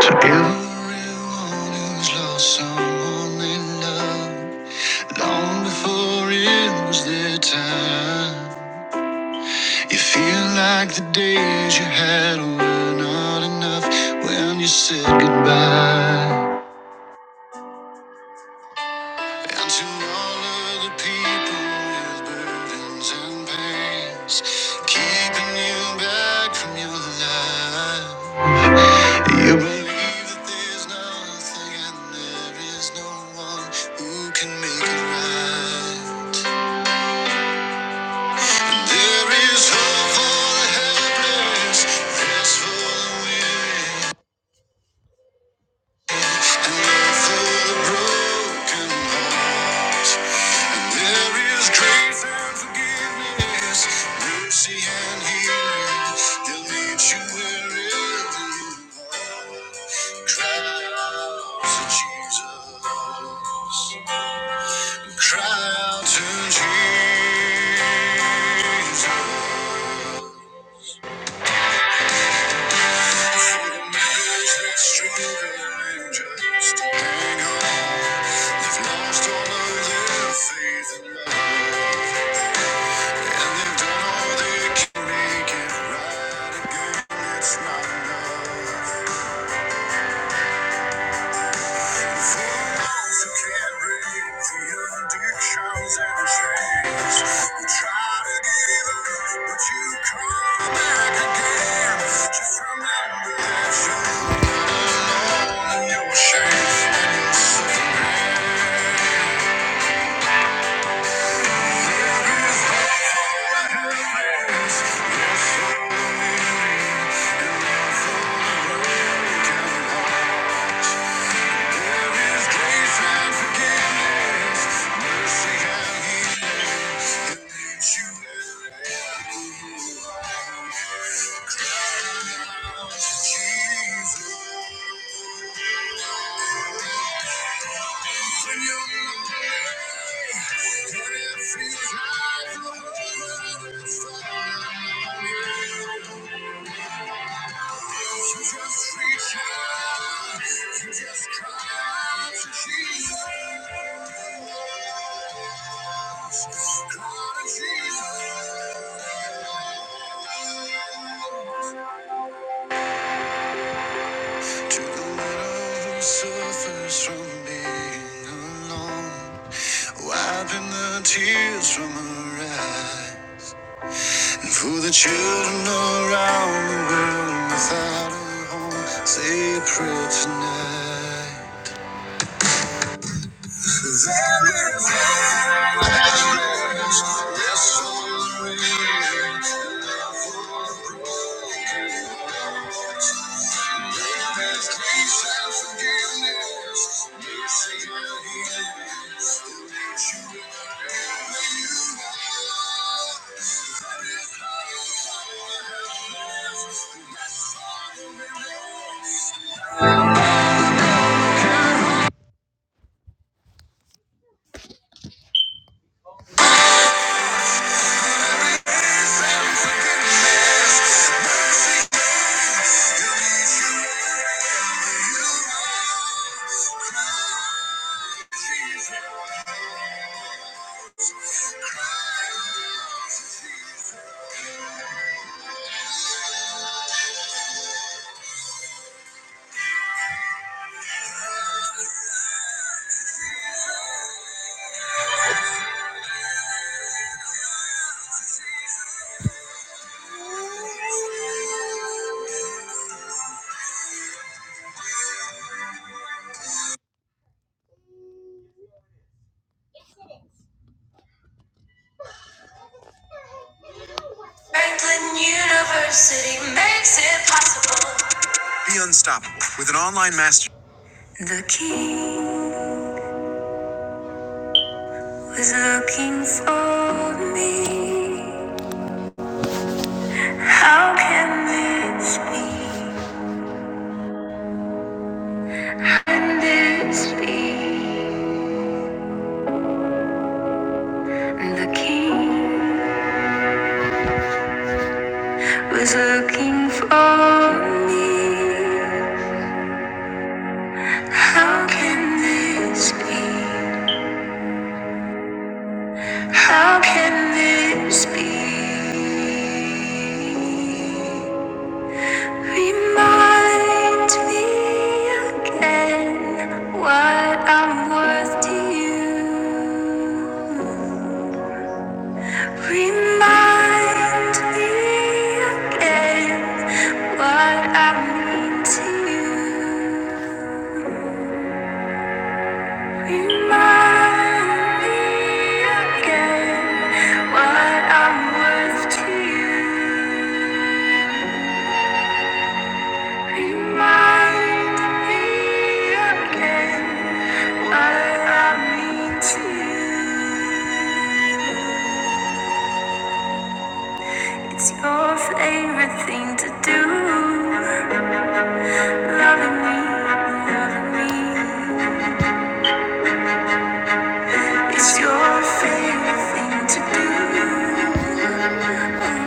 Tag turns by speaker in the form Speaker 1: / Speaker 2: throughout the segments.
Speaker 1: To everyone who's lost someone they love, long before it was their time, you feel like the days you had were not enough when you said goodbye. And to all of the people with burdens and pains, keeping you back from your life. You believe that there's nothing and there is no one who can make it right. And there is hope for the helpless, rest for the weary. And love for the broken heart. And there is grace and forgiveness, mercy and healing. They'll meet you wherever you are. Cry out to Jesus. Cry out to Jesus. Marriage that's stronger than just hang on. They've lost all of their faith in love. And they've done all they can make it right again. It's not enough. If you can't break free of addictions and chains, you try to give up, but you come back again. Just remember that you're not alone and you're ashamed and you're suffering. Yes, you're so weary and you're full of broken hearts. There is grace and forgiveness, mercy and healing. That you have Cry out to Jesus. Open your mind. To the to who Suffers from being alone, wiping the tears from her eyes. For the children around the world without a home, say a prayer tonight. There is refuge, rest for the weary. There's grace and forgiveness, mercy and healing. will That is how you follow the helpless, and that's how you belong. University makes it possible. Be unstoppable with an online master. The king was looking for me. How can this be? Can this be? The king was looking for me. How can this be? How can this be? Remind me again what I'm worth to you. Remind me again what I mean to you. Remind me again what I'm worth to you. Remind me again what I mean to you. It's your favorite thing to do. Loving me, loving me, it's your favorite thing to do.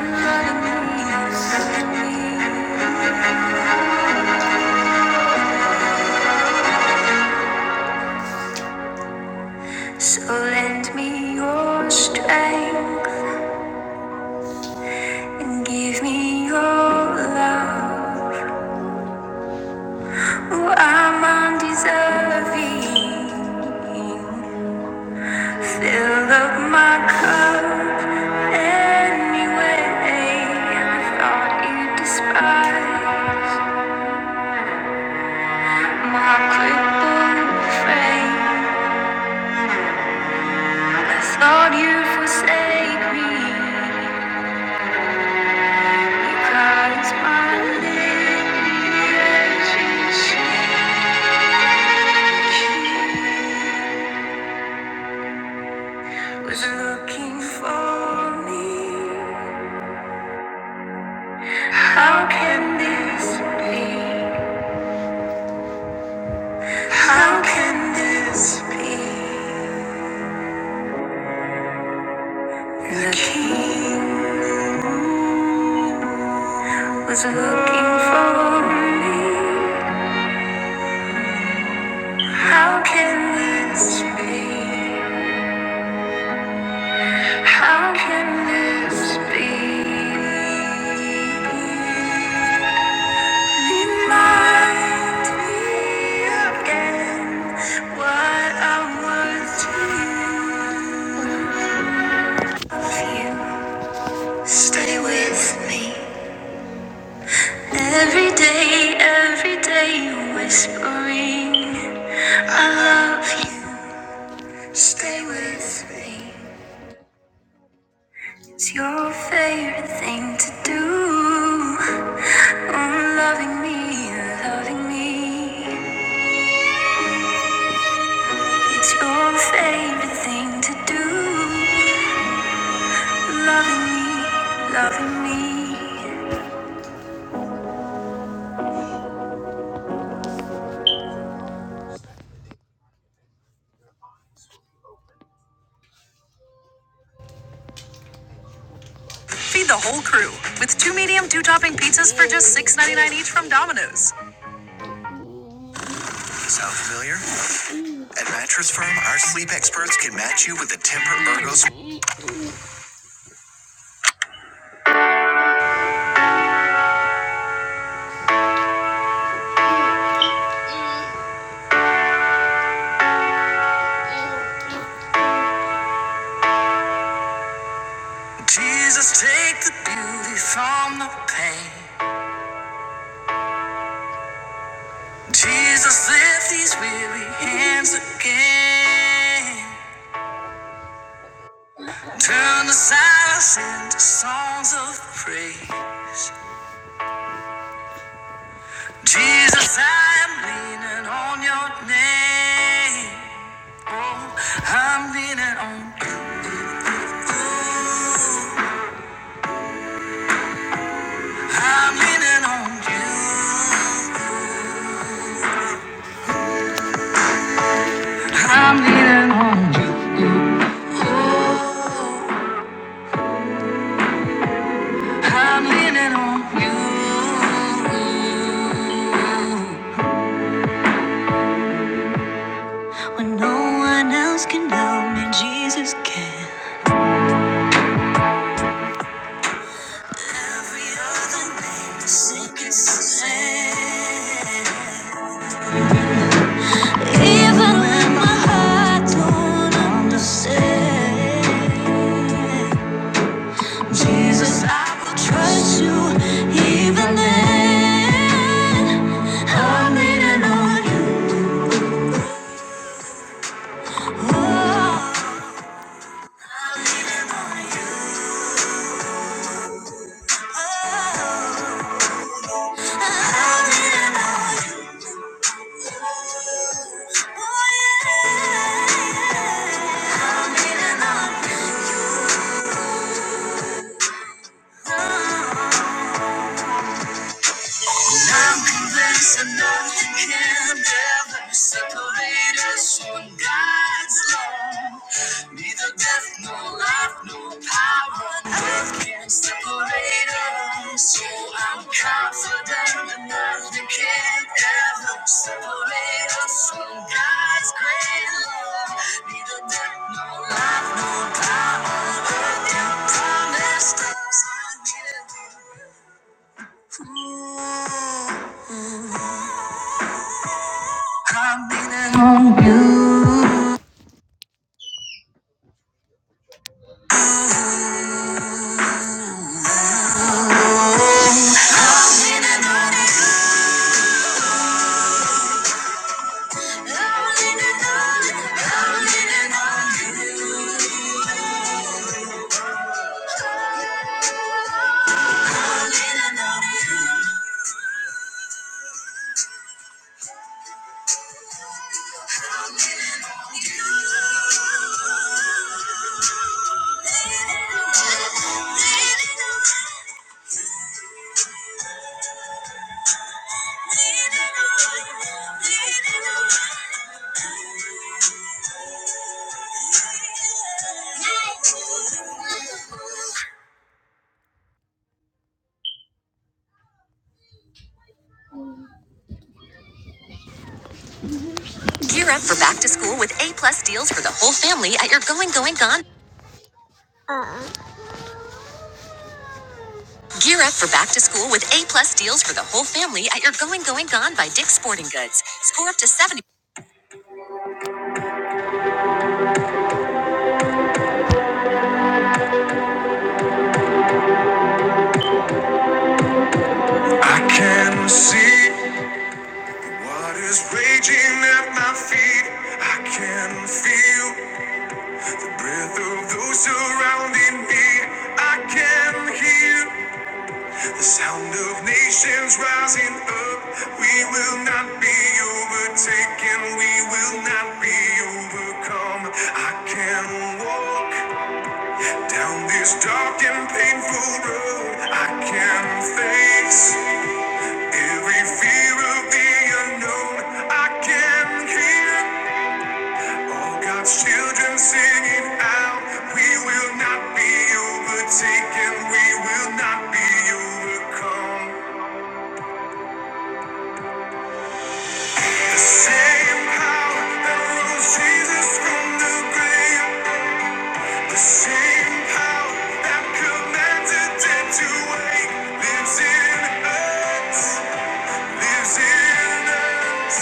Speaker 1: Loving me, loving me, so lend me your strength and give me your love. Oh, I'm undeserving. Fill up my cup anyway. I thought you despised. My crippled frame, I thought you'd forsake me. You my lineage in Was looking for me. How can this be? How can this be? The king was looking for me. How can this be? How can this be? Remind me again what I was to you. you stay with me every day, every day, whispering, I love you. Stay with me. It's your favorite thing to do. Mm, Loving me, loving me. It's your favorite thing to do. Loving me, loving me. Feed the whole crew with two medium, two topping pizzas for just $6.99 each from Domino's. Sound familiar? At Mattress can match you with a temper burgos. Jesus, take the beauty from the pain. Jesus, lift these weary hands again. Turn the silence into songs of praise. Jesus, I am leaning on your name. Oh, I'm leaning on, you. I'm leaning on you. I'm leaning on you. Jesus, I trust you even then. I'm leaning on you. I'm convinced that nothing can ever separate us from God's love. Neither death, nor life, nor power on earth can separate us. So I'm confident that nothing can ever separate us from God's great love. Neither death, nor life, nor power on earth can promise us. I give you. I'm Gear up for back to school with A plus deals for the whole family at your Going Going Gone. Gear up for back to school with A plus deals for the whole family at your Going Going Gone by Dick's Sporting Goods. Score up to 70. I can see what is raging at my feet. I can feel the breath of those surrounding me. I can hear. The sound of nations rising up. We will not be overtaken. We will not be overcome. I can walk down this dark and painful road. I can face every fear of the unknown. I can hear all God's children singing out. We will not be overtaken. We will not be overcome. The same power that rose Jesus from the grave, the same power that commanded dead to wake, lives in us, lives in us.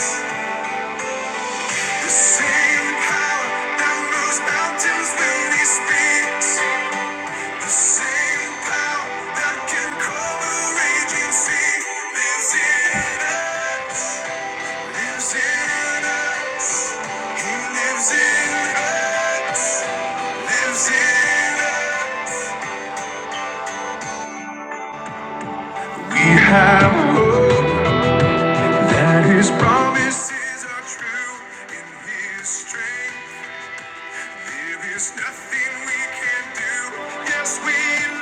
Speaker 1: The same power that moves mountains when He speaks, the same power that can calm a raging sea, lives in us. We have hope that His promises are true. In His strength, there is nothing we can do. Yes, we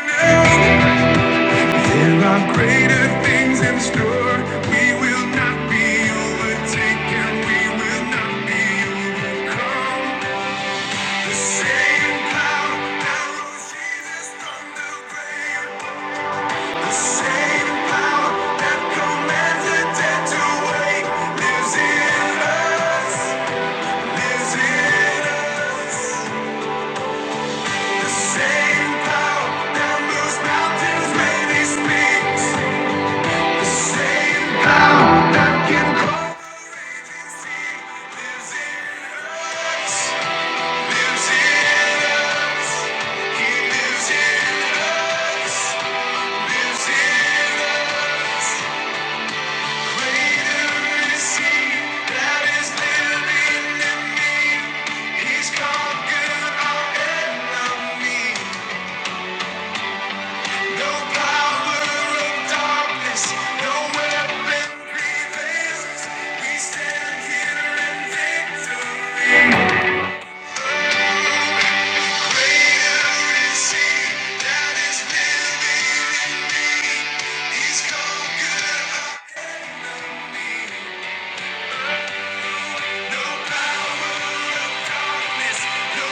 Speaker 1: know there are greater things in store. We will not be overtaken. We will not be overcome. Lives in us. He lives in us. That is living in me. He's called good. No no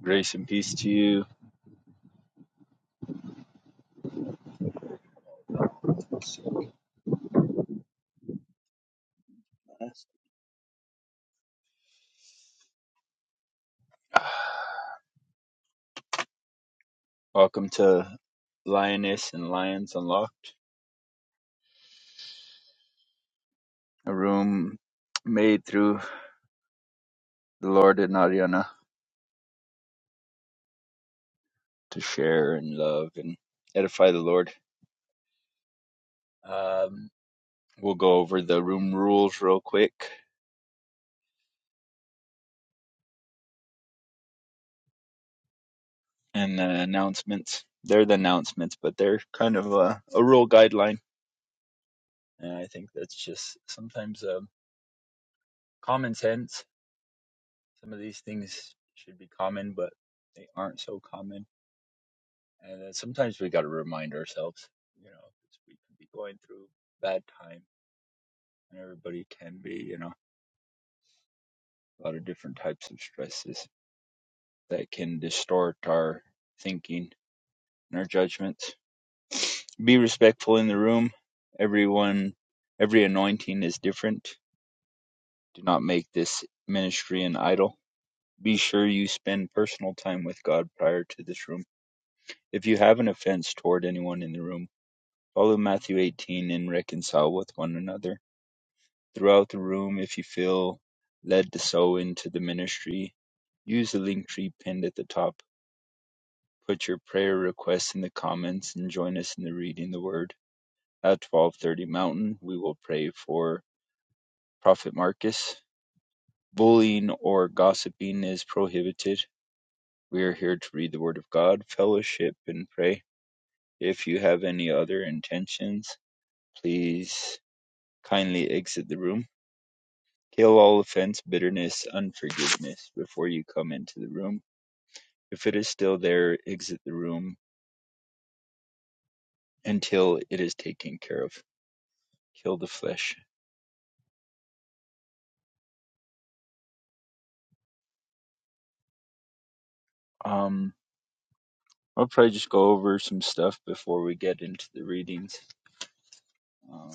Speaker 2: Grace and peace to you. Welcome to Lioness and Lions Unlocked, a room made through the Lord and Ariana to share and love and edify the Lord. Um, we'll go over the room rules real quick and the announcements. They're the announcements, but they're kind of a, a rule guideline. And I think that's just sometimes um, common sense. Some of these things should be common, but they aren't so common And then sometimes we got to remind ourselves, you know, 'cause we can be going through bad time, and everybody can be, you know, a lot of different types of stresses that can distort our thinking and our judgments. Be respectful in the room. Everyone, every anointing is different. Do not make this ministry an idol. Be sure you spend personal time with God prior to this room. If you have an offense toward anyone in the room, follow Matthew 18 and reconcile with one another Throughout the room, if you feel led to sow into the ministry, use the link tree pinned at the top. Put your prayer requests in the comments and join us in the reading the word. At 12:30 Mountain, we will pray for Prophet Marcus. Bullying or gossiping is prohibited. We are here to read the word of God, fellowship and pray. If you have any other intentions, please kindly exit the room. Kill all offense, bitterness, unforgiveness before you come into the room. If it is still there, exit the room until it is taken care of. Kill the flesh. Um, I'll probably just go over some stuff before we get into the readings. Uh,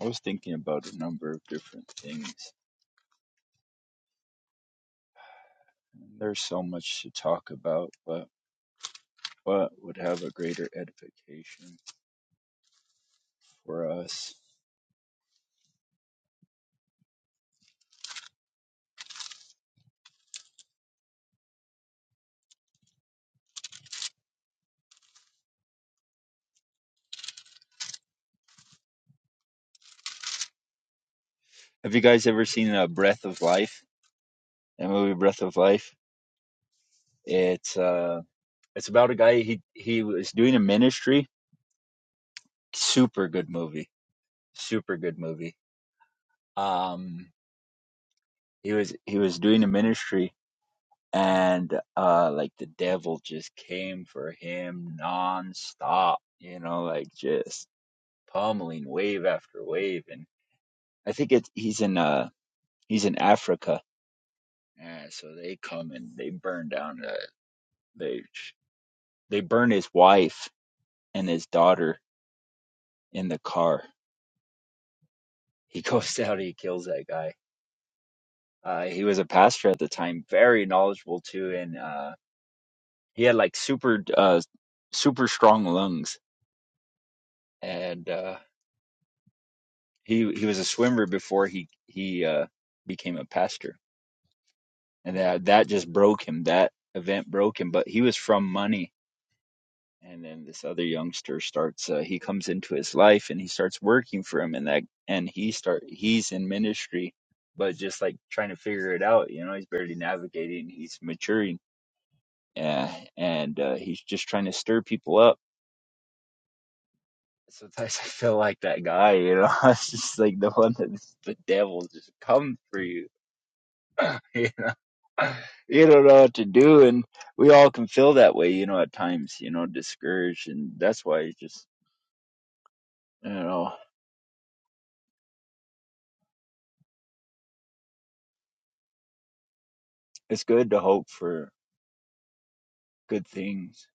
Speaker 2: I was thinking about a number of different things. There's so much to talk about, but what would have a greater edification for us? Have you guys ever seen a Breath of Life? That movie, Breath of Life. It's uh. It's about a guy he he was doing a ministry. Super good movie. Super good movie. Um he was he was doing a ministry and uh like the devil just came for him nonstop, you know, like just pummeling wave after wave and I think it's he's in uh he's in Africa. Yeah, so they come and they burn down the they they burn his wife and his daughter in the car. He goes out, he kills that guy Uh, he was a pastor at the time, very knowledgeable too, and uh, he had like super, uh, super strong lungs. And uh, he he was a swimmer before he he uh, became a pastor, and that that just broke him. That event broke him. But he was from money, and then this other youngster starts. Uh, he comes into his life, and he starts working for him, and that and he start he's in ministry, but just like trying to figure it out. You know, he's barely navigating. He's maturing yeah, and uh, he's just trying to stir people up. Sometimes I feel like that guy, you know. It's just like the one that the devil just comes for you. you know, you don't know what to do, and we all can feel that way, you know, at times, you know, discouraged, and that's why it's just, you know, it's good to hope for good things,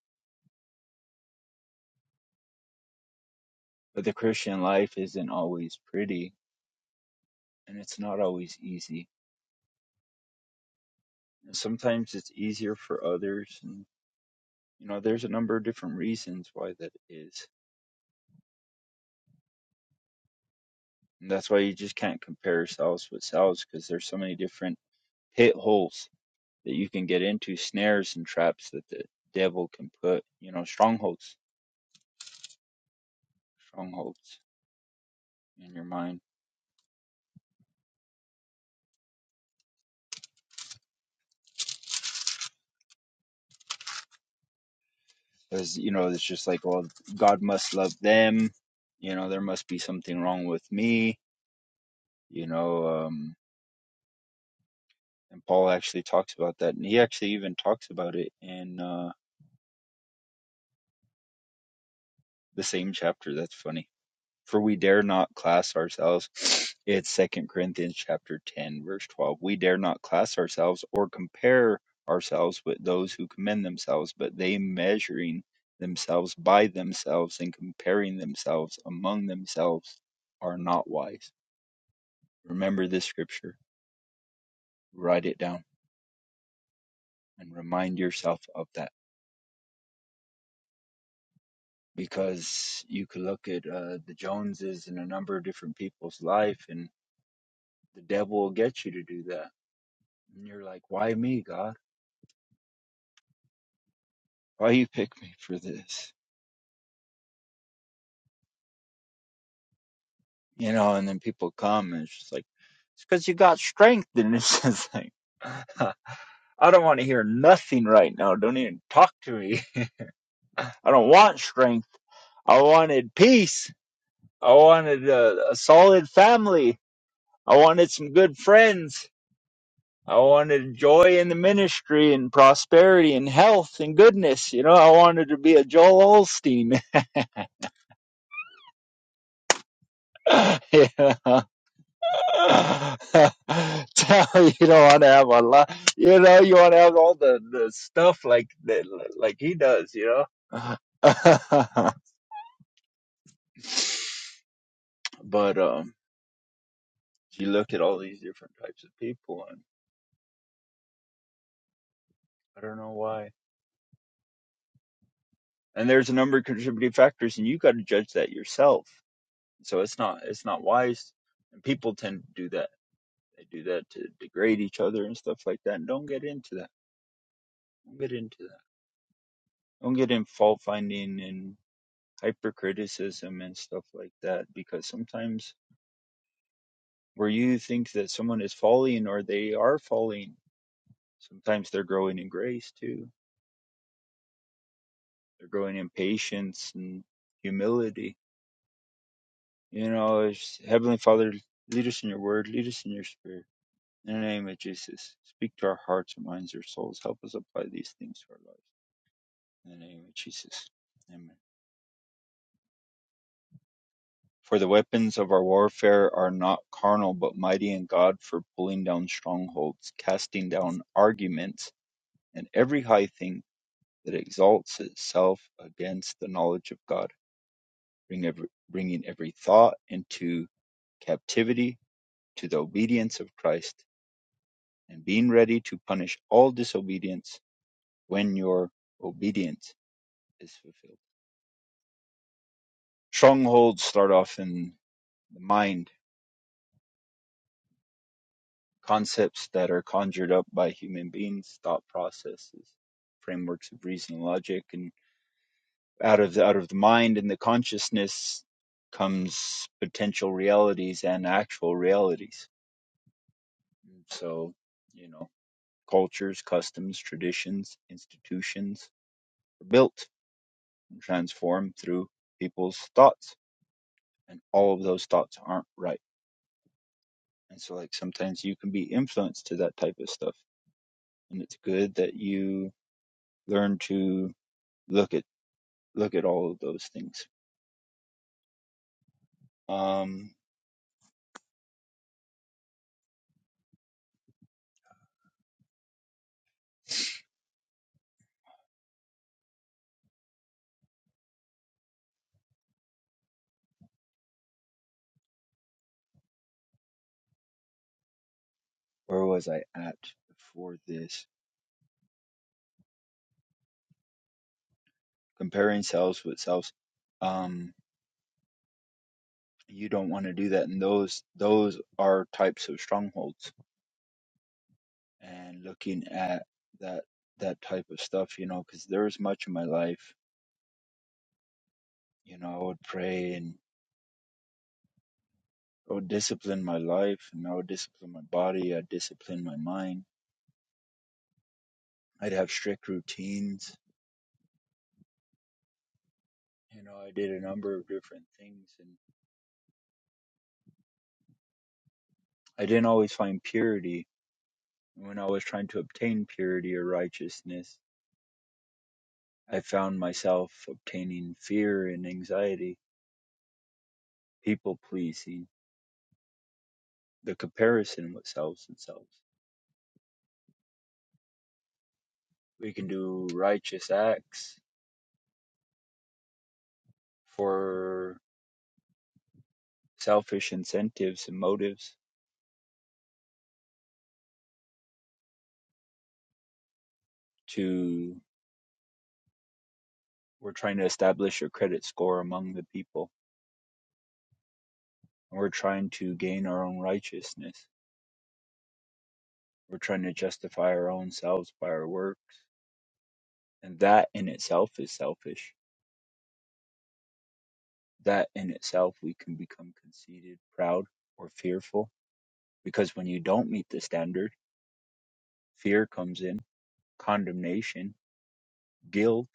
Speaker 2: but the Christian life isn't always pretty, and it's not always easy. And sometimes it's easier for others, and you know, there's a number of different reasons why that is And that's why you just can't compare yourselves with selves because there's so many different pit holes that you can get into, snares and traps that the devil can put, you know, strongholds, strongholds in your mind. Because, you know, it's just like, well, God must love them. You know, there must be something wrong with me. You know, um, and Paul actually talks about that. And he actually even talks about it in uh, the same chapter. That's funny for we dare not class ourselves it's second corinthians chapter 10 verse 12 we dare not class ourselves or compare ourselves with those who commend themselves but they measuring themselves by themselves and comparing themselves among themselves are not wise remember this scripture write it down and remind yourself of that because you could look at uh, the joneses and a number of different people's life and the devil will get you to do that and you're like why me god why you pick me for this? You know, and then people come and it's just like, it's because you got strength. And it's just like, I don't want to hear nothing right now. Don't even talk to me. I don't want strength. I wanted peace. I wanted a, a solid family. I wanted some good friends. I wanted joy in the ministry and prosperity and health and goodness. You know, I wanted to be a Joel Olstein. Yeah. Tell you don't want to have a lot. You know, you want to have all the, the stuff like that, like he does. You know, but um, you look at all these different types of people, and I don't know why. And there's a number of contributing factors, and you got to judge that yourself. So it's not it's not wise. And people tend to do that. They do that to degrade each other and stuff like that. And don't get into that. Don't get into that. Don't get in fault finding and. hypercriticism and stuff like that because sometimes where you think that someone is falling or they are falling, sometimes they're growing in grace too. They're growing in patience and humility. You know, Heavenly Father, lead us in your word, lead us in your spirit. In the name of Jesus, speak to our hearts, our minds, our souls. Help us apply these things to our lives. In the name of Jesus. Amen. For the weapons of our warfare are not carnal, but mighty in God for pulling down strongholds, casting down arguments, and every high thing that exalts itself against the knowledge of God, bring every, bringing every thought into captivity to the obedience of Christ, and being ready to punish all disobedience when your obedience is fulfilled. Strongholds start off in the mind Concepts that are conjured up by human beings, thought processes, frameworks of reason and logic, and out of the, out of the mind and the consciousness comes potential realities and actual realities. So, you know, cultures, customs, traditions, institutions are built and transformed through people's thoughts, and all of those thoughts aren't right. And so, like sometimes you can be influenced to that type of stuff, and it's good that you learn to look at look at all of those things. Um, where was I at before this? Comparing selves with selves. Um, you don't want to do that, and those those are types of strongholds. And looking at that that type of stuff, you know, because there was much in my life, you know, I would pray and I would discipline my life, and I would discipline my body, I'd discipline my mind. I'd have strict routines. You know, I did a number of different things, and I didn't always find purity When I was trying to obtain purity or righteousness, I found myself obtaining fear and anxiety, people pleasing, the comparison with selves and selves. We can do righteous acts for selfish incentives and motives to we're trying to establish a credit score among the people. And we're trying to gain our own righteousness. We're trying to justify our own selves by our works. And that in itself is selfish that in itself we can become conceited, proud, or fearful. Because when you don't meet the standard, fear comes in, condemnation, guilt.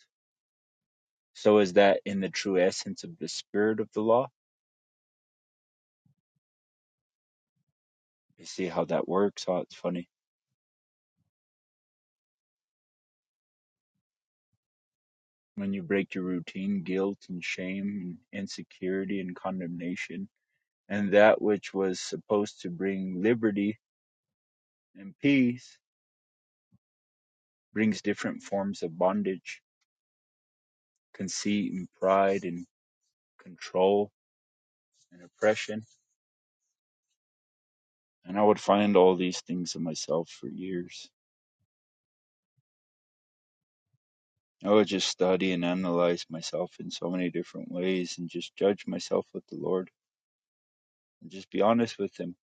Speaker 2: So is that in the true essence of the spirit of the law? You see how that works? Oh, it's funny. When you break your routine, guilt and shame and insecurity and condemnation, and that which was supposed to bring liberty and peace brings different forms of bondage, conceit and pride and control and oppression And I would find all these things in myself for years. I would just study and analyze myself in so many different ways and just judge myself with the Lord and just be honest with him.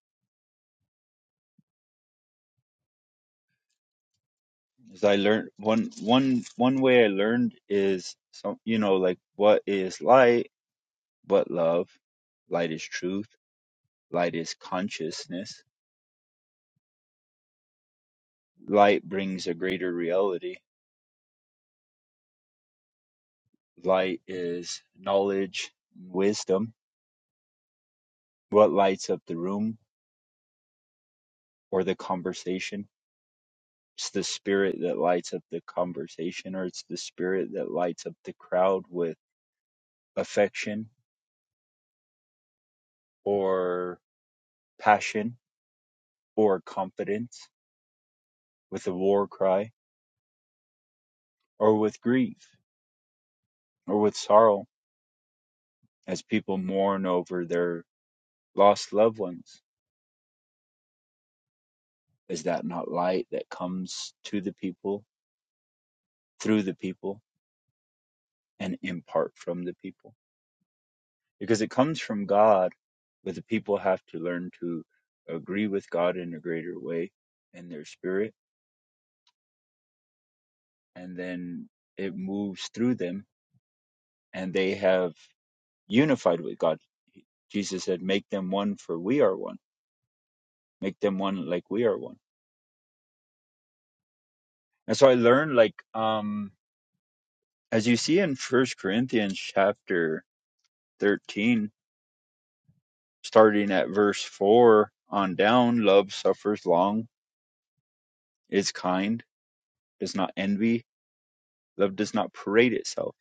Speaker 2: As I learned one one one way I learned is some you know, like what is light but love? Light is truth, light is consciousness, light brings a greater reality, light is knowledge, wisdom, what lights up the room or the conversation It's the spirit that lights up the conversation, or it's the spirit that lights up the crowd with affection, or passion, or confidence, with a war cry, or with grief, or with sorrow, as people mourn over their lost loved ones. Is that not light that comes to the people, through the people, and in part from the people? Because it comes from God, but the people have to learn to agree with God in a greater way in their spirit and then it moves through them and they have unified with God. Jesus said, Make them one for we are one. Make them one like we are one. And so I learned like um as you see in First Corinthians chapter thirteen, starting at verse four on down, love suffers long, is kind, does not envy, love does not parade itself,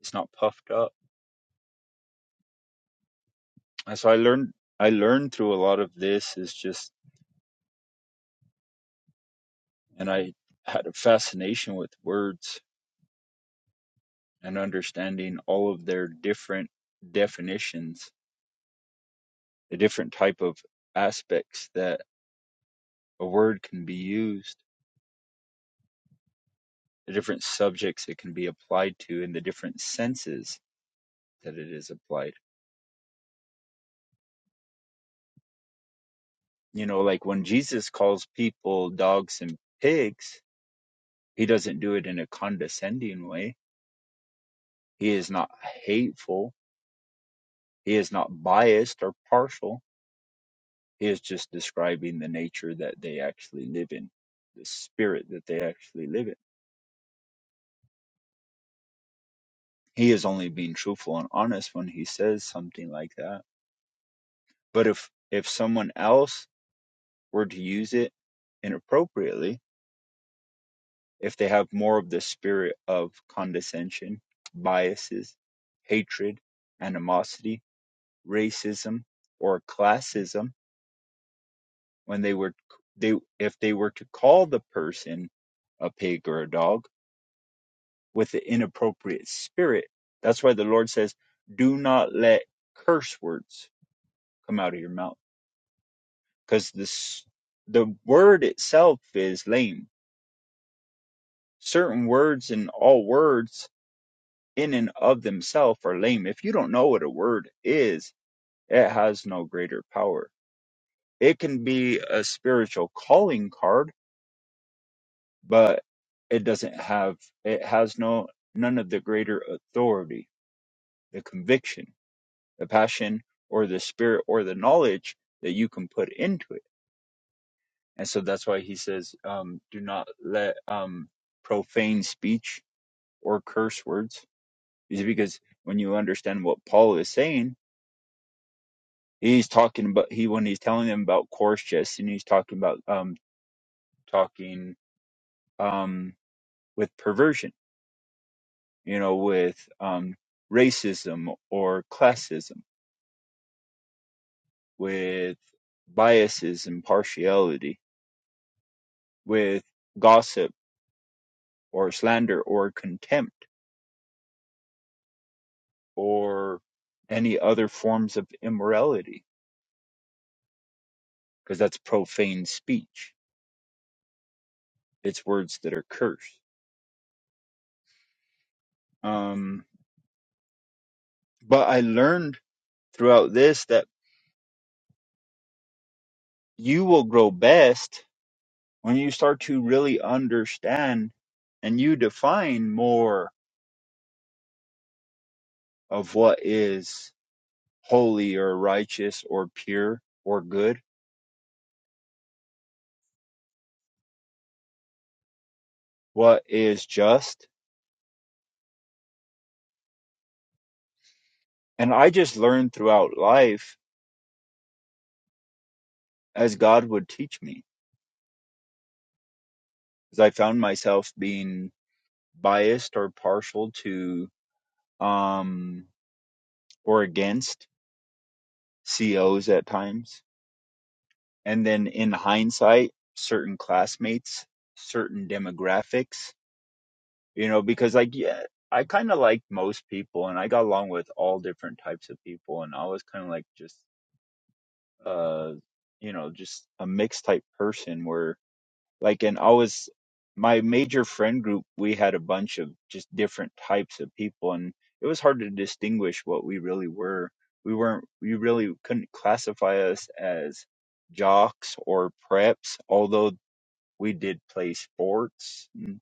Speaker 2: it's not puffed up. And so I learned I learned through a lot of this is just and I had a fascination with words and understanding all of their different definitions, the different type of aspects that a word can be used, the different subjects it can be applied to, and the different senses that it is applied. You know, like when Jesus calls people dogs and pigs, he doesn't do it in a condescending way. He is not hateful. He is not biased or partial is just describing the nature that they actually live in, the spirit that they actually live in. He is only being truthful and honest when he says something like that. But if if someone else were to use it inappropriately, if they have more of the spirit of condescension, biases, hatred, animosity, racism, or classism, when they were they if they were to call the person a pig or a dog, with the inappropriate spirit. That's why the Lord says, do not let curse words come out of your mouth because this, the word itself is lame. Certain words and all words in and of themselves are lame. If you don't know what a word is, it has no greater power. It can be a spiritual calling card, but it doesn't have, it has no, none of the greater authority, the conviction the passion or the spirit or the knowledge that you can put into it. And so that's why he says, um, do not let um, profane speech or curse words. Is because when you understand what Paul is saying, he's talking about he when he's telling them about coarse jest and he's talking about um, talking um, with perversion, you know, with um, racism or classism, with biases and partiality, with gossip or slander or contempt or any other forms of immorality because that's profane speech it's words that are cursed um, but i learned throughout this that you will grow best when you start to really understand and you define more of what is holy or righteous or pure or good what is just and i just learned throughout life as god would teach me because I found myself being biased or partial to um, or against COs at times. And then in hindsight, certain classmates, certain demographics, you know, because like, yeah, I kind of liked most people and I got along with all different types of people. And I was kind of like just, uh, you know, just a mixed type person where Like, and always, my major friend group, we had a bunch of just different types of people, and it was hard to distinguish what we really were. We weren't, we really couldn't classify us as jocks or preps, although we did play sports. and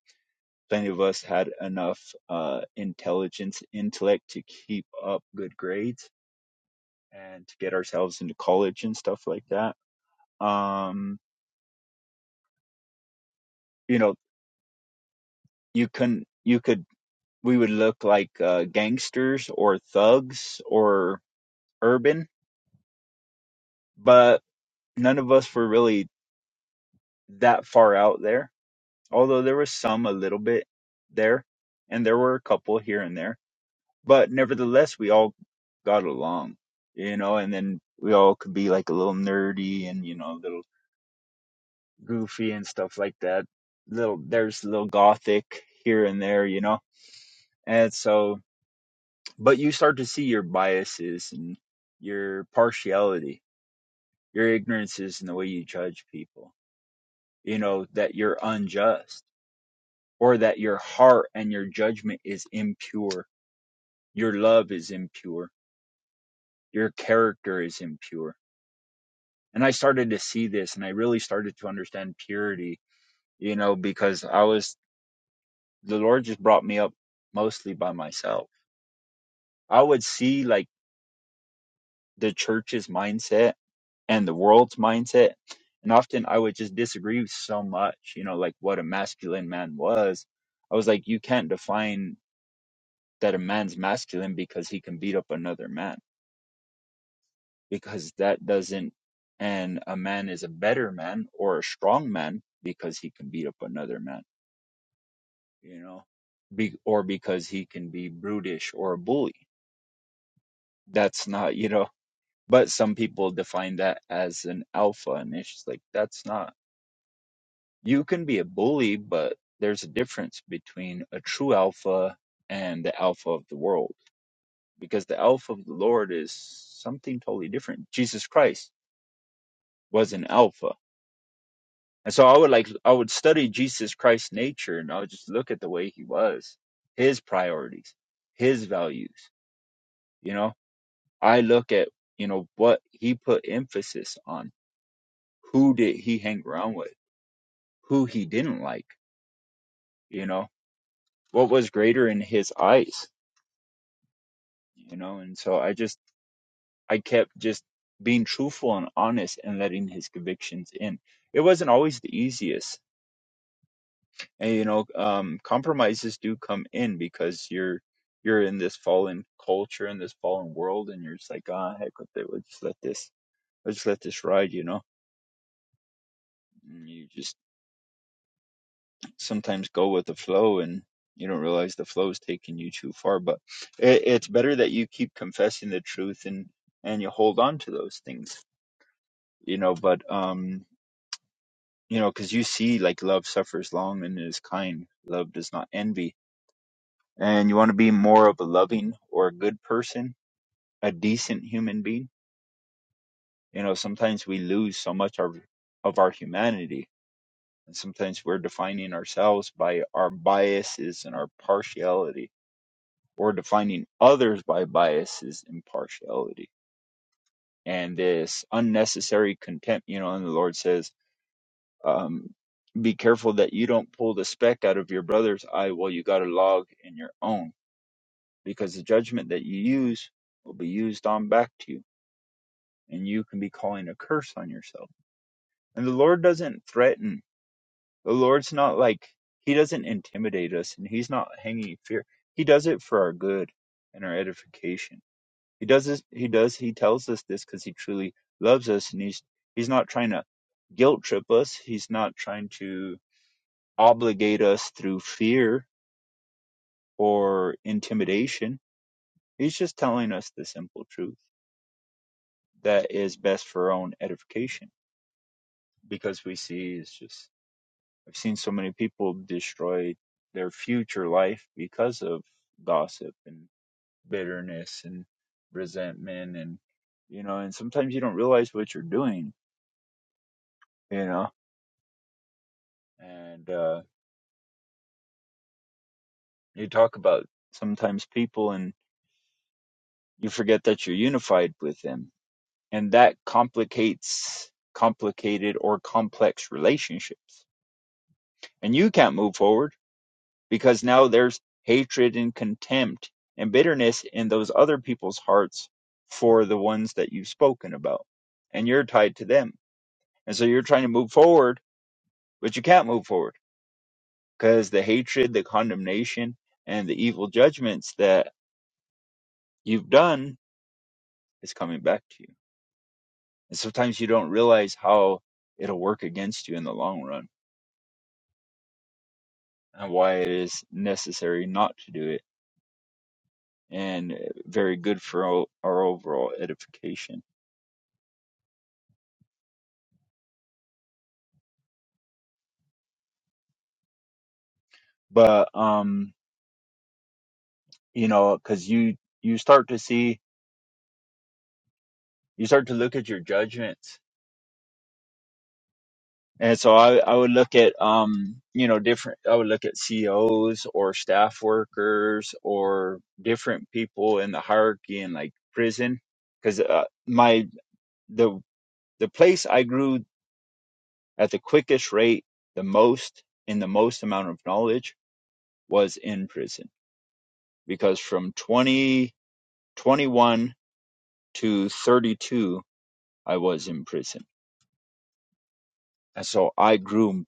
Speaker 2: Plenty of us had enough uh, intelligence, intellect to keep up good grades and to get ourselves into college and stuff like that. Um, you know, you couldn't. you could we would look like uh, gangsters or thugs or urban, but none of us were really that far out there. Although there was some a little bit there, and there were a couple here and there, but nevertheless, we all got along, you know, and then we all could be like a little nerdy and, you know, a little goofy and stuff like that. Little, there's a little gothic here and there, you know, and so, but you start to see your biases and your partiality Your ignorance is in the way you judge people, you know, that you're unjust or that your heart and your judgment is impure. Your love is impure. Your character is impure. And I started to see this and I really started to understand purity, you know, because I was, the Lord just brought me up mostly by myself. I would see like the church's mindset and the world's mindset. And often I would just disagree with so much, you know, like what a masculine man was. I was like, you can't define that a man's masculine because he can beat up another man, because that doesn't, and a man is a better man or a strong man because he can beat up another man, you know, be, or because he can be brutish or a bully. That's not, you know, but some people define that as an alpha. And it's just like, that's not you can be a bully, but there's a difference between a true alpha and the alpha of the world because the alpha of the Lord is something totally different. Jesus Christ was an alpha. And so I would like, I would study Jesus Christ's nature and I would just look at the way he was, his priorities, his values. You know, I look at, you know, what he put emphasis on. Who did he hang around with? Who he didn't like? You know, what was greater in his eyes? you know and so i just i kept just being truthful and honest and letting his convictions in it wasn't always the easiest and you know um compromises do come in because you're you're in this fallen culture and this fallen world and you're just like ah heck with it we'll just let this let's just let this ride you know and you just sometimes go with the flow and you don't realize the flow is taking you too far but it, it's better that you keep confessing the truth and and you hold on to those things you know but um you know, because you see, like, love suffers long and is kind. Love does not envy. And you want to be more of a loving or a good person, a decent human being. You know, sometimes we lose so much of, of our humanity. And sometimes we're defining ourselves by our biases and our partiality, or defining others by biases and partiality. And this unnecessary contempt, you know, and the Lord says, Um, be careful that you don't pull the speck out of your brother's eye while you got a log in your own, because the judgment that you use will be used on back to you, and you can be calling a curse on yourself. And the Lord doesn't threaten. The Lord's not like, He doesn't intimidate us, and He's not hanging fear. He does it for our good and our edification. He does this, He does, He tells us this because He truly loves us, and He's He's not trying to guilt trip us. He's not trying to obligate us through fear or intimidation. He's just telling us the simple truth that is best for our own edification because we see it's just, I've seen so many people destroy their future life because of gossip and bitterness and resentment and, you know, and sometimes you don't realize what you're doing, you know, and, uh, you talk about sometimes people and you forget that you're unified with them and that complicates complicated or complex relationships. And you can't move forward because now there's hatred and contempt and bitterness in those other people's hearts for the ones that you've spoken about. And you're tied to them. And so you're trying to move forward, but you can't move forward because the hatred, the condemnation, and the evil judgments that you've done is coming back to you. And sometimes you don't realize how it'll work against you in the long run and why it is necessary not to do it and very good for o- our overall edification but um you know because you you start to see you start to look at your judgments and so I, I would look at um you know different i would look at ceos or staff workers or different people in the hierarchy in like prison because uh, my the the place i grew at the quickest rate the most in the most amount of knowledge was in prison because from 20, 21 to 32, I was in prison. And so I grew,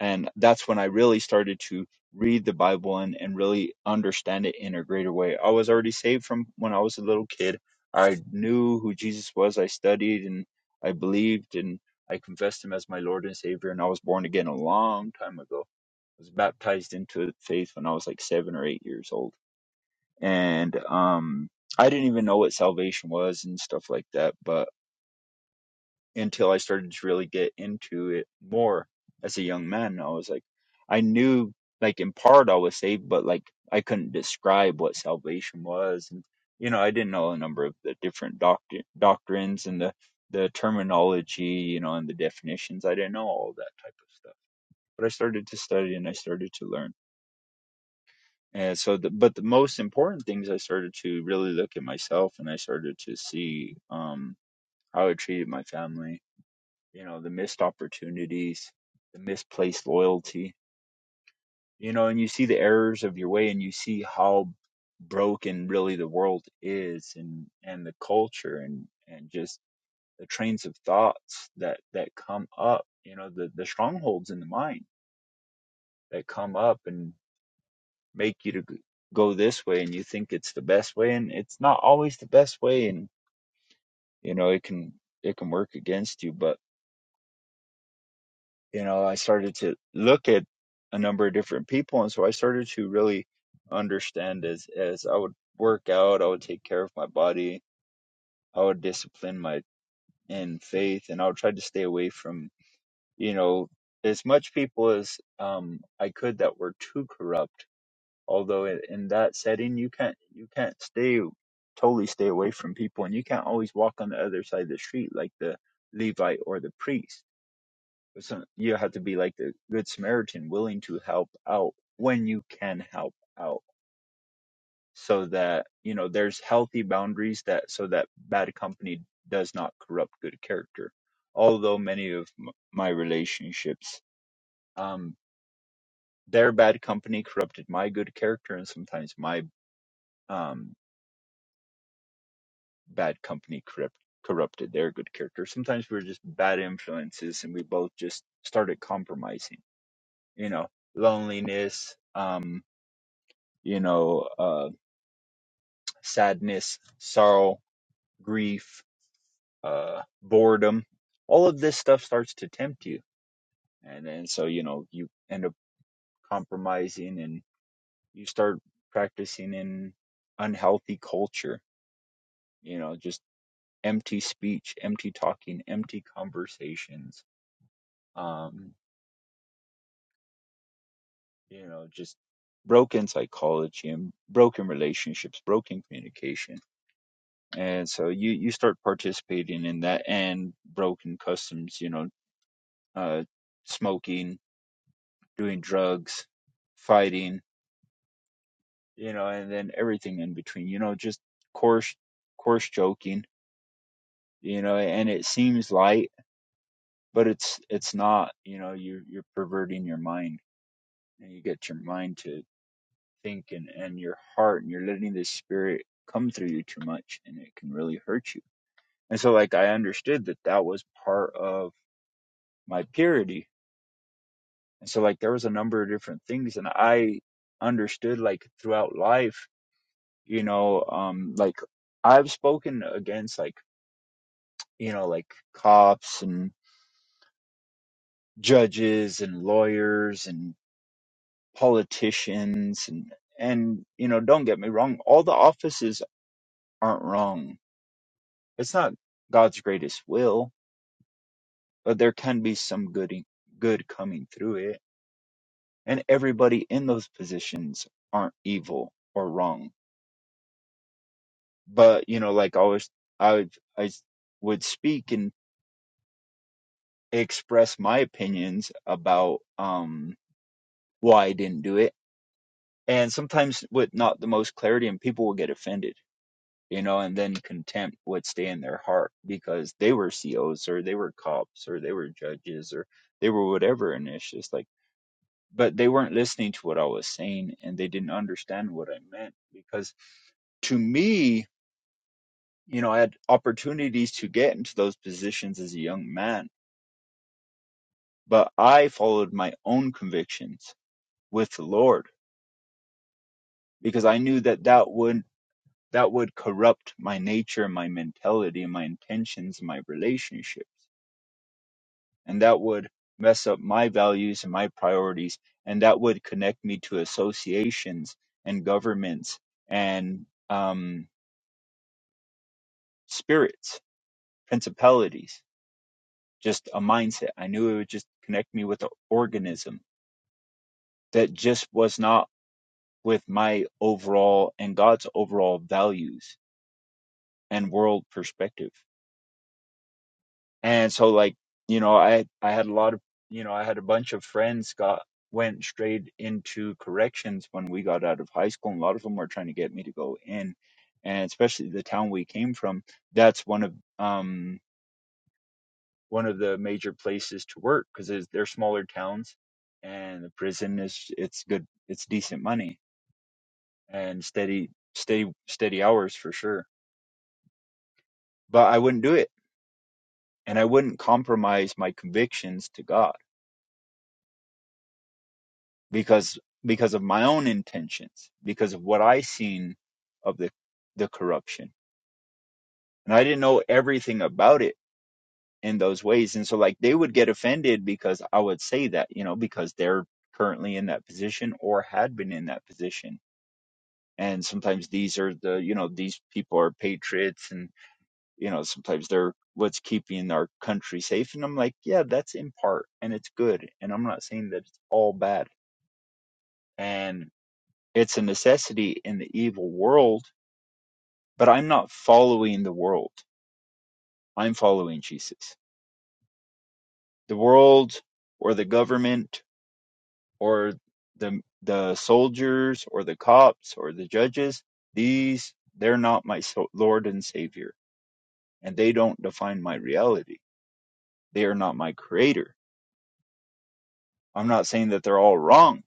Speaker 2: and that's when I really started to read the Bible and, and really understand it in a greater way. I was already saved from when I was a little kid. I knew who Jesus was. I studied and I believed and I confessed him as my Lord and Savior. And I was born again a long time ago. I was baptized into the faith when I was like seven or eight years old and um I didn't even know what salvation was and stuff like that but until I started to really get into it more as a young man I was like I knew like in part I was saved but like I couldn't describe what salvation was and you know I didn't know a number of the different doctri- doctrines and the the terminology you know and the definitions I didn't know all that type of stuff but I started to study and I started to learn And so, the, but the most important things I started to really look at myself and I started to see um, how I treated my family, you know, the missed opportunities, the misplaced loyalty, you know, and you see the errors of your way and you see how broken really the world is and, and the culture and, and just the trains of thoughts that, that come up, you know, the, the strongholds in the mind that come up and. make you to g- go this way and you think it's the best way and it's not always the best way and you know it can it can work against you but you know I started to look at a number of different people and so I started to really understand as as I would work out I would take care of my body I would discipline my in faith and I would try to stay away from you know as much people as um I could that were too corrupt although i- in that setting you can't you can't stay totally stay away from people and you can't always walk on the other side of the street like the levite or the priest But some, you have to be like the good samaritan willing to help out when you can help out so that you know there's healthy boundaries that so that bad company does not corrupt good character although many of m- my relationships um their bad company corrupted my good character and sometimes my um bad company corrupt, corrupted their good character. Sometimes we're just bad influences, and we both just started compromising. You know, loneliness, um, you know, uh, sadness, sorrow, grief, uh, boredom. All of this stuff starts to tempt you, and then so you know you end up compromising, and you start practicing in unhealthy culture. You know, just empty speech, empty talking, empty conversations. Um, you know, just broken psychology and broken relationships, broken communication. And so you, you start participating in that and broken customs, you know, uh, smoking, doing drugs, fighting, you know, and then everything in between, you know, just coarse, coarse joking, you know, and it seems light, but it's, it's not, you know, you're, you're perverting your mind and you get your mind to think and, and your heart and you're letting the spirit come through you too much and it can really hurt you and so like i understood that that was part of my purity and so like there was a number of different things and i understood like throughout life you know um like i've spoken against like you know like cops and judges and lawyers and politicians and and you know don't get me wrong all the offices aren't wrong It's not God's greatest will, but there can be some good good coming through it. And everybody in those positions aren't evil or wrong. But you know, like I always, I would, I s- would speak and express my opinions about um why I didn't do it, and sometimes with not the most clarity, and people will get offended. You know, and then contempt would stay in their heart because they were COs or they were cops or they were judges or they were whatever. And it's just like but they weren't listening to what I was saying and they didn't understand what I meant because to me, you know, I had opportunities to get into those positions as a young man, but I followed my own convictions with the Lord because I knew that that would that would corrupt my nature, my mentality, my intentions, my relationships, and that would mess up my values and my priorities and that would connect me to associations and governments and um spirits, principalities, just a mindset. I knew it would just connect me with an organism that just was not with my overall and God's overall values and world perspective. And so like, you know, I I had a lot of you know, I had a bunch of friends got went straight into corrections when we got out of high school and a lot of them were trying to get me to go in and especially the town we came from that's one of um one of the major places to work because they're smaller towns and the prison is it's good it's decent money and steady steady steady hours for sure but i wouldn't do it and i wouldn't compromise my convictions to god because because of my own intentions because of what i seen of the the corruption and i didn't know everything about it in those ways and so like they would get offended because i would say that you know because they're currently in that position or had been in that position and sometimes these are the you know these people are patriots and you know sometimes they're what's keeping our country safe and i'm like yeah that's in part and it's good and i'm not saying that it's all bad and it's a necessity in the evil world but i'm not following the world i'm following jesus the world or the government or the the soldiers or the cops or the judges these they're not my so- lord and savior and they don't define my reality. They are not my creator. I'm not saying that they're all wrong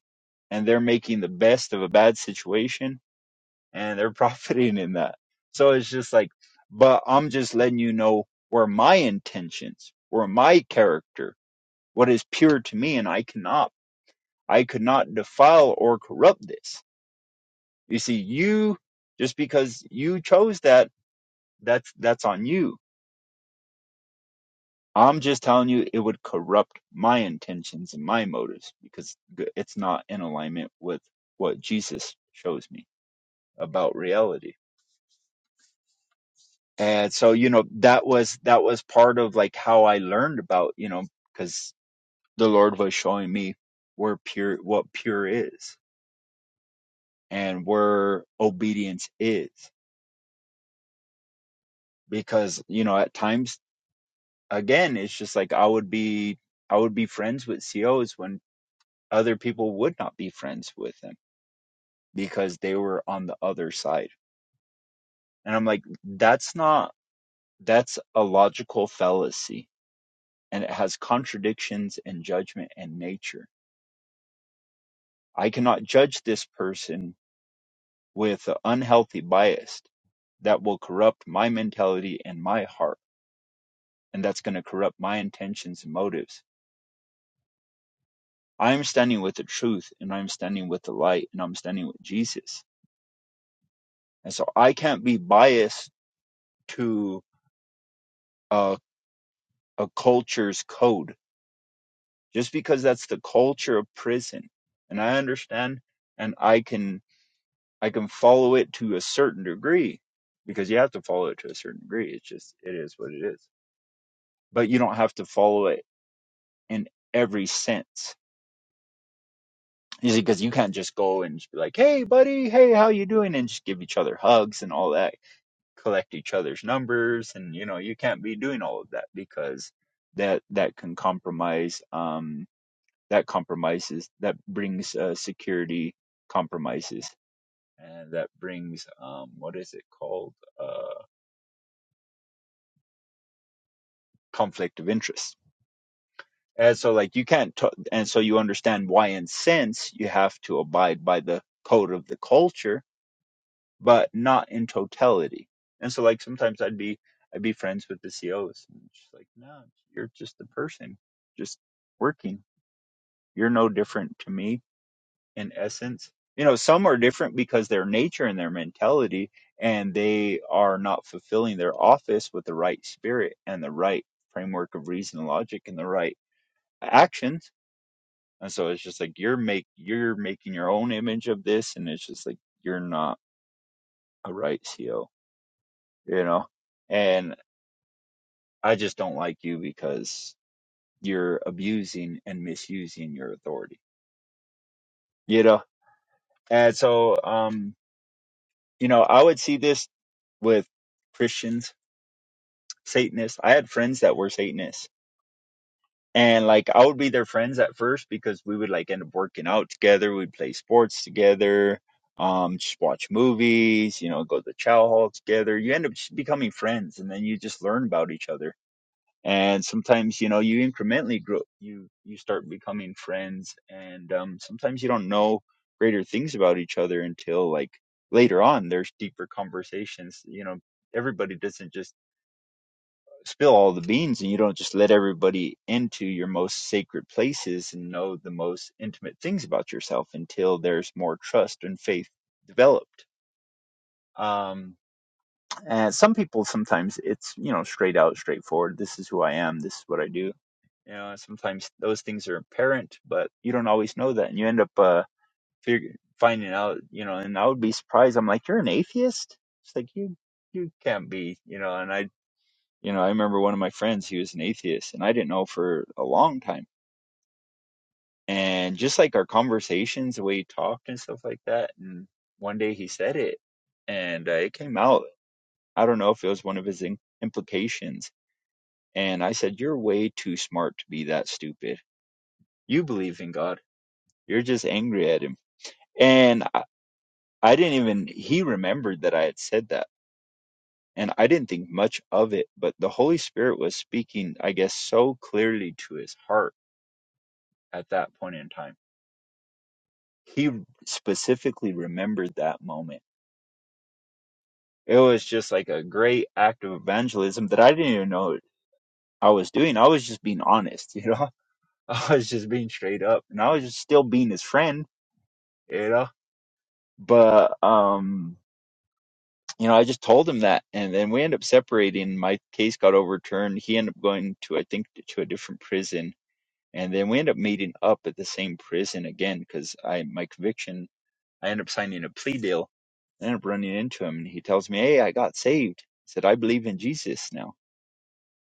Speaker 2: and they're making the best of a bad situation and they're profiting in that. So it's just like, but I'm just letting you know where my intentions, where my character, what is pure to me, and I cannot, I could not defile or corrupt this. You see, you, just because you chose that, that's, that's on you I'm just telling you, it would corrupt my intentions and my motives because g- it's not in alignment with what Jesus shows me about reality. And so, you know, that was that was part of like how I learned about, you know, because the Lord was showing me where pure what pure is and where obedience is. Because, you know, at times again, it's just like I would be I would be friends with COs when other people would not be friends with them because they were on the other side. And I'm like, that's not, that's a logical fallacy. And it has contradictions in judgment and nature. I cannot judge this person with an unhealthy bias that will corrupt my mentality and my heart. And that's going to corrupt my intentions and motives. I am standing with the truth and I'm standing with the light and I'm standing with Jesus. And so I can't be biased to a, a culture's code just because that's the culture of prison and i understand and i can i can follow it to a certain degree because you have to follow it to a certain degree it's just it is what it is but you don't have to follow it in every sense you see because you can't just go and just be like hey buddy hey how you doing and just give each other hugs and all that collect each other's numbers and you know you can't be doing all of that because that that can compromise um that compromises that brings uh, security compromises and that brings um, what is it called uh, conflict of interest and so like you can't t- and so you understand why in sense you have to abide by the code of the culture but not in totality and so like sometimes i'd be i'd be friends with the cos and she's like no you're just a person just working you're no different to me in essence. You know, some are different because their nature and their mentality, and they are not fulfilling their office with the right spirit and the right framework of reason and logic and the right actions. And so it's just like you're make you're making your own image of this, and it's just like you're not a right CEO, you know. And I just don't like you because you're abusing and misusing your authority, you know. And so, um, you know, I would see this with Christians, Satanists. I had friends that were Satanists. And like I would be their friends at first because we would like end up working out together, we'd play sports together, um, just watch movies, you know, go to the chow hall together. You end up just becoming friends and then you just learn about each other and sometimes you know you incrementally grow you you start becoming friends and um sometimes you don't know greater things about each other until like later on there's deeper conversations you know everybody doesn't just spill all the beans and you don't just let everybody into your most sacred places and know the most intimate things about yourself until there's more trust and faith developed um and some people sometimes it's you know straight out straightforward this is who i am this is what i do you know sometimes those things are apparent but you don't always know that and you end up uh fig- finding out you know and i would be surprised i'm like you're an atheist it's like you you can't be you know and i you know i remember one of my friends he was an atheist and i didn't know for a long time and just like our conversations the way he talked and stuff like that and one day he said it and uh, it came out i don't know if it was one of his in- implications and i said you're way too smart to be that stupid you believe in God. You're just angry at him. And I, I didn't even, he remembered that I had said that. And I didn't think much of it, but the Holy Spirit was speaking, I guess, so clearly to his heart at that point in time. He specifically remembered that moment. It was just like a great act of evangelism that I didn't even know I was doing. I was just being honest, you know? I was just being straight up and I was just still being his friend, you know? But, um, you know, I just told him that, and then we ended up separating. My case got overturned. He ended up going to, I think, to a different prison, and then we ended up meeting up at the same prison again because I my conviction. I ended up signing a plea deal. I ended up running into him, and he tells me, "Hey, I got saved." He said, "I believe in Jesus now."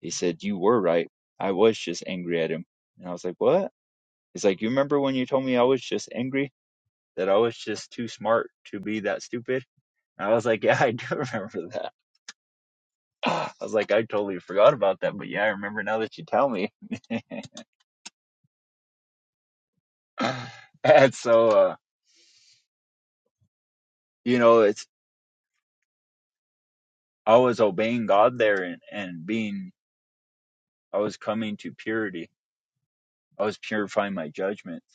Speaker 2: He said, "You were right. I was just angry at him." And I was like, "What?" He's like, "You remember when you told me I was just angry? That I was just too smart to be that stupid?" And I was like, "Yeah, I do remember that." I was like, I totally forgot about that, but yeah, I remember now that you tell me. and so, uh, you know, it's I was obeying God there and, and being, I was coming to purity. I was purifying my judgments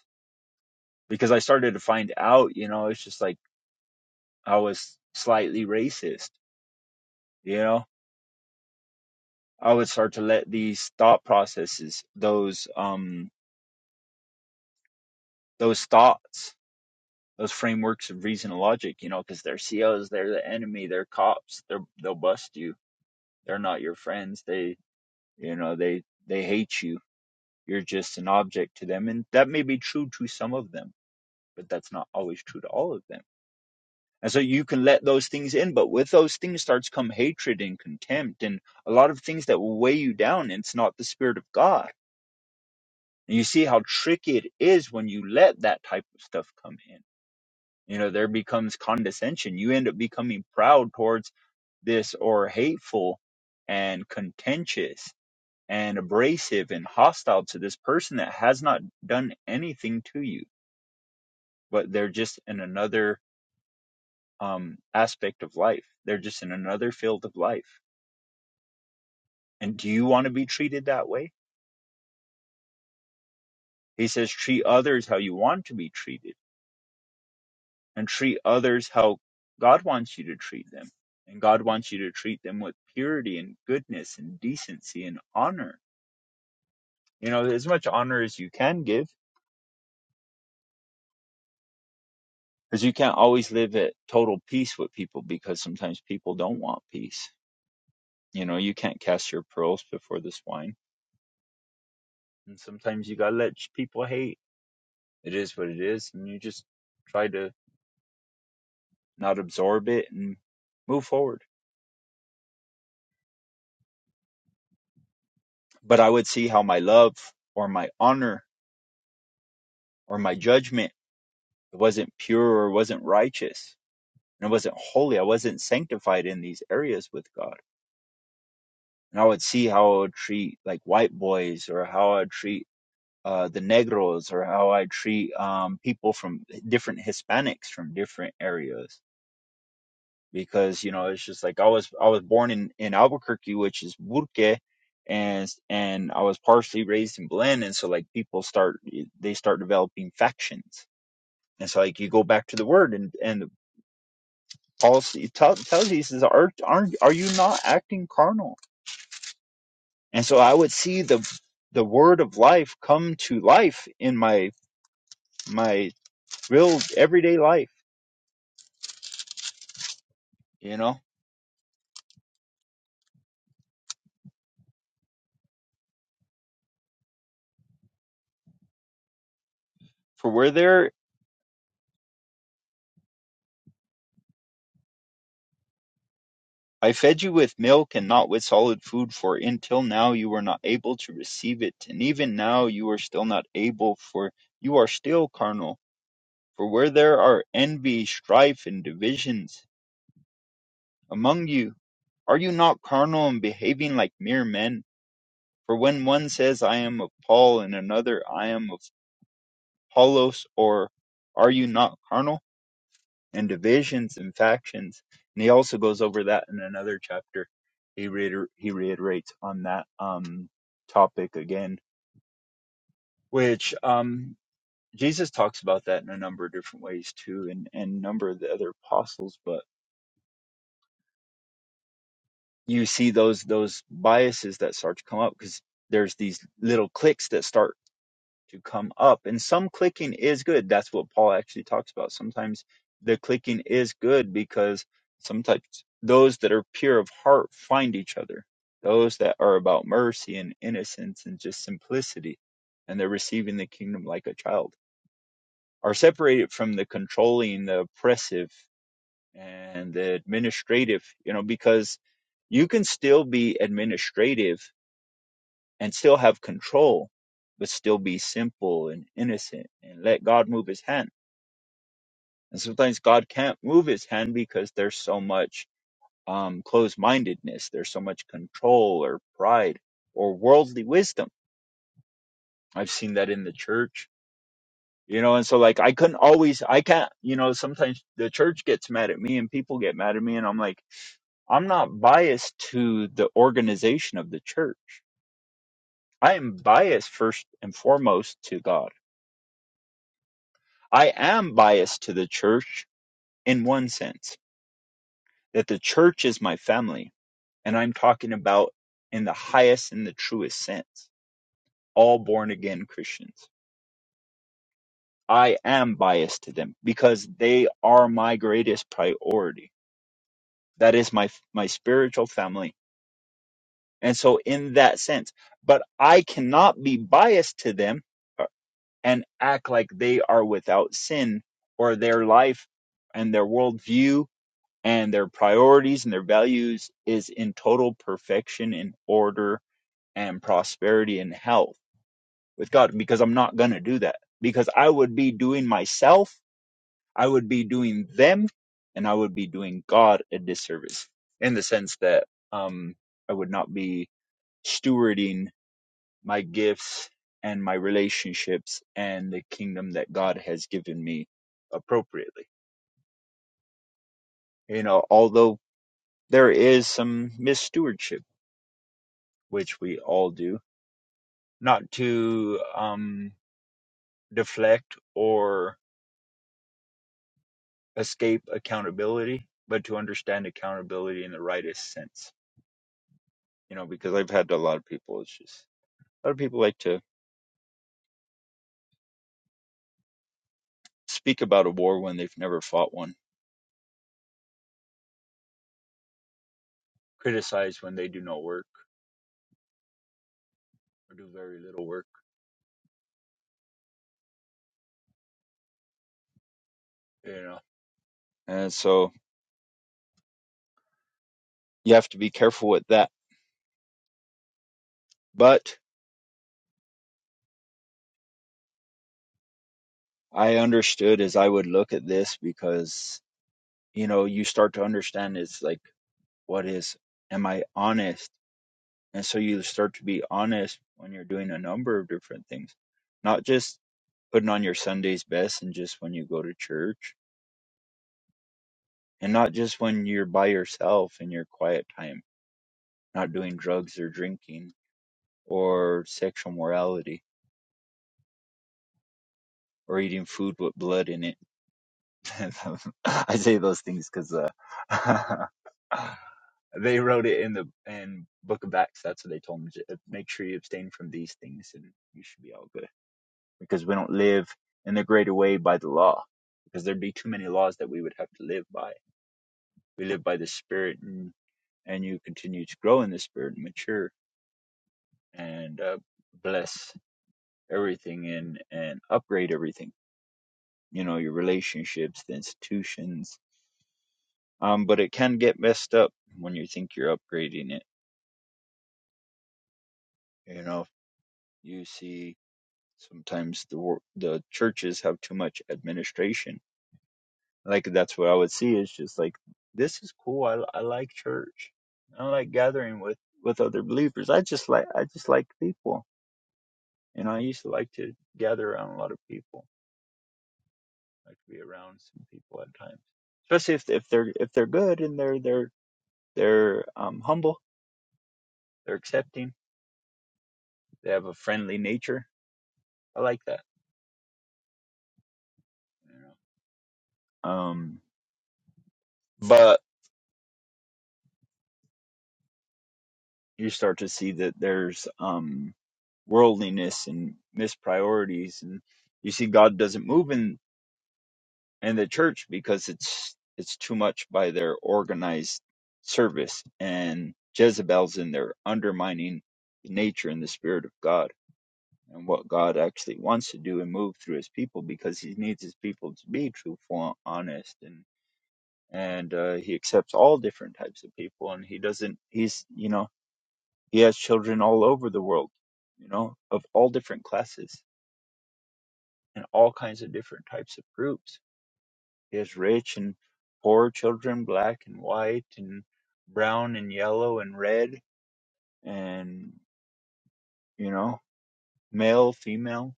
Speaker 2: because I started to find out, you know, it's just like I was slightly racist, you know, I would start to let these thought processes, those, um, those thoughts those frameworks of reason and logic, you know, because they're COs, they're the enemy, they're cops, they're, they'll bust you. They're not your friends. They, you know, they they hate you. You're just an object to them, and that may be true to some of them, but that's not always true to all of them. And so you can let those things in, but with those things starts come hatred and contempt and a lot of things that will weigh you down. And it's not the spirit of God. And you see how tricky it is when you let that type of stuff come in. You know, there becomes condescension. You end up becoming proud towards this or hateful and contentious and abrasive and hostile to this person that has not done anything to you, but they're just in another um, aspect of life. They're just in another field of life. And do you want to be treated that way? He says, treat others how you want to be treated and treat others how God wants you to treat them. And God wants you to treat them with purity and goodness and decency and honor. You know, as much honor as you can give because you can't always live at total peace with people because sometimes people don't want peace. You know, you can't cast your pearls before the swine, and sometimes you gotta let people hate. It is what it is, and you just try to not absorb it and move forward. But I would see how my love or my honor or my judgment it wasn't pure or wasn't righteous and it wasn't holy. I wasn't sanctified in these areas with God. And I would see how I would treat like white boys or how I would treat uh, the Negros or how I treat um, people from different Hispanics from different areas. Because you know, it's just like I was I was born in in Albuquerque, which is Burke, and and I was partially raised in Belen, and so like people start they start developing factions, and so like you go back to the word and and the policy tell, tells you he says are are are you not acting carnal? And so I would see the the word of life come to life in my my real everyday life you know for where there i fed you with milk and not with solid food for until now you were not able to receive it and even now you are still not able for you are still carnal for where there are envy strife and divisions among you are you not carnal and behaving like mere men for when one says i am of paul and another i am of apollos or are you not carnal and divisions and factions. And he also goes over that in another chapter. He reiter- he reiterates on that um, topic again, which um, Jesus talks about that in a number of different ways too, and and a number of the other apostles. But you see those those biases that start to come up because there's these little cliques that start to come up. And some clicking is good. That's what Paul actually talks about. Sometimes the clicking is good because sometimes those that are pure of heart find each other. Those that are about mercy and innocence and just simplicity, and they're receiving the kingdom like a child, are separated from the controlling, the oppressive, and the administrative, you know, because you can still be administrative and still have control, but still be simple and innocent and let God move his hand. And sometimes God can't move his hand because there's so much um, closed mindedness, there's so much control or pride or worldly wisdom. I've seen that in the church, you know, and so like I couldn't always, I can't, you know, sometimes the church gets mad at me and people get mad at me, and I'm like, I'm not biased to the organization of the church. I am biased first and foremost to God I am biased to the church in one sense, that the church is my family. And I'm talking about in the highest and the truest sense, all born again Christians. I am biased to them because they are my greatest priority. That is my, my spiritual family. And so in that sense, but I cannot be biased to them uh, and act like they are without sin or their life and their worldview and their priorities and their values is in total perfection and order and prosperity and health with God because I'm not going to do that because I would be doing myself, I would be doing them, and I would be doing God a disservice in the sense that um, I would not be stewarding my gifts and my relationships and the kingdom that God has given me appropriately. You know, although there is some misstewardship which we all do, not to um, deflect or escape accountability, but to understand accountability in the rightest sense. You know, because I've had a lot of people, it's just a lot of people like to speak about a war when they've never fought one, criticize when they do no work or do very little work, you know. And so you have to be careful with that. But I understood as I would look at this because, you know, you start to understand it's like, what is, am I honest? And so you start to be honest when you're doing a number of different things, not just putting on your Sunday's best and just when you go to church, and not just when you're by yourself in your quiet time, not doing drugs or drinking or sexual morality or eating food with blood in it. I say those things because uh, they wrote it in the in Book of Acts. That's what they told me. Make sure you abstain from these things, and you should be all good because we don't live in the greater way by the law because there'd be too many laws that we would have to live by we live by the spirit and and you continue to grow in the spirit and mature and uh, bless everything and and upgrade everything you know your relationships the institutions um but it can get messed up when you think you're upgrading it you know you see sometimes the the churches have too much administration like that's what I would see. It's just like this is cool. I I like church. I like gathering with with other believers. I just like I just like people. You know, I used to like to gather around a lot of people. like be around some people at times, especially if if they're if they're good and they're they're they're um humble, they're accepting, they have a friendly nature. I like that. You know? Um, but you start to see that there's um, worldliness and mispriorities, and you see God doesn't move in in the church because it's it's too much by their organized service, and Jezebel's in there undermining the nature and the spirit of God and what God actually wants to do and move through His people because He needs His people to be truthful, and honest, and and uh, He accepts all different types of people, and He doesn't He's you know he has children all over the world, you know, of all different classes and all kinds of different types of groups. He has rich and poor children, black and white, and brown and yellow and red, and, you know, male, female,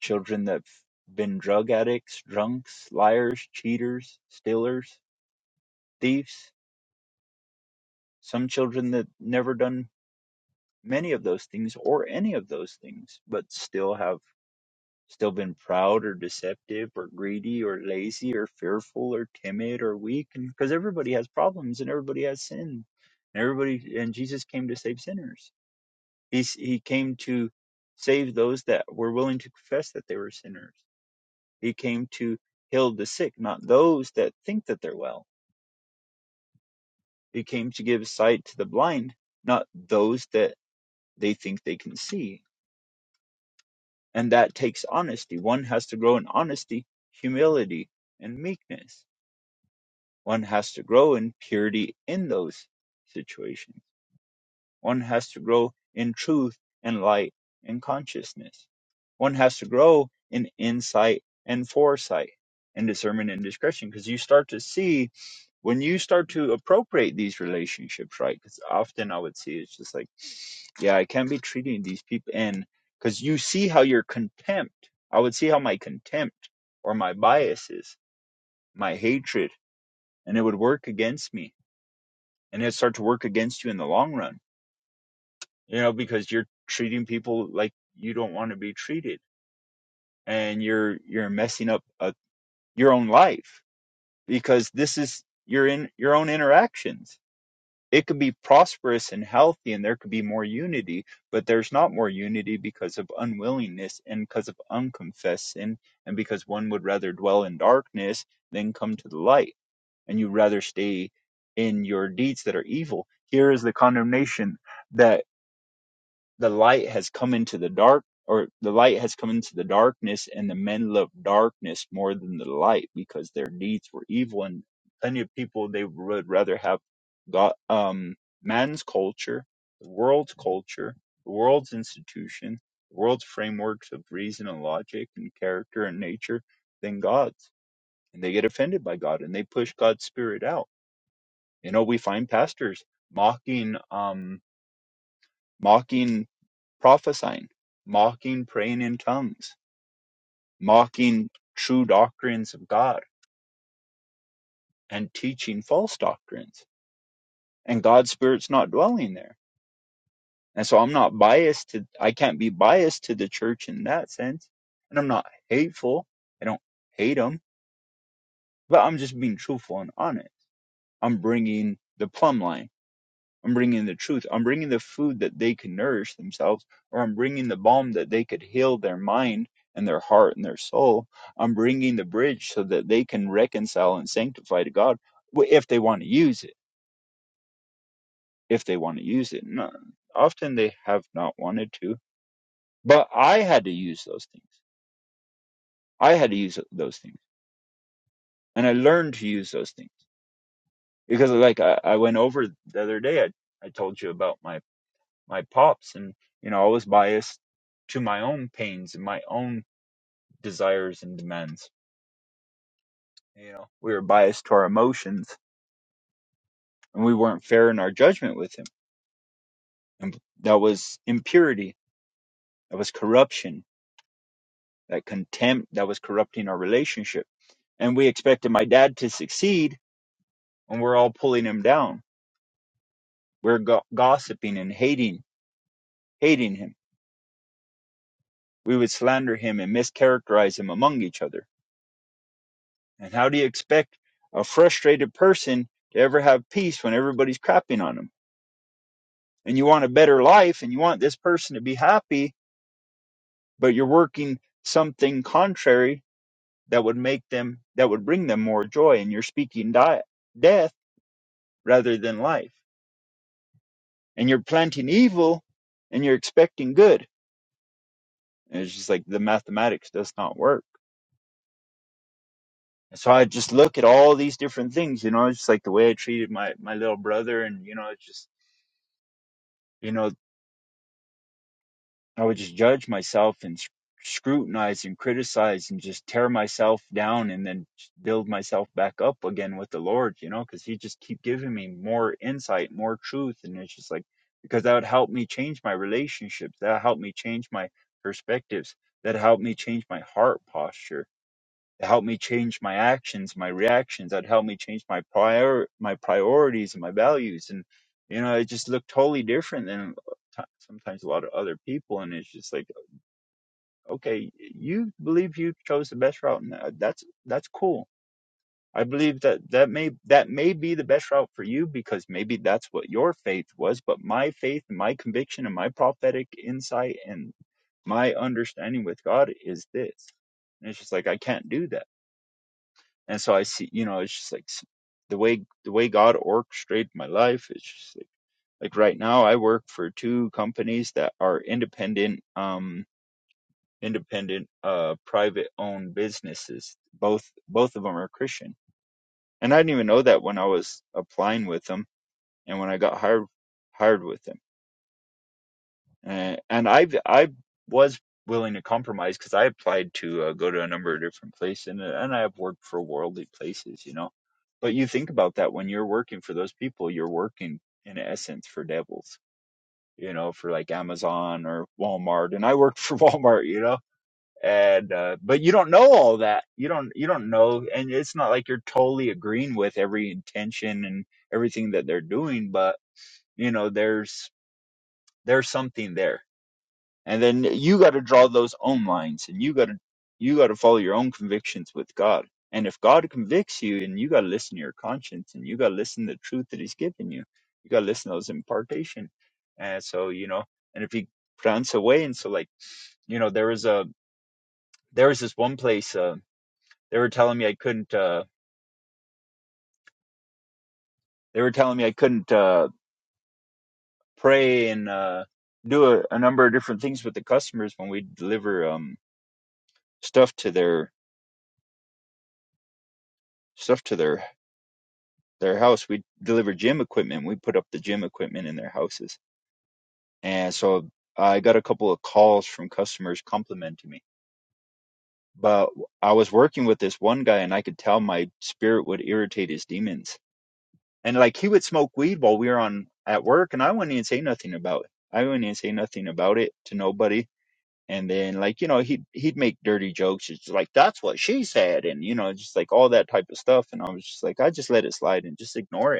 Speaker 2: children that've been drug addicts, drunks, liars, cheaters, stealers, thieves, some children that never done many of those things or any of those things, but still have still been proud or deceptive or greedy or lazy or fearful or timid or weak because everybody has problems and everybody has sin and everybody and jesus came to save sinners He's, he came to save those that were willing to confess that they were sinners he came to heal the sick not those that think that they're well he came to give sight to the blind not those that they think they can see and that takes honesty one has to grow in honesty humility and meekness One has to grow in purity in those situations. One has to grow in truth and light and consciousness. One has to grow in insight and foresight and discernment and discretion because you start to see when you start to appropriate these relationships, right? Because often I would see it's just like, yeah, I can't be treating these people in because you see how your contempt, I would see how my contempt or my biases, my hatred, and it would work against me and it start to work against you in the long run you know because you're treating people like you don't want to be treated and you're you're messing up uh your own life because this is your in your own interactions it could be prosperous and healthy and there could be more unity but there's not more unity because of unwillingness and because of unconfessed sin and because one would rather dwell in darkness than come to the light and you'd rather stay in your deeds that are evil here is the condemnation that the light has come into the dark or the light has come into the darkness and the men love darkness more than the light because their deeds were evil and plenty of people they would rather have god um man's culture the world's culture the world's institution the world's frameworks of reason and logic and character and nature than god's and they get offended by god and they push god's spirit out you know we find pastors mocking um mocking prophesying, mocking praying in tongues, mocking true doctrines of God, and teaching false doctrines. And God's Spirit's not dwelling there. And so I'm not biased to, I can't be biased to the church in that sense. And I'm not hateful. I don't hate them, but I'm just being truthful and honest. I'm bringing the plumb line I'm bringing the truth. I'm bringing the food that they can nourish themselves, or I'm bringing the balm that they could heal their mind and their heart and their soul. I'm bringing the bridge so that they can reconcile and sanctify to God if they want to use it. If they want to use it. No, often they have not wanted to, but I had to use those things. I had to use those things, and I learned to use those things because, like I, I went over the other day, I, I told you about my my pops and you know i was biased to my own pains and my own desires and demands you know we were biased to our emotions and we weren't fair in our judgment with him and that was impurity that was corruption that contempt that was corrupting our relationship and we expected my dad to succeed and we're all pulling him down we're go- gossiping and hating hating him we would slander him and mischaracterize him among each other And how do you expect a frustrated person to ever have peace when everybody's crapping on them? And you want a better life and you want this person to be happy, but you're working something contrary that would make them, that would bring them more joy. And you're speaking di- death rather than life. And you're planting evil and you're expecting good. And it's just like the mathematics does not work. And so I just look at all these different things, you know, it's just like the way I treated my, my little brother and, you know, it's just, you know. I would just judge myself and scrutinize and criticize and just tear myself down and then build myself back up again with the Lord, you know, because He just keep giving me more insight, more truth, and it's just like because that would help me change my relationships, that help me change my perspectives, that help me change my heart posture it helped me change my actions, my reactions. It helped me change my prior my priorities and my values. And you know, it just looked totally different than t- sometimes a lot of other people. And it's just like, okay, you believe you chose the best route, and that- that's that's cool. I believe that that may that may be the best route for you because maybe that's what your faith was. But my faith and my conviction and my prophetic insight and my understanding with God is this. And it's just like I can't do that and so I see, you know, it's just like s- the way the way God orchestrated my life. It's just like like right now I work for two companies that are independent, um, independent, uh, private owned businesses. Both both of them are Christian, and I didn't even know that when I was applying with them and when I got hired hired with them. Uh, and I I was willing to compromise because I applied to uh, go to a number of different places, and, uh, and I have worked for worldly places, you know. But you think about that when you're working for those people, you're working in essence for devils, you know, for like Amazon or Walmart. And I worked for Walmart, you know. And uh, but you don't know all that. You don't you don't know, and it's not like you're totally agreeing with every intention and everything that they're doing. But you know, there's there's something there and then you got to draw those own lines and you got to you got to follow your own convictions with god and if god convicts you and you got to listen to your conscience and you got to listen to the truth that he's given you you got to listen to those impartation and so you know and if he runs away and so like you know there was a there was this one place uh, they were telling me i couldn't uh they were telling me i couldn't uh pray and uh do a, a number of different things with the customers when we deliver um stuff to their stuff to their their house. We deliver gym equipment. We put up the gym equipment in their houses. And so I got a couple of calls from customers complimenting me. But I was working with this one guy and I could tell my spirit would irritate his demons. And like he would smoke weed while we were on at work and I wouldn't even say nothing about it. I wouldn't even say nothing about it to nobody. And then like, you know, he'd he'd make dirty jokes. It's like that's what she said and you know, just like all that type of stuff. And I was just like, I just let it slide and just ignore it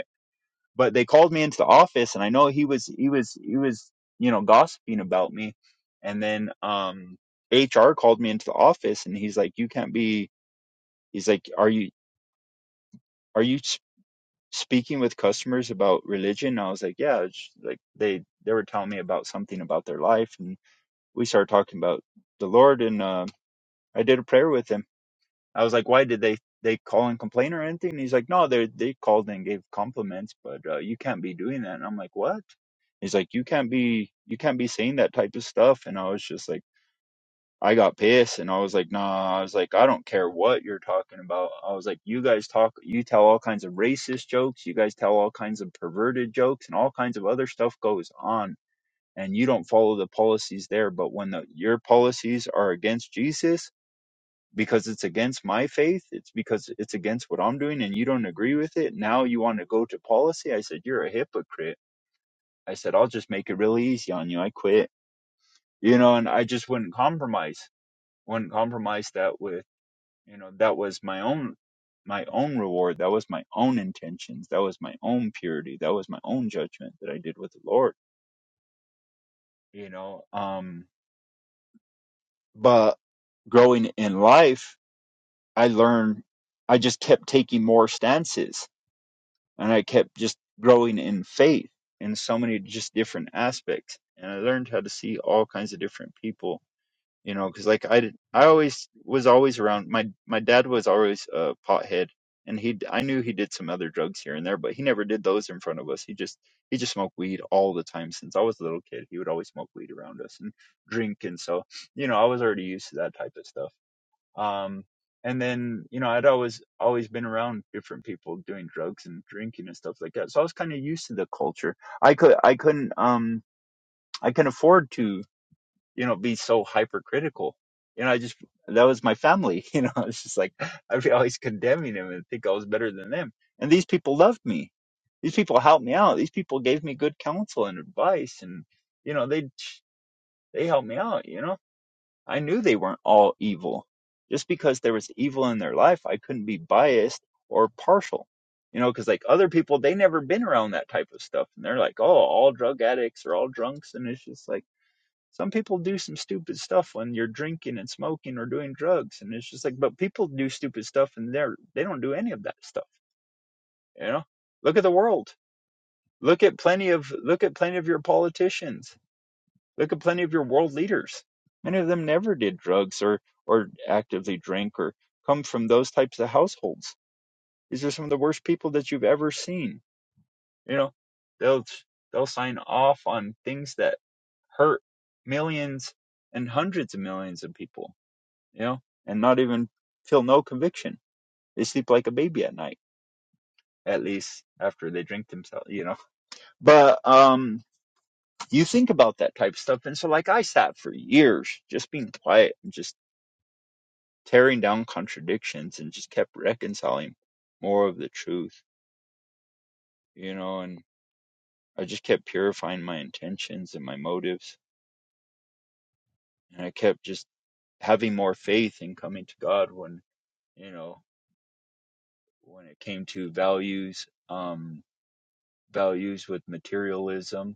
Speaker 2: but they called me into the office and I know he was he was he was you know gossiping about me and then um HR called me into the office and he's like you can't be he's like are you are you s- speaking with customers about religion and I was like yeah it's like they they were telling me about something about their life and we started talking about the Lord and uh, I did a prayer with him I was like, why did they they call and complain or anything? And he's like, no, they they called and gave compliments, but uh, you can't be doing that. And I'm like, what? He's like, you can't be you can't be saying that type of stuff. And I was just like, I got pissed, and I was like, nah. I was like, I don't care what you're talking about. I was like, you guys talk, you tell all kinds of racist jokes, you guys tell all kinds of perverted jokes, and all kinds of other stuff goes on. And you don't follow the policies there, but when the, your policies are against Jesus, because it's against my faith. It's because it's against what I'm doing and you don't agree with it. Now you want to go to policy. I said, You're a hypocrite. I said, I'll just make it really easy on you. I quit. You know, and I just wouldn't compromise. Wouldn't compromise that with you know, that was my own my own reward. That was my own intentions. That was my own purity. That was my own judgment that I did with the Lord. You know, um but growing in life, I learned I just kept taking more stances and I kept just growing in faith in so many just different aspects. And I learned how to see all kinds of different people, you know, because like I did, I always was always around my my dad was always a pothead, and he I knew he did some other drugs here and there, but he never did those in front of us. He just he just smoked weed all the time since I was a little kid. He would always smoke weed around us and drink, and so you know I was already used to that type of stuff um, and then, you know, I'd always, always been around different people doing drugs and drinking and stuff like that. So I was kind of used to the culture. I could, I couldn't, um, I can afford to, you know, be so hypercritical. You know, I just, that was my family. You know, it's just like, I'd be always condemning them and think I was better than them. And these people loved me. These people helped me out. These people gave me good counsel and advice and, you know, they, they helped me out, you know? I knew they weren't all evil. Just because there was evil in their life, I couldn't be biased or partial. You know, because like other people, they never been around that type of stuff. And they're like, oh, all drug addicts are all drunks. And it's just like, some people do some stupid stuff when you're drinking and smoking or doing drugs. And it's just like, but people do stupid stuff and they're, they don't do any of that stuff. You know, look at the world. Look at plenty of, look at plenty of your politicians Look at plenty of your world leaders. Many of them never did drugs or or actively drink or come from those types of households. These are some of the worst people that you've ever seen. You know, they'll they'll sign off on things that hurt millions and hundreds of millions of people. You know, and not even feel no conviction. They sleep like a baby at night. At least after they drink themselves, you know. But um, you think about that type of stuff. And so, like, I sat for years just being quiet and just tearing down contradictions and just kept reconciling more of the truth, you know, and I just kept purifying my intentions and my motives. And I kept just having more faith in coming to God when, you know, when it came to values, um, values with materialism,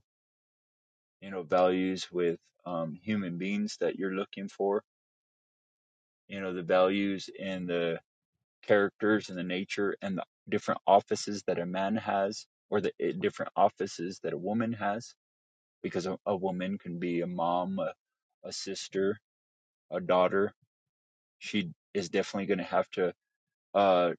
Speaker 2: you know, values with um, human beings that you're looking for, you know, the values and the characters and the nature and the different offices that a man has or the eh, different offices that a woman has because a, a woman can be a mom a, a sister a daughter she is definitely going to have to uh,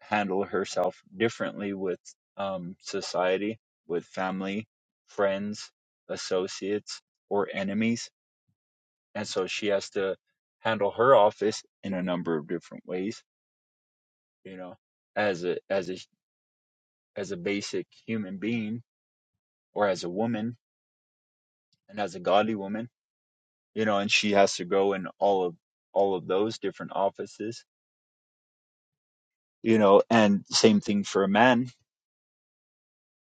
Speaker 2: handle herself differently with um, society with family friends associates or enemies and so she has to handle her office in a number of different ways you know as a as a as a basic human being or as a woman and as a godly woman you know and she has to go in all of all of those different offices you know and same thing for a man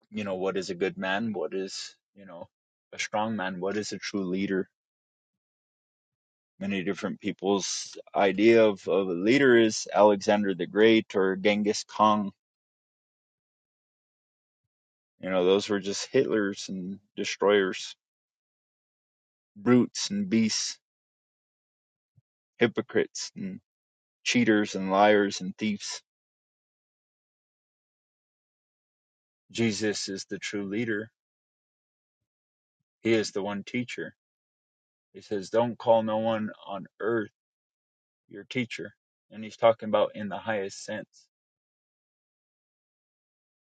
Speaker 2: you know what is a good man what is you know a strong man what is a true leader many different people's idea of, of a leader is alexander the great or genghis khan you know those were just hitlers and destroyers brutes and beasts hypocrites and cheaters and liars and thieves Jesus is the true leader. He is the one teacher. He says, Don't call no one on earth your teacher. And he's talking about in the highest sense.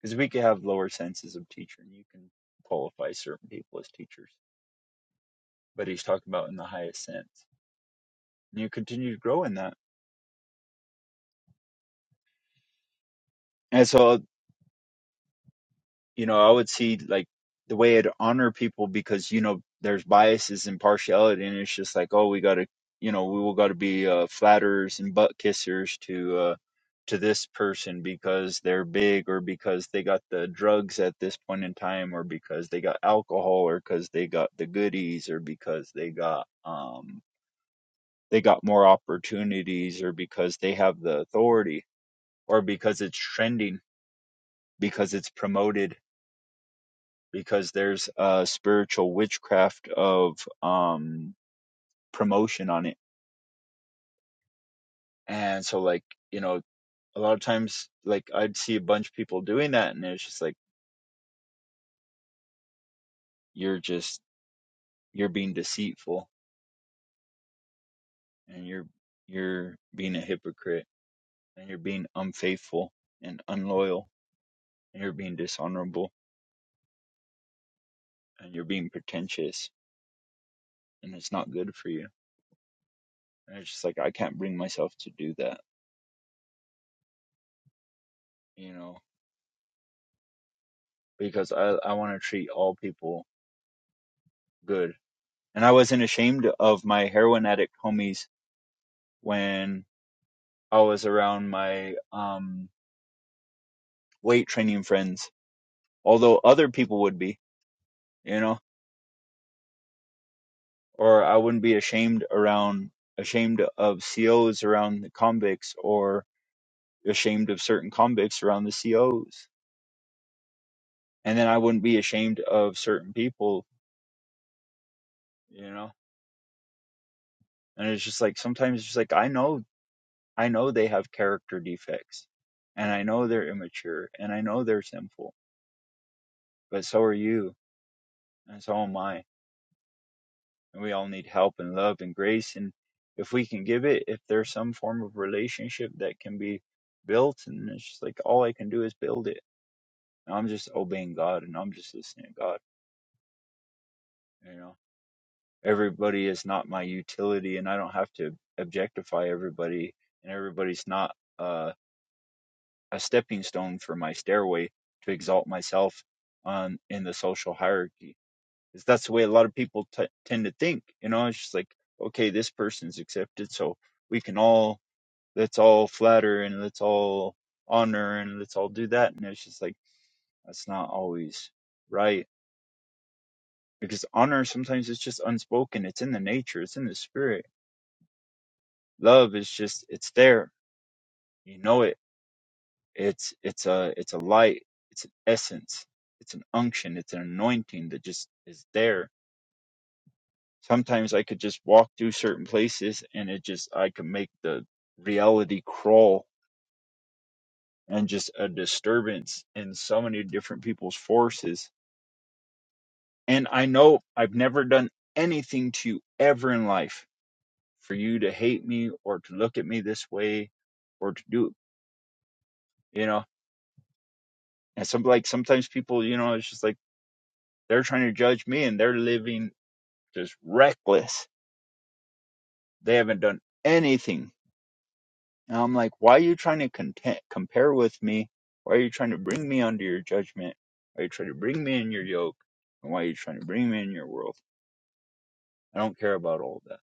Speaker 2: Because we could have lower senses of teacher and you can qualify certain people as teachers. But he's talking about in the highest sense. And you continue to grow in that. And so you know, I would see like the way it honor people because you know there's biases and partiality, and it's just like, oh, we gotta, you know, we will gotta be uh, flatterers and butt kissers to uh, to this person because they're big or because they got the drugs at this point in time or because they got alcohol or because they got the goodies or because they got um they got more opportunities or because they have the authority or because it's trending because it's promoted because there's a spiritual witchcraft of um promotion on it and so like you know a lot of times like i'd see a bunch of people doing that and it's just like you're just you're being deceitful and you're you're being a hypocrite and you're being unfaithful and unloyal and you're being dishonorable and you're being pretentious and it's not good for you and it's just like i can't bring myself to do that you know because i i want to treat all people good and I wasn't ashamed of my heroin addict homies when I was around my um, weight training friends, although other people would be, you know, or I wouldn't be ashamed around ashamed of COs around the convicts or ashamed of certain convicts around the COs. And then I wouldn't be ashamed of certain people, you know. And it's just like sometimes it's just like I know I know they have character defects and I know they're immature and I know they're sinful, but so are you and so am I. And we all need help and love and grace. And if we can give it, if there's some form of relationship that can be built, and it's just like all I can do is build it. And I'm just obeying God and I'm just listening to God. You know, everybody is not my utility, and I don't have to objectify everybody, and everybody's not uh, a stepping stone for my stairway to exalt myself on in the social hierarchy is that's the way a lot of people t- tend to think. You know, it's just like, okay, this person's accepted, so we can all let's all flatter and let's all honor and let's all do that. And it's just like that's not always right because honor sometimes is just unspoken. It's in the nature. It's in the spirit. Love is just it's there. You know it. It's it's a it's a light. It's an essence. It's an unction. It's an anointing that just is there sometimes I could just walk through certain places and it just I could make the reality crawl and just a disturbance in so many different people's forces. And I know I've never done anything to you ever in life for you to hate me or to look at me this way or to do you know. And some like sometimes people, you know, it's just like they're trying to judge me and they're living just reckless. They haven't done anything And I'm like, why are you trying to content, compare with me? Why are you trying to bring me under your judgment? Why are you trying to bring me in your yoke? And why are you trying to bring me in your world? I don't care about all that.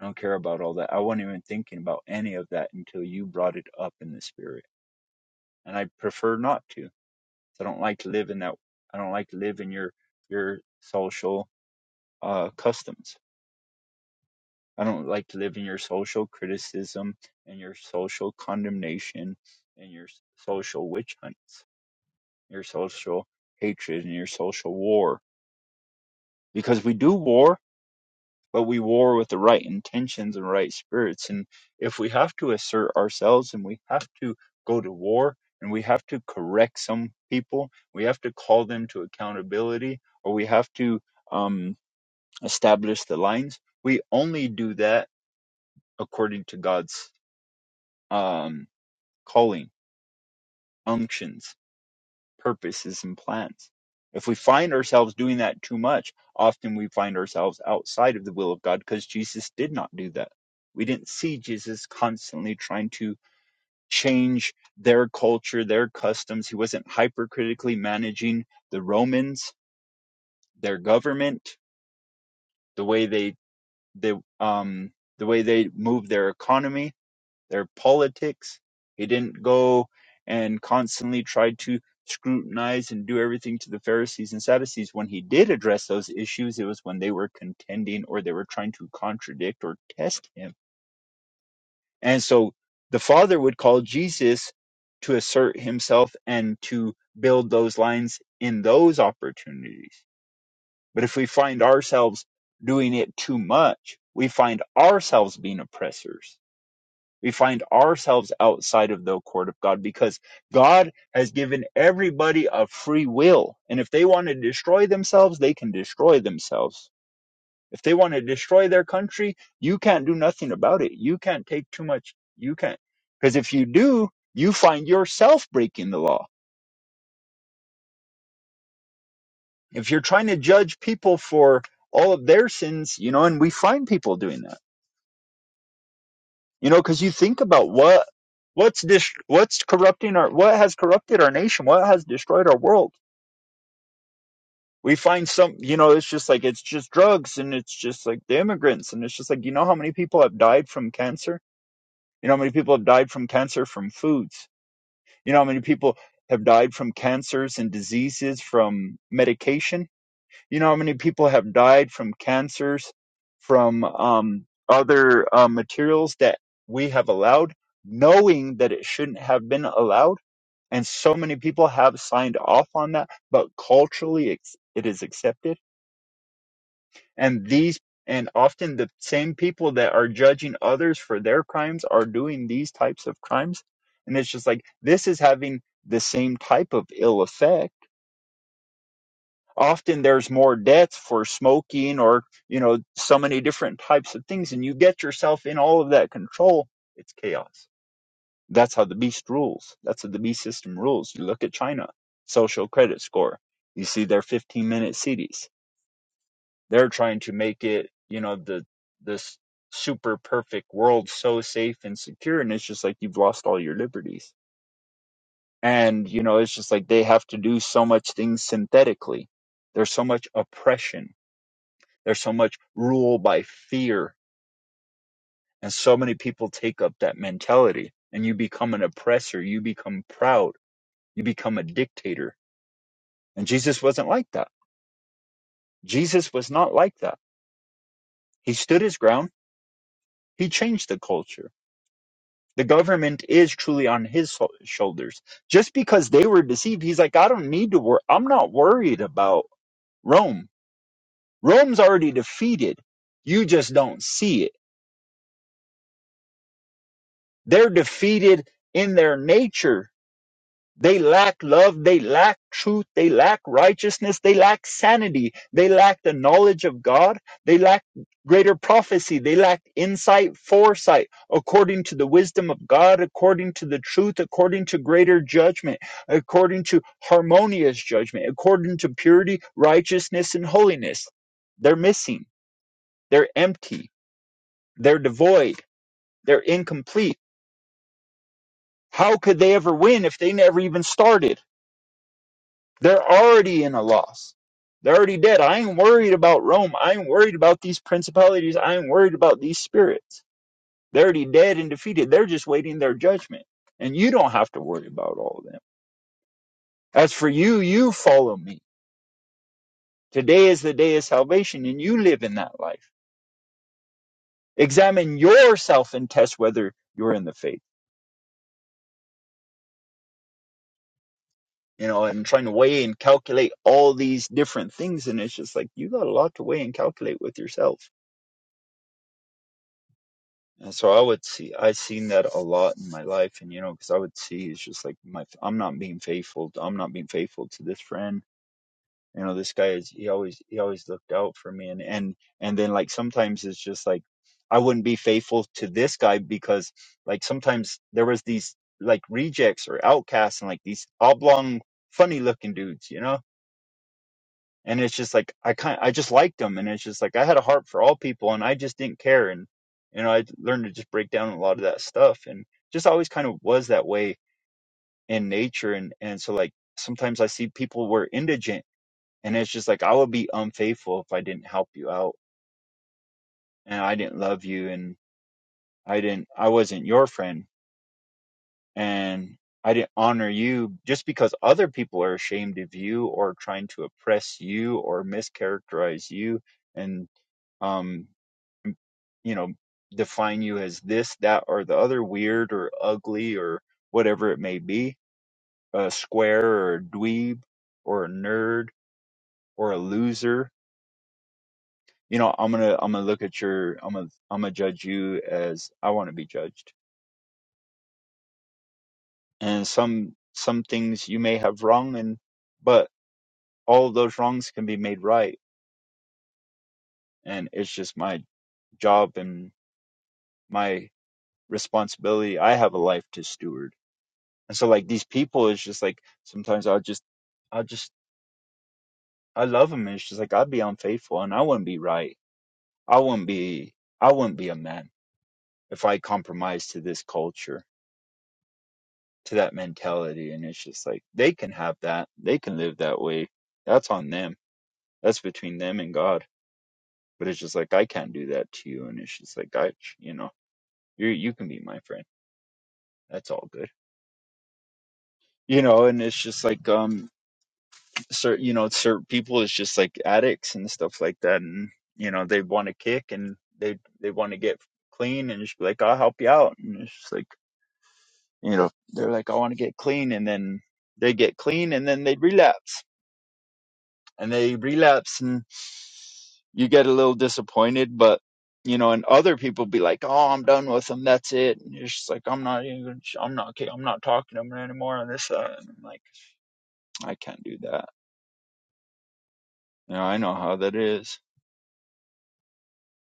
Speaker 2: I don't care about all that. I wasn't even thinking about any of that until you brought it up in the spirit. And I prefer not to. I don't like to live in that. I don't like to live in your, your social, uh, customs. I don't like to live in your social criticism and your social condemnation and your social witch hunts. your social hatred and your social war. Because we do war, but we war with the right intentions and right spirits. And if we have to assert ourselves and we have to go to war and we have to correct some people, we have to call them to accountability or we have to um, establish the lines, we only do that according to God's um, calling, unctions purposes and plans. If we find ourselves doing that too much, often we find ourselves outside of the will of God because Jesus did not do that. We didn't see Jesus constantly trying to change their culture, their customs. He wasn't hypercritically managing the Romans, their government, the way they, they um the way they moved their economy their politics. He didn't go and constantly try to scrutinize and do everything to the Pharisees and Sadducees. When he did address those issues, it was when they were contending or they were trying to contradict or test him. And so the Father would call Jesus to assert himself and to build those lines in those opportunities. But if we find ourselves doing it too much, we find ourselves being oppressors we find ourselves outside of the court of God because God has given everybody a free will. And if they want to destroy themselves, they can destroy themselves. If they want to destroy their country, you can't do nothing about it. You can't take too much. You can't. Because if you do, you find yourself breaking the law. If you're trying to judge people for all of their sins, you know, and we find people doing that You know, because you think about what what's dis- what's corrupting our what has corrupted our nation, what has destroyed our world. We find some, you know, it's just like it's just drugs and it's just like the immigrants and it's just like you know how many people have died from cancer? You know how many people have died from cancer from foods? You know how many people have died from cancers and diseases from medication? You know how many people have died from cancers, from um, other uh, materials that we have allowed, knowing that it shouldn't have been allowed? And so many people have signed off on that, but culturally it's, it is accepted. And these, and often the same people that are judging others for their crimes are doing these types of crimes. And it's just like, this is having the same type of ill effect often there's more deaths for smoking or you know so many different types of things and you get yourself in all of that control it's chaos that's how the beast rules that's how the beast system rules you look at china social credit score you see their 15 minute cities they're trying to make it you know the this super perfect world so safe and secure and it's just like you've lost all your liberties and you know it's just like they have to do so much things synthetically there's so much oppression There's so much rule by fear, and so many people take up that mentality, and you become an oppressor, you become proud, you become a dictator. And Jesus wasn't like that. Jesus was not like that. He stood his ground, he changed the culture. The government is truly on his so- shoulders. Just because they were deceived, he's like, I don't need to worry. I'm not worried about Rome. Rome's already defeated. You just don't see it. They're defeated in their nature They lack love. They lack truth. They lack righteousness. They lack sanity. They lack the knowledge of God. They lack greater prophecy. They lack insight, foresight, according to the wisdom of God, according to the truth, according to greater judgment, according to harmonious judgment, according to purity, righteousness, and holiness. They're missing. They're empty. They're devoid. They're incomplete. How could they ever win if they never even started? They're already in a loss. They're already dead. I ain't worried about Rome. I ain't worried about these principalities. I ain't worried about these spirits. They're already dead and defeated. They're just waiting their judgment. And you don't have to worry about all of them. As for you, you follow me. Today is the day of salvation and you live in that life. Examine yourself and test whether you're in the faith. You know, and trying to weigh and calculate all these different things. And it's just like, you got a lot to weigh and calculate with yourself And so I would see, I seen that a lot in my life, and you know, because I would see it's just like my, I'm not being faithful. I'm not being faithful to this friend. You know, this guy is he always he always looked out for me, and and and then like sometimes it's just like I wouldn't be faithful to this guy because like sometimes there was these like rejects or outcasts and like these oblong funny looking dudes, you know and it's just like I kind I just liked them, and it's just like I had a heart for all people, and I just didn't care, and you know I learned to just break down a lot of that stuff, and just always kind of was that way in nature, and and so like sometimes I see people were indigent, and it's just like I would be unfaithful if I didn't help you out, and I didn't love you, and I didn't I wasn't your friend, and I didn't honor you just because other people are ashamed of you or trying to oppress you or mischaracterize you and um you know, define you as this, that, or the other, weird or ugly or whatever it may be, a square or a dweeb or a nerd or a loser. You know, I'm gonna I'm gonna look at your I'm gonna I'm gonna judge you as I want to be judged. And some some things you may have wrong, and but all of those wrongs can be made right. And it's just my job and my responsibility. I have a life to steward And so like these people, it's just like sometimes I just, I just, I love them. And it's just like I'd be unfaithful, and I wouldn't be right. I wouldn't be, I wouldn't be a man if I compromised to this culture, to that mentality. And it's just like they can have that, they can live that way. That's on them. That's between them and God. But it's just like I can't do that to you. And it's just like I, you know, you you can be my friend. That's all good. You know, and it's just like um certain you know certain people is just like addicts and stuff like that and you know they want to kick and they they want to get clean and just be like i'll help you out and it's just like you know they're like i want to get clean and then they get clean and then they relapse and they relapse and you get a little disappointed but you know and other people be like oh i'm done with them that's it and it's just like i'm not even i'm not i'm not talking to them anymore and this that. and i'm like i can't do that you know i know how that is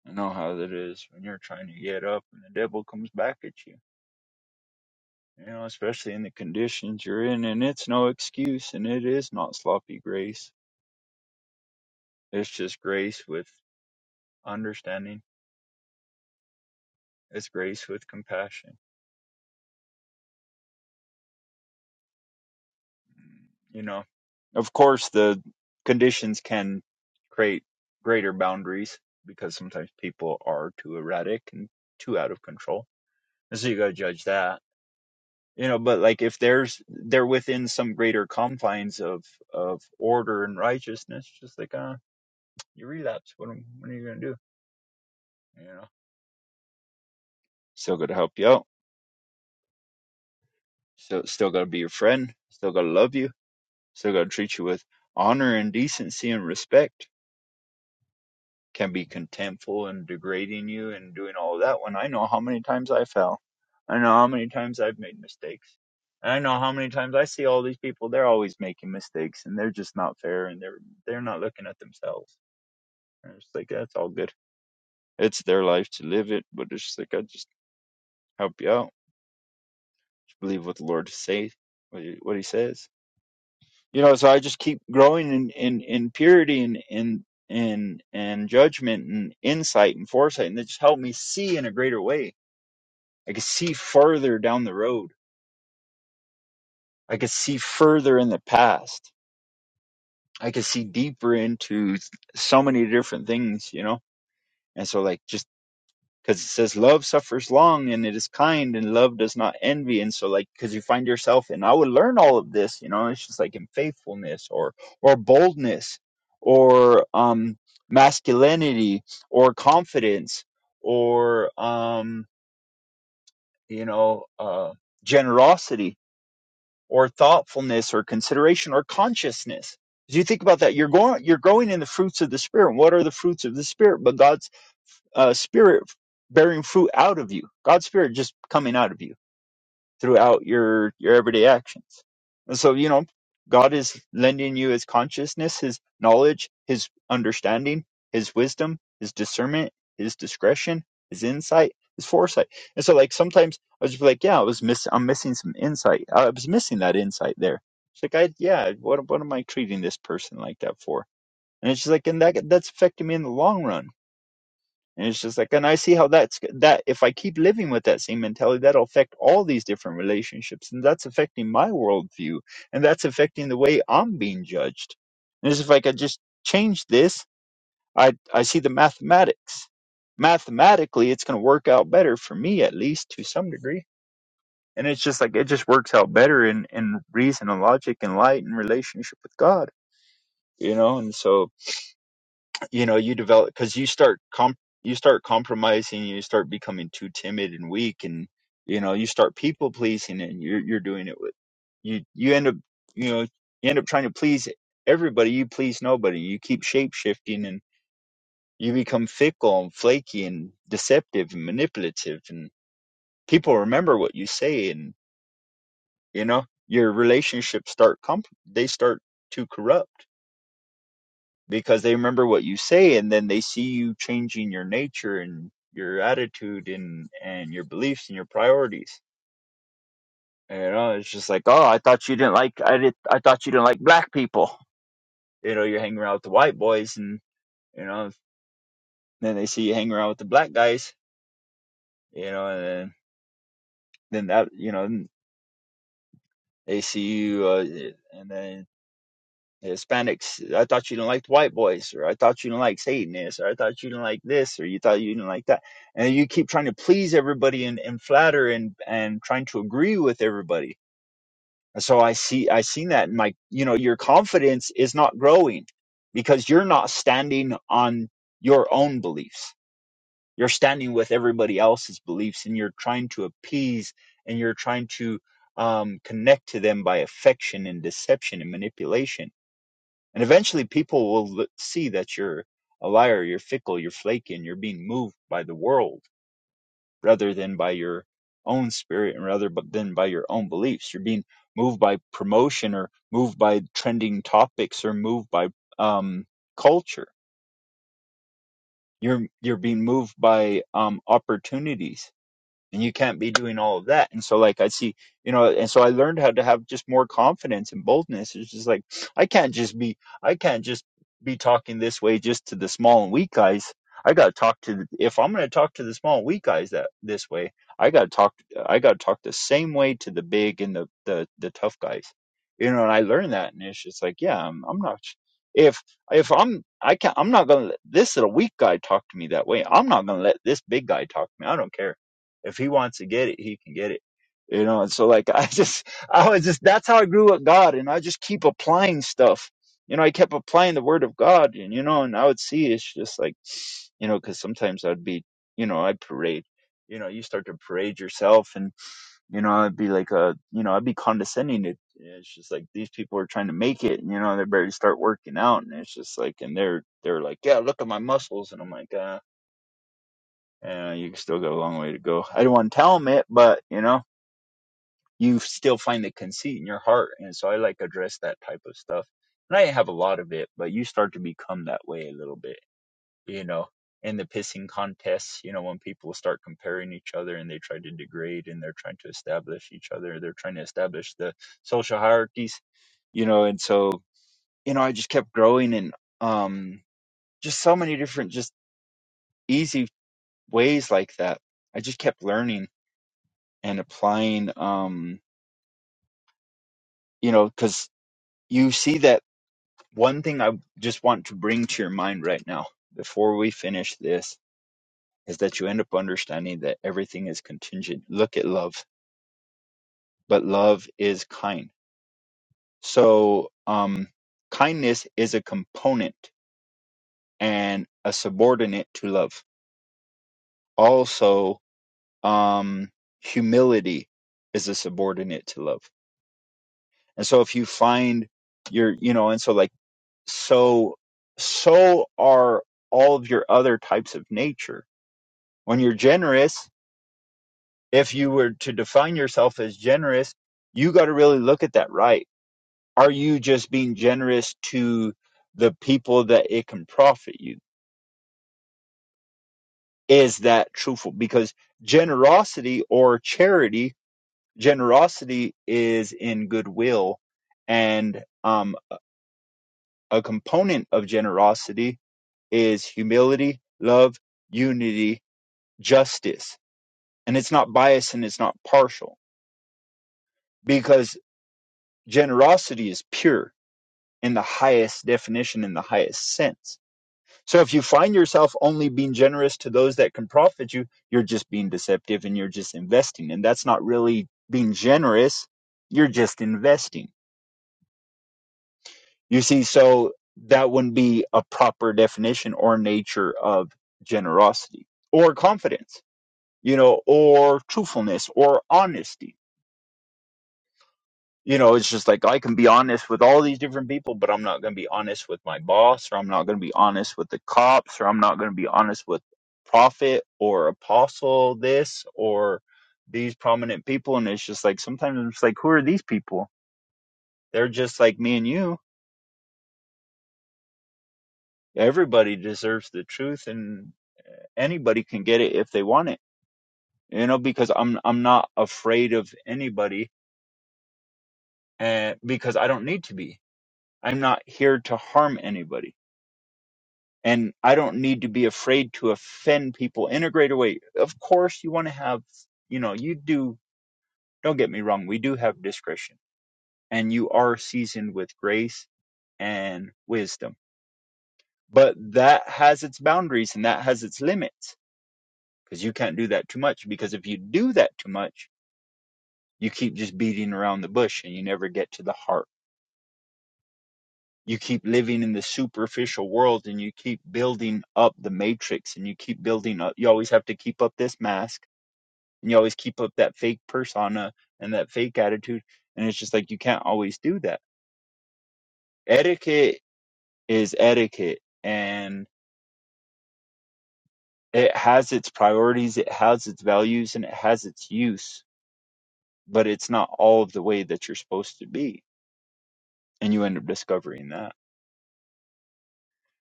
Speaker 2: I know how that is when you're trying to get up and the devil comes back at you. You know, especially in the conditions you're in, and it's no excuse, and it is not sloppy grace. It's just grace with understanding. It's grace with compassion. You know, of course, the conditions can create greater boundaries because sometimes people are too erratic and too out of control. And so you gotta judge that you know but like if there's they're within some greater confines of of order and righteousness just like uh you relapse what, am- what are you gonna do you know still gotta help you out still still gotta be your friend still gotta love you still gotta treat you with honor and decency and respect can be contemptful and degrading you and doing all of that when I know how many times I fell. I know how many times I've made mistakes. And I know how many times I see all these people, they're always making mistakes and they're just not fair and they're they're not looking at themselves. And it's like that's all good. It's their life to live it, but it's just like I just help you out. Just believe what the Lord says, what he, what he says. You know, so I just keep growing in, in, in purity and, in and and judgment and insight and foresight and they just help me see in a greater way I could see farther down the road. I could see further in the past. I could see deeper into so many different things, you know? And so, like, just because it says love suffers long and it is kind and love does not envy. And so, like, because you find yourself, and I would learn all of this, you know, it's just like in faithfulness or, or boldness or, um, masculinity or confidence or, um, you know, uh, generosity or thoughtfulness or consideration or consciousness. As you think about that, you're going you're growing in the fruits of the spirit. What are the fruits of the spirit? But God's uh, spirit bearing fruit out of you. God's spirit just coming out of you throughout your your everyday actions. And so, you know, God is lending you his consciousness, his knowledge, his understanding, his wisdom, his discernment, his discretion, his insight, his foresight. And so like sometimes I was just like, yeah, I was miss I'm missing some insight. I was missing that insight there. It's like I yeah, what what am I treating this person like that for? And it's just like and that that's affecting me in the long run and it's just like, and I see how that's that if I keep living with that same mentality, that'll affect all these different relationships. And that's affecting my worldview. And that's affecting the way I'm being judged. And it's if I could just change this, I, I see the mathematics. Mathematically, it's going to work out better for me, at least to some degree. And it's just like, it just works out better in, in reason and logic and light and relationship with God, you know? And so, you know you develop because you start comp you start compromising you start becoming too timid and weak and you know you start people pleasing and you're you're doing it with you you end up you know you end up trying to please everybody you please nobody you keep shape shifting and you become fickle and flaky and deceptive and manipulative and people remember what you say and you know your relationships start comp they start to corrupt because they remember what you say and then they see you changing your nature and your attitude and and your beliefs and your priorities you know it's just like oh i thought you didn't like i did i thought you didn't like black people you know you're hanging around with the white boys and you know then they see you hanging around with the black guys you know and then, then that you know they see you uh, and then Hispanics, I thought you didn't like white boys, or I thought you didn't like Satanists, or I thought you didn't like this, or you thought you didn't like that. And you keep trying to please everybody and, and flatter and, and trying to agree with everybody. And so I see, I seen that and like, you know, your confidence is not growing because you're not standing on your own beliefs. You're standing with everybody else's beliefs and you're trying to appease and you're trying to um, connect to them by affection and deception and manipulation and eventually people will see that you're a liar, you're fickle, you're flaky, and you're being moved by the world rather than by your own spirit and rather than by your own beliefs. You're being moved by promotion or moved by trending topics or moved by um, culture. You're you're being moved by um, opportunities and you can't be doing all of that. And so like I see, you know, and so I learned how to have just more confidence and boldness. It's just like I can't just be I can't just be talking this way just to the small and weak guys. I got to talk to the- if I'm going to talk to the small and weak guys that this way, I got to talk I got to talk the same way to the big and the the the tough guys. You know, and I learned that and it's just like, yeah, I'm I'm not if if I'm I can't I'm not gonna let this little weak guy talk to me that way. I'm not gonna let this big guy talk to me. I don't care if he wants to get it, he can get it. You know, and so like I just I was just that's how I grew with God and I just keep applying stuff. You know, I kept applying the word of God and you know, and I would see it's just like you know, because sometimes I'd be you know, I'd parade. You know, you start to parade yourself and you know, I'd be like uh you know, I'd be condescending it. It's just like these people are trying to make it, and you know, they barely start working out, and it's just like, and they're they're like, yeah, look at my muscles, and I'm like, ah, uh, you still got a long way to go. I don't want to tell them it, but you know, you still find the conceit in your heart, and so I like address that type of stuff. And I have a lot of it, but you start to become that way a little bit, you know. In the pissing contests, you know, when people start comparing each other and they try to degrade and they're trying to establish each other, they're trying to establish the social hierarchies, you know. And so, you know, I just kept growing and um, just so many different, just easy ways like that. I just kept learning and applying um you know because you see that one thing i just want to bring to your mind right now before we finish this is that you end up understanding that everything is contingent look at love but love is kind so um kindness is a component and a subordinate to love also um humility is a subordinate to love and so if you find your you know and so like so so are all of your other types of nature when you're generous if you were to define yourself as generous you got to really look at that right are you just being generous to the people that it can profit you is that truthful because generosity or charity generosity is in goodwill and um, a component of generosity is humility love unity justice and it's not biased and it's not partial because generosity is pure in the highest definition in the highest sense so if you find yourself only being generous to those that can profit you you're just being deceptive and you're just investing and that's not really being generous you're just investing you see so that wouldn't be a proper definition or nature of generosity or confidence you know or truthfulness or honesty you know it's just like i can be honest with all these different people but i'm not going to be honest with my boss or i'm not going to be honest with the cops or i'm not going to be honest with prophet or apostle this or these prominent people and it's just like sometimes i'm just like who are these people they're just like me and you everybody deserves the truth and anybody can get it if they want it you know because i'm i'm not afraid of anybody and because i don't need to be i'm not here to harm anybody and I don't need to be afraid to offend people in a greater way. Of course, you want to have, you know, you do, don't get me wrong, we do have discretion and you are seasoned with grace and wisdom, but that has its boundaries and that has its limits because you can't do that too much. Because if you do that too much, you keep just beating around the bush and you never get to the heart. You keep living in the superficial world and you keep building up the matrix and you keep building up. You always have to keep up this mask and you always keep up that fake persona and that fake attitude and it's just like you can't always do that etiquette is etiquette and it has its priorities it has its values and it has its use but it's not all of the way that you're supposed to be and you end up discovering that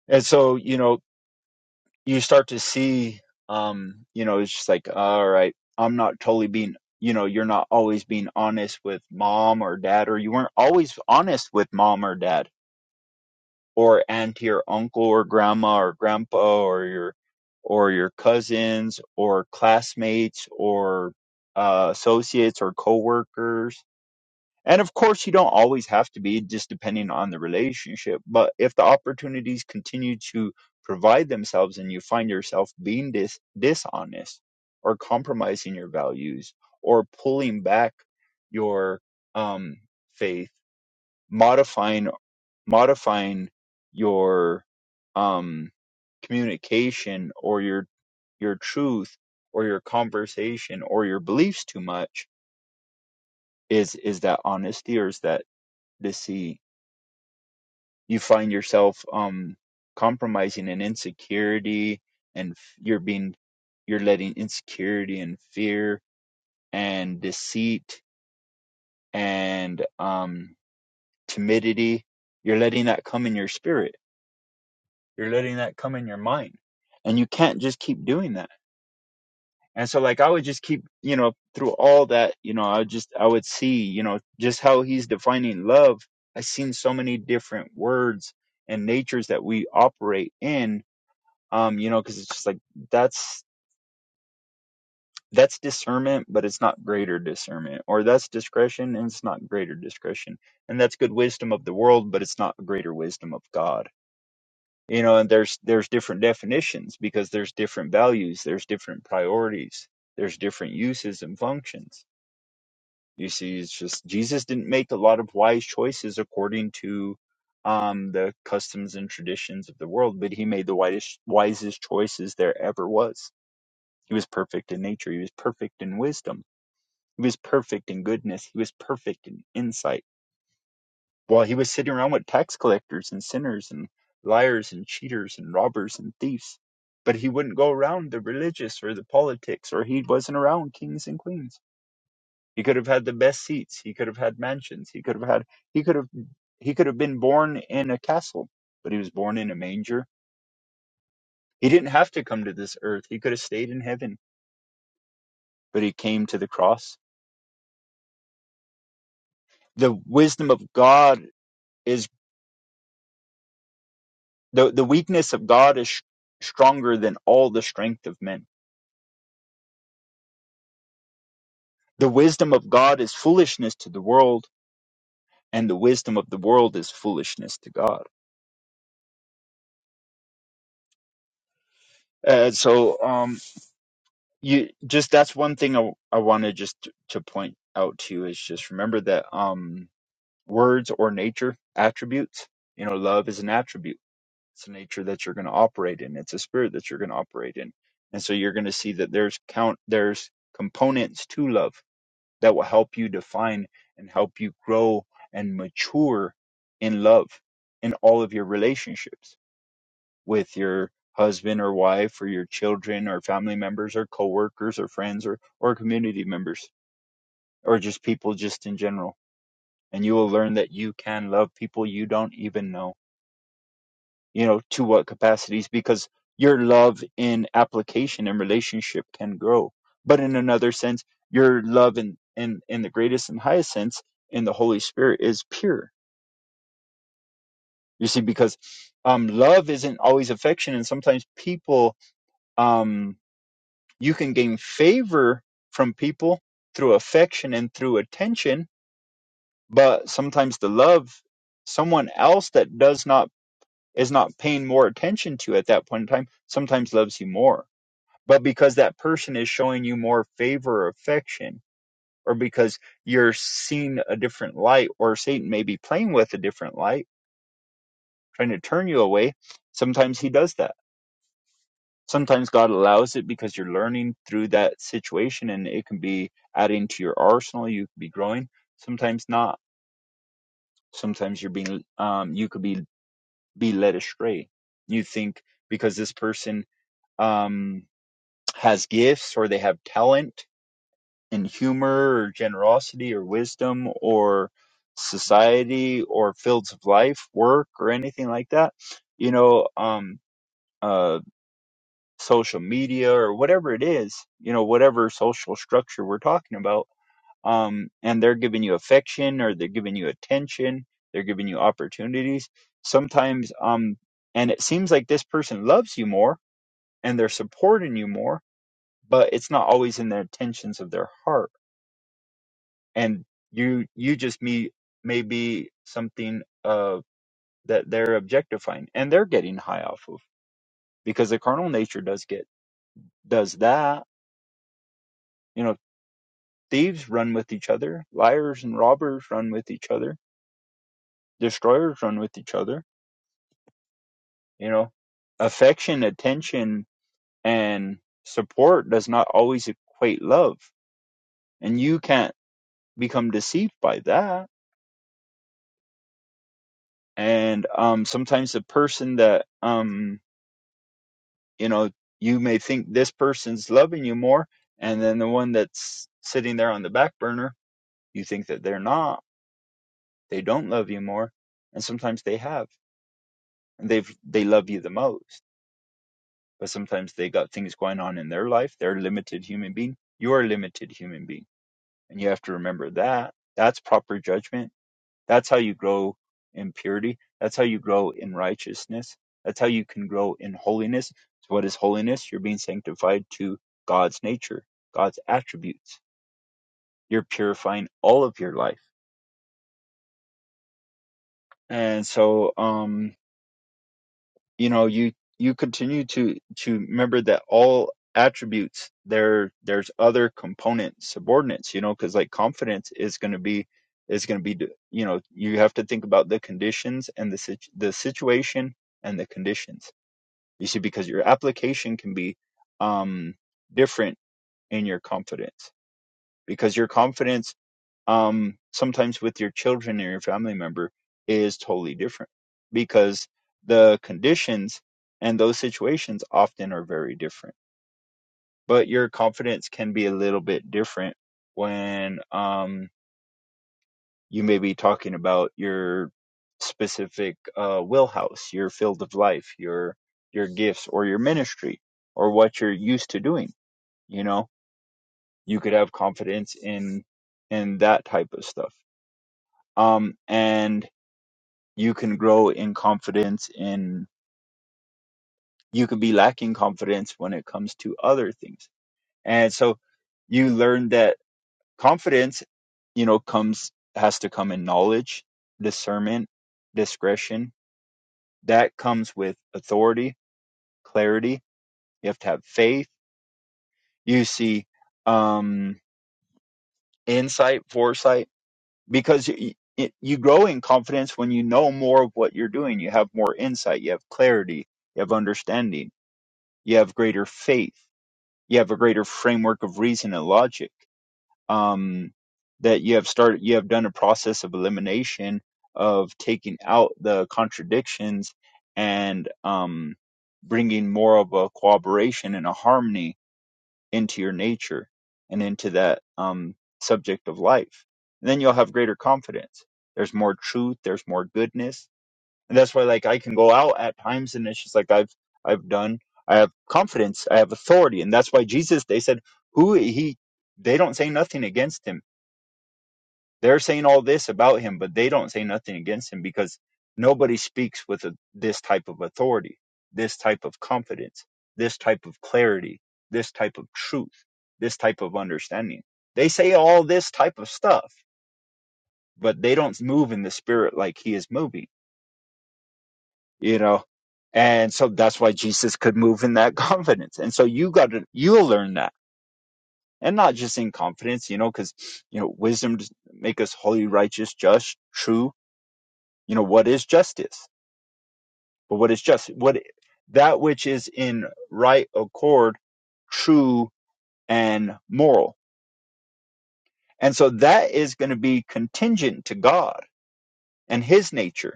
Speaker 2: and so you know you start to see um you know it's just like all right i'm not totally being you know you're not always being honest with mom or dad or you weren't always honest with mom or dad or aunt, or uncle or grandma or grandpa or your or your cousins or classmates or uh, associates or coworkers. And of course, you don't always have to be just depending on the relationship. But if the opportunities continue to provide themselves and you find yourself being dis- dishonest or compromising your values or pulling back your um, faith, modifying modifying your um communication or your your truth or your conversation or your beliefs too much is is that honesty or is that deceit you find yourself um compromising in insecurity and f- you're being you're letting insecurity and fear and deceit and um timidity you're letting that come in your spirit You're letting that come in your mind. And you can't just keep doing that. And so like I would just keep, you know, through all that, you know, I would just I would see, you know, just how he's defining love. I've seen so many different words and natures that we operate in. Um, you know, because it's just like that's that's discernment, but it's not greater discernment. Or that's discretion and it's not greater discretion. And that's good wisdom of the world, but it's not greater wisdom of God you know and there's there's different definitions because there's different values there's different priorities there's different uses and functions you see it's just jesus didn't make a lot of wise choices according to um the customs and traditions of the world but he made the wisest wisest choices there ever was he was perfect in nature he was perfect in wisdom he was perfect in goodness he was perfect in insight while he was sitting around with tax collectors and sinners and liars and cheaters and robbers and thieves. But he wouldn't go around the religious or the politics, or he wasn't around kings and queens. He could have had the best seats. He could have had mansions. He could have had, he could have, he could have been born in a castle, but he was born in a manger. He didn't have to come to this earth. He could have stayed in heaven, but he came to the cross. The wisdom of God is, the, the weakness of God is sh- stronger than all the strength of men The wisdom of God is foolishness to the world, and the wisdom of the world is foolishness to God. Uh, so, um, you just that's one thing I, I want to just t- to point out to you is just remember that um, words or nature attributes. You know, love is an attribute. It's a nature that you're going to operate in. It's a spirit that you're going to operate in, and so you're going to see that there's count there's components to love that will help you define and help you grow and mature in love in all of your relationships with your husband or wife or your children or family members or coworkers or friends or or community members or just people just in general and you will learn that you can love people you don't even know you know to what capacities because your love in application and relationship can grow but in another sense your love in in in the greatest and highest sense in the holy spirit is pure you see because um love isn't always affection and sometimes people um you can gain favor from people through affection and through attention but sometimes the love someone else that does not is not paying more attention to at that point in time sometimes loves you more but because that person is showing you more favor or affection, or because you're seeing a different light, or Satan may be playing with a different light, trying to turn you away. Sometimes he does that. Sometimes God allows it because you're learning through that situation and it can be adding to your arsenal. You could be growing. Sometimes not. Sometimes you're being, um, you could be, be led astray. You think because this person, um, has gifts or they have talent in humor or generosity or wisdom or society or fields of life, work or anything like that, you know, um, uh, social media or whatever it is, you know, whatever social structure we're talking about, um, and they're giving you affection or they're giving you attention, they're giving you opportunities. Sometimes, um, and it seems like this person loves you more and they're supporting you more, but it's not always in the intentions of their heart and you you just me may be something uh that they're objectifying and they're getting high off of because the carnal nature does get does that you know thieves run with each other liars and robbers run with each other destroyers run with each other you know affection attention and support does not always equate love and you can't become deceived by that and um sometimes the person that um you know you may think this person's loving you more and then the one that's sitting there on the back burner you think that they're not they don't love you more and sometimes they have and they've they love you the most but sometimes they got things going on in their life they're a limited human being you're a limited human being and you have to remember that that's proper judgment That's how you grow in purity. That's how you grow in righteousness. That's how you can grow in holiness. So what is holiness? You're being sanctified to God's nature, God's attributes. You're purifying all of your life. And so, um, you know you you continue to to remember that all attributes there there's other component subordinates you know because like confidence is going to be is going to be you know you have to think about the conditions and the situ- the situation and the conditions you see because your application can be um different in your confidence because your confidence um, sometimes with your children or your family member is totally different because the conditions and those situations often are very different. But your confidence can be a little bit different when um, you may be talking about your specific uh, wheelhouse, your field of life, your your gifts or your ministry or what you're used to doing. You know, you could have confidence in in that type of stuff. Um, and you can grow in confidence and you could be lacking confidence when it comes to other things. And so you learn that confidence, you know, comes has to come in knowledge, discernment, discretion. That comes with authority, clarity. You have to have faith. You see um insight, foresight because y y- you grow in confidence when you know more of what you're doing. You have more insight, you have clarity, you have understanding you have greater faith you have a greater framework of reason and logic um, that you have started you have done a process of elimination of taking out the contradictions and um, bringing more of a cooperation and a harmony into your nature and into that um, subject of life and then you'll have greater confidence there's more truth there's more goodness and that's why like i can go out at times and it's just like i've i've done i have confidence i have authority and that's why jesus they said who he they don't say nothing against him they're saying all this about him but they don't say nothing against him because nobody speaks with a, this type of authority this type of confidence this type of clarity this type of truth this type of understanding they say all this type of stuff but they don't move in the spirit like he is moving you know and so that's why jesus could move in that confidence and so you got to you'll learn that and not just in confidence you know because you know wisdom does make us holy righteous just true you know what is justice but what is just what that which is in right accord true and moral and so that is going to be contingent to god and his nature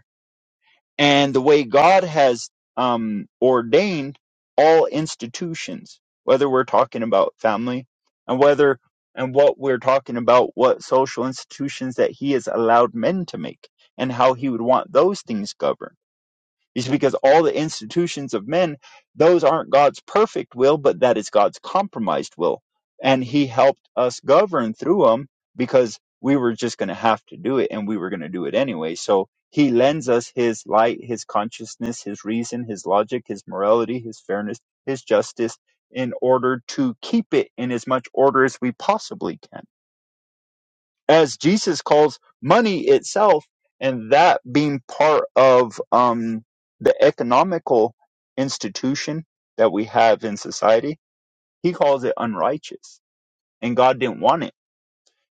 Speaker 2: and the way God has um, ordained all institutions, whether we're talking about family and whether and what we're talking about, what social institutions that He has allowed men to make and how He would want those things governed. It's because all the institutions of men, those aren't God's perfect will, but that is God's compromised will. And He helped us govern through them because we were just going to have to do it and we were going to do it anyway. So He lends us His light, His consciousness, His reason, His logic, His morality, His fairness, His justice in order to keep it in as much order as we possibly can as Jesus calls money itself, and that being part of um, the economical institution that we have in society, he calls it unrighteous, and God didn't want it.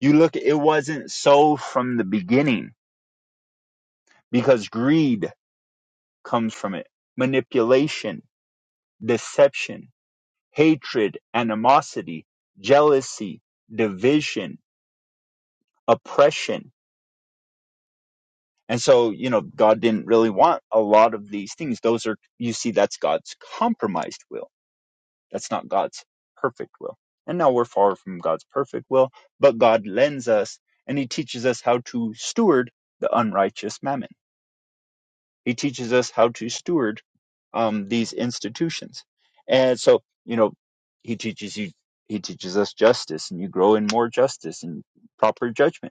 Speaker 2: You look, it wasn't so from the beginning because greed comes from it, manipulation, deception, hatred, animosity, jealousy, division, oppression And so, you know, God didn't really want a lot of these things. Those are, you see, that's God's compromised will. That's not God's perfect will. And now we're far from God's perfect will, but God lends us and He teaches us how to steward the unrighteous mammon. He teaches us how to steward um, these institutions. And so, you know, He teaches you, He teaches us justice and you grow in more justice and proper judgment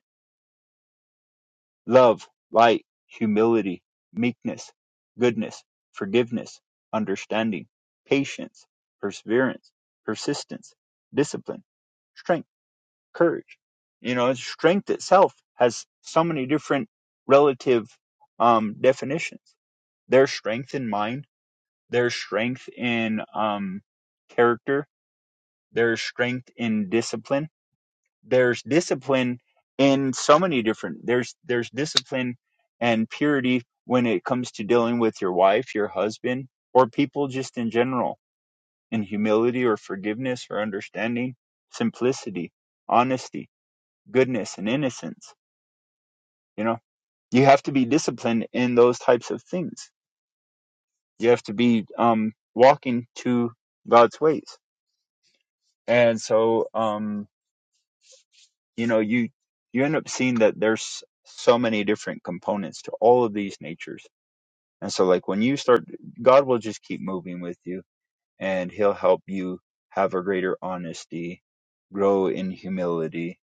Speaker 2: love, light, humility, meekness, goodness, forgiveness, understanding, patience, perseverance, persistence, discipline, strength, courage. You know, strength itself has so many different relative um, definitions. There's strength in mind, there's strength in um, character, there's strength in discipline there's discipline in so many different there's there's discipline and purity when it comes to dealing with your wife your husband or people just in general in humility or forgiveness or understanding simplicity honesty goodness and innocence you know you have to be disciplined in those types of things you have to be um walking to god's ways and so um you know you you end up seeing that there's so many different components to all of these natures and so like when you start god will just keep moving with you and he'll help you have a greater honesty grow in humility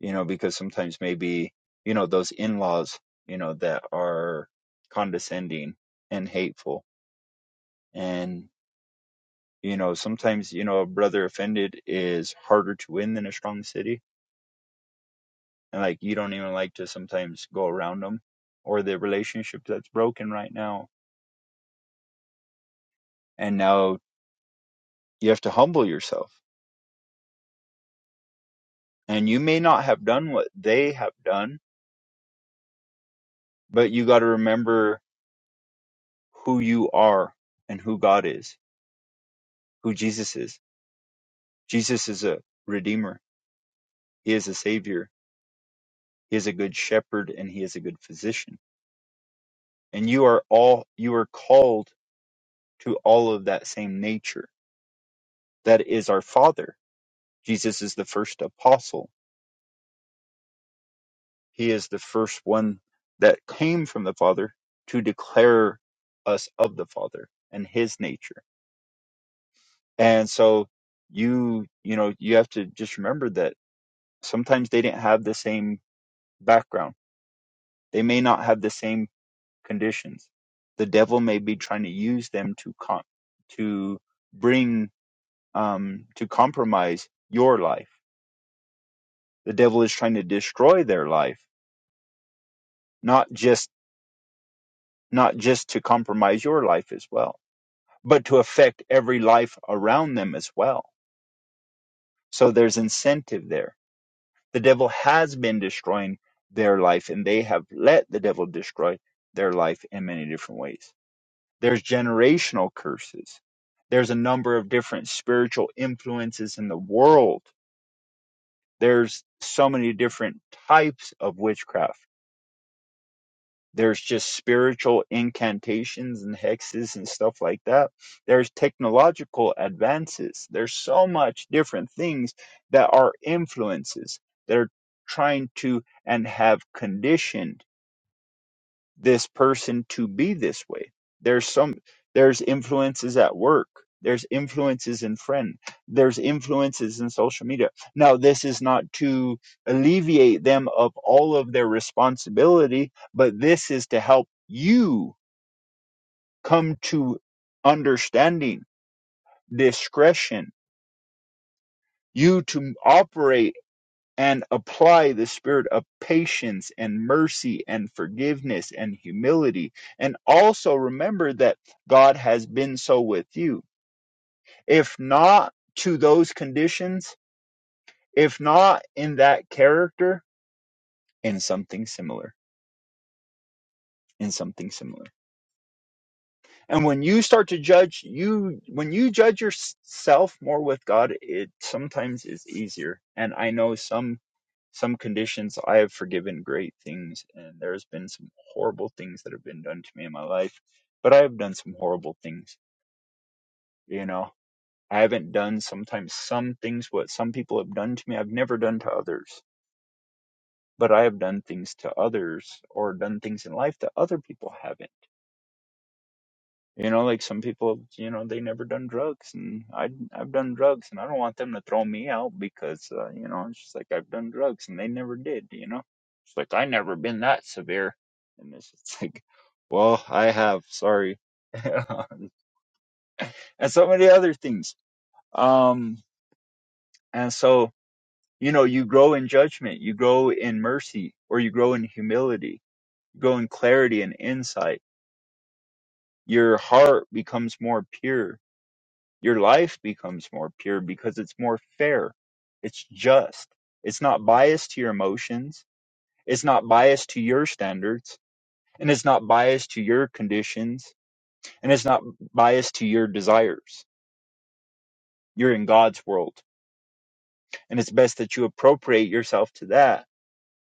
Speaker 2: you know because sometimes maybe you know those in-laws you know that are condescending and hateful and you know sometimes you know a brother offended is harder to win than a strong city and like you don't even like to sometimes go around them or the relationship that's broken right now and now you have to humble yourself and you may not have done what they have done but you got to remember who you are and who God is who Jesus is Jesus is a redeemer he is a savior he is a good shepherd and he is a good physician and you are all you are called to all of that same nature that is our father Jesus is the first apostle He is the first one that came from the Father to declare us of the Father and his nature. And so you, you know, you have to just remember that sometimes they didn't have the same background. They may not have the same conditions. The devil may be trying to use them to con- to bring um to compromise your life. The devil is trying to destroy their life, not just not just to compromise your life as well but to affect every life around them as well. So there's incentive there. The devil has been destroying their life, and they have let the devil destroy their life in many different ways. There's generational curses. There's a number of different spiritual influences in the world. There's so many different types of witchcraft There's just spiritual incantations and hexes and stuff like that. There's technological advances. There's so much different things that are influences that are trying to and have conditioned this person to be this way there's some there's influences at work there's influences in friend there's influences in social media now this is not to alleviate them of all of their responsibility but this is to help you come to understanding discretion you to operate and apply the spirit of patience and mercy and forgiveness and humility. And also remember that God has been so with you. If not to those conditions, if not in that character, in something similar, in something similar. And when you start to judge you, when you judge yourself more with God, it sometimes is easier. And I know some some conditions I have forgiven great things, and there's been some horrible things that have been done to me in my life. But I have done some horrible things, you know. I haven't done sometimes some things what some people have done to me. I've never done to others, but I have done things to others or done things in life that other people haven't You know, like some people, you know, they never done drugs, and I I've done drugs, and I don't want them to throw me out because uh, you know it's just like I've done drugs and they never did. You know, it's like I never been that severe, and it's just like, well, I have. Sorry, and so many other things. Um, and so you know, you grow in judgment, you grow in mercy, or you grow in humility, you grow in clarity and insight. Your heart becomes more pure Your life becomes more pure because it's more fair. It's just. It's not biased to your emotions. It's not biased to your standards. And it's not biased to your conditions. And it's not biased to your desires. You're in God's world. And it's best that you appropriate yourself to that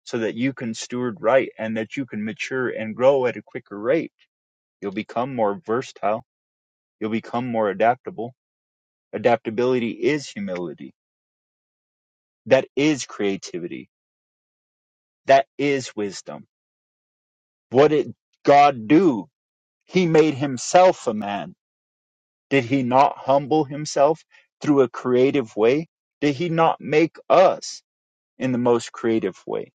Speaker 2: so that you can steward right and that you can mature and grow at a quicker rate. You'll become more versatile. You'll become more adaptable. Adaptability is humility. That is creativity That is wisdom. What did God do? He made himself a man. Did he not humble himself through a creative way? Did he not make us in the most creative way?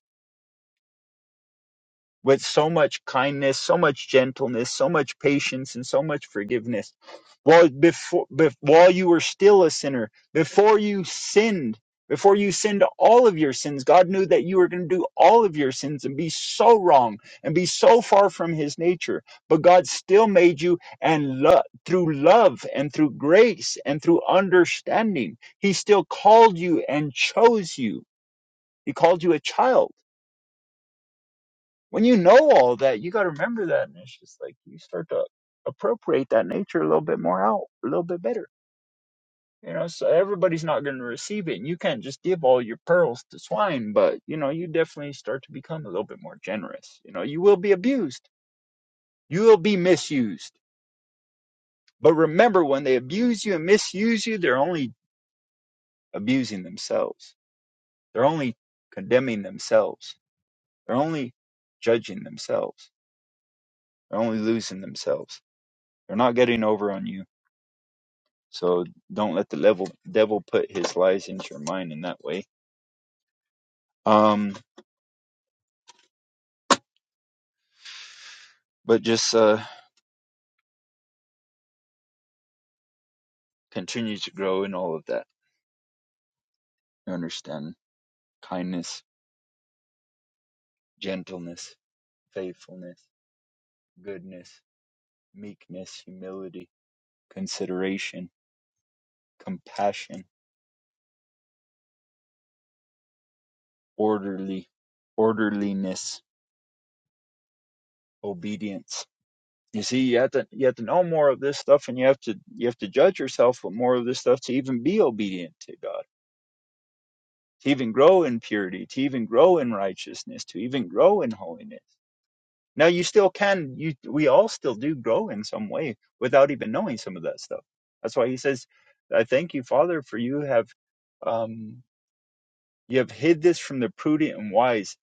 Speaker 2: with so much kindness, so much gentleness, so much patience, and so much forgiveness. While before, bef- while you were still a sinner, before you sinned, before you sinned all of your sins, God knew that you were going to do all of your sins and be so wrong and be so far from His nature. But God still made you, and lo- through love and through grace and through understanding, He still called you and chose you. He called you a child when you know all that, you got to remember that, and it's just like you start to appropriate that nature a little bit more out, a little bit better. You know, so everybody's not going to receive it, and you can't just give all your pearls to swine. But you know, you definitely start to become a little bit more generous. You know, you will be abused, you will be misused. But remember, when they abuse you and misuse you, they're only abusing themselves. They're only condemning themselves. They're only judging themselves. They're only losing themselves. They're not getting over on you So don't let the level, devil put his lies into your mind in that way. Um, but just uh, continue to grow in all of that. You understand kindness, gentleness, faithfulness, goodness, meekness, humility, consideration, compassion, orderly, orderliness, obedience. You see, you have to you have to know more of this stuff, and you have to you have to judge yourself with more of this stuff to even be obedient to God to even grow in purity, to even grow in righteousness, to even grow in holiness. Now you still can you we all still do grow in some way without even knowing some of that stuff. That's why he says, I thank you, Father, for you have um you have hid this from the prudent and wise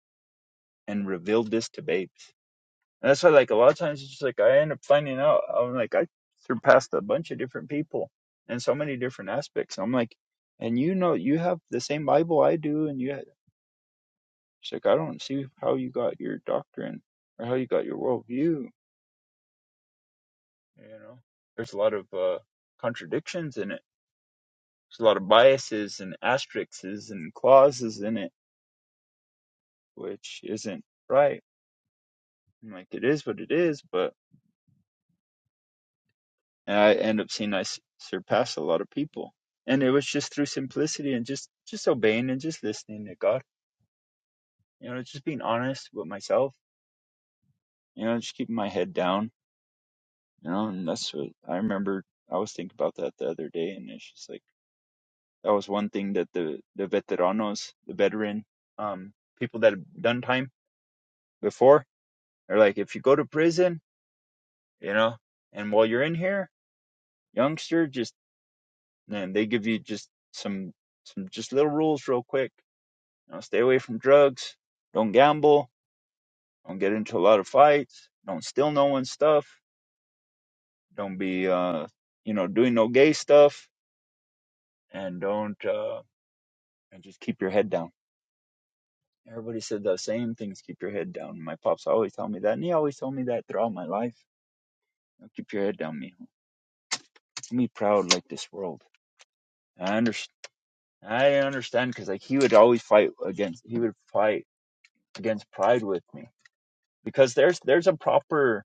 Speaker 2: and revealed this to babes. And that's why like a lot of times it's just like I end up finding out I'm like I surpassed a bunch of different people in so many different aspects. I'm like, and you know you have the same Bible I do and you It's like I don't see how you got your doctrine or how you got your worldview. You know, there's a lot of uh, contradictions in it. There's a lot of biases and asterisks and clauses in it, which isn't right. I'm like it is what it is, but and I end up seeing I s- surpass a lot of people. And it was just through simplicity and just just obeying and just listening to God. You know, just being honest with myself. You know, just keeping my head down. You know, and that's what I remember. I was thinking about that the other day, and it's just like That was one thing that the the veteranos, the veteran um, people that have done time before, they're like, if you go to prison, you know, and while you're in here, youngster, just and they give you just some some just little rules real quick. You know, stay away from drugs, don't gamble, don't get into a lot of fights, don't steal no one's stuff, don't be uh you know doing no gay stuff, and don't uh and just keep your head down Everybody said the same things. Keep your head down. My pops always told me that, and he always told me that throughout my life. Keep your head down, mijo. be proud like this world. I understand. I didn't understand because like he would always fight against. He would fight against pride with me because there's there's a proper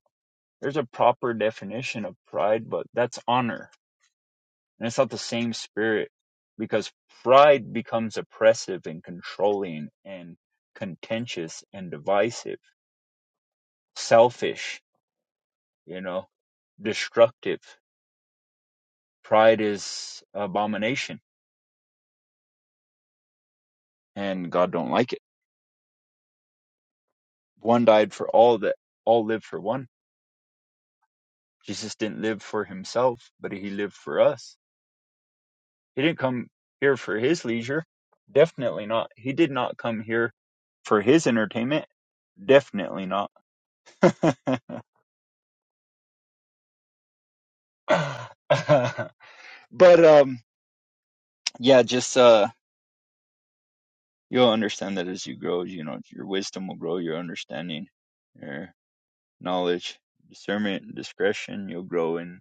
Speaker 2: there's a proper definition of pride, but that's honor, and it's not the same spirit because pride becomes oppressive and controlling and contentious and divisive, selfish you know destructive pride is abomination and god don't like it one died for all that all live for one jesus didn't live for himself but he lived for us he didn't come here for his leisure definitely not he did not come here for his entertainment definitely not but um yeah just uh you'll understand that as you grow you know your wisdom will grow your understanding your knowledge, discernment, and discretion. You'll grow in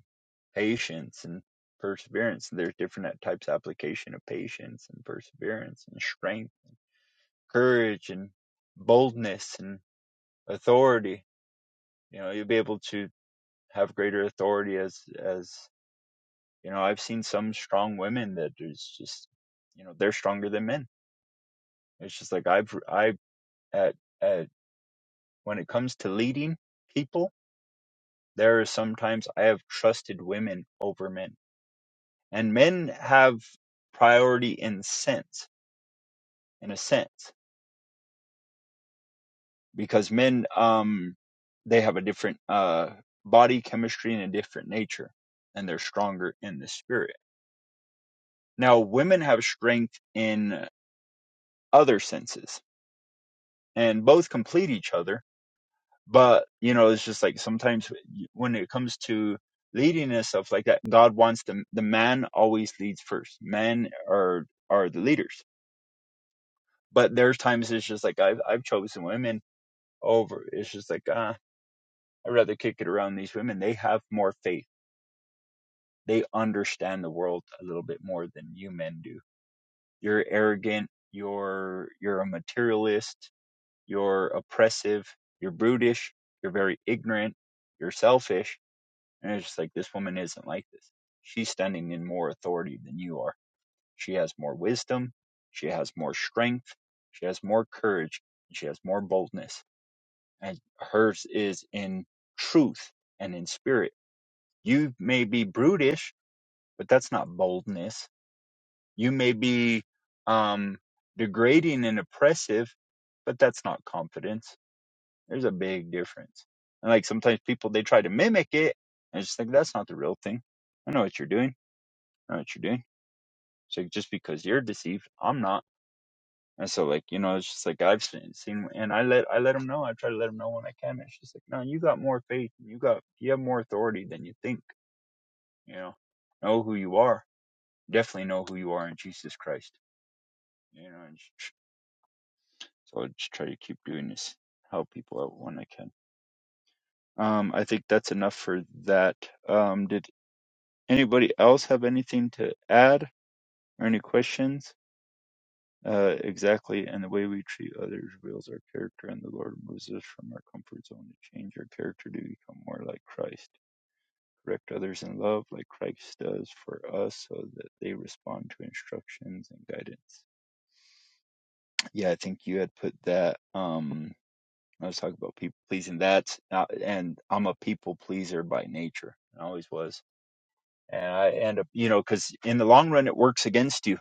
Speaker 2: patience and perseverance. And There's different types of application of patience and perseverance and strength, courage and boldness and authority. You know, you'll be able to have greater authority as as you know. I've seen some strong women that is just you know they're stronger than men. It's just like I've I at at when it comes to leading people, there are sometimes I have trusted women over men and men have priority in sense in a sense because men um they have a different uh body chemistry and a different nature and they're stronger in the spirit now women have strength in other senses and both complete each other but you know it's just like sometimes when it comes to leading and stuff like that god wants the the man always leads first men are are the leaders but there's times it's just like i've i've chosen women over. It's just like, ah, I'd rather kick it around these women. They have more faith. They understand the world a little bit more than you men do. You're arrogant. You're, you're a materialist. You're oppressive. You're brutish. You're very ignorant. You're selfish. And it's just like, this woman isn't like this. She's standing in more authority than you are. She has more wisdom. She has more strength. She has more courage. and She has more boldness and hers is in truth and in spirit. You may be brutish, but that's not boldness. You may be um, degrading and oppressive, but that's not confidence. There's a big difference. And like sometimes people they try to mimic it and just think that's not the real thing. I know what you're doing. I know what you're doing. So just because you're deceived, I'm not And so like, you know, it's just like I've seen, seen and I let I let him know. I try to let him know when I can. It's just like, no, you got more faith. and You got you have more authority than you think. You know, know who you are. Definitely know who you are in Jesus Christ. You know, and sh- so I just try to keep doing this, help people out when I can. Um, I think that's enough for that. Um, did anybody else have anything to add or any questions? Uh, exactly, and the way we treat others reveals our character, and the Lord moves us from our comfort zone to change our character to become more like Christ. Correct others in love, like Christ does for us, so that they respond to instructions and guidance. Yeah, I think you had put that. Um, I was talking about people pleasing. That's uh, and I'm a people pleaser by nature. I always was, and I end up, you know, because in the long run, it works against you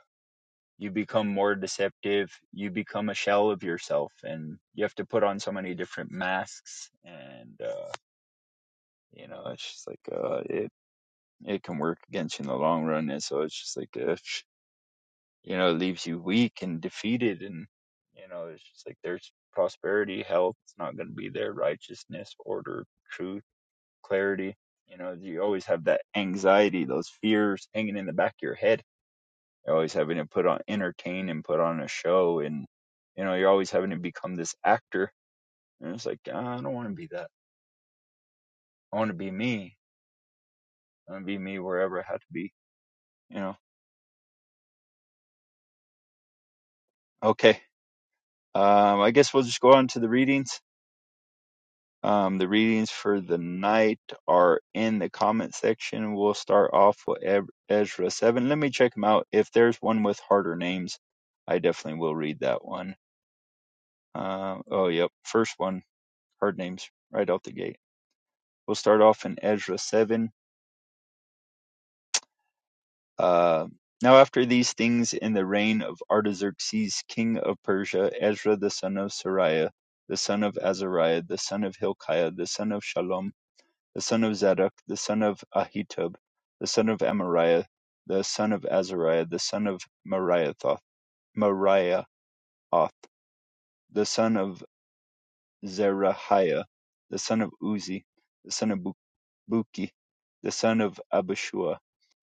Speaker 2: you become more deceptive you become a shell of yourself and you have to put on so many different masks and uh you know it's just like uh it it can work against you in the long run and so it's just like uh, you know it leaves you weak and defeated and you know it's just like there's prosperity health it's not going to be there righteousness order truth clarity you know you always have that anxiety those fears hanging in the back of your head You're always having to put on entertain and put on a show, and you know you're always having to become this actor. And it's like "Ah, I don't want to be that. I want to be me. I want to be me wherever I have to be. You know. Okay. Um, I guess we'll just go on to the readings. Um, the readings for the night are in the comment section. We'll start off with E-, Ezra 7. Let me check them out. If there's one with harder names, I definitely will read that one. Um, oh, yep. First one, hard names right out the gate. We'll start off in Ezra 7. Uh, now, after these things, in the reign of Artaxerxes, king of Persia, Ezra the son of Seraiah, the son of Azariah, the son of Hilkiah, the son of Shalom, the son of Zadok, the son of Ahitub, the son of Amariah, the son of Azariah, the son of Mariathoth, Mariahoth, the son of Zerahiah, the son of Uzi, the son of Bukiah Buki, the son of Abishua,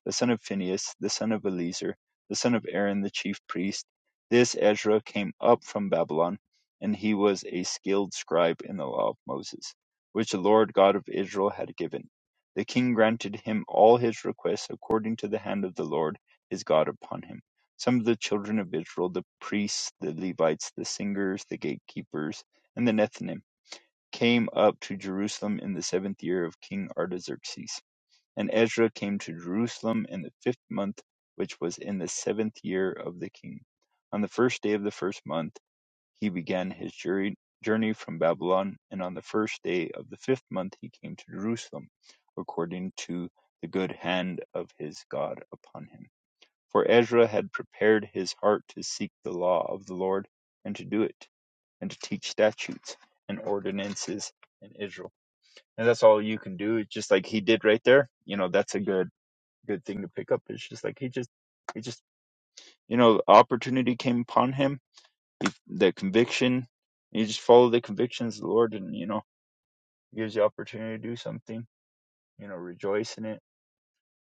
Speaker 2: the son of Phinehas, the son of Eleazar, the son of Aaron the chief priest. This Ezra came up from Babylon, and he was a skilled scribe in the law of Moses, which the Lord God of Israel had given. The king granted him all his requests according to the hand of the Lord his God upon him. Some of the children of Israel, the priests, the Levites, the singers, the gatekeepers, and the Nethinim, came up to Jerusalem in the seventh year of King Artaxerxes. And Ezra came to Jerusalem in the fifth month, which was in the seventh year of the king. On the first day of the first month, he began his journey journey from Babylon, and on the first day of the fifth month, he came to Jerusalem, according to the good hand of his God upon him. For Ezra had prepared his heart to seek the law of the Lord, and to do it, and to teach statutes and ordinances in Israel and that's all you can do. It's just like he did right there. You know, that's a good good thing to pick up. It's just like he just he just you know opportunity came upon him. He, the conviction. You just follow the convictions of the Lord, and you know he gives you opportunity to do something. You know, rejoice in it.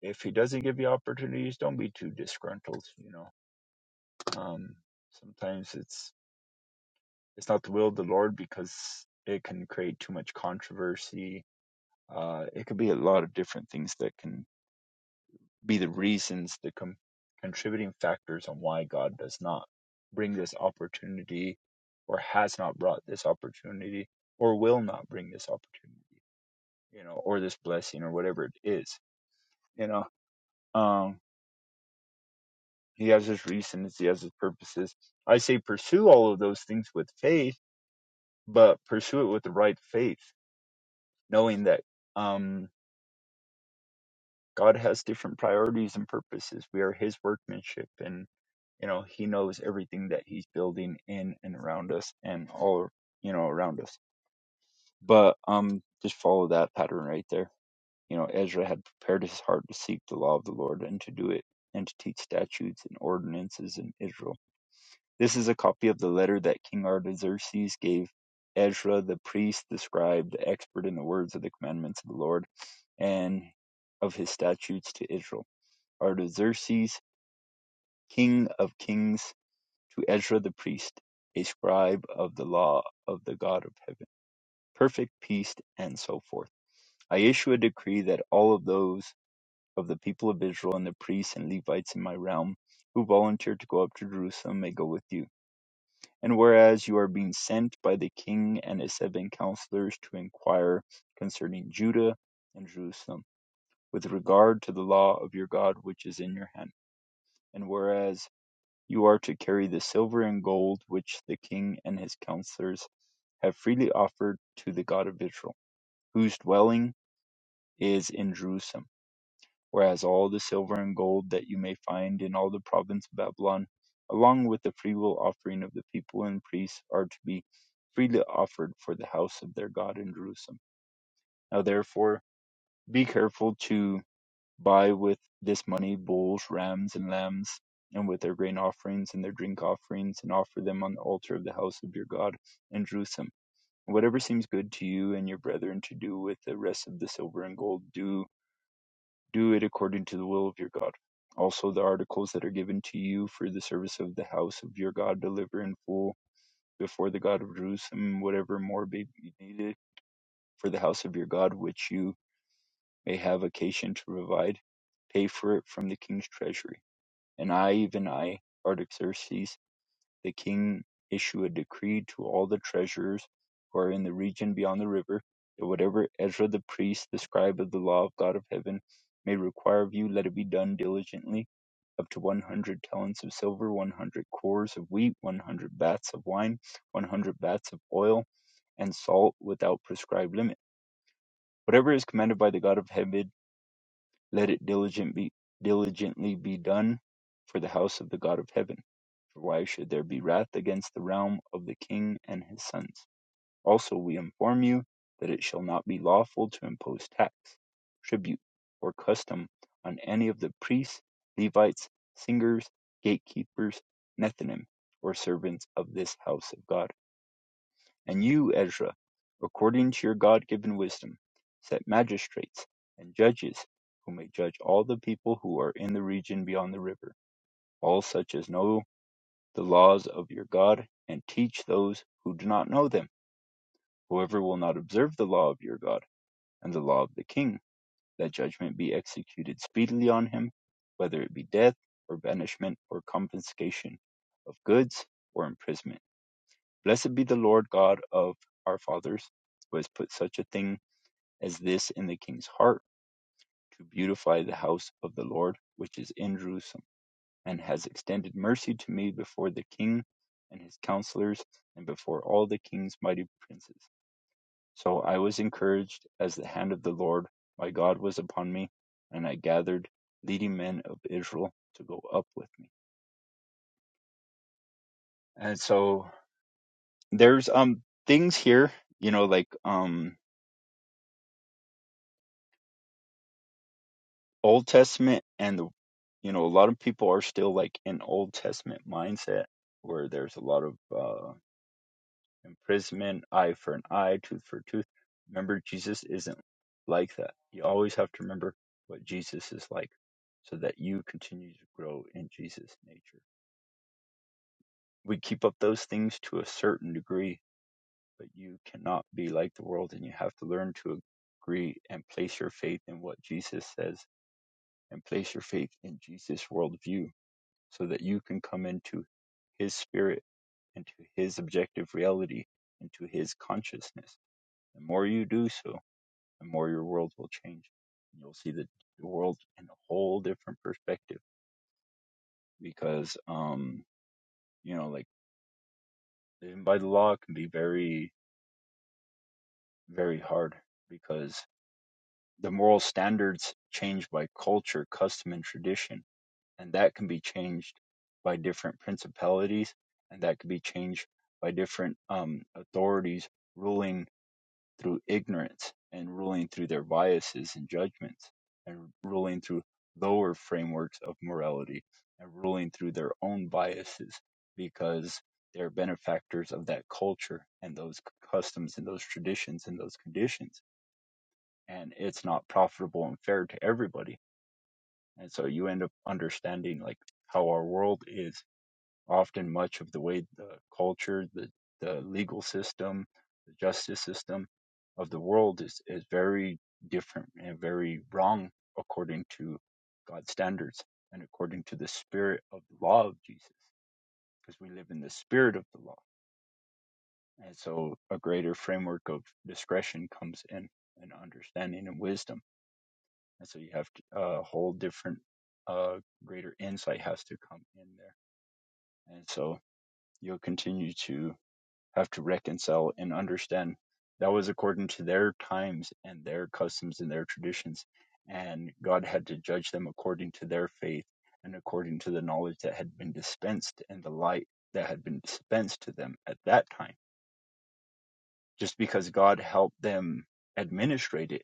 Speaker 2: If he doesn't give you opportunities, don't be too disgruntled. You know, um, sometimes it's it's not the will of the Lord because it can create too much controversy. Uh, it could be a lot of different things that can be the reasons, the com- contributing factors on why God does not bring this opportunity or has not brought this opportunity or will not bring this opportunity, you know, or this blessing or whatever it is, you know. Um, he has his reasons, he has his purposes. I say pursue all of those things with faith, but pursue it with the right faith, knowing that um, God has different priorities and purposes. We are his workmanship and. you know he knows everything that he's building in and around us and all you know around us but um just follow that pattern right there you know ezra had prepared his heart to seek the law of the lord and to do it and to teach statutes and ordinances in israel this is a copy of the letter that king artaxerxes gave ezra the priest the scribe the expert in the words of the commandments of the lord and of his statutes to israel artaxerxes king of kings to Ezra the priest, a scribe of the law of the God of heaven, perfect peace, and so forth. I issue a decree that all of those of the people of Israel and the priests and Levites in my realm who volunteer to go up to Jerusalem may go with you. And whereas you are being sent by the king and his seven counselors to inquire concerning Judah and Jerusalem, with regard to the law of your God which is in your hand, and whereas You are to carry the silver and gold which the king and his counselors have freely offered to the God of Israel, whose dwelling is in Jerusalem. Whereas all the silver and gold that you may find in all the province of Babylon, along with the freewill offering of the people and priests, are to be freely offered for the house of their God in Jerusalem. Now therefore, be careful to buy with this money bulls, rams, and lambs, and with their grain offerings and their drink offerings, and offer them on the altar of the house of your God in Jerusalem. Whatever seems good to you and your brethren to do with the rest of the silver and gold, do do it according to the will of your God. Also, the articles that are given to you for the service of the house of your God, deliver in full before the God of Jerusalem whatever more may be needed for the house of your God, which you may have occasion to provide. Pay for it from the king's treasury And I, even I, Artaxerxes the king, issue a decree to all the treasurers who are in the region beyond the river, that whatever Ezra the priest, the scribe of the law of God of heaven, may require of you, let it be done diligently. Up to 100 talents of silver, 100 cores of wheat, 100 baths of wine, 100 baths of oil, and salt without prescribed limit. Whatever is commanded by the God of heaven, let it diligent be, diligently be done for the house of the God of heaven for why should there be wrath against the realm of the king and his sons? Also, we inform you that it shall not be lawful to impose tax, tribute, or custom on any of the priests, Levites, singers, gatekeepers, Nethinim, or servants of this house of God. And you, Ezra, according to your God given wisdom, set magistrates and judges who may judge all the people who are in the region beyond the river, all such as know the laws of your God, and teach those who do not know them. Whoever will not observe the law of your God and the law of the king, that judgment be executed speedily on him, whether it be death, or banishment, or confiscation of goods, or imprisonment. Blessed be the Lord God of our fathers, who has put such a thing as this in the king's heart, to beautify the house of the Lord, which is in Jerusalem and has extended mercy to me before the king and his counselors, and before all the king's mighty princes. So I was encouraged as the hand of the Lord my God was upon me, and I gathered leading men of Israel to go up with me. And so there's um things here, you know, like um Old Testament and the you know, a lot of people are still like in Old Testament mindset where there's a lot of uh imprisonment, eye for an eye, tooth for a tooth. Remember, Jesus isn't like that. You always have to remember what Jesus is like so that you continue to grow in Jesus' nature. We keep up those things to a certain degree, but you cannot be like the world and you have to learn to agree and place your faith in what Jesus says and place your faith in Jesus' worldview so that you can come into his spirit, into his objective reality, into his consciousness. The more you do so, the more your world will change. You'll see the, the world in a whole different perspective because, um, you know, like living by the law can be very, very hard because the moral standards change by culture, custom, and tradition. And that can be changed by different principalities and that can be changed by different um, authorities ruling through ignorance and ruling through their biases and judgments and ruling through lower frameworks of morality and ruling through their own biases because they're benefactors of that culture and those customs and those traditions and those conditions and it's not profitable and fair to everybody and so you end up understanding like how our world is often much of the way the culture, the, the legal system, the justice system of the world is, is very different and very wrong according to God's standards and according to the spirit of the law of Jesus, because we live in the spirit of the law. And so a greater framework of discretion comes in and understanding and wisdom. And so you have to, uh, a whole different, uh, greater insight has to come in there. And so you'll continue to have to reconcile and understand that was according to their times and their customs and their traditions. And God had to judge them according to their faith and according to the knowledge that had been dispensed and the light that had been dispensed to them at that time. Just because God helped them administrate it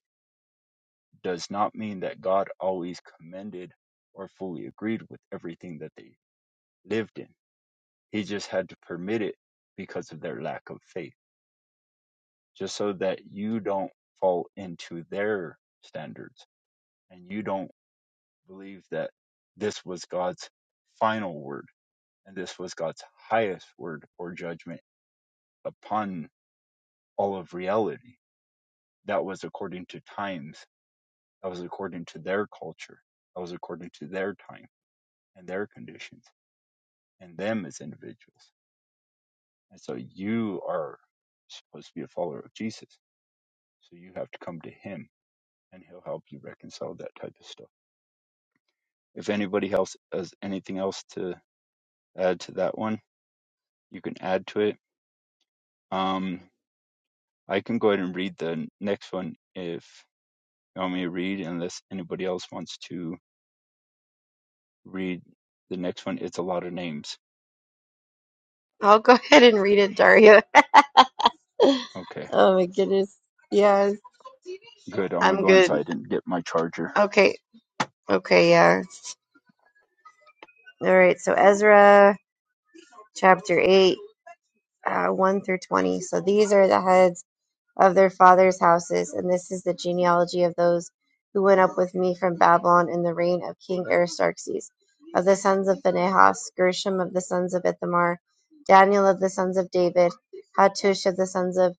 Speaker 2: does not mean that God always commended or fully agreed with everything that they lived in. He just had to permit it because of their lack of faith just so that you don't fall into their standards and you don't believe that this was God's final word and this was God's highest word or judgment upon all of reality. That was according to times, that was according to their culture, that was according to their time and their conditions and them as individuals. And so you are supposed to be a follower of Jesus. So you have to come to him and he'll help you reconcile that type of stuff. If anybody else has anything else to add to that one, you can add to it. Um, I can go ahead and read the next one if you want me to read, unless anybody else wants to read the next one. It's a lot of names.
Speaker 3: I'll go ahead and read it, Daria.
Speaker 2: Okay,
Speaker 3: Oh my goodness. Yes,
Speaker 2: good. I'm gonna
Speaker 3: I'm
Speaker 2: go
Speaker 3: good.
Speaker 2: inside and get my charger.
Speaker 3: Okay. Okay. Yeah. All right. So Ezra chapter 8, uh, 1 through 20. So these are the heads of their fathers' houses, and this is the genealogy of those who went up with me from Babylon in the reign of King Aristarchus, of the sons of Phinehas, Gershom of the sons of Ithamar, Daniel of the sons of David, Hattush of the sons of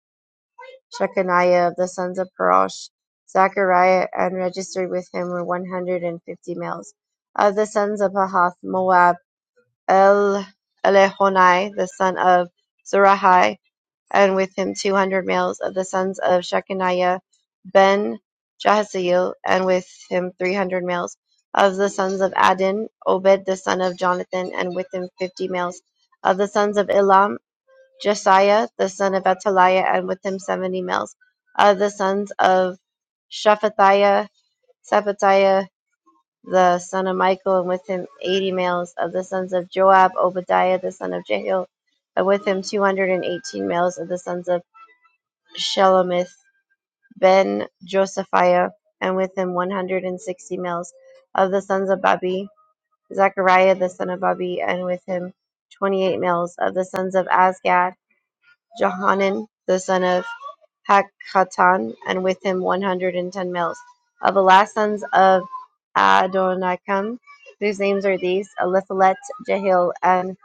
Speaker 3: Shechaniah of the sons of Parosh, Zechariah, and registered with him were 150 males. Of the sons of Pahath Moab, El Elehonai, the son of Zerahai, and with him 200 males. Of the sons of Shechaniah, Ben Jahaziel, and with him 300 males. Of the sons of Adin, Obed the son of Jonathan, and with him 50 males. Of the sons of Elam, Josiah the son of Ataliah, and with him seventy males of the sons of Shephatiah, Shephatiah the son of Michael, and with him eighty males of the sons of Joab, Obadiah the son of Jehiel, and with him two hundred and eighteen males of the sons of Shelomith ben Josephiah, and with him one hundred and sixty males of the sons of Babi, Zechariah the son of Babi, and with him twenty-eight males of the sons of Azgad Johanan the son of Hakatan, and with him one hundred and ten males. Of the last sons of Adonikam, whose names are these, Eliphalet, Jehiel, and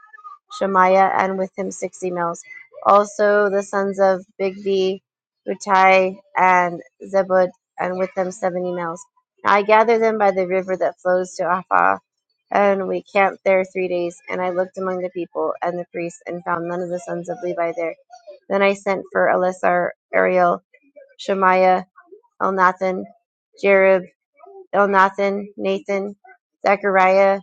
Speaker 3: Shemaiah, and with him sixty males. Also the sons of Bigvi, Utai, and Zebud, and with them seventy males. Now I gathered them by the river that flows to Aphah, and we camped there three days. And I looked among the people and the priests, and found none of the sons of Levi there then I sent for Elisar, Ariel, Shemaiah, Elnathan, Jerib, Elnathan, Nathan, Zechariah,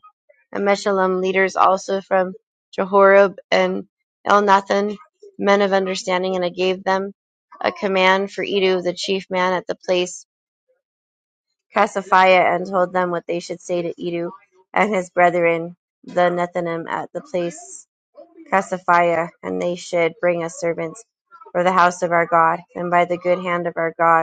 Speaker 3: and Meshullam, leaders also from Jehorib and Elnathan, men of understanding, and I gave them a command for Edu, the chief man at the place, Casaphiah, and told them what they should say to Edu and his brethren, the Nethinim, at the place Cassiopeia, and they should bring us servants for the house of our God, and by the good hand of our God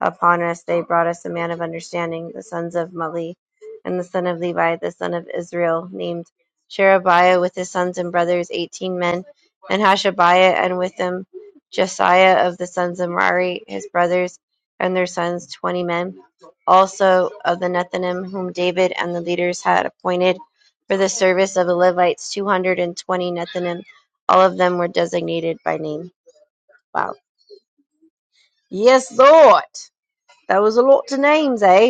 Speaker 3: upon us, they brought us a man of understanding, the sons of Mali, and the son of Levi, the son of Israel, named Sherebiah, with his sons and brothers, eighteen men, and Hashabiah, and with them Jesiah of the sons of Merari, his brothers, and their sons, twenty men, also of the Nethinim, whom David and the leaders had appointed for the service of the Levites, two hundred and twenty Nethinim. All of them were designated by name. Wow. Yes, Lord. That was a lot to names, eh?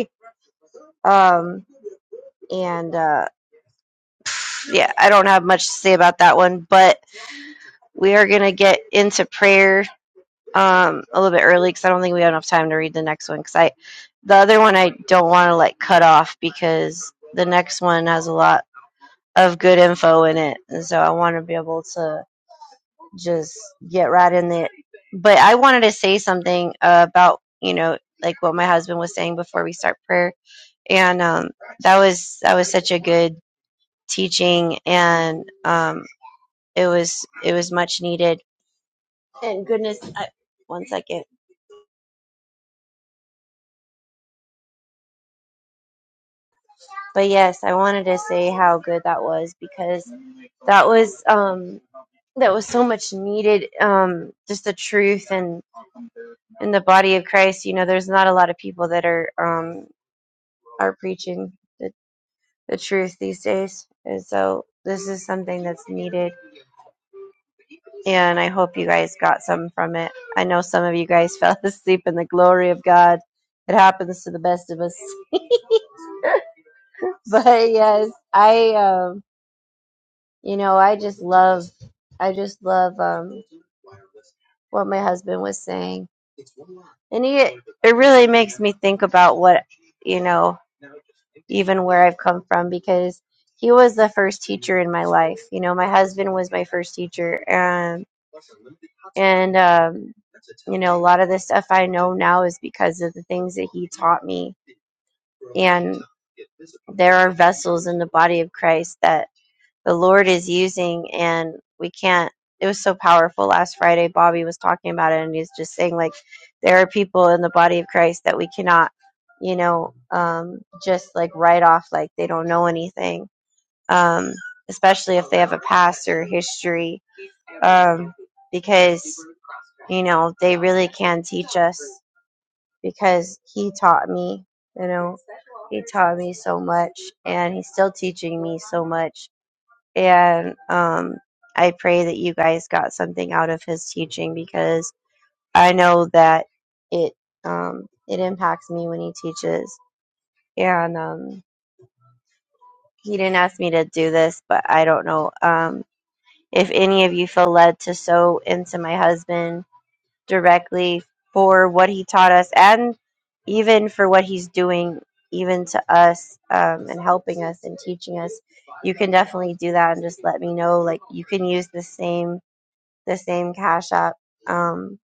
Speaker 3: Um, and uh, yeah, I don't have much to say about that one, but we are going to get into prayer um, a little bit early because I don't think we have enough time to read the next one. Because I, the other one, I don't want to like cut off because the next one has a lot of good info in it, and so I want to be able to just get right in it. But I wanted to say something uh, about you know like what my husband was saying before we start prayer, and um, that was that was such a good teaching, and um, it was it was much needed. And goodness, I, one second. But yes, I wanted to say how good that was because that was um, that was so much needed. Um, just the truth and in the body of Christ, you know, there's not a lot of people that are um, are preaching the, the truth these days, and so this is something that's needed and I hope you guys got some from it. I know some of you guys fell asleep in the glory of God. It happens to the best of us. But yes, I um you know, I just love I just love um what my husband was saying. And he it really makes me think about you know, even where I've come from because he was the first teacher my heart and and um, lot of the stuff I know now is because of the things that he me. are vessels in the body of Christ that the Lord is using, and we can't. It was so powerful last Friday. Bobby was talking about it, and he's just saying like, there are people in the body of Christ that we cannot, you know, um, just like write off like they don't know anything, um, especially if they have a past or history, um, because you know they really can teach us. Because he taught me, you know, he taught me so much, and he's still teaching me so much and um, I pray that you guys got something out of his teaching because I know that it um, it impacts me when he teaches. And um, he didn't ask me to do this, but I don't know um, if any of you feel led to sow into my husband directly for what he taught us and even for what he's doing even to us um, and helping us and teaching us you can definitely do that and just let me know like you can use the same the same Cash App, um,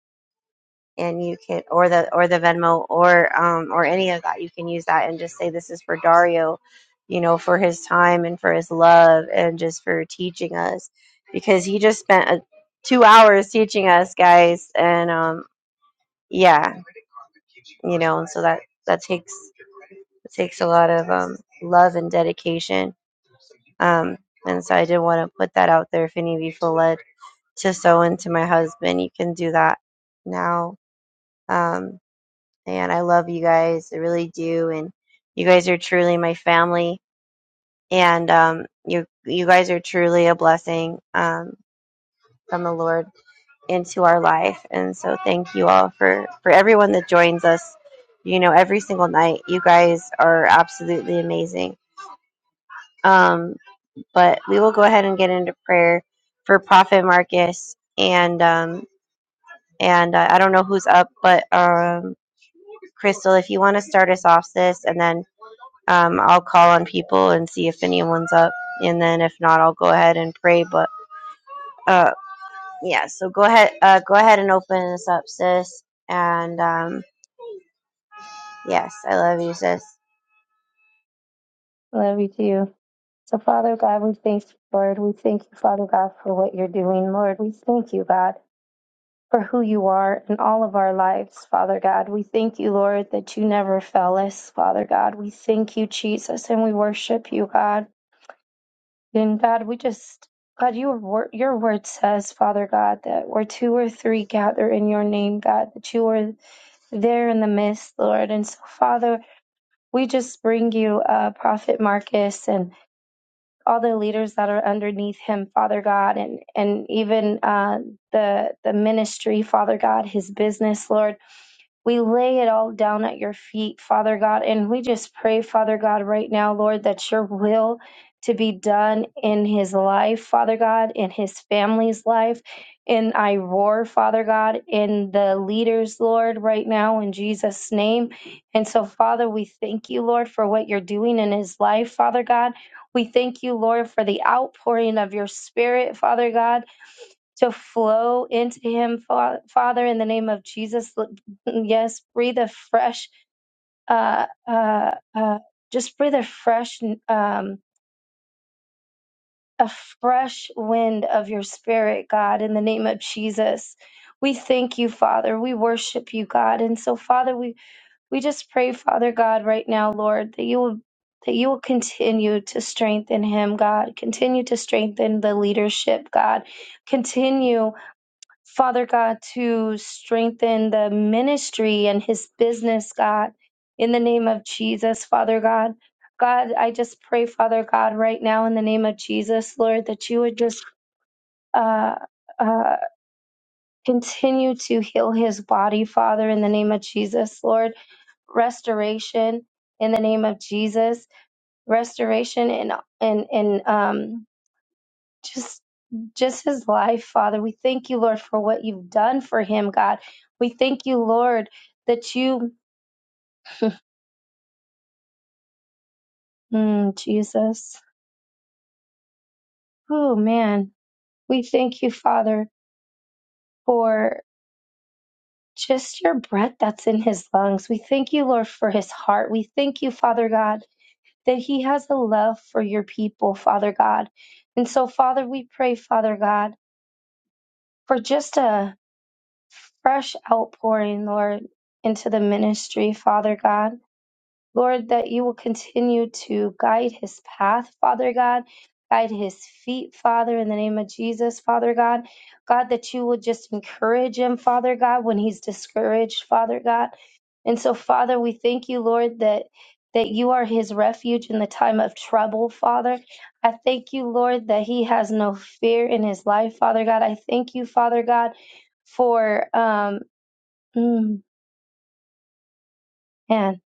Speaker 3: and you can or the or the Venmo or um, or any of that. You can use that and just say this is for Dario, you know, for his time and for his love and just for teaching us, because he just spent a, two hours teaching us guys, and um, yeah, you know, and so that that takes that takes love and dedication. Um, and so I did want to put that out there. If any of you feel led to sow into my husband, you can do that now. Um, and I love you guys. I really do. And you guys are truly my family. And um, you you guys are truly a blessing um, from the Lord into our life. And so thank you all for for everyone that joins us. You know, every single night, you guys are absolutely amazing. Um, but we will go ahead and get into prayer for Prophet Marcus and um, and uh, I don't know who's up, but um, Crystal, if you want to start us off, sis, and then um, I'll call on people and see if anyone's up, and then if not, I'll go ahead and pray. But uh, yeah, so go ahead, uh, go ahead and open this up, sis. And um, yes, I love you, sis.
Speaker 4: Love you too. So, Father God, we thank you, Lord. We thank you, Father God, for what you're doing, Lord. We thank you, God, for who you are in all of our lives, Father God. We thank you, Lord, that you never fail us, Father God. We thank you, Jesus, and we worship you, God. And God, we just, God, your word, your word says, Father God, that where two or three gather in your name, God, that you are there in the midst, Lord. And so, Father, we just bring you uh, Prophet Marcus and all the leaders that are underneath him, Father God, and and even uh, the the ministry, Father God, his business, Lord. We lay it all down at your feet, Father God, and we just pray, Father God, right now, Lord, that your will to be done in his life, Father God, in his family's life, in I roar, Father God, in the leaders, Lord, right now, in Jesus' name. And so, Father, we thank you, Lord, for what you're doing in his life, Father God. We thank you, Lord, for the outpouring of your spirit, Father God to flow into him, Fa- Father, in the name of Jesus. L- Yes, breathe a fresh, uh, uh, uh, just breathe a fresh, um, a fresh wind of your spirit, God, in the name of Jesus. We thank you, Father. We worship you, God. And so, Father, we, we just pray, Father God, right now, Lord, that you will that you will continue to strengthen him, God. Continue to strengthen the leadership, God. Continue Father God, to strengthen the ministry and his business, God, in the name of Jesus, Father God. God, I just pray, Father God, right now in the name of Jesus, Lord, that you would just uh, uh, continue to heal his body, Father, in the name of Jesus, Lord. Restoration in the name of Jesus. Restoration in in in um just just his life, Father. We thank you, Lord, for what you've done for him, God. We thank you, Lord, that you Mm, Jesus. Oh man. We thank you, Father, for just your breath that's in his lungs. We thank you, Lord, for his heart. We thank you, Father God, that he has a love for your people, Father God. And so, Father, we pray, Father God, for just a fresh outpouring, Lord, into the ministry, Father God. Lord, that you will continue to guide his path, Father God. Guide his feet, Father, in the name of Jesus, Father God. God, that you will just encourage him, Father God, when he's discouraged, Father God. And so, Father, we thank you, Lord, that that you are his refuge in the time of trouble, Father. I thank you, Lord, that he has no fear in his life, Father God. I thank you, Father God, for um mm, man,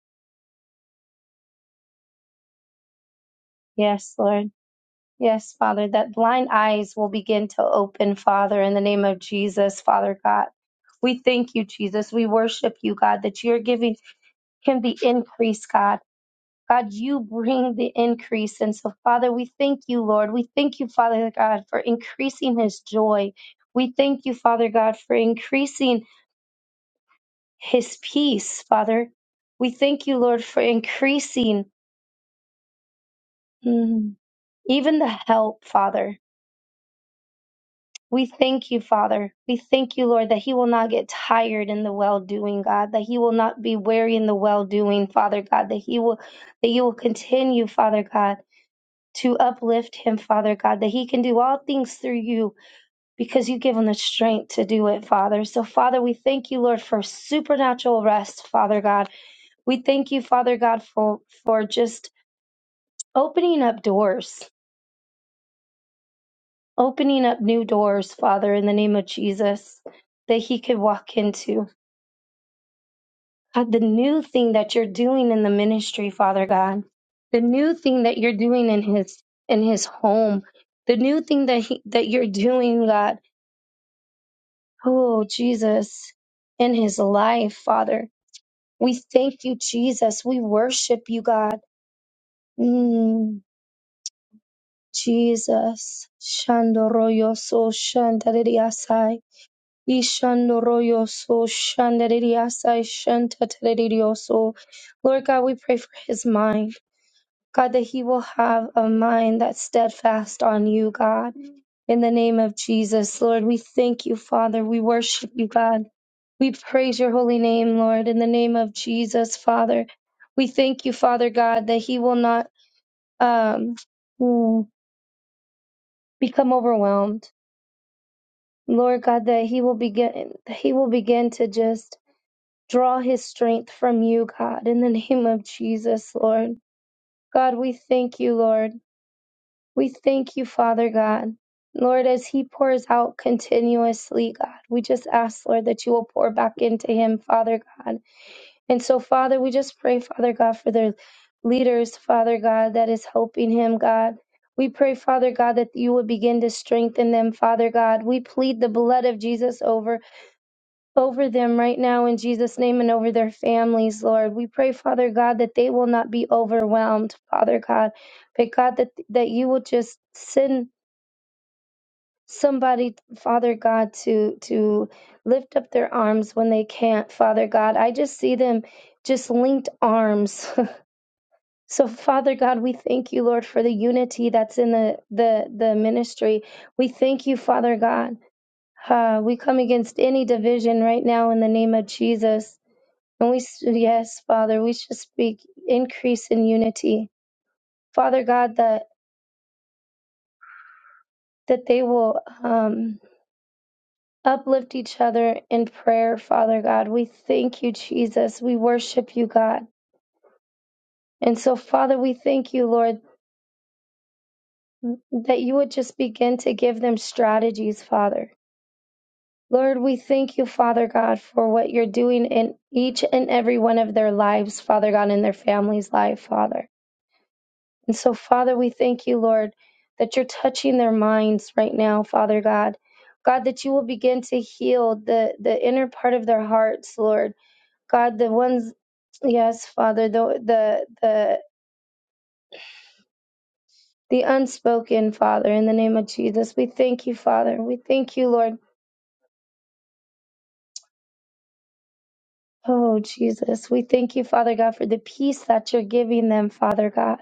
Speaker 4: yes, Lord. Yes, Father, that blind eyes will begin to open, Father, in the name of Jesus, Father God. We thank you, Jesus. We worship you, God, that you're giving him the increase, God. God, you bring the increase. And so, Father, we thank you, Lord. We thank you, Father God, for increasing his joy. We thank you, Father God, for increasing his peace, Father. We thank you, Lord, for increasing mm, even the help, Father. We thank you, Father. We thank you, Lord, that he will not get tired in the well doing, God, that he will not be weary in the well doing, Father God, that he will that you will continue, Father God, to uplift him, Father God, that he can do all things through you because you give him the strength to do it, Father. So, Father, we thank you, Lord, for supernatural rest, Father God. We thank you, Father God, for for just opening up doors, opening up new doors, Father, in the name of Jesus, that he could walk into. God, the new thing that you're doing in the ministry, Father God, the new thing that you're doing in his in his home, the new thing that he, that you're doing, God, oh Jesus, in his life, Father, we thank you, Jesus. We worship you, God. Mm, Jesus, Shandoroyoso Shantaririasai, Ishandoroyoso Shantaririasai Shantataririyoso. Lord God, we pray for his mind. God, that he will have a mind that's steadfast on you, God. In the name of Jesus, Lord, we thank you, Father. We worship you, God. We praise your holy name, Lord. In the name of Jesus, Father, we thank you, Father God, that he will not um, mm, become overwhelmed, Lord God, that he will begin, he will begin to just draw his strength from you, God. In the name of Jesus, Lord, God, we thank you, Lord. We thank you, Father God. Lord, as he pours out continuously, God, we just ask, Lord, that you will pour back into him, Father God. And so, Father, we just pray, Father God, for the leaders, Father God, that is helping him, God. We pray, Father God, that you would begin to strengthen them, Father God. We plead the blood of Jesus over over them right now in Jesus' name and over their families, Lord. We pray, Father God, that they will not be overwhelmed, Father God, but God, that that you will just send somebody father god to to lift up their arms when they can't father god i just see them just linked arms so father god we thank you lord for the unity that's in the the the ministry we thank you father god uh, we come against any division right now in the name of jesus and we s- yes father we should speak increase in unity father god that that they will um Uplift each other in prayer, Father God. We thank you, Jesus. We worship you, God. And so, Father, we thank you, Lord, that you would just begin to give them strategies, Father. Lord, we thank you, Father God, for what you're doing in each and every one of their lives, Father God, in their family's life, Father. And so, Father, we thank you, Lord, that you're touching their minds right now, Father God. God, that you will begin to heal the, the inner part of their hearts, Lord God, the ones, yes, Father, the the the the unspoken, Father, in the name of Jesus, we thank you, Father. We thank you, Lord. Oh, Jesus, we thank you, Father God, for the peace that you're giving them, Father God.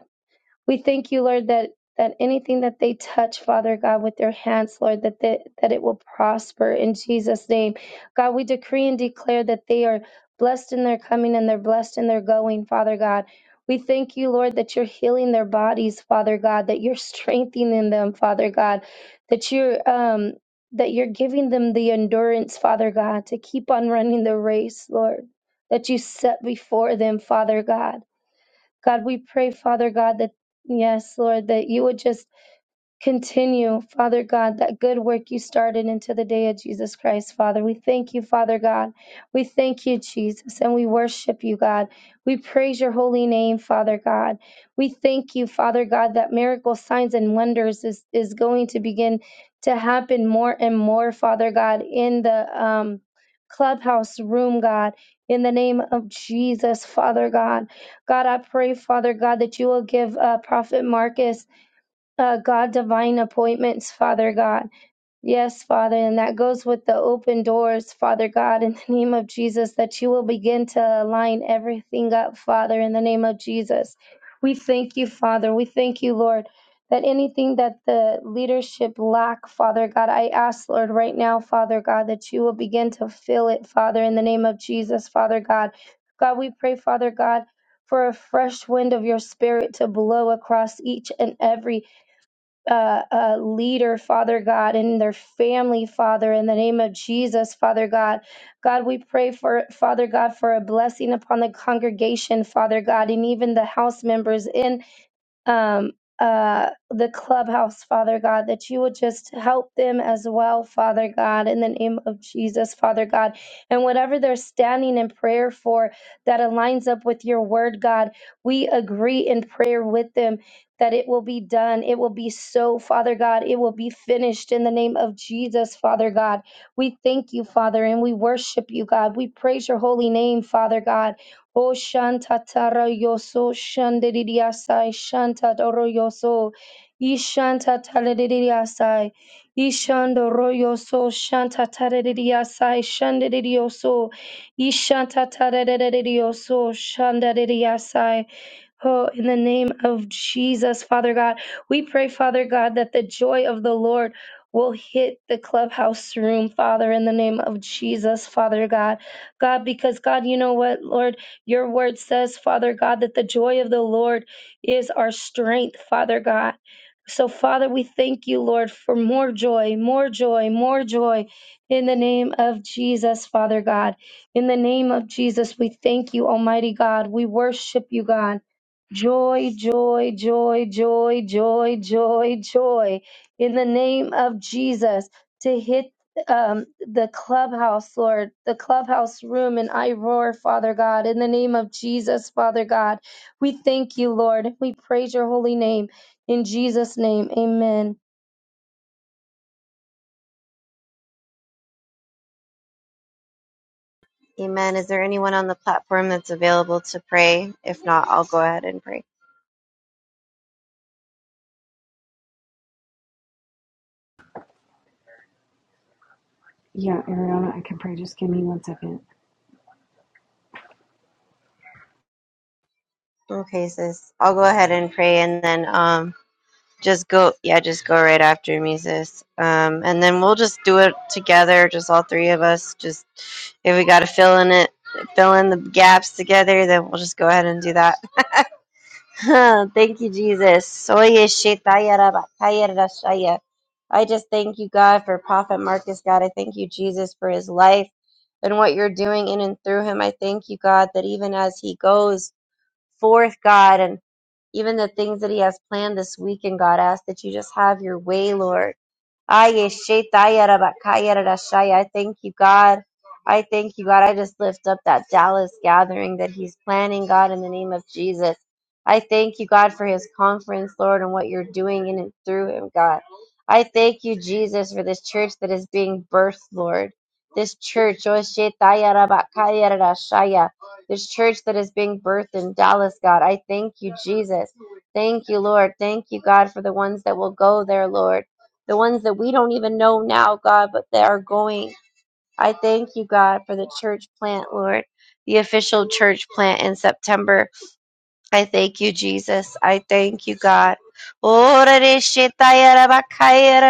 Speaker 4: We thank you, Lord, that that anything that they touch, Father God, with their hands, Lord, that they, that it will prosper in Jesus' name. God, we decree and declare that they are blessed in their coming and they're blessed in their going, Father God. We thank you, Lord, that you're healing their bodies, Father God, that you're strengthening them, Father God, that you're um that you're giving them the endurance, Father God, to keep on running the race, Lord, that you set before them, Father God. God, we pray, Father God, that yes, Lord, that you would just Continue, Father God, that good work you started into the day of Jesus Christ, Father. We thank you, Father God. We thank you, Jesus, and we worship you, God. We praise your holy name, Father God. We thank you, Father God, that miracle signs and wonders is, is going to begin to happen more and more, Father God, in the um, clubhouse room, God. In the name of Jesus, Father God. God, I pray, Father God, that you will give uh, Prophet Marcus uh, God, divine appointments, Father God. Yes, Father, and that goes with the open doors, Father God, in the name of Jesus, that you will begin to align everything up, Father, in the name of Jesus. We thank you, Father. We thank you, Lord, that anything that the leadership lack, Father God, I ask, Lord, right now, Father God, that you will begin to fill it, Father, in the name of Jesus, Father God. God, we pray, Father God, for a fresh wind of your spirit to blow across each and every uh, uh, leader, Father God, and their family, Father, in the name of Jesus, Father God. God, we pray for, Father God, for a blessing upon the congregation, Father God, and even the house members in um, uh, the clubhouse, Father God, that you would just help them as well, Father God, in the name of Jesus, Father God. And whatever they're standing in prayer for that aligns up with your word, God, we agree in prayer with them that it will be done. It will be so, Father God. It will be finished in the name of Jesus, Father God. We thank you, Father, and we worship you, God. We praise your holy name, Father God. O shantatara yoso shandiridiasai shantadoro yoso ishantataledidiasai ishandoro yoso shantataredidiasai shandidioso ishantataredidiaso shandadidiasai Oh, in the name of Jesus, Father God, we pray, Father God, that the joy of the Lord will hit the clubhouse room, Father, in the name of Jesus, Father God. God, because God, you know what, Lord? Your word says, Father God, that the joy of the Lord is our strength, Father God. So, Father, we thank you, Lord, for more joy, more joy, more joy in the name of Jesus, Father God. In the name of Jesus, we thank you, Almighty God. We worship you, God. Joy, joy, joy, joy, joy, joy, joy. In the name of Jesus, to hit um, the clubhouse, Lord, the clubhouse room. And I roar, Father God, in the name of Jesus, Father God. We thank you, Lord. We praise your holy name. In Jesus' name, amen.
Speaker 3: Amen. Is there anyone on the platform that's available to pray? If not, I'll go ahead and pray.
Speaker 5: Yeah, Ariana, I can pray. Just give me one second.
Speaker 3: Okay, sis. I'll go ahead and pray, and then um, Just go, yeah, just go right after me, sis. Um, and then we'll just do it together, just all three of us. Just if we gotta fill in it, fill in the gaps together, then we'll just go ahead and do that. thank you, Jesus. Oye, shetaya raba, kaya rashaya. I just thank you, God, for Prophet Marcus, God. I thank you, Jesus, for his life and what you're doing in and through him. I thank you, God, that even as he goes forth, God, and even the things that He has planned this weekend, God. I ask that you just have your way, Lord. Ay, yeshe, taya, raba, kaya, I thank you, God. I thank you, God. I just lift up that Dallas gathering that He's planning, God, in the name of Jesus. I thank you, God, for His conference, Lord, and what you're doing in and through Him, God. I thank you, Jesus, for this church that is being birthed, Lord. This church, oh, shit, this church that is being birthed in Dallas, God. I thank you, Jesus. Thank you, Lord. Thank you, God, for the ones that will go there, Lord. The ones that we don't even know now, God, but they are going. I thank you, God, for the church plant, Lord, the official church plant in September. I thank you, Jesus. I thank you, God. Ora re shetaya ra bakaya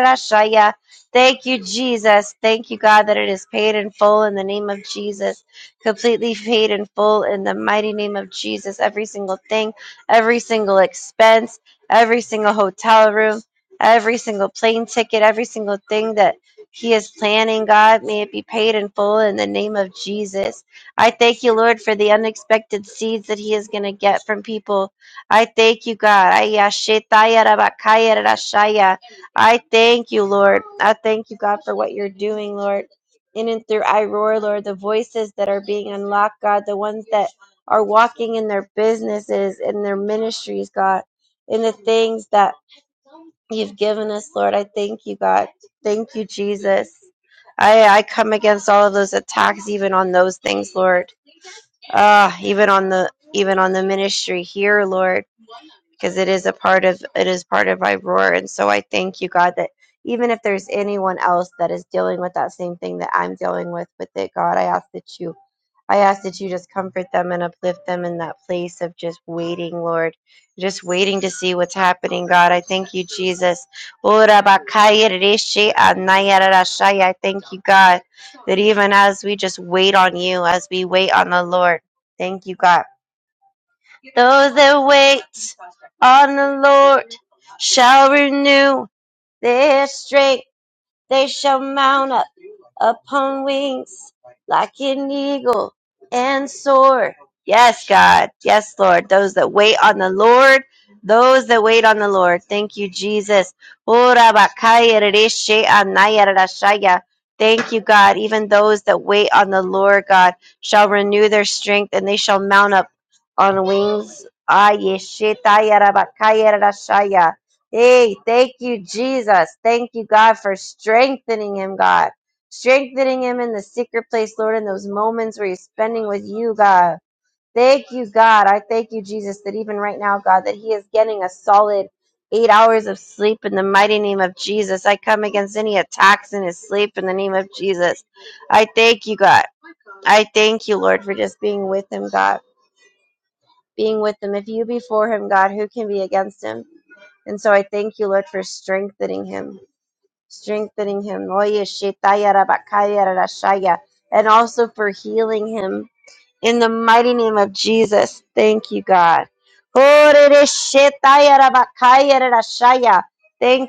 Speaker 3: Thank you, Jesus. Thank you, God, that it is paid in full in the name of Jesus. Completely paid in full in the mighty name of Jesus. Every single thing, every single expense, every single hotel room, every single plane ticket, every single thing that He is planning, God, may it be paid in full in the name of Jesus. I thank you, Lord, for the unexpected seeds that He is going to get from people. I thank you, God. Ay, yashetaya rabakaya rashaya. I thank you, Lord. I thank you, God, for what you're doing, Lord. In and through I roar, Lord, the voices that are being unlocked, God, the ones that are walking in their businesses, in their ministries, God, in the things that you've given us, Lord. I thank you, God. Thank you, Jesus. I, I come against all of those attacks, even on those things, Lord. Ah, even on the even on the ministry here, Lord because it is a part of it is part of my roar. And so I thank you, God, that even if there's anyone else that is dealing with that same thing that I'm dealing with with it, God, I ask that you I ask that you just comfort them and uplift them in that place of just waiting, Lord. Just waiting to see what's happening, God. I thank you, Jesus. I thank you, God, that even as we just wait on you, as we wait on the Lord, thank you, God. Those that wait on the Lord shall renew their strength. They shall mount up upon like an eagle and soar power. Yes, God. Yes, Lord. Those that wait on the Lord. Those that wait on the Lord. Thank you, Jesus. Thank you, God. Even those that wait on the Lord, God, shall renew their strength and they shall mount up on wings. Ah, Hey, thank you, Jesus. Thank you, God, for strengthening him, God strengthening him in the secret place, Lord, in those moments where he's spending with you, God. Thank you, God. I thank you, Jesus, that even right now, God, that He is getting a solid eight hours of sleep in the mighty name of Jesus. I come against any attacks in His sleep in the name of Jesus. I thank you, God. I thank you, Lord, for just being with Him, God. Being with Him. If you be for Him, God, who can be against Him? And so I thank you, Lord, for strengthening Him. Strengthening Him. Oye, shetaya rabakaya rarashaya. And also for healing Him in the mighty name of Jesus, thank you, God. Thank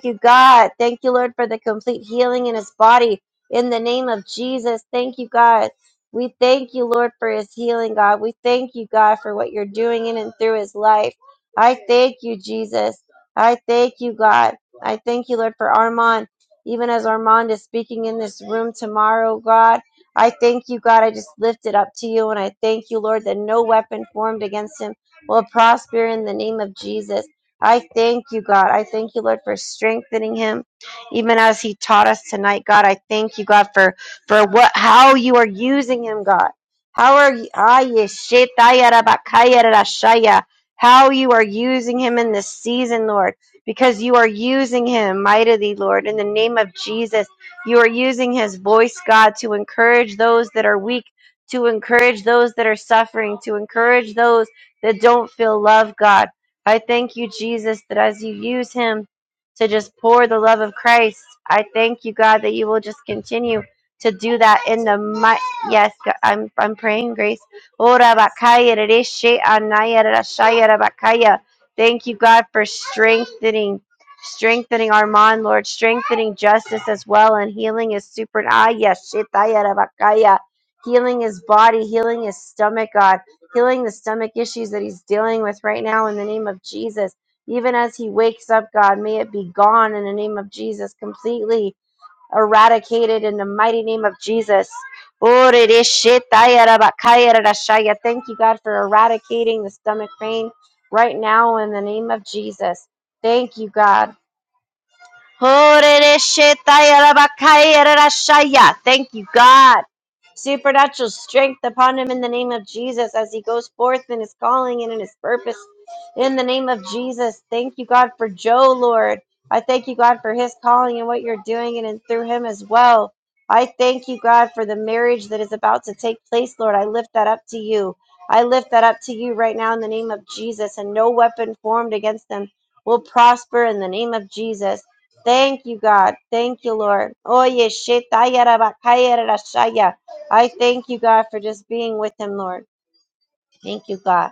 Speaker 3: you, God. Thank you, Lord, for the complete healing in his body. In the name of Jesus, thank you, God. We thank you, Lord, for his healing, God. We thank you, God, for what you're doing in and through his life. I thank you, Jesus. I thank you, God. I thank you, Lord, for Armand. Even as Armand is speaking in this room tomorrow, God. I thank you, God. I just lift it up to you. And I thank you, Lord, that no weapon formed against him will prosper in the name of Jesus. I thank you, God. I thank you, Lord, for strengthening him, even as he taught us tonight, God. I thank you, God, for for what how you are using him, God. How are you? ah, yeshetayarabakayarashaya. How you are using him in this season, Lord, because you are using him mightily, Lord, in the name of Jesus. You are using his voice, God, to encourage those that are weak, to encourage those that are suffering, to encourage those that don't feel love, God. I thank you, Jesus, that as you use him to just pour the love of Christ, I thank you, God, that you will just continue to do that in the might. Yes, God, I'm I'm praying, Grace. Ora bakaya rereshe anaya rarashaya rabakaya. Thank you, God, for strengthening strengthening Armand, Lord, strengthening justice as well, and healing his super. Ah, yes, shit, ah, yeah, rabakaya. Healing his body, healing his stomach, God, healing the stomach issues that he's dealing with right now in the name of Jesus. Even as he wakes up, God, may it be gone in the name of Jesus, completely eradicated in the mighty name of Jesus. Ore de shit, ah, yeah, rabakaya, rarashaya. Thank you, God, for eradicating the stomach pain right now in the name of Jesus. Thank you, God. Horereshetayarabakayarashaya. Thank you, God. Supernatural strength upon him in the name of Jesus as he goes forth in his calling and in his purpose. In the name of Jesus, thank you, God, for Joe, Lord. I thank you, God, for his calling and what you're doing in and through him as well. I thank you, God, for the marriage that is about to take place, Lord. I lift that up to you. I lift that up to you right now in the name of Jesus, and no weapon formed against them will prosper in the name of Jesus. Thank you, God. Thank you, Lord. Oye, shetaya rabakaya rashaya. I thank you, God, for just being with him, Lord. Thank you, God.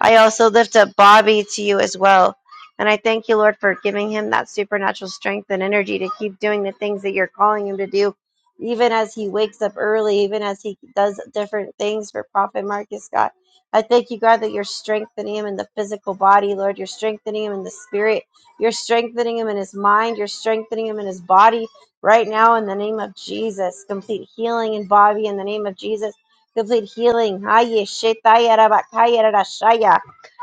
Speaker 3: I also lift up Bobby to you as well. And I thank you, Lord, for giving him that supernatural strength and energy to keep doing the things that you're calling him to do, even as he wakes up early, even as he does different things for Prophet Marcus, God. I thank you, God, that you're strengthening him in the physical body, Lord. You're strengthening him in the spirit. You're strengthening him in his mind. You're strengthening him in his body right now in the name of Jesus. Complete healing in Bobby in the name of Jesus complete healing. Haye shetaya rabakaya rarashaya.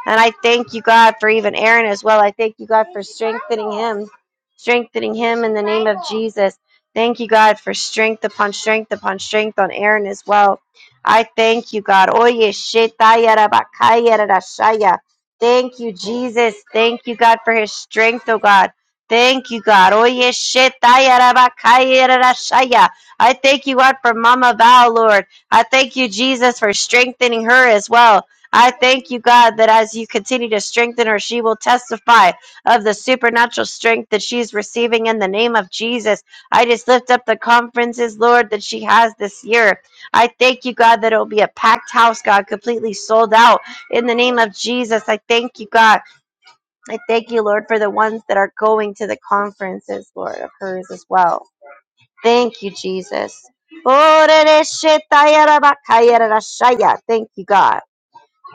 Speaker 3: And I thank you, God, for even Aaron as well. I thank you, God, for strengthening him, strengthening him in the name of Jesus. Thank you, God, for strength upon strength upon strength on Aaron as well. I thank you, God. Oye shetaya rabakaya rarashaya. Thank you, Jesus. Thank you, God, for his strength, oh God. Thank you, God. Oye shetaya rabakaya rarashaya. I thank you, God, for Mama Val, Lord. I thank you, Jesus, for strengthening her as well. I thank you, God, that as you continue to strengthen her, she will testify of the supernatural strength that she's receiving in the name of Jesus. I just lift up the conferences, Lord, that she has this year. I thank you, God, that it will be a packed house, God, completely sold out in the name of Jesus. I thank you, God. I thank you, Lord, for the ones that are going to the conferences, Lord, of hers as well. Thank you, Jesus. Thank you, God.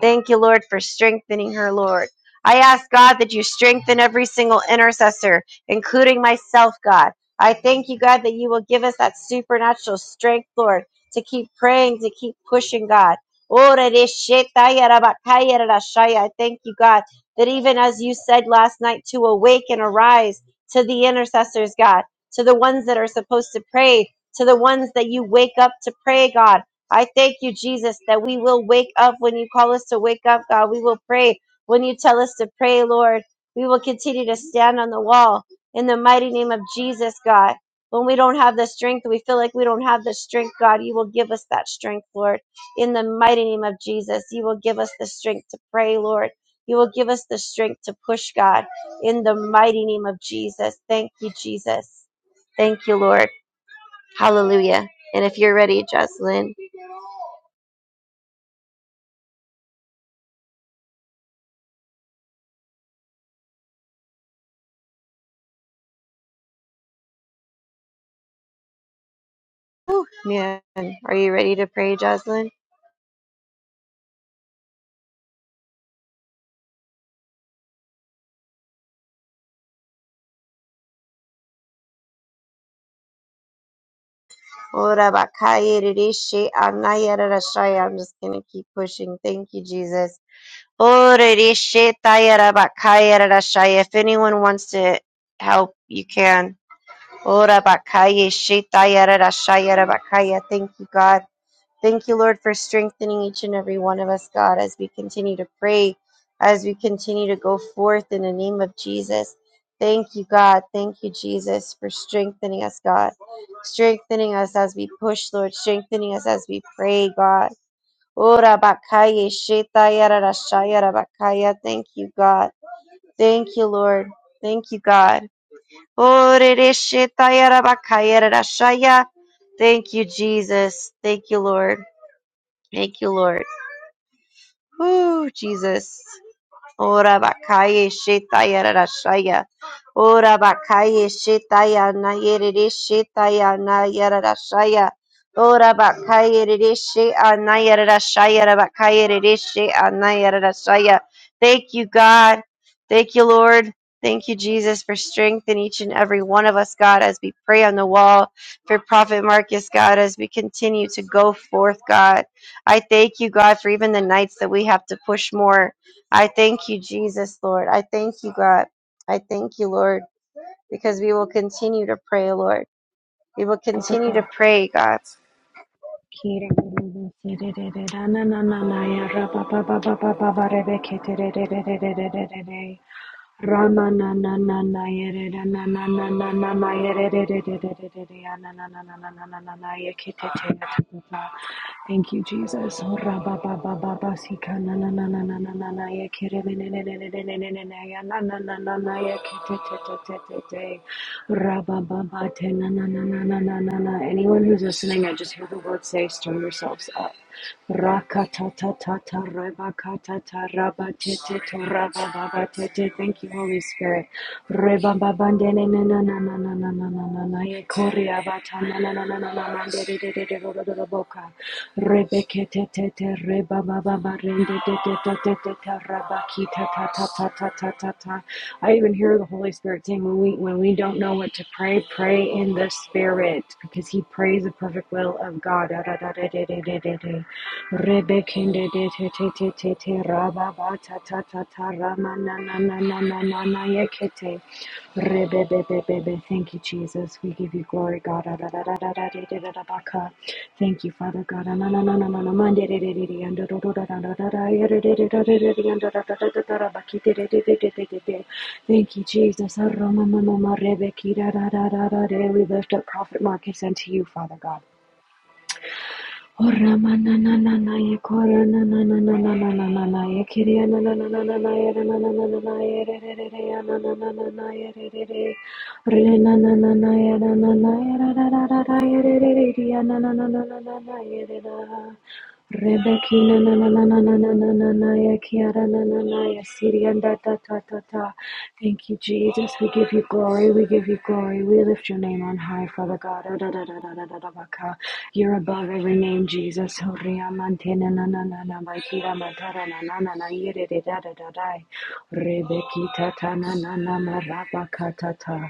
Speaker 3: Thank you, Lord, for strengthening her, Lord. I ask, God, that you strengthen every single intercessor, including myself, God. I thank you, God, that you will give us that supernatural strength, Lord, to keep praying, to keep pushing, God. Ora de shetaya rabakaya rarashaya. I thank you, God, that even as you said last night, to awake and arise to the intercessors, God, to the ones that are supposed to pray, to the ones that you wake up to pray, God. I thank you, Jesus, that we will wake up when you call us to wake up, God. We will pray when you tell us to pray, Lord. We will continue to stand on the wall in the mighty name of Jesus, God. When we don't have the strength, we feel like we don't have the strength, God. You will give us that strength, Lord. In the mighty name of Jesus, you will give us the strength to pray, Lord. You will give us the strength to push, God. In the mighty name of Jesus. Thank you, Jesus. Thank you, Lord. Hallelujah. And if you're ready, Jocelyn. Whew, man, are you ready to pray, Jocelyn? Ora bakaya rishi anaya rarashaya. I'm just going to keep pushing. Thank you, Jesus. Ora rishi taya rabakaya rarashaya. If anyone wants to help, you can. Ora bakaya shi taya rarashaya rabakaya. Thank you, God. Thank you, Lord, for strengthening each and every one of us, God, as we continue to pray, as we continue to go forth in the name of Jesus. Thank you, God. Thank you, Jesus, for strengthening us, God. Strengthening us as we push, Lord. Strengthening us as we pray, God. Ora bakaya shetaya rarashaya rabakaya. Thank you, God. Thank you, Lord. Thank you, God. Ore re shetaya rabakaya rarashaya. Thank you, Jesus. Thank you, Lord. Thank you, Lord. Woo, Jesus. Ora bakaya shetaya rarashaya. Ora bakaya shetaya na yerere shetaya na yararashaya. Ora bakaya rere she ana yararashaya rabakaya rere she ana yararashaya. Thank you, God. Thank you, Lord. Thank you, Jesus, for strength in each and every one of us, God, as we pray on the wall for Prophet Marcus, God, as we continue to go forth, God. I thank you, God, for even the nights that we have to push more. I thank you, Jesus, Lord. I thank you, God. I thank you, Lord, because we will continue to pray, Lord. We will
Speaker 5: Da, da,
Speaker 3: continue to
Speaker 5: da.
Speaker 3: pray, God.
Speaker 5: Kiri, kiri, kiri, kiri, kiri, kiri, da, na, na, na, na, ya, ra, ba, ba, ba, ba, ba, ba, ba, re, be, ki, ti, ri, ri, ri, ri, ri, ri, ri, ri, ri. Rama na na na na ye re re na na na na na na ye re re re re re re re re ya na na na na na na na na na ye ke te te ya te te ta. Thank you, Jesus. Oh, ra ba ba ba ba ba si ka na na na na na na na na ye ke re re re re re re re re re re ya na na na na na ye ke te te te te te te. Ra ba ba ba te na na na na na na na na. Anyone who's listening, I just hear the Lord say, stir yourselves up. Rakatatatata rebakatata rabateteto rabababatete. Thank you, Holy Spirit. Rebababandenenanananananananana. Ekoriabatananananananananderererererorororoboka. Rebeketetete rebabababarendetetetetete I even hear the Holy Spirit saying when we when we don't know what to pray, pray in the Spirit because He prays the perfect will of God. Re-be-be-be-be-be. Thank you, Jesus. We give you glory, God. Ah-da-da-da-da-da-da-da-da-da-baka. Thank you, Father God. Ah-na-na-na-na-na-na-na-man-de-de-de-de-de-de-an-do-do-do-da-da-da-da-da-da-da-da-da-da-da-da-baki-de-de-de-de-de-de-de-de. Thank you, Jesus. Ah-ra-ma-ma-ma-ma-re-be-ki-da-da-da-da-da-da. We lift up Prophet Marcus unto you, Father God. O Ramana na na na ye Koranananananananana ye Kiriananananana ye Ranananana ye Rerereanananana ye Rerere Renananana ye na na na ye Rararara ye Rererianananana ye Rera Rebekina na na na na na na na na na ya kiara na na na ya sirianda ta ta ta ta. Thank you, Jesus. We give you glory. We give you glory. We lift your name on high, Father God. Da da da da da da da da baka. You're above every name, Jesus. Horia mantena na na na na na ba kira matara na na na na yere de da da da da. Rebekita ta na na na ma marabaka ta ta.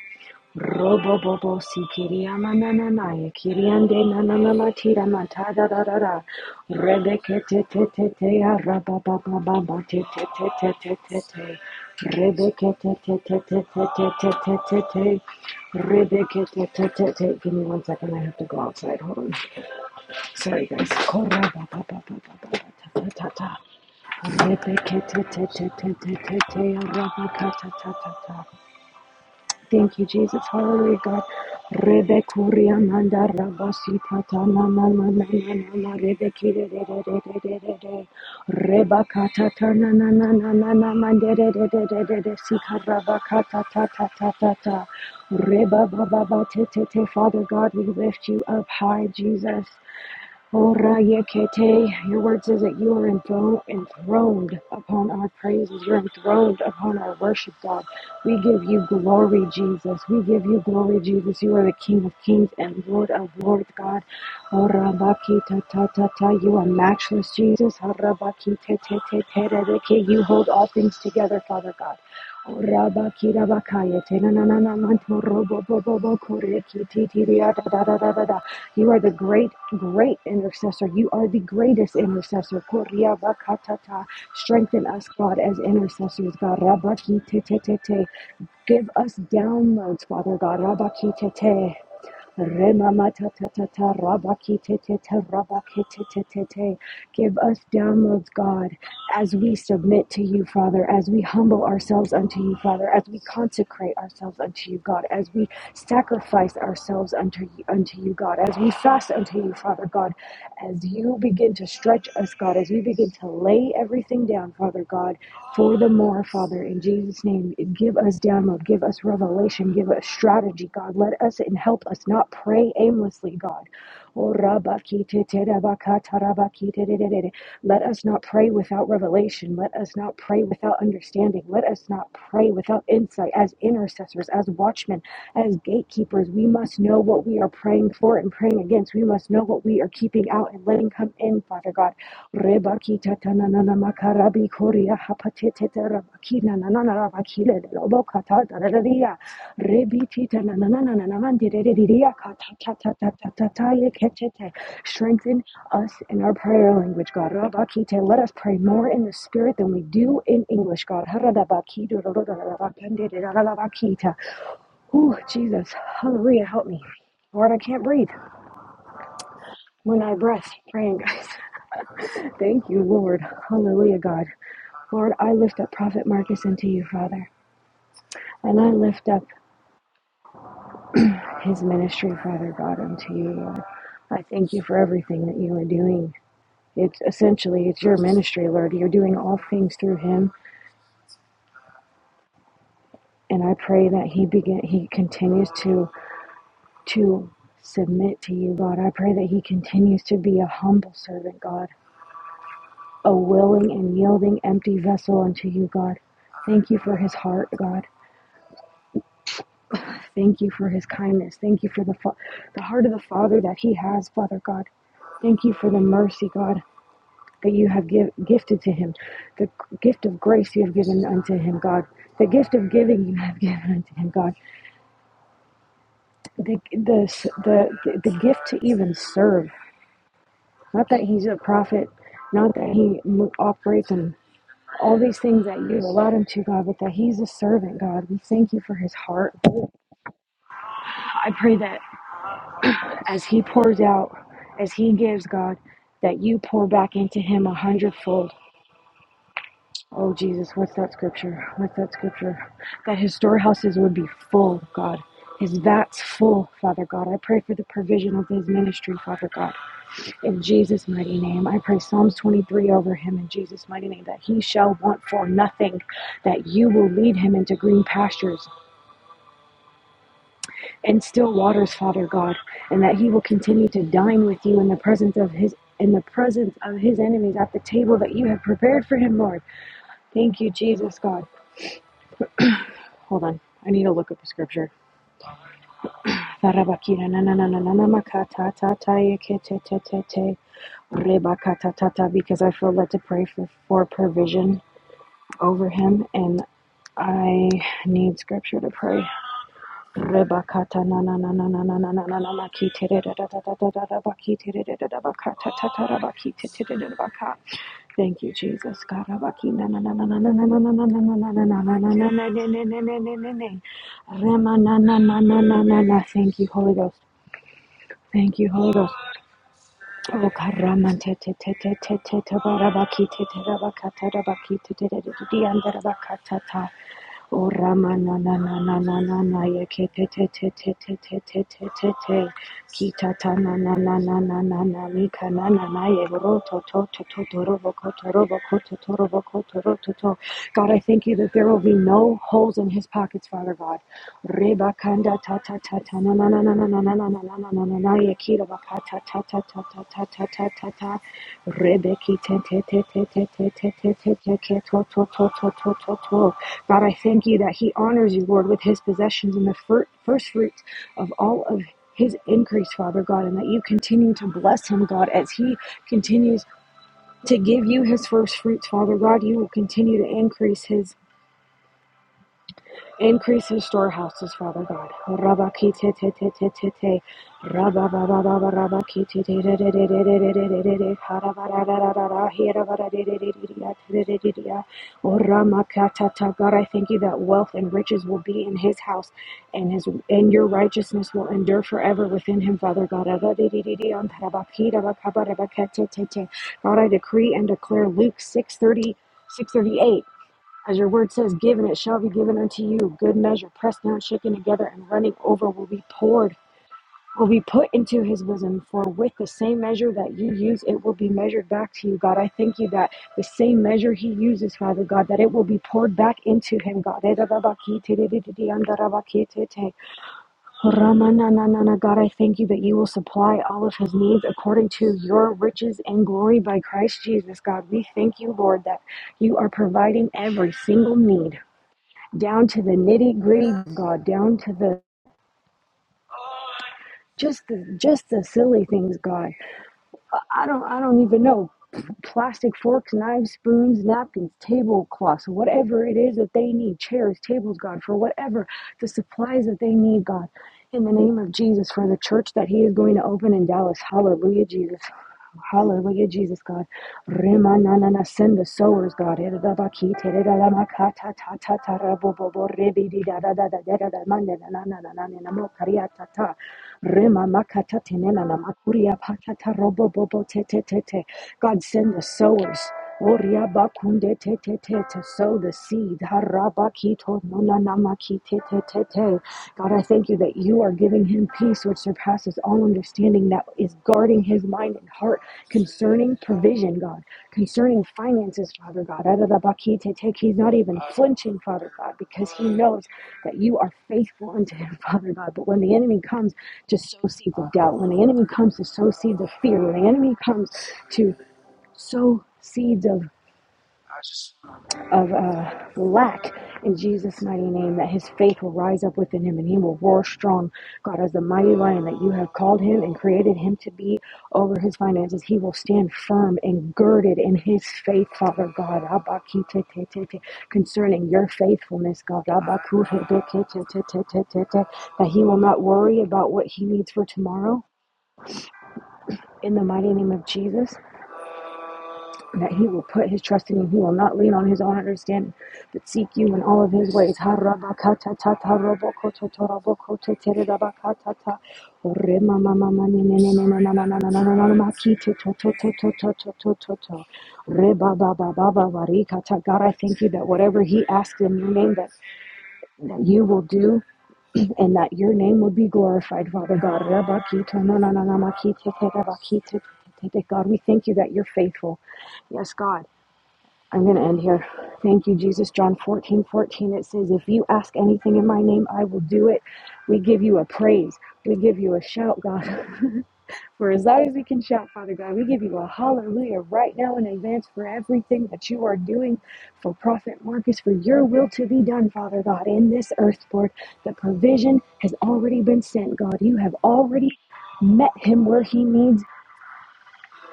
Speaker 5: Robobobo si kiria mananaya kiriande nananama tira matada da da da rebeke te te te te ya rababababa te te te te te te te rebeke te te te te te te te te te te rebeke te te te te give me one second I have to go outside hold on sorry guys korababababababa ta ta ta ta rebeke te te te te te te te ya rabaka ta ta ta ta Thank you, Jesus. Hallelujah, God. Rebekuria manda rabasita tana na na na na na na rebekire de de de de de de de rebakata tana na na na na na mande de de de de de de sikarabakata ta ta ta ta ta reba ba ba ba te te te Father God, we lift you up high, Jesus. Ora Yekete, your word says that you are enthroned, enthroned upon our praises. You're enthroned upon our worship, God. We give you glory, Jesus. We give you glory, Jesus. You are the King of kings and Lord of lords, God. Ora Bakita ta ta ta. You are matchless, Jesus. Ora Bakite te te te te You hold all things together, Father God. Raba kira bakaya tena na na na manto robo bo bo bo kore ki ti ti ria da da da da da da. You are the great great intercessor. You are the greatest intercessor. Koria bakata ta. Strengthen us, God, as intercessors. God, raba ki te te te te. Give us downloads, Father God. Rabakitete. Remama ta ta ta ta, rabaki te te te rabaki Remamatatatata rabakitete rabakitete. Give us downloads, God, as we submit to you, Father, as we humble ourselves unto you, Father, as we consecrate ourselves unto you, God, as we sacrifice ourselves unto you, unto you, God, as we fast unto you, Father God, as you begin to stretch us, God, as you begin to lay everything down, Father God. Furthermore, Father, in Jesus' name, give us download, give us revelation, give us strategy, God. Let us and help us not pray aimlessly, God. Oh, rabakiteterabakatarabakitererere. Let us not pray without revelation. Let us not pray without understanding. Let us not pray without insight. As intercessors, as watchmen, as gatekeepers, we must know what we are praying for and praying against. We must know what we are keeping out and letting come in, Father God. Rebakita tanana makarabi koria hapatete rabakina nanana rabakile roboka tataria rebiti tanana nanana mandiria katatatatatatataye ketete. Strengthen us in our prayer language, God. Rabakite, let us pray more in the spirit than we do in English, God. Haradabakido rorororabakandidororabakita. Ooh, Jesus, hallelujah, help me. Lord, I can't breathe when I breath praying, guys. Thank you, Lord. Hallelujah, God. Lord, I lift up Prophet Marcus unto you, Father. And I lift up his ministry, Father God, unto you, Lord. I thank you for everything that you are doing. It's essentially it's your ministry, Lord. You're doing all things through him. And I pray that he begin he continues to to submit to you, God. I pray that he continues to be a humble servant, God, a willing and yielding empty vessel unto you, God. Thank you for his heart, God. Thank you for his kindness. Thank you for the, fa- the heart of the Father that he has, Father God. Thank you for the mercy, God, that you have give, gifted to him, the gift of grace you have given unto him, God, the gift of giving you have given unto him, God, the, the, the, the gift to even serve. Not that he's a prophet, not that he operates in all these things that you've allowed him to, God, but that he's a servant, God. We thank you for his heart. I pray that As he pours out, as he gives God, that you pour back into him a hundredfold. Oh, Jesus, what's that scripture? What's that scripture? That his storehouses would be full, God. His vats full, Father God. I pray for the provision of his ministry, Father God. In Jesus' mighty name, I pray Psalms 23 over him in Jesus' mighty name that he shall want for nothing, that you will lead him into green pastures, and still waters, Father God, and that He will continue to dine with you in the presence of His in the presence of His enemies at the table that you have prepared for Him, Lord. Thank you, Jesus, God. Hold on, I need to look up the scripture. Because I feel led to pray for, for provision over him, and I need scripture to pray. O Rama na na na na na na na ye ke te te te te te te te te te te ki ta ta na na na na na na na mi ka na na na ye ro to to to to to ro bo ko to ro bo ko to to ro bo ko to ro to to God I thank you that there will be no holes in his pockets Father God Reba kanda ta ta ta ta na na na na na na Na na na na na na na na yakira bakata ta ta ta ta ta ta ta ta ta Rebeki te te te te te te te te te te ke to to to to to to to God I thank you that He honors you Lord with His possessions and the fir- first fruits of all of His increase Father God and that you continue to bless Him God as He continues to give you His first fruits Father God you will continue to increase His Increase his storehouses, Father God. Rabakitetetetetete. Rababababababakitetetetetetete. Harabarararara. Hirabararararara. Oramakatata. God, I thank you that wealth and riches will be in his house and his and your righteousness will endure forever within him, Father God. Rabakirabakabarabakatetete. God, I decree and declare Luke six thirty six thirty eight. As your word says, give and it shall be given unto you. Good measure, pressed down, shaken together, and running over will be poured, will be put into his bosom. For with the same measure that you use, it will be measured back to you, God. I thank you that the same measure he uses, Father God, that it will be poured back into him, God. Ramananana, God, I thank you that you will supply all of his needs according to your riches and glory by Christ Jesus, God. We thank you, Lord, that you are providing every single need down to the nitty gritty, God, down to the just the just the silly things, God. I don't I don't even know plastic forks, knives, spoons, napkins, tablecloths, whatever it is that they need, chairs, tables, God, for whatever the supplies that they need, God. In the name of Jesus, for the church that He is going to open in Dallas. Hallelujah, Jesus. Hallelujah, Jesus, God. Rema na na na, send the sowers, God. Ere da ba ki, tere da la ma ka, ta ta ta ta ra bo bo bo, re bi di da da da da da da da, ma na na na na na na na mo, ka ri ya ta ta. Rema makata tenena na makuria patata robo bobo te te te te. God send the sowers. Oria bakunde te te te to sow the seed. Haraba kito nona nama ki te te te te. God, I thank you that you are giving him peace which surpasses all understanding that is guarding his mind and heart concerning provision, God concerning finances, Father God. Adadabakitete, He's not even flinching, Father God, because he knows that you are faithful unto him, Father God. But when the enemy comes to sow seeds of doubt, when the enemy comes to sow seeds of fear, when the enemy comes to sow seeds of of uh, lack in Jesus' mighty name, that his faith will rise up within him and he will roar strong. God, as the mighty lion that you have called him and created him to be over his finances, he will stand firm and girded in his faith, Father God, concerning your faithfulness, God, that he will not worry about what he needs for tomorrow. In the mighty name of Jesus, that he will put his trust in you. He will not lean on his own understanding, but seek you in all of his ways. Ha-ra-ba-ka-ta-ta-ta-ra-bo-ko-to-to-ra-bo-ko-te-te-re-ra-ba-ka-ta-ta. Ore-ma-ma-ma-ma-ni-ni-ni-ni-ni-ni-ni-ni-ni-ni-ma-ki-to-to-to-to-to-to-to-to. Re-ba-ba-ba-ba-ba-ba-ri-ka-ta. God, I thank you that whatever he asks in your name that, that you will do and that your name will be glorified, Father God. re ba ki to na na na na ma God, we thank you that you're faithful. Yes, God. I'm going to end here. Thank you, Jesus. John 14:14. it says, If you ask anything in my name, I will do it. We give you a praise. We give you a shout, God. for as loud as we can shout, Father God, we give you a hallelujah right now in advance for everything that you are doing for Prophet Marcus, for your will to be done, Father God, in this earth, Lord. The provision has already been sent, God. You have already met him where he needs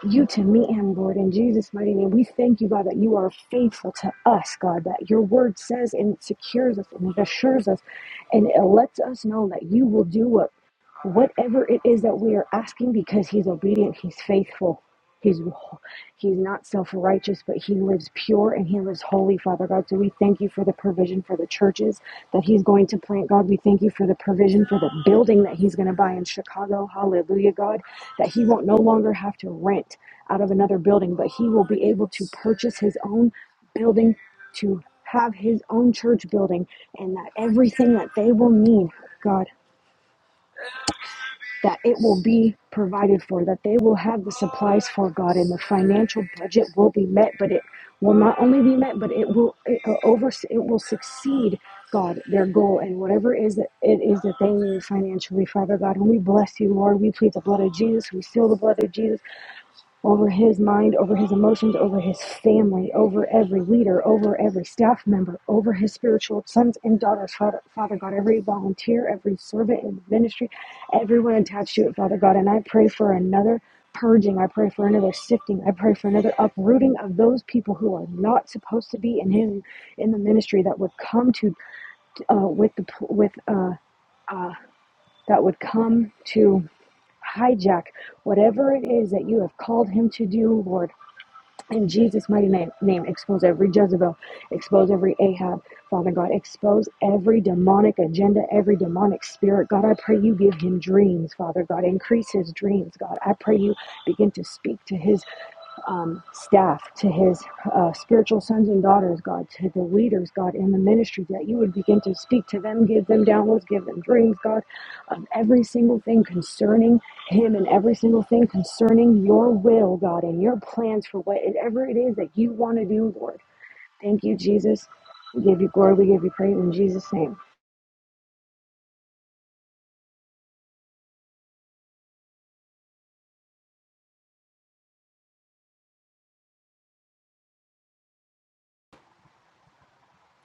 Speaker 5: you to meet him, Lord, in Jesus' mighty name. We thank you, God, that you are faithful to us, God, that your word says and it secures us and it assures us and it lets us know that you will do what whatever it is that we are asking because he's obedient, he's faithful, he's He's not self righteous, but he lives pure and he lives holy, Father God. So we thank you for the provision for the churches that he's going to plant, God. We thank you for the provision for the building that he's going to buy in Chicago. Hallelujah, God. That he won't no longer have to rent out of another building, but he will be able to purchase his own building to have his own church building and that everything that they will need, God, that it will be provided for, that they will have the supplies for God, and the financial budget will be met. But it will not only be met, but it will it, uh, over it will succeed God their goal and whatever it is that it is that they need financially, Father God. And we bless you, Lord. We plead the blood of Jesus. We seal the blood of Jesus over his mind, over his emotions, over his family, over every leader, over every staff member, over his spiritual sons and daughters, Father, Father God, every volunteer, every servant in the ministry, everyone attached to it, Father God. And I pray for another purging. I pray for another sifting. I pray for another uprooting of those people who are not supposed to be in him, in the ministry that would come to, uh, with the, with, uh, that would come to hijack whatever it is that you have called him to do, Lord in Jesus' mighty name, name, expose every Jezebel, expose every Ahab, Father God, expose every demonic agenda, every demonic spirit. God, I pray you give him dreams, Father God, increase his dreams, God. I pray you begin to speak to his um, staff, to his uh, spiritual sons and daughters, God, to the leaders, God, in the ministry, that you would begin to speak to them, give them downloads, give them dreams, God, of every single thing concerning Him and every single thing concerning your will, God, and your plans for whatever it is that you want to do, Lord. Thank you, Jesus. We give you glory, we give you praise in Jesus' name.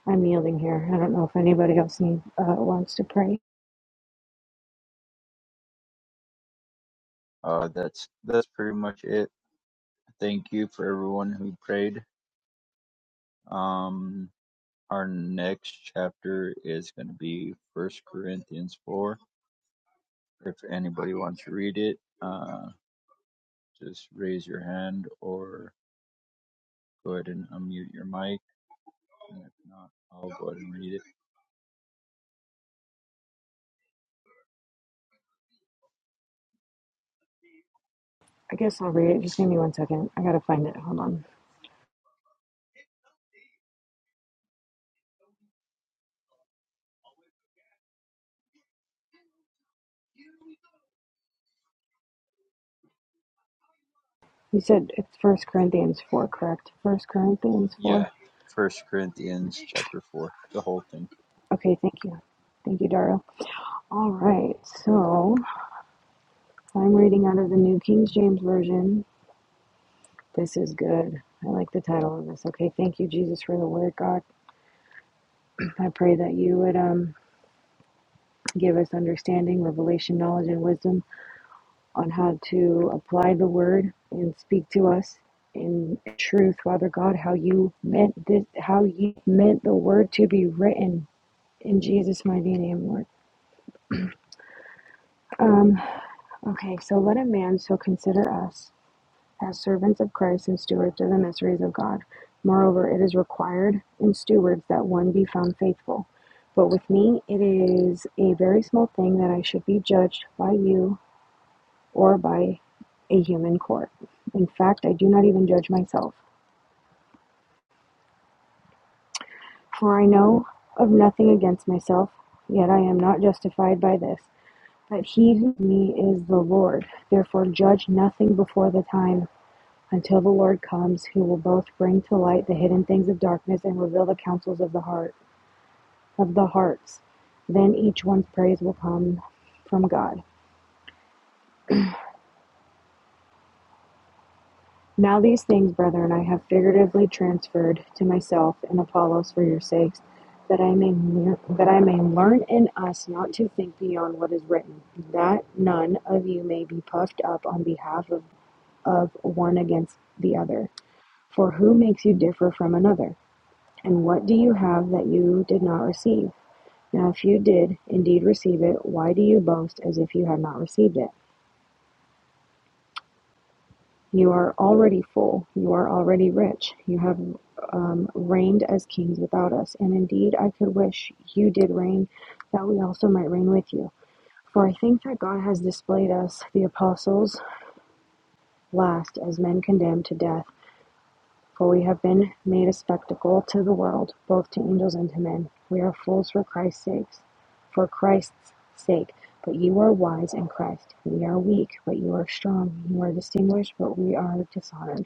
Speaker 5: I'm yielding here. I don't know if anybody else need, uh, wants to pray.
Speaker 2: Uh, that's that's pretty much it. Thank you for everyone who prayed. Um, our next chapter is going to be First Corinthians 4. If anybody wants to read it, uh, just raise your hand or go ahead and unmute your mic. And if not, I'll go ahead and read it.
Speaker 5: I guess I'll read it. Just give me one second. I got to find it. Hold on. You said it's First Corinthians four, correct? First Corinthians
Speaker 2: Yeah,
Speaker 5: four.
Speaker 2: First Corinthians chapter four, the whole thing.
Speaker 5: Okay, thank you, thank you, Daryl. All right, so I'm reading out of the New King James Version. This is good. I like the title of this. Okay, thank you, Jesus, for the Word, God. I pray that you would um, give us understanding, revelation, knowledge, and wisdom on how to apply the Word and speak to us in truth, Father God. How you meant this, how you meant the Word to be written. In Jesus' mighty name, Lord. Um, okay, so let a man so consider us as servants of Christ and stewards of the mysteries of God. Moreover, it is required in stewards that one be found faithful. But with me, it is a very small thing that I should be judged by you or by a human court. In fact, I do not even judge myself. For I know of nothing against myself, yet I am not justified by this. But he who me is the Lord. Therefore, judge nothing before the time Until the Lord comes, who will both bring to light the hidden things of darkness and reveal the counsels of the heart of the hearts, then each one's praise will come from God. Now these things, brethren, I have figuratively transferred to myself and Apollos for your sakes, that I may lear- that I may learn in us not to think beyond what is written, that none of you may be puffed up on behalf of, of one against the other. For who makes you differ from another? And what do you have that you did not receive? Now, if you did indeed receive it, why do you boast as if you had not received it? You are already full. You are already rich. You have um, reigned as kings without us. And indeed, I could wish you did reign, that we also might reign with you. For I think that God has displayed us, the apostles, last as men condemned to death For we have been made a spectacle to the world, both to angels and to men. We are fools for Christ's sake, for Christ's sake. But you are wise in Christ. We are weak, but you are strong. You are distinguished, but we are dishonored.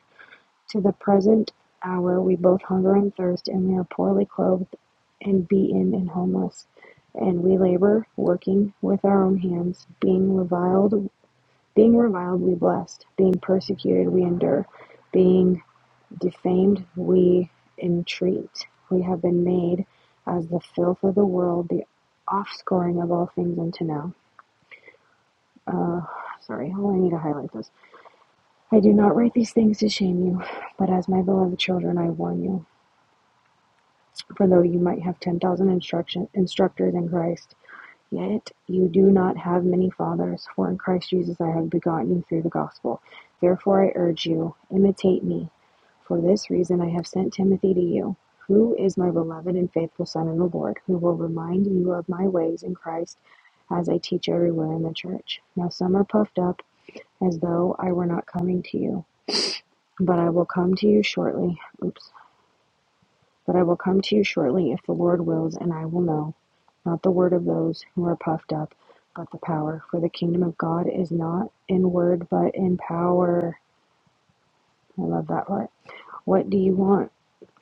Speaker 5: To the present hour we both hunger and thirst, and we are poorly clothed and beaten and homeless. And we labor, working with our own hands, being reviled, being reviled we bless, being persecuted we endure, being Defamed we entreat; we have been made, as the filth of the world, the offscouring of all things unto now. Uh, sorry, how I need to highlight this. I do not write these things to shame you, but as my beloved children, I warn you. For though you might have 10,000 instruction, instructors in Christ, yet you do not have many fathers, for in Christ Jesus I have begotten you through the gospel. Therefore I urge you, imitate me, For this reason I have sent Timothy to you, who is my beloved and faithful son in the Lord, who will remind you of my ways in Christ as I teach everywhere in the church. Now some are puffed up as though I were not coming to you, but I will come to you shortly. Oops. But I will come to you shortly if the Lord wills, and I will know not the word of those who are puffed up, but the power. For the kingdom of God is not in word, but in power. I love that part. What do you want?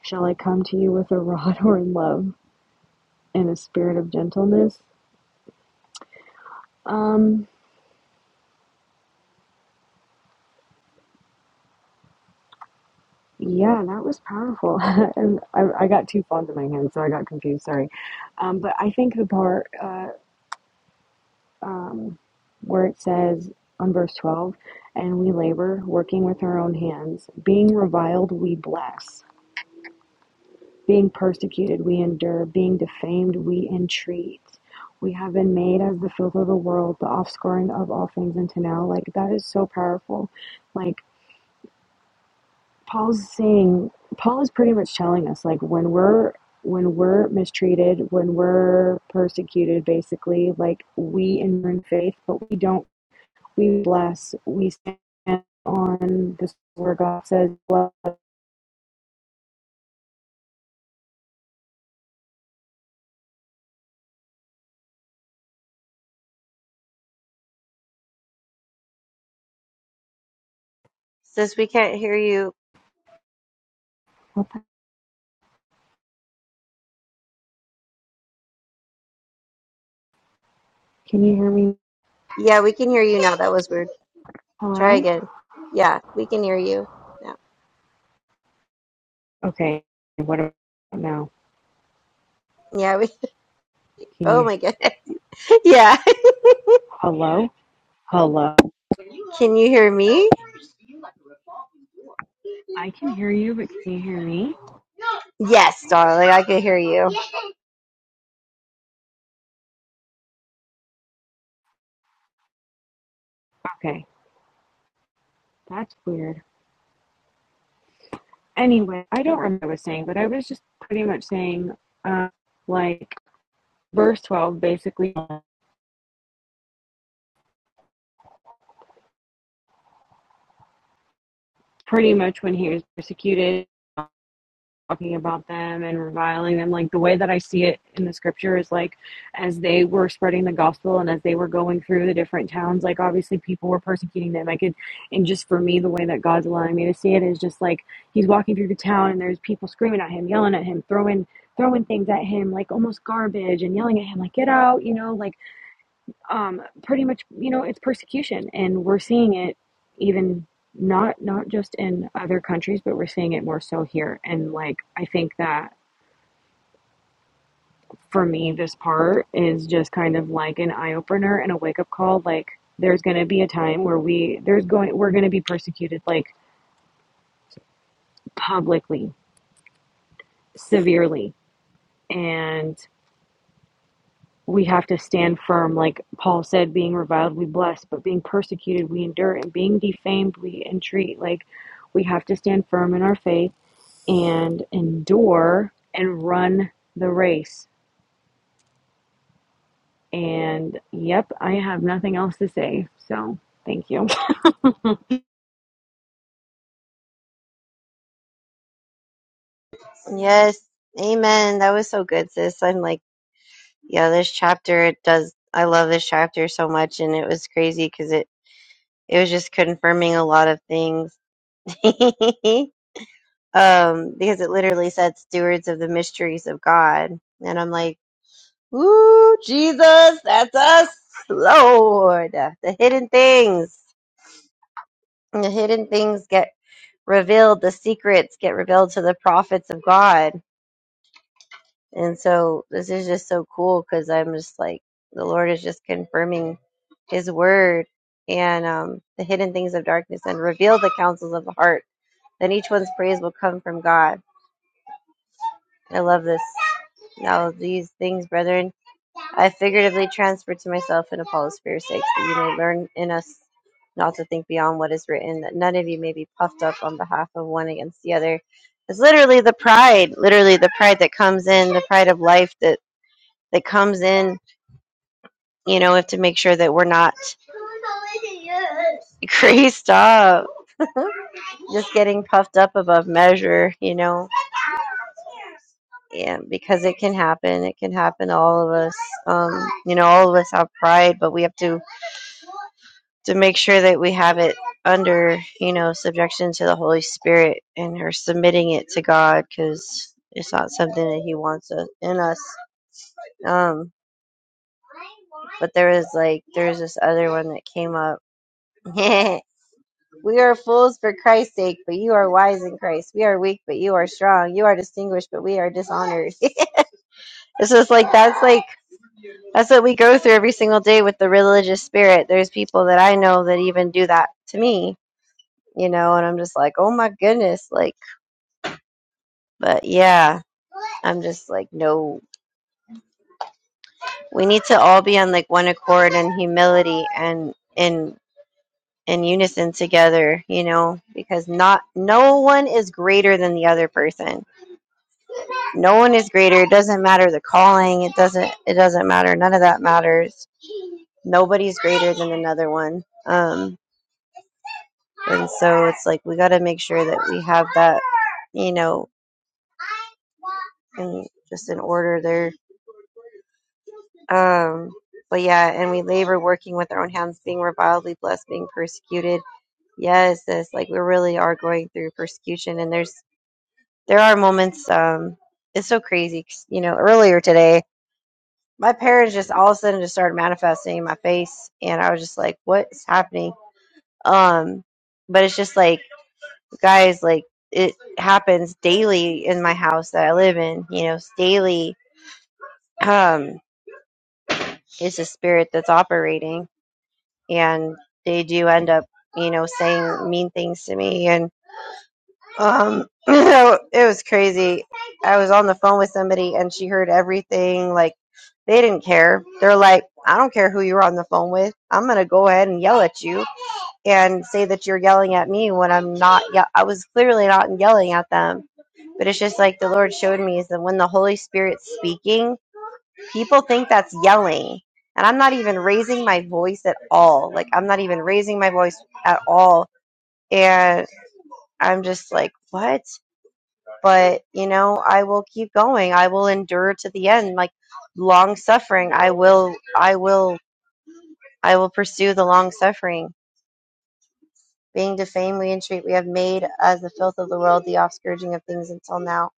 Speaker 5: Shall I come to you with a rod or in love and a spirit of gentleness? Um, yeah, that was powerful. and I, I got two phones in my hand, so I got confused. Sorry. Um, but I think the part uh, um, where it says on verse 12, and we labor, working with our own hands, being reviled, we bless. Being persecuted, we endure. Being defamed, we entreat. We have been made as the filth of the world, the offscouring of all things into now. Like, that is so powerful. Like, Paul's saying, Paul is pretty much telling us, like, when we're when we're mistreated, when we're persecuted, basically, like we endure in faith, but we don't, we bless, we stand on this word God says, bless.
Speaker 3: Since we can't hear you.
Speaker 5: Can you hear me?
Speaker 3: Yeah, we can hear you now. That was weird. Try
Speaker 5: Hello?
Speaker 3: again. Yeah, we can hear you. now.
Speaker 5: Okay. What about now?
Speaker 3: Yeah, we
Speaker 5: Can
Speaker 3: oh
Speaker 5: you?
Speaker 3: my god. Yeah.
Speaker 5: Hello? Hello?
Speaker 3: Can you hear me?
Speaker 5: I can hear you, but can you hear me?
Speaker 3: Yes, darling, I can hear you.
Speaker 5: Okay, that's weird. Anyway, I don't remember what I was saying, but I was just pretty much saying, uh, like, verse 12 basically, pretty much when he was persecuted. talking about them and reviling them. Like the way that I see it in the scripture is like as they were spreading the gospel and as they were going through the different towns, like obviously people were persecuting them. I could, and just for me, the way that God's allowing me to see it is just like he's walking through the town and there's people screaming at him, yelling at him, throwing throwing things at him like almost garbage and yelling at him like get out you know like um, pretty much, you know, it's persecution, and we're seeing it even not not just in other countries, but we're seeing it more so here. And like, I think that for me, this part is just kind of like an eye opener and a wake up call. Like, there's going to be a time where we there's going we're going to be persecuted like publicly, severely, and we have to stand firm. Like Paul said, being reviled, we bless, but being persecuted, we endure, and being defamed, we entreat. Like we have to stand firm in our faith and endure and run the race. And yep, I have nothing else to say. So thank you.
Speaker 3: Yes. Amen. That was so good, sis. I'm like, yeah, this chapter it does I love this chapter so much and it was crazy because it It was just confirming a lot of things. um, because it literally said stewards of the mysteries of God. And I'm like, Ooh, Jesus, that's us, Lord. The hidden things. The hidden things get revealed, the secrets get revealed to the prophets of God. And so this is just so cool because I'm just like, the Lord is just confirming his word and um, the hidden things of darkness and reveal the counsels of the heart then each one's praise will come from God. I love this. Now, these things, brethren, I figuratively transfer to myself and Apollos for your sakes, that you may learn in us not to think beyond what is written, that none of you may be puffed up on behalf of one against the other. It's literally the pride, literally the pride that comes in, the pride of life that, that comes in. You know, we have to make sure that we're not crazed up, just getting puffed up above measure, you know Yeah, because it can happen. It can happen to all of us. Um, you know, all of us have pride, but we have to to make sure that we have it under, you know, subjection to the Holy Spirit and are submitting it to God because it's not something that He wants us, in us. Um, but there was like there was this other one that came up. we are fools for Christ's sake, but you are wise in Christ. We are weak, but you are strong. You are distinguished, but we are dishonored. it's just like that's like That's what we go through every single day with the religious spirit. There's people that I know that even do that to me, you know, and I'm just like, oh my goodness. Like, but yeah, I'm just like, no. We need to all be on like one accord and humility and in in unison together, you know, because not no one is greater than the other person. No one is greater. It doesn't matter the calling. It doesn't it doesn't matter. None of that matters. Nobody's greater than another one. Um And so it's like we got to make sure that we have that, you know, in, just in order there. Um, but yeah, and we labor working with our own hands, being reviled, blessed, being persecuted. Yes, this like we really are going through persecution, and there's there are moments. Um, it's so crazy, 'cause, you know. Earlier today, my parents just all of a sudden just started manifesting in my face, and I was just like, "What is happening?" Um, but it's just like guys like it happens daily in my house that i live in you know it's daily um it's a spirit that's operating and they do end up you know saying mean things to me and um it was crazy i was on the phone with somebody and she heard everything like they didn't care they're like i don't care who you were on the phone with i'm gonna go ahead and yell at you and say that you're yelling at me when I'm not. Ye- I was clearly not yelling at them, but it's just like the Lord showed me is that when the Holy Spirit's speaking, people think that's yelling, and I'm not even raising my voice at all. Like I'm not even raising my voice at all, and I'm just like, what? But you know, I will keep going. I will endure to the end. Like long suffering, I will. I will. I will pursue the long suffering being defamed, we entreat, we have made as the filth of the world, the offscourging of things until now.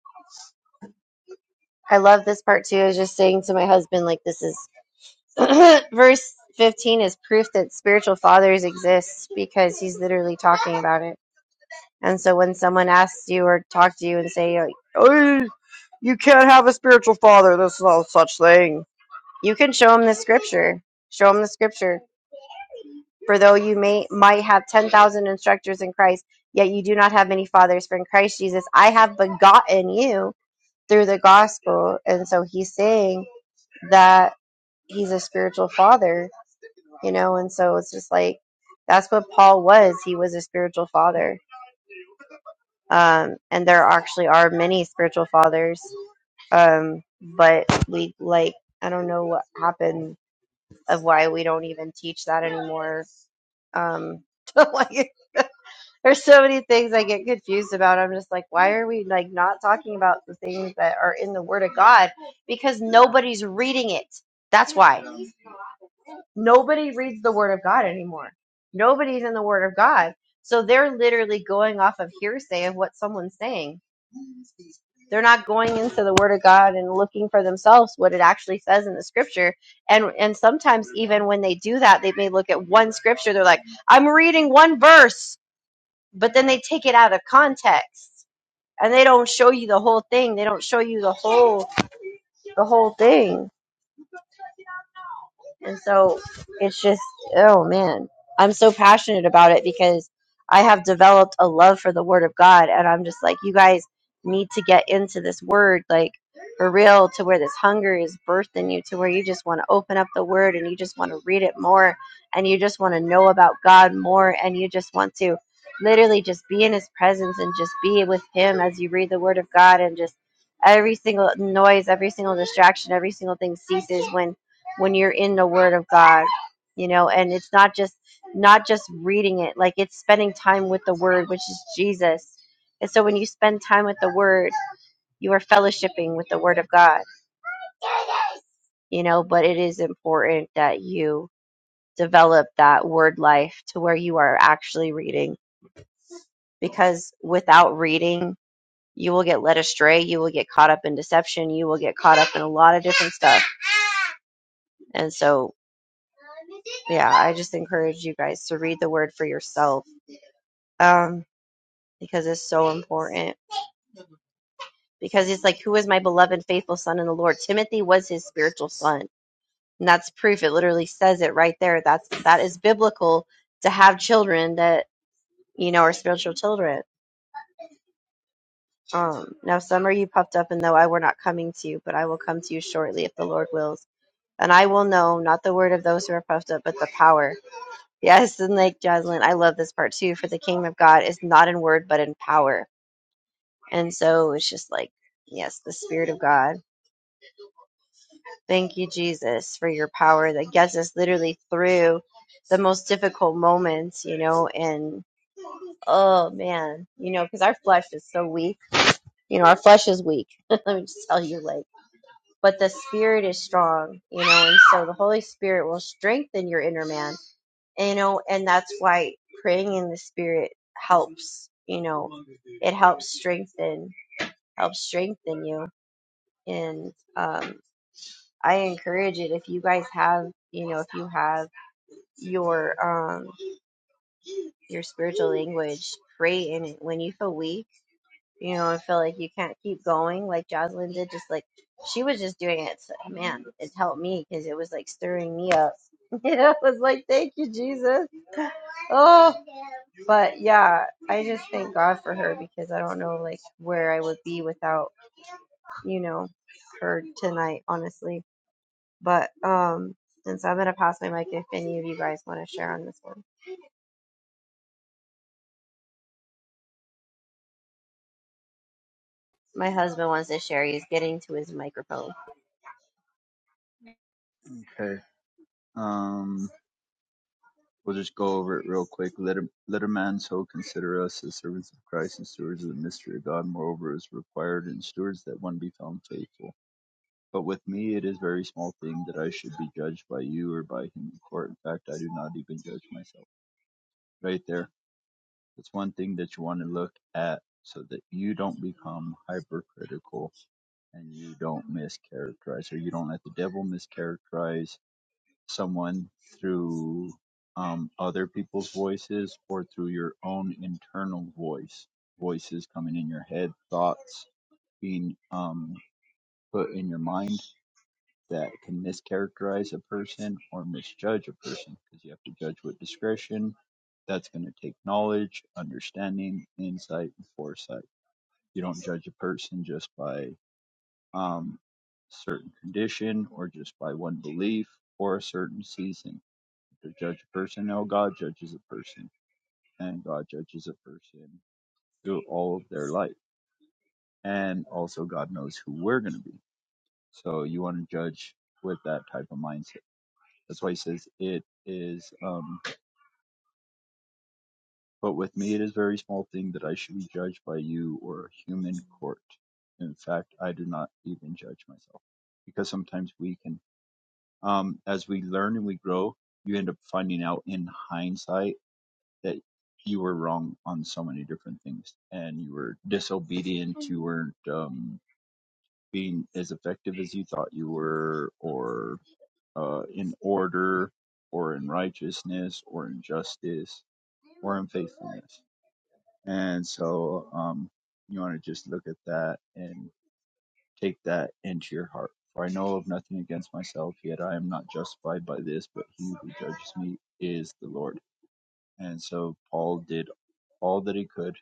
Speaker 3: I love this part too. I was just saying to my husband, like, this is verse 15 is proof that spiritual fathers exist because he's literally talking about it. And so when someone asks you or talk to you and say, like, oh, you can't have a spiritual father, there's no such thing, you can show them the scripture. Show them the scripture For though you may might have ten thousand instructors in Christ, yet you do not have many fathers. For in Christ Jesus, I have begotten you through the gospel. And so he's saying that he's a spiritual father, you know. And so it's just like that's what Paul was. He was a spiritual father. Um, and there actually are many spiritual fathers. Um, but we like I don't know what happened of why we don't even teach that anymore. Um, like There's so many things I get confused about. I'm just like, why are we like not talking about the things that are in the Word of God? Because nobody's reading it. That's why nobody reads the Word of God anymore. Nobody's in the Word of God, so they're literally going off of hearsay of what someone's saying. They're not going into the Word of God and looking for themselves what it actually says in the Scripture. And and sometimes even when they do that, they may look at one Scripture. They're like, I'm reading one verse, but then they take it out of context and they don't show you the whole thing. They don't show you the whole the whole thing. And so it's just, oh man, I'm so passionate about it because I have developed a love for the Word of God. And I'm just like, you guys need to get into this Word, like for real, to where this hunger is birthed in you, to where you just want to open up the Word and you just want to read it more and you just want to know about God more and you just want to literally just be in His presence and just be with Him as you read the Word of God and just every single noise, every single distraction, every single thing ceases when when you're in the word of god you know and it's not just not just reading it like it's spending time with the word which is jesus and so when you spend time with the word you are fellowshipping with the word of god you know but it is important that you develop that word life to where you are actually reading because without reading you will get led astray you will get caught up in deception you will get caught up in a lot of different stuff and so yeah i just encourage you guys to read the word for yourself um, because it's so important. Because it's like, who is my beloved, and faithful son in the Lord? Timothy was his spiritual son, and that's proof. It literally says it right there. That's that is biblical to have children that you know are spiritual children. Um, now some are you puffed up and though I were not coming to you, but I will come to you shortly if the Lord wills. And I will know not the word of those who are puffed up, but the power. Yes, and like Jocelyn, I love this part too. For the kingdom of God is not in word, but in power. And so it's just like yes, the Spirit of God. Thank you, Jesus, for your power that gets us literally through the most difficult moments, you know. And oh man, you know, because our flesh is so weak. You know, our flesh is weak. Let me just tell you, like, but the spirit is strong, you know. And so the Holy Spirit will strengthen your inner man, you know. And that's why praying in the spirit helps. You know, it helps strengthen, helps strengthen you. And um, I encourage it if you guys have, you know, if you have your um your spiritual language. Pray in it when you feel weak, you know, and feel like you can't keep going, like Jocelyn did. Just like she was just doing it. So, man, it helped me because it was like stirring me up. You know, it was like, thank you, Jesus. Oh, but yeah, I just thank God for her because I don't know like where I would be without you know her tonight, honestly. But um, and so I'm gonna pass my mic if any of you guys want to share on this one. My husband wants to share. He's getting to his microphone.
Speaker 2: Okay. Um, we'll just go over it real quick. Let a, let a man so consider us as servants of Christ and stewards of the mystery of God. Moreover, is required in stewards that one be found faithful. But with me it is very small thing that I should be judged by you or by him in court. In fact, I do not even judge myself. Right there That's one thing that you want to look at so that you don't become hypercritical and you don't mischaracterize or you don't let the devil mischaracterize someone through um, other people's voices or through your own internal voice voices coming in your head thoughts being um, put in your mind that can mischaracterize a person or misjudge a person because you have to judge with discretion. That's going to take knowledge, understanding, insight, and foresight. You don't judge a person just by um, certain condition or just by one belief or a certain season. To judge a person, no, God judges a person, and God judges a person through all of their life. And also, God knows who we're going to be. So you want to judge with that type of mindset That's why he says it is. Um, but with me, it is a very small thing that I should be judged by you or a human court. In fact, I do not even judge myself because sometimes we can, um, as we learn and we grow, you end up finding out in hindsight that you were wrong on so many different things and you were disobedient. You weren't, um, being as effective as you thought you were or, uh, in order or in righteousness or in justice or unfaithfulness, And so um, you want to just look at that and take that into your heart. For I know of nothing against myself, yet I am not justified by this, but he who judges me is the Lord. And so Paul did all that he could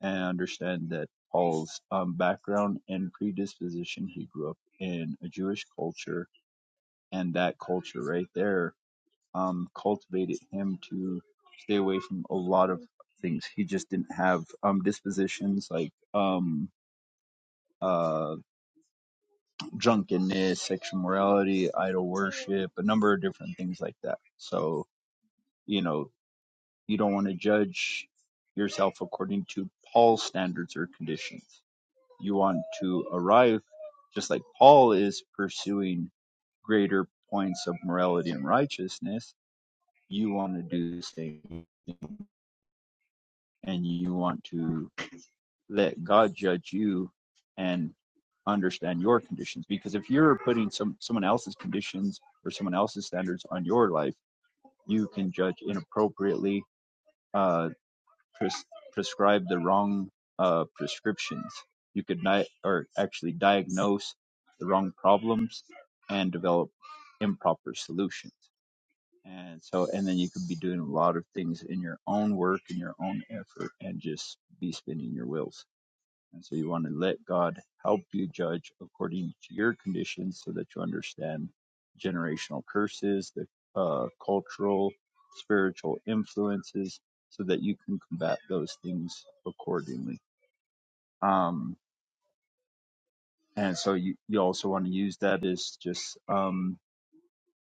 Speaker 2: and understand that Paul's um, background and predisposition, he grew up in a Jewish culture, and that culture right there um, cultivated him to stay away from a lot of things. He just didn't have um, dispositions like um, uh, drunkenness, sexual morality, idol worship, a number of different things like that. So, you know, you don't want to judge yourself according to Paul's standards or conditions. You want to arrive just like Paul is pursuing greater points of morality and righteousness. You want to do the same thing and you want to let God judge you and understand your conditions. Because if you're putting some someone else's conditions or someone else's standards on your life, you can judge inappropriately, uh, pres- prescribe the wrong uh, prescriptions. You could ni- or actually diagnose the wrong problems and develop improper solutions. And so, and then you could be doing a lot of things in your own work and your own effort and just be spinning your wheels and so you want to let God help you judge according to your conditions so that you understand generational curses, the uh, cultural, spiritual influences, so that you can combat those things accordingly. Um, and so you, you also want to use that as just um,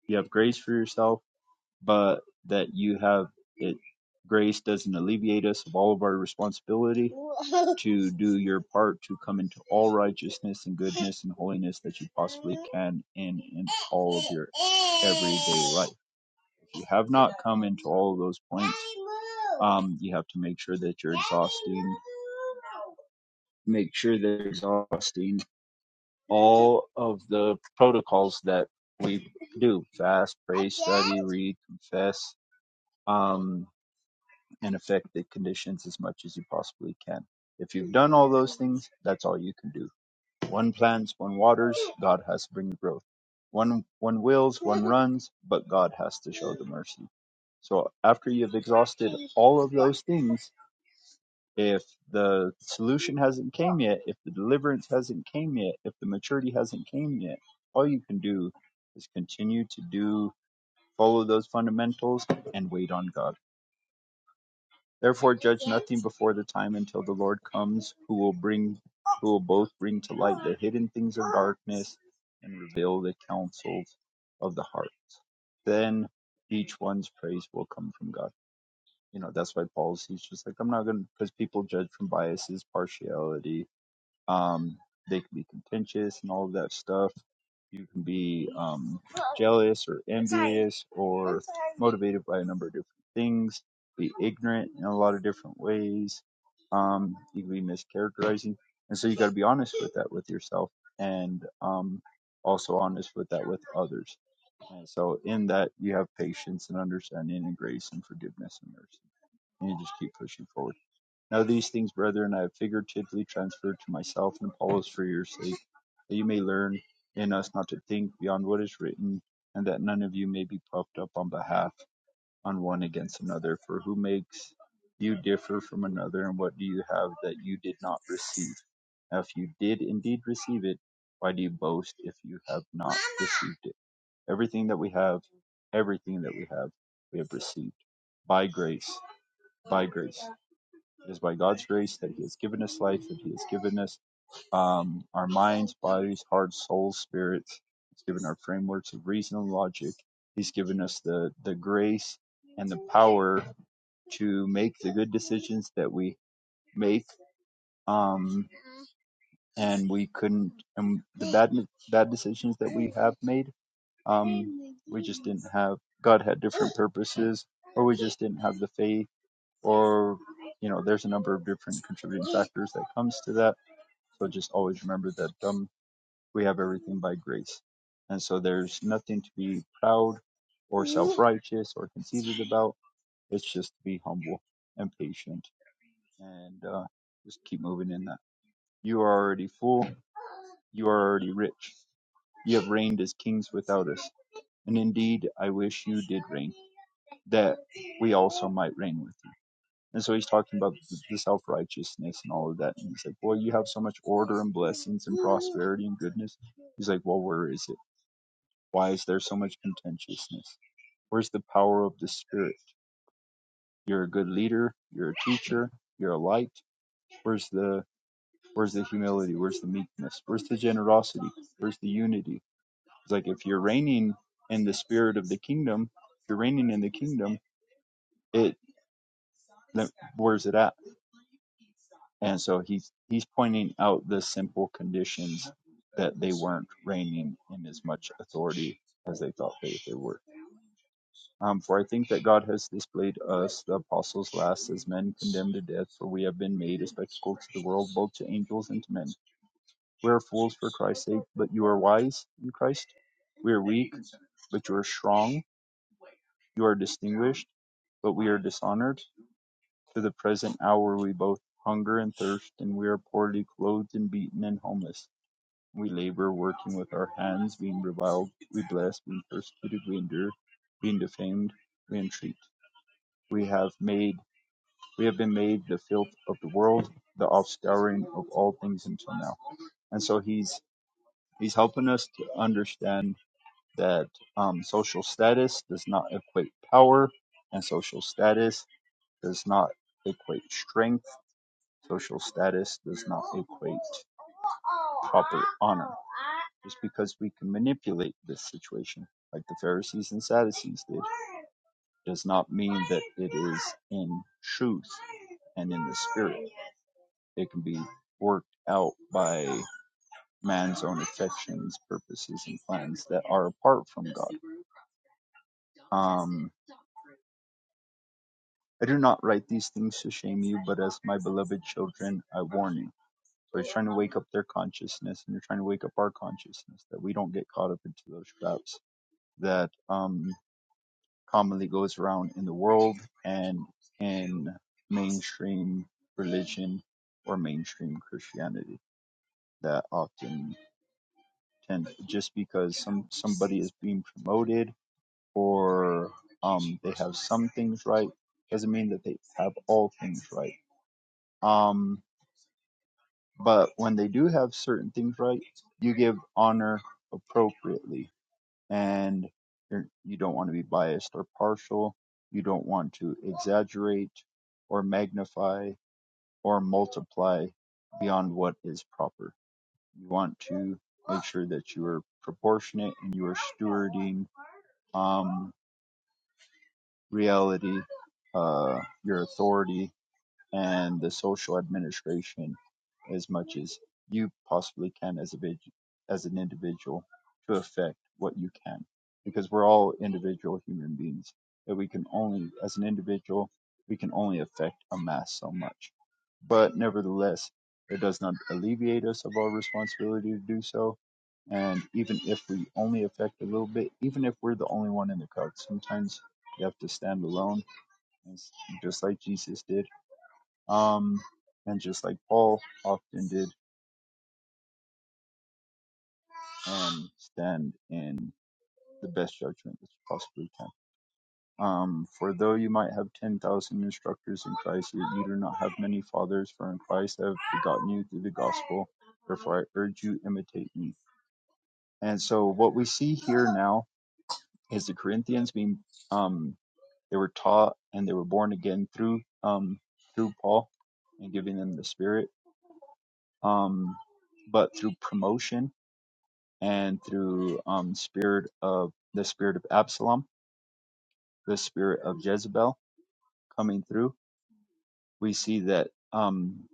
Speaker 2: you have grace for yourself but that you have it grace doesn't alleviate us of all of our responsibility to do your part to come into all righteousness and goodness and holiness that you possibly can in in all of your everyday life if you have not come into all of those points um you have to make sure that you're exhausting make sure they're exhausting all of the protocols that we do fast pray study read confess um and affect the conditions as much as you possibly can. If you've done all those things, that's all you can do. One plants, one waters, God has to bring the growth. One one wills, one runs, but God has to show the mercy. So after you've exhausted all of those things, if the solution hasn't came yet, if the deliverance hasn't came yet, if the maturity hasn't came yet, all you can do is continue to do follow those fundamentals and wait on God. Therefore judge nothing before the time until the Lord comes, who will bring who will both bring to light the hidden things of darkness and reveal the counsels of the heart. Then each one's praise will come from God. You know, that's why Paul's he's just like, I'm not gonna because people judge from biases, partiality, um, they can be contentious and all of that stuff. You can be um, jealous or envious or motivated by a number of different things, be ignorant in a lot of different ways. Um, you can be mischaracterizing. And so you got to be honest with that with yourself and um, also honest with that with others. And so in that, you have patience and understanding and grace and forgiveness and mercy. And you just keep pushing forward. Now these things, brethren, I have figuratively transferred to myself and Apollos for your sake, that you may learn in us not to think beyond what is written, and that none of you may be puffed up on behalf on one against another. For who makes you differ from another, and what do you have that you did not receive? Now if you did indeed receive it, why do you boast if you have not Mama. received it? Everything that we have, everything that we have, we have received by grace, by grace. It is by God's grace that He has given us life, that He has given us um, our minds, bodies, hearts, souls, spirits. He's given our frameworks of reason and logic. He's given us the, the grace and the power to make the good decisions that we make. Um, and we couldn't, and the bad, bad decisions that we have made, um, we just didn't have, God had different purposes, or we just didn't have the faith or you know there's a number of different contributing factors that comes to that so just always remember that um, we have everything by grace and so there's nothing to be proud or self-righteous or conceited about it's just to be humble and patient and uh, just keep moving in that you are already full you are already rich you have reigned as kings without us and indeed i wish you did reign that we also might reign with you And so he's talking about the self righteousness and all of that. And he's like, Well, you have so much order and blessings and prosperity and goodness. He's like, Well, where is it? Why is there so much contentiousness? Where's the power of the Spirit? You're a good leader. You're a teacher. You're a light. Where's the Where's the humility? Where's the meekness? Where's the generosity? Where's the unity? It's like if you're reigning in the spirit of the kingdom, if you're reigning in the kingdom, it then where's it at? And so he's he's pointing out the simple conditions that they weren't reigning in as much authority as they thought they, they were. Um, for I think that God has displayed us, the apostles last, as men condemned to death, for we have been made a spectacle to the world, both to angels and to men. We are fools for Christ's sake, but you are wise in Christ. We are weak, but you are strong. You are distinguished, but we are dishonored. To the present hour we both hunger and thirst, and we are poorly clothed and beaten and homeless. We labor, working with our hands, being reviled, we bless, being persecuted, we endure, being defamed, we entreat. We have made, we have been made the filth of the world, the offscouring of all things until now. And so he's he's helping us to understand that um, social status does not equate power, and social status does not equate strength Social status does not equate proper honor. Just because we can manipulate this situation, like the Pharisees and Sadducees did, does not mean that it is in truth and in the spirit. It can be worked out by man's own affections, purposes, and plans that are apart from God. Um, I do not write these things to shame you, but as my beloved children, I warn you. So he's trying to wake up their consciousness, and they're trying to wake up our consciousness that we don't get caught up into those traps that um, commonly goes around in the world and in mainstream religion or mainstream Christianity that often tend just because some somebody is being promoted or um, they have some things right doesn't mean that they have all things right. Um, But when they do have certain things right, you give honor appropriately, and you're, you don't want to be biased or partial. You don't want to exaggerate or magnify or multiply beyond what is proper. You want to make sure that you are proportionate and you are stewarding um, reality, uh, your authority, and the social administration as much as you possibly can as a vid- as an individual to affect what you can because we're all individual human beings that we can only as an individual we can only affect a mass so much but nevertheless it does not alleviate us of our responsibility to do so and even if we only affect a little bit even if we're the only one in the crowd sometimes you have to stand alone and s- just like jesus did um, and just like Paul often did, um, stand in the best judgment that you possibly can. Um, for though you might have 10,000 instructors in Christ, yet you do not have many fathers, for in Christ I have begotten you through the gospel. Therefore, I urge you, imitate me. And so, what we see here now is the Corinthians being, um, they were taught and they were born again through, um, through Paul and giving them the Spirit. Um, but through promotion and through um, spirit of the spirit of Absalom, the spirit of Jezebel coming through, we see that um,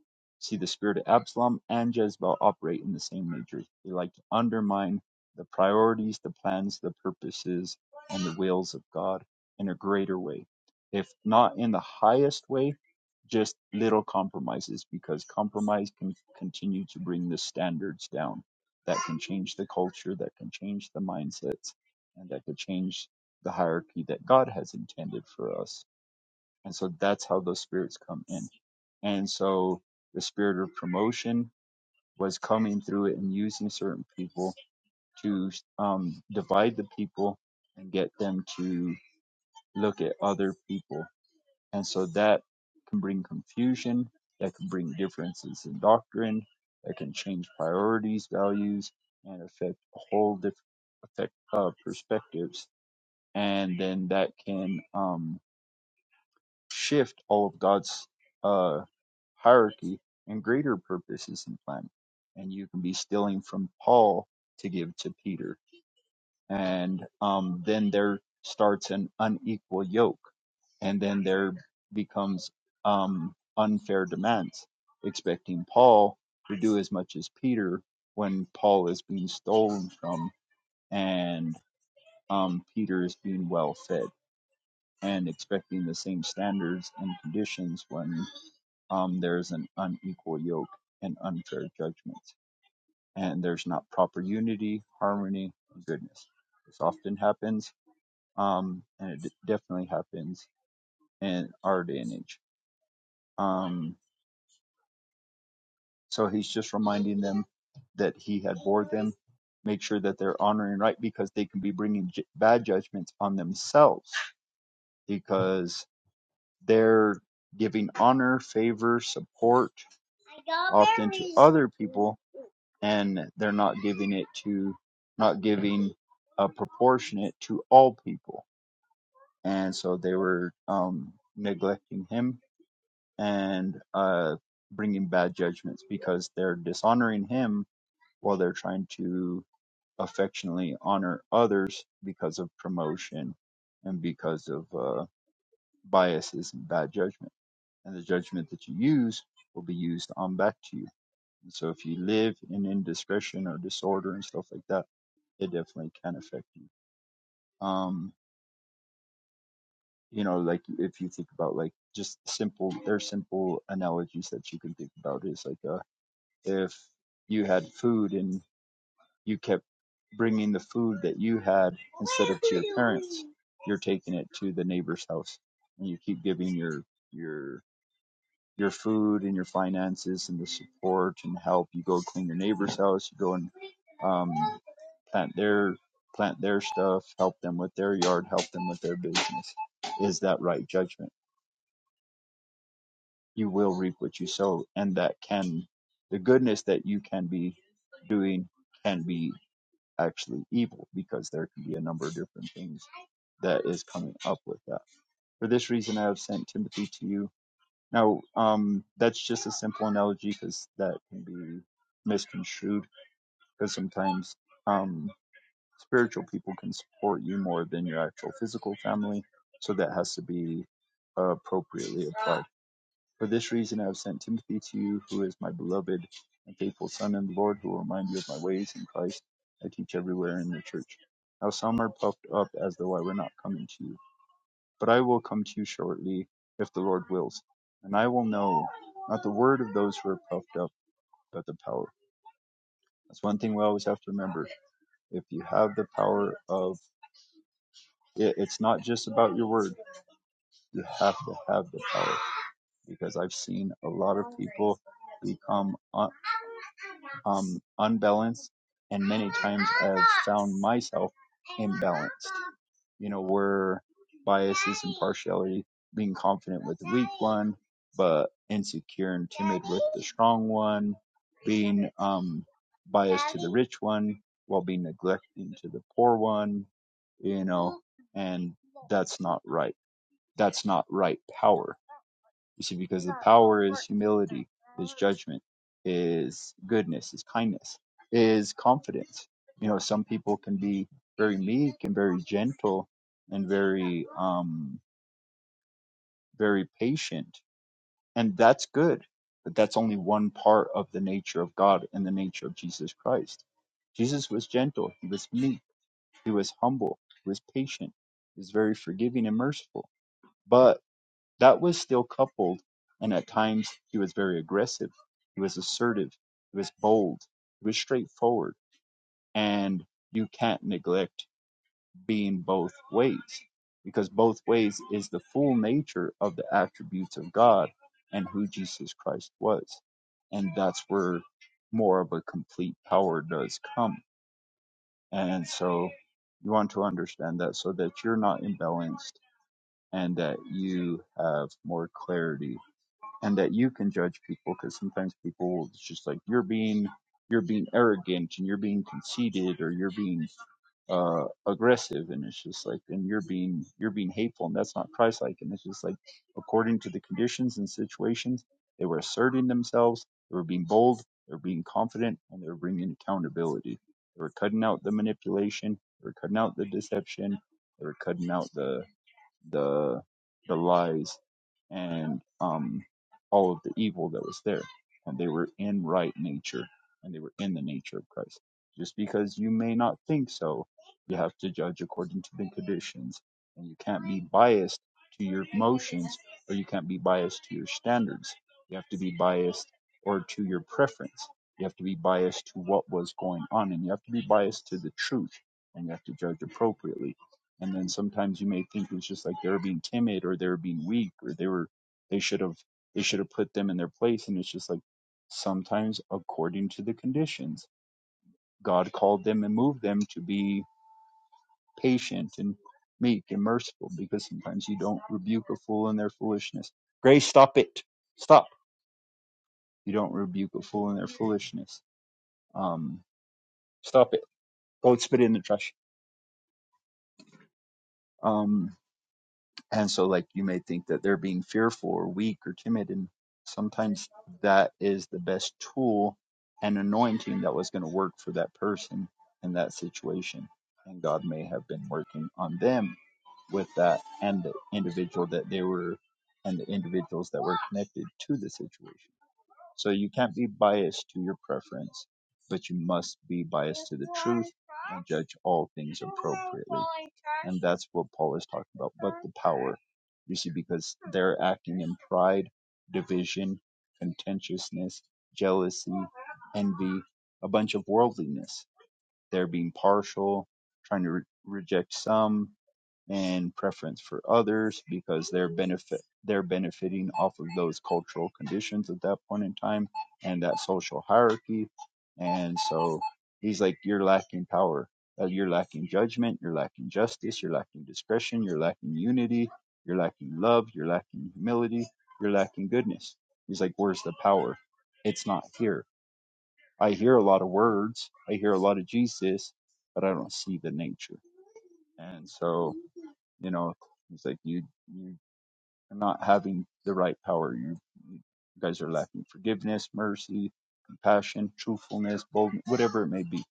Speaker 2: see the spirit of Absalom and Jezebel operate in the same nature. They like to undermine the priorities, the plans, the purposes and the wills of God in a greater way. If not in the highest way, just little compromises because compromise can continue to bring the standards down. That can change the culture, that can change the mindsets, and that could change the hierarchy that God has intended for us. And so that's how those spirits come in. And so the spirit of promotion was coming through it and using certain people to um, divide the people and get them to look at other people. And so that can bring confusion, that can bring differences in doctrine, that can change priorities, values, and affect a whole different affect uh, perspectives. And then that can um, shift all of God's uh, hierarchy and greater purposes and plan. And you can be stealing from Paul to give to Peter and um, then there starts an unequal yoke, and then there becomes um, unfair demands, expecting Paul to do as much as Peter when Paul is being stolen from and um, Peter is being well fed, and expecting the same standards and conditions when um, there's an unequal yoke and unfair judgments, and there's not proper unity, harmony, and goodness. This often happens um, and it d- definitely happens in our day and age. Um, so he's just reminding them that he had bored them. Make sure that they're honoring right because they can be bringing j- bad judgments on themselves because they're giving honor, favor, support often to other people and they're not giving it to, not giving a proportionate to all people. And so they were um, neglecting him and uh, bringing bad judgments because they're dishonoring him while they're trying to affectionately honor others because of promotion and because of uh, biases and bad judgment. And the judgment that you use will be used on back to you. And so if you live in indiscretion or disorder and stuff like that, it definitely can affect you. Um, you know, like if you think about like just simple, there's simple analogies that you can think about is like, uh, if you had food and you kept bringing the food that you had instead of to your parents you're taking it to the neighbor's house and you keep giving your your your food and your finances and the support and help you go clean your neighbor's house you go and um, plant their plant their stuff help them with their yard help them with their business is that right judgment you will reap what you sow and that can the goodness that you can be doing can be actually evil because there can be a number of different things that is coming up with that. For this reason, I have sent Timothy to you. Now, um, that's just a simple analogy because that can be misconstrued because sometimes um, spiritual people can support you more than your actual physical family. So that has to be appropriately applied. For this reason, I have sent Timothy to you, who is my beloved and faithful son in the Lord, who will remind you of my ways in Christ I teach everywhere in the church. How some are puffed up as though I were not coming to you. But I will come to you shortly, if the Lord wills. And I will know, not the word of those who are puffed up, but the power. That's one thing we always have to remember. If you have the power of it, it's not just about your word. You have to have the power because I've seen a lot of people become un- um, unbalanced, and many times I've found myself imbalanced. You know, where biases and partiality, being confident with the weak one, but insecure and timid with the strong one, being um, biased to the rich one while being neglecting to the poor one. You know, and that's not right that's not right power. You see, because the power is humility, is judgment, is goodness, is kindness, is confidence. You know, some people can be very meek and very gentle and very um very patient. And that's good. But that's only one part of the nature of God and the nature of Jesus Christ. Jesus was gentle, he was meek, he was humble, he was patient, he was very forgiving and merciful. But That was still coupled, and at times he was very aggressive. He was assertive. He was bold. He was straightforward. And you can't neglect being both ways because both ways is the full nature of the attributes of God and who Jesus Christ was. And that's where more of a complete power does come. And so you want to understand that so that you're not imbalanced and that you have more clarity and that you can judge people because sometimes people it's just like you're being you're being arrogant and you're being conceited or you're being uh aggressive and it's just like and you're being you're being hateful and that's not christ like and it's just like according to the conditions and situations they were asserting themselves they were being bold they were being confident and they were bringing accountability they were cutting out the manipulation they were cutting out the deception they were cutting out the the the lies and um, all of the evil that was there. And they were in right nature, and they were in the nature of Christ. Just because you may not think so, you have to judge according to the conditions, and you can't be biased to your emotions, or you can't be biased to your standards. You have to be biased or to your preference. You have to be biased to what was going on, and you have to be biased to the truth, and you have to judge appropriately and then sometimes you may think it's just like they're being timid or they're being weak or they were they should have they should have put them in their place. And it's just like sometimes according to the conditions, God called them and moved them to be patient and meek and merciful because sometimes you don't rebuke a fool in their foolishness. Grace, stop it. Stop. You don't rebuke a fool in their foolishness. Um, stop it. Go spit it in the trash. Um, And so, like, you may think that they're being fearful or weak or timid. And sometimes that is the best tool and anointing that was going to work for that person in that situation. And God may have been working on them with that and the individual that they were and the individuals that were connected to the situation. So you can't be biased to your preference, but you must be biased to the truth and judge all things appropriately. And that's what Paul is talking about. But the power, you see, because they're acting in pride, division, contentiousness, jealousy, envy, a bunch of worldliness. They're being partial, trying to re- reject some, and preference for others because they're benefit they're benefiting off of those cultural conditions at that point in time and that social hierarchy and so he's like you're lacking power Uh, you're lacking judgment you're lacking justice you're lacking discretion you're lacking unity you're lacking love you're lacking humility you're lacking goodness he's like where's the power it's not here i hear a lot of words i hear a lot of jesus but i don't see the nature and so you know, it's like you you are not having the right power. You, you guys are lacking forgiveness, mercy, compassion, truthfulness, boldness, whatever it may be.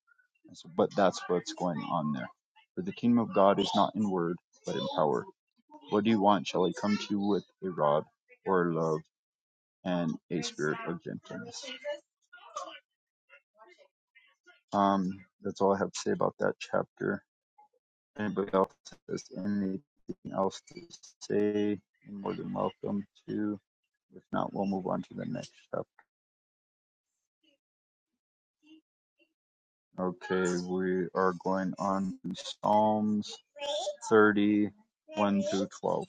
Speaker 2: And so, but that's what's going on there. For the kingdom of God is not in word, but in power. What do you want? Shall I come to you with a rod or love and a spirit of gentleness? Um, that's all I have to say about that chapter. Anybody else has anything else to say? You're more than welcome to. If not, we'll move on to the next step. Okay, we are going on to Psalms 31 1 through 12.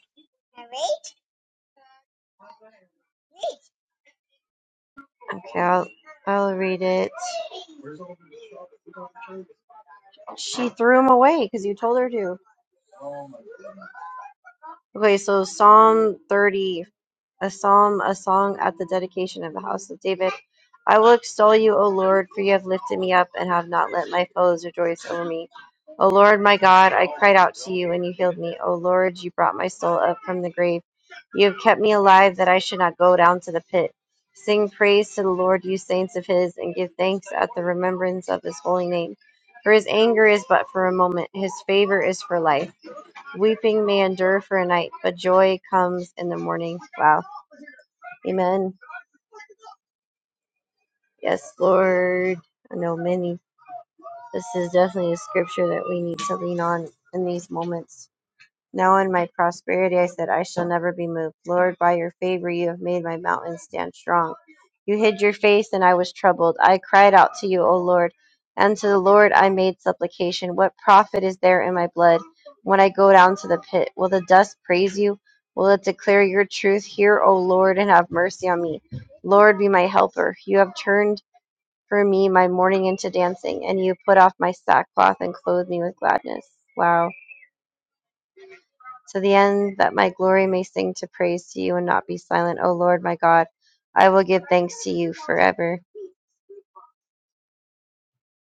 Speaker 3: Okay, I'll, I'll read it. She threw him away because you told her to. Okay, so Psalm 30. a psalm, a song at the dedication of the house of David. I will extol you, O Lord, for you have lifted me up and have not let my foes rejoice over me. O Lord, my God, I cried out to you and you healed me. O Lord, you brought my soul up from the grave. You have kept me alive that I should not go down to the pit. Sing praise to the Lord, you saints of his, and give thanks at the remembrance of his holy name. For his anger is but for a moment, his favor is for life. Weeping may endure for a night, but joy comes in the morning. Wow Amen. Yes, Lord. I know many. This is definitely a scripture that we need to lean on in these moments. Now, in my prosperity, I said, I shall never be moved. Lord, by your favor, you have made my mountain stand strong. You hid your face, and I was troubled. I cried out to you, O Lord, and to the Lord I made supplication. What profit is there in my blood when I go down to the pit? Will the dust praise you? Will it declare your truth? Hear, O Lord, and have mercy on me. Lord, be my helper. You have turned for me my mourning into dancing, and you put off my sackcloth and clothe me with gladness. Wow. To the end that my glory may sing to praise to you and not be silent, O Lord my God, I will give thanks to you forever.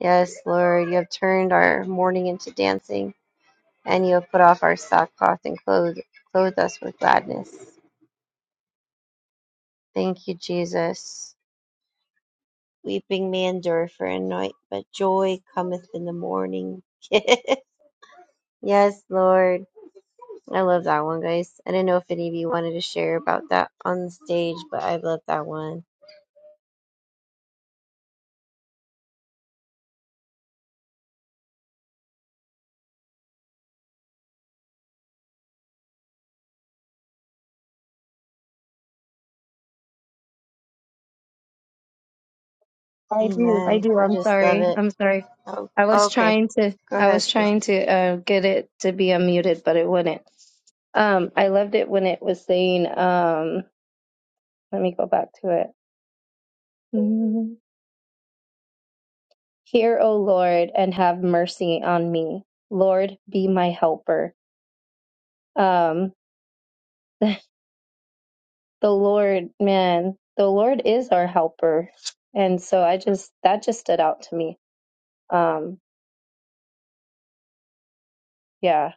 Speaker 3: Yes, Lord, you have turned our mourning into dancing, and you have put off our sackcloth and clothed, clothed us with gladness. Thank you, Jesus. Weeping may endure for a night, but joy cometh in the morning. yes, Lord. I love that one, guys. I didn't know if any of you wanted to share about that on the stage, but I love that one.
Speaker 4: I do. I
Speaker 3: Amen.
Speaker 4: do.
Speaker 3: I
Speaker 4: I'm
Speaker 3: just love
Speaker 4: sorry.
Speaker 3: it.
Speaker 4: I'm sorry.
Speaker 3: Oh,
Speaker 4: I was
Speaker 3: okay.
Speaker 4: trying to,
Speaker 3: Go
Speaker 4: I
Speaker 3: ahead,
Speaker 4: was
Speaker 3: sis.
Speaker 4: trying to uh, get it to be unmuted, but it wouldn't. Um, I loved it when it was saying, um, let me go back to it. Mhm. Hear, O Lord, and have mercy on me. Lord, be my helper. Um, the Lord, man, the Lord is our helper. And so I just, that just stood out to me. Um, yeah.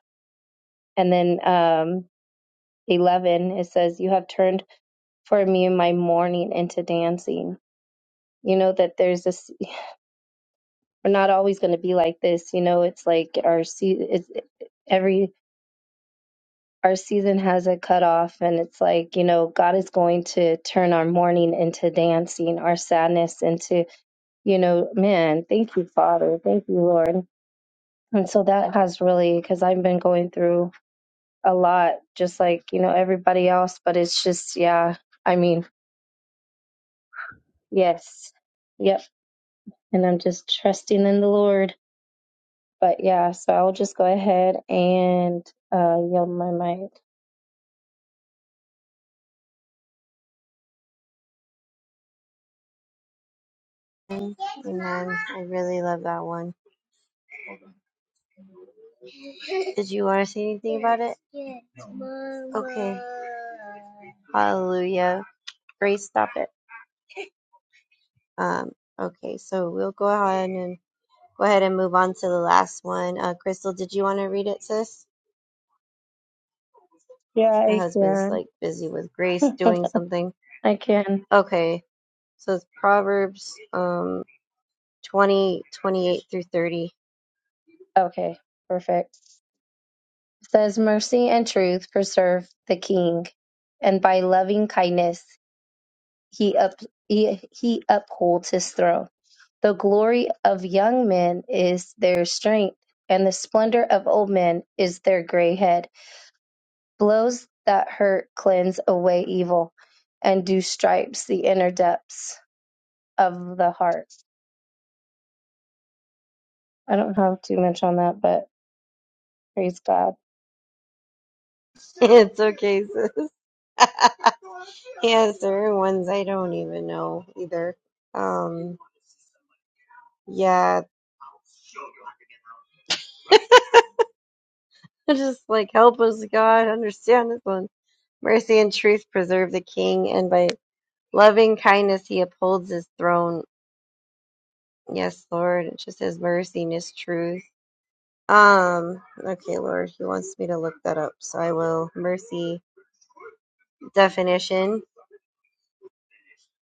Speaker 4: And then um, 11, it says, You have turned for me my mourning into dancing. You know that there's this, we're not always going to be like this. You know, it's like our, season, it's, every, our season has a cutoff and it's like, you know, God is going to turn our mourning into dancing, our sadness into you know, man, thank you, Father. Thank you, Lord. And so that has really, because I've been going through a lot, just like, you know, everybody else, but it's just, yeah, I mean, yes, yep. And I'm just trusting in the Lord. But yeah, so I'll just go ahead and uh, yield my mic.
Speaker 3: Amen. I really love that one. Did you want to say anything about it? Okay. Hallelujah. Grace, stop it. Um, okay, so we'll go ahead and go ahead and move on to the last one. Uh, Crystal, did you want to read it, sis?
Speaker 4: Yeah,
Speaker 3: My
Speaker 4: I
Speaker 3: husband's
Speaker 4: can.
Speaker 3: like busy with Grace doing something.
Speaker 4: I can.
Speaker 3: Okay, so it's Proverbs um 20, twenty-eight through 30.
Speaker 4: Okay, perfect. It says, Mercy and truth preserve the king, and by loving kindness. he up he, he upholds his throne. The glory of young men is their strength, and the splendor of old men is their gray head. Blows that hurt cleanse away evil, and do stripes the inner depths of the heart. I don't have too much on that, but praise God.
Speaker 3: it's okay, sis. yes, there are ones I don't even know either. Um, yeah, Just like help us, God, understand this one. Mercy and truth preserve the king, and by loving kindness he upholds his throne. Yes, Lord. It just says mercy and his truth. Um, okay, Lord, he wants me to look that up, so I will. Mercy definition.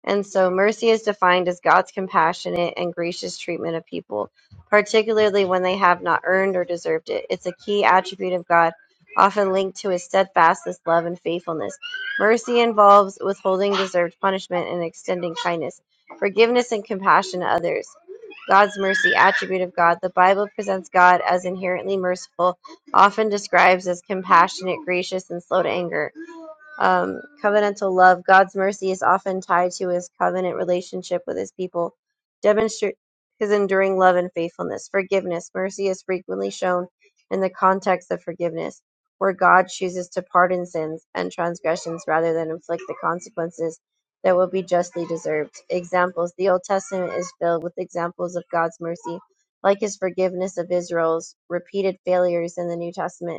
Speaker 3: And so mercy is defined as God's compassionate and gracious treatment of people, particularly when they have not earned or deserved it. It's a key attribute of God, often linked to his steadfastness, love, and faithfulness. Mercy involves withholding deserved punishment and extending kindness, forgiveness, and compassion to others. God's mercy attribute of God. The Bible presents God as inherently merciful, often describes as compassionate, gracious, and slow to anger. Um, covenantal love, God's mercy is often tied to his covenant relationship with his people. Demonstrate his enduring love and faithfulness. Forgiveness, mercy is frequently shown in the context of forgiveness, where God chooses to pardon sins and transgressions rather than inflict the consequences that would be justly deserved. Examples The Old Testament is filled with examples of God's mercy, like his forgiveness of Israel's repeated failures in the New Testament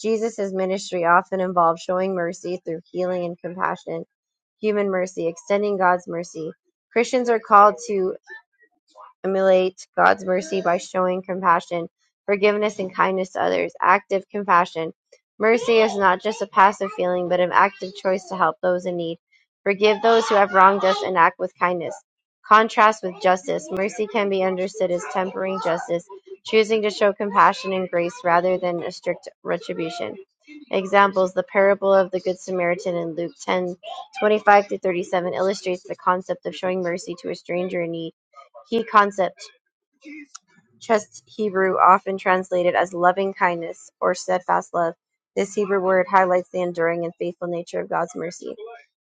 Speaker 3: Jesus' ministry often involved showing mercy through healing and compassion, human mercy, extending God's mercy. Christians are called to emulate God's mercy by showing compassion, forgiveness, and kindness to others. Active compassion. Mercy is not just a passive feeling, but an active choice to help those in need. Forgive those who have wronged us and act with kindness. Contrast with justice. Mercy can be understood as tempering justice, choosing to show compassion and grace rather than a strict retribution. Examples: The parable of the Good Samaritan in Luke 10:25 through 37 illustrates the concept of showing mercy to a stranger in need. Key concept: Just Hebrew, often translated as loving kindness or steadfast love. This Hebrew word highlights the enduring and faithful nature of God's mercy.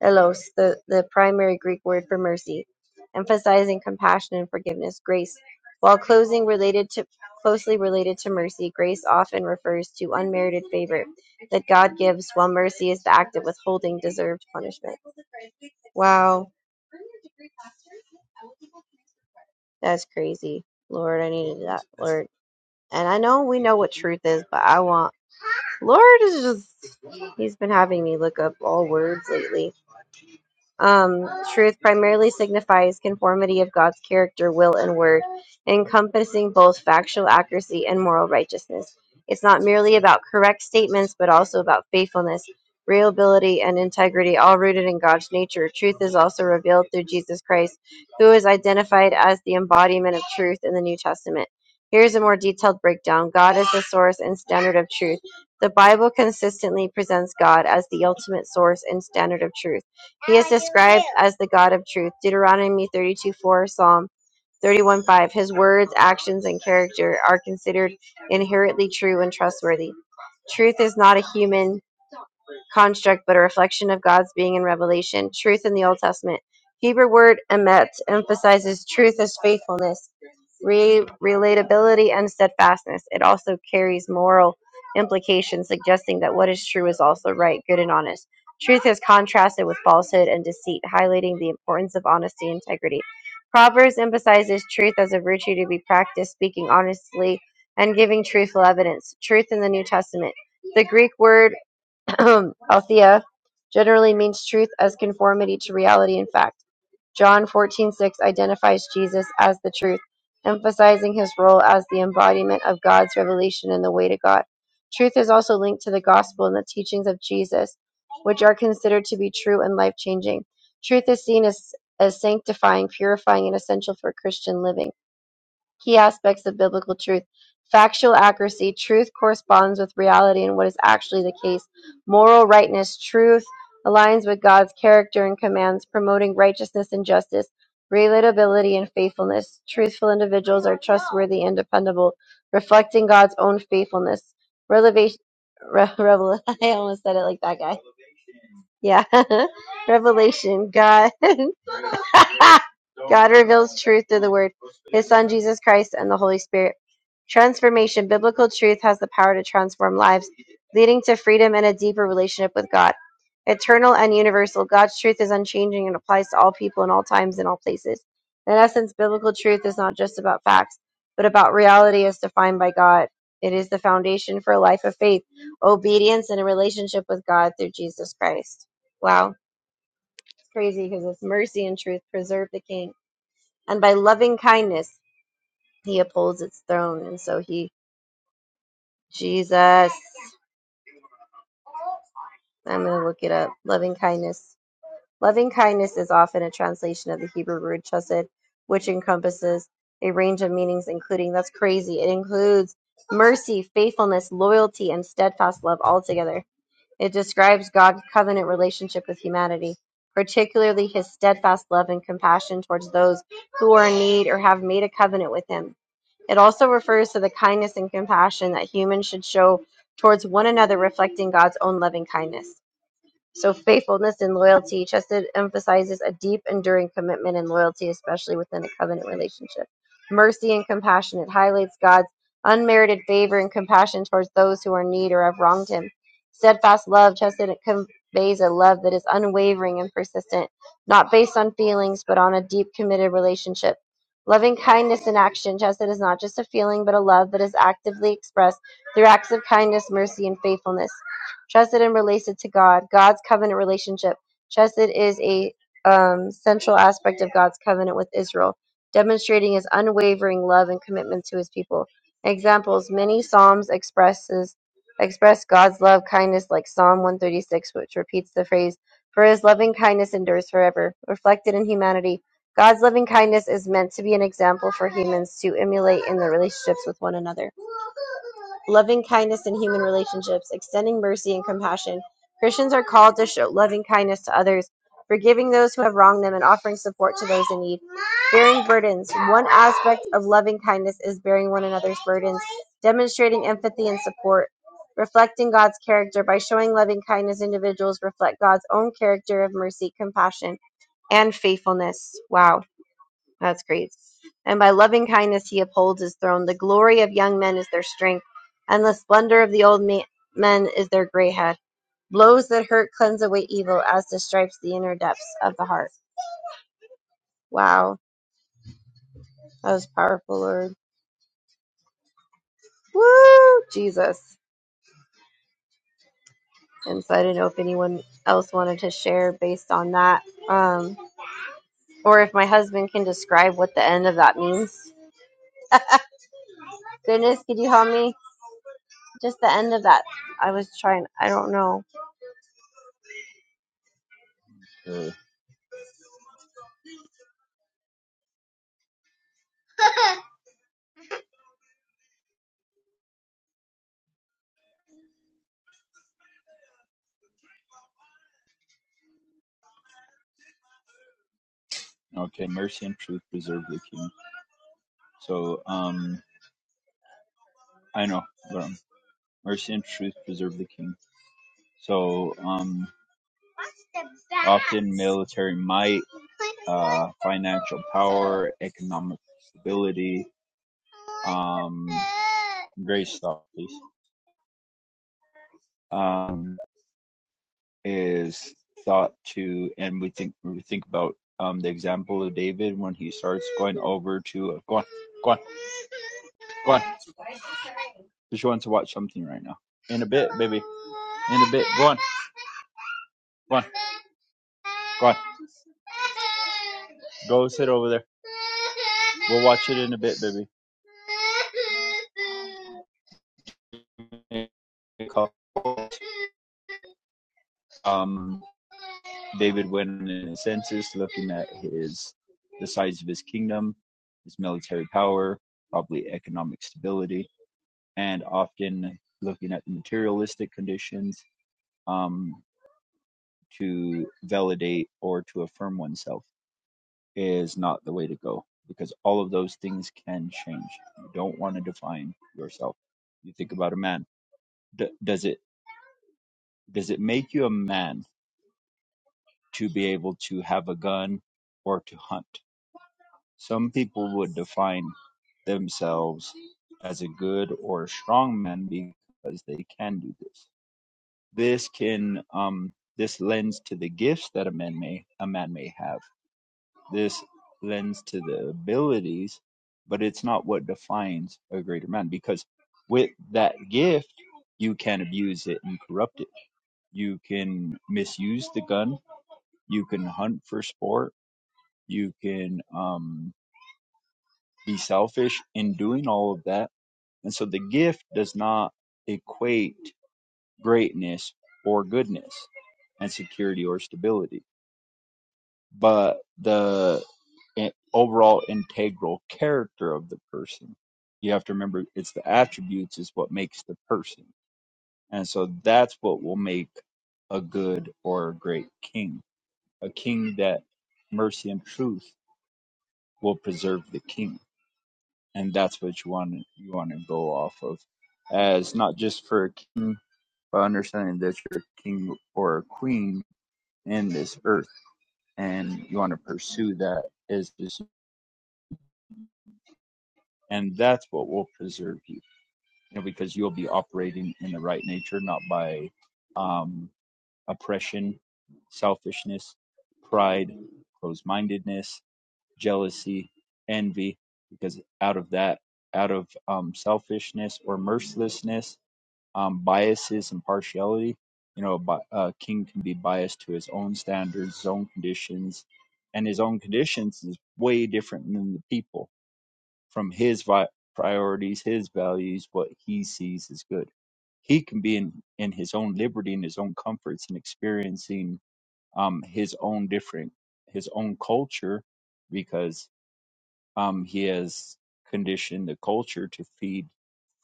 Speaker 3: "Elos," the, the primary Greek word for mercy, emphasizing compassion and forgiveness, grace. While closing related to closely related to mercy, grace often refers to unmerited favor that God gives, while mercy is the act of withholding deserved punishment. Wow, that's crazy. Lord, I need word. And I know we know what truth is, but I want Lord is just he's been having me look up all words lately. Um, truth primarily signifies conformity of God's character, will, and word, encompassing both factual accuracy and moral righteousness. It's not merely about correct statements, but also about faithfulness, reliability, and integrity, all rooted in God's nature. Truth is also revealed through Jesus Christ, who is identified as the embodiment of truth in the New Testament. Here's a more detailed breakdown God is the source and standard of truth. The Bible consistently presents God as the ultimate source and standard of truth. He is described as the God of truth. Deuteronomy 32 4, Psalm 31 5. His words, actions, and character are considered inherently true and trustworthy. Truth is not a human construct, but a reflection of God's being in revelation, truth in the Old Testament. Hebrew word emet emphasizes truth as faithfulness, re- relatability, and steadfastness. It also carries moral implications, suggesting that what is true is also right, good, and honest. Truth is contrasted with falsehood and deceit, highlighting the importance of honesty and integrity. Proverbs emphasizes truth as a virtue to be practiced, speaking honestly and giving truthful evidence. Truth in the New Testament. The Greek word um, Althea generally means truth as conformity to reality and fact. John 14:6 identifies Jesus as the truth, emphasizing his role as the embodiment of God's revelation and the way to God. Truth is also linked to the gospel and the teachings of Jesus, which are considered to be true and life-changing. Truth is seen as, as sanctifying, purifying, and essential for Christian living. Key aspects of biblical truth. Factual accuracy. Truth corresponds with reality and what is actually the case. Moral rightness. Truth aligns with God's character and commands, promoting righteousness and justice. Relatability and faithfulness. Truthful individuals are trustworthy and dependable, reflecting God's own faithfulness. Revelation. Re- revel- I almost said it like that guy. Yeah. Revelation. God. truth Son, Jesus Christ, and the Holy Spirit. Transformation. Biblical truth has the power to transform lives, leading to freedom and a deeper relationship with God. Eternal and universal. God's truth is unchanging and applies to all people in all times and all places. In essence, biblical truth is not just about facts, but about reality as defined by God. It is the foundation for a life of faith, obedience, and a relationship with God through Jesus Christ. Wow. It's crazy because it's mercy and truth preserve the king. And by loving kindness, he upholds its throne. And so he, Jesus, I'm going to look it up. Loving kindness. Loving kindness is often a translation of the Hebrew word chesed, which encompasses a range of meanings, including, that's crazy, it includes mercy, faithfulness, loyalty, and steadfast love altogether. It describes God's covenant relationship with humanity, particularly his steadfast love and compassion towards those who are in need or have made a covenant with him. It also refers to the kindness and compassion that humans should show towards one another, reflecting God's own loving kindness. So faithfulness and loyalty. Chesed emphasizes a deep, enduring commitment and loyalty, especially within a covenant relationship. Mercy and compassion. It highlights God's unmerited favor and compassion towards those who are in need or have wronged him. Steadfast love. Chesed conveys a love that is unwavering and persistent, not based on feelings, but on a deep, committed relationship. Loving kindness in action. Chesed is not just a feeling, but a love that is actively expressed through acts of kindness, mercy, and faithfulness. Chesed and related to God, God's covenant relationship. Chesed is a um, central aspect of God's covenant with Israel, demonstrating his unwavering love and commitment to his people. Examples: Many psalms expresses express God's love kindness, like Psalm 136, which repeats the phrase "For His loving kindness endures forever," reflected in humanity God's loving kindness is meant to be an example for humans to emulate in their relationships with one another. Loving kindness in human relationships, extending mercy and compassion. Christians are called to show loving kindness to others, forgiving those who have wronged them and offering support to those in need. Bearing burdens. One aspect of loving kindness is bearing one another's burdens, demonstrating empathy and support. Reflecting God's character by showing loving kindness, individuals reflect God's own character of mercy, compassion, and faithfulness. Wow that's great. And by loving kindness he upholds his throne. The glory of young men is their strength, and the splendor of the old ma- men is their gray head. Blows that hurt cleanse away evil, as the stripes the inner depths of the heart. Wow, that was powerful, Lord. Woo, Jesus. And so I didn't know if anyone else wanted to share based on that. Um, Or if my husband can describe what the end of that means. Goodness, could you help me? Just the end of that. I was trying, I don't know.
Speaker 2: So, okay, mercy and truth preserve the king. So, um, I know, but um, mercy and truth preserve the king. So, um, often military might, uh, financial power, economic stability, um, great stuff. please. Um, is thought to, and we think when we think about um, the example of David when he starts going over to uh, go on, go on, go on. She wants to watch something right now. In a bit, baby. In a bit. Go on, go on, go on. Go sit over there. We'll watch it in a bit, baby. Um, David went in a census looking at his the size of his kingdom, his military power, probably economic stability, and often looking at the materialistic conditions um, to validate or to affirm oneself is not the way to go because all of those things can change. You don't want to define yourself. You think about a man. D- does it does it make you a man to be able to have a gun or to hunt? Some people would define themselves as a good or a strong man because they can do this. This can um this lends to the gifts that a man may a man may have. This lends to the abilities, but it's not what defines a greater man because with that gift you can abuse it and corrupt it. You can misuse the gun. You can hunt for sport. You can um, be selfish in doing all of that And so the gift does not equate greatness or goodness and security or stability, but the i- overall integral character of the person. You have to remember it's the attributes is what makes the person. And so that's what will make a good or a great king. A king that mercy and truth will preserve the king. And that's what you want you want to go off of as not just for a king by understanding that you're a king or a queen in this earth and you want to pursue that as this and that's what will preserve you you know because you'll be operating in the right nature not by um oppression selfishness pride closed-mindedness jealousy envy because out of that out of um, selfishness or mercilessness um, biases and partiality. You know, bi- a king can be biased to his own standards, his own conditions, and his own conditions is way different than the people from his vi- priorities, his values, what he sees as good. He can be in, in his own liberty and his own comforts and experiencing um, his own different, his own culture, because um, he has conditioned the culture to feed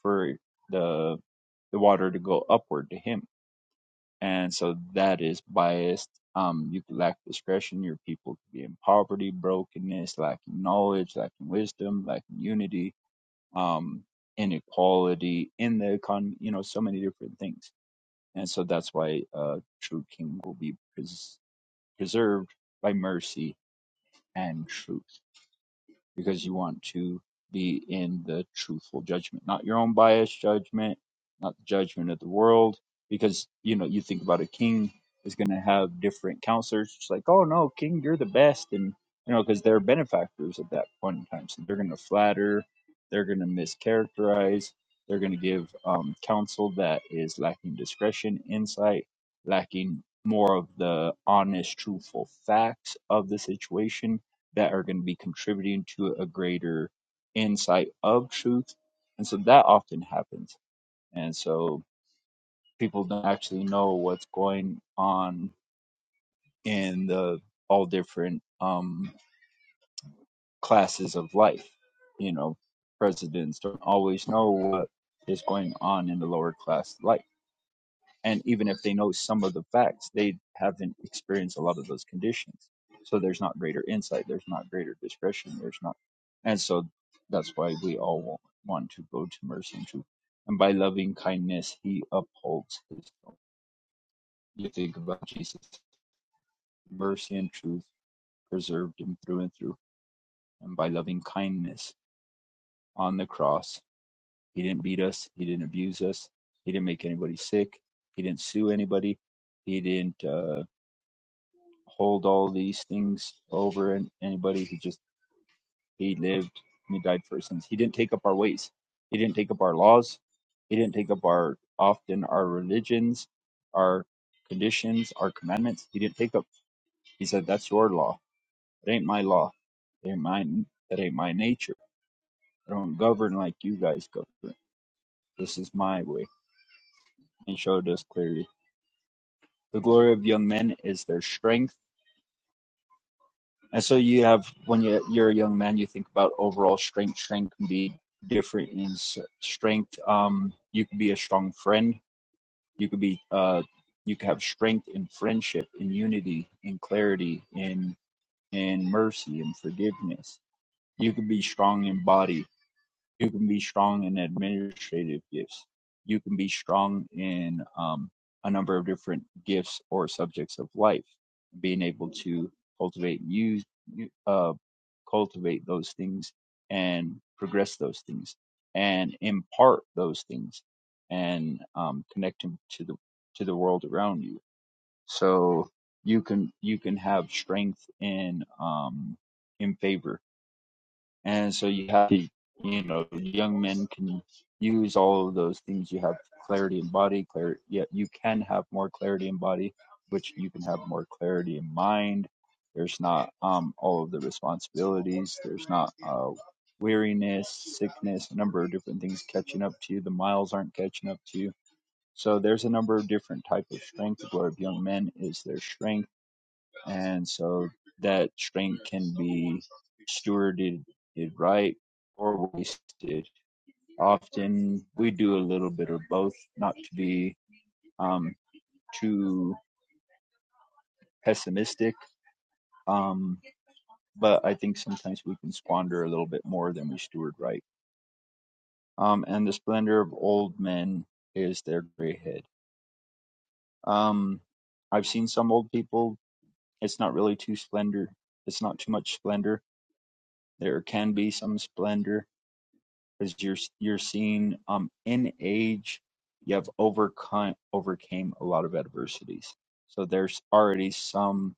Speaker 2: for the the water to go upward to him, and so that is biased. Um, you could lack discretion. Your people could be in poverty, brokenness, lacking knowledge, lacking wisdom, lacking unity, um, inequality in the economy. You know, so many different things, and so that's why a uh, true king will be pres- preserved by mercy and truth. because you want to be in the truthful judgment, not your own biased judgment, not the judgment of the world, because you know you think about a king is going to have different counselors. It's like, oh no, king, you're the best, and you know because they're benefactors at that point in time, so they're going to flatter, they're going to mischaracterize, they're going to give um, counsel that is lacking discretion, insight, lacking more of the honest, truthful facts of the situation that are going to be contributing to a greater insight of truth. And so that often happens. And so people don't actually know what's going on in the all different um, classes of life. You know, presidents don't always know what is going on in the lower class life and even if they know some of the facts they haven't experienced a lot of those conditions so there's not greater insight there's not greater discretion there's not and so that's why we all want, want to go to mercy and truth and by loving kindness he upholds his own. you think about jesus mercy and truth preserved him through and through and by loving kindness on the cross he didn't beat us he didn't abuse us he didn't make anybody sick he didn't sue anybody he didn't uh hold all these things over and anybody who just he lived and he died for sins. He didn't take up our ways. He didn't take up our laws. He didn't take up our often our religions, our conditions, our commandments. He didn't take up. He said, "That's your law. It ain't my law. It ain't mine. That ain't my nature. I don't govern like you guys govern. This is my way." And showed us clearly the glory of young men is their strength And so you have when you you're a young man, you think about overall strength. Strength can be different in strength. Um, you can be a strong friend. You could be uh, you could have strength in friendship, in unity, in clarity, in in mercy, in forgiveness. You could be strong in body you can be strong in administrative gifts. You can be strong in um, a number of different gifts or subjects of life. Being able to cultivate use you- uh, cultivate those things and progress those things and impart those things and um, connect them to the to the world around you. So you can you can have strength in um, in favor and so you have to, you know, young men can use all of those things. You have clarity in body, clarity. Yeah, you can have more clarity in body, which you can have more clarity in mind. There's not um, all of the responsibilities. There's not uh, weariness, sickness, a number of different things catching up to you. The miles aren't catching up to you. So there's a number of different type of strength. The glory of young men is their strength and so that strength can be stewarded right or wasted. Often we do a little bit of both, not to be um, too pessimistic, um, but I think sometimes we can squander a little bit more than we steward right. Um, and the splendor of old men is their gray head. Um, I've seen some old people, it's not really too splendor, it's not too much splendor. There can be some splendor, because you're you're seeing um in age you have overcome overcame a lot of adversities so there's already some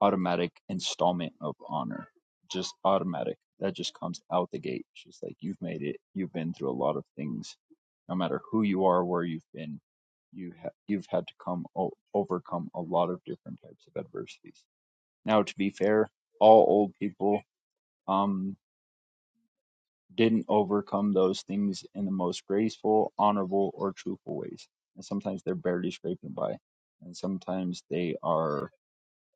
Speaker 2: automatic installment of honor just automatic that just comes out the gate it's just like you've made it you've been through a lot of things no matter who you are where you've been you ha- you've had to come o- overcome a lot of different types of adversities now to be fair all old people um didn't overcome those things in the most graceful, honorable, or truthful ways. And sometimes they're barely scraping by. And sometimes they are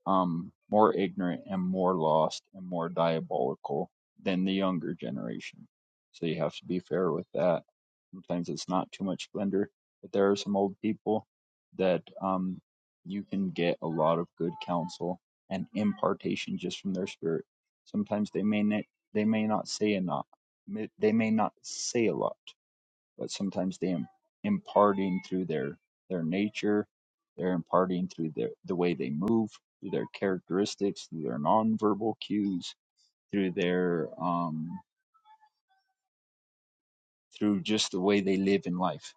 Speaker 2: um, more ignorant and more lost and more diabolical than the younger generation. So you have to be fair with that. Sometimes it's not too much splendor, but there are some old people that um, you can get a lot of good counsel and impartation just from their spirit. Sometimes they may not, they may not say a lot. They may not say a lot, but sometimes they are imparting through their their nature they're imparting through their the way they move through their characteristics through their nonverbal cues through their um through just the way they live in life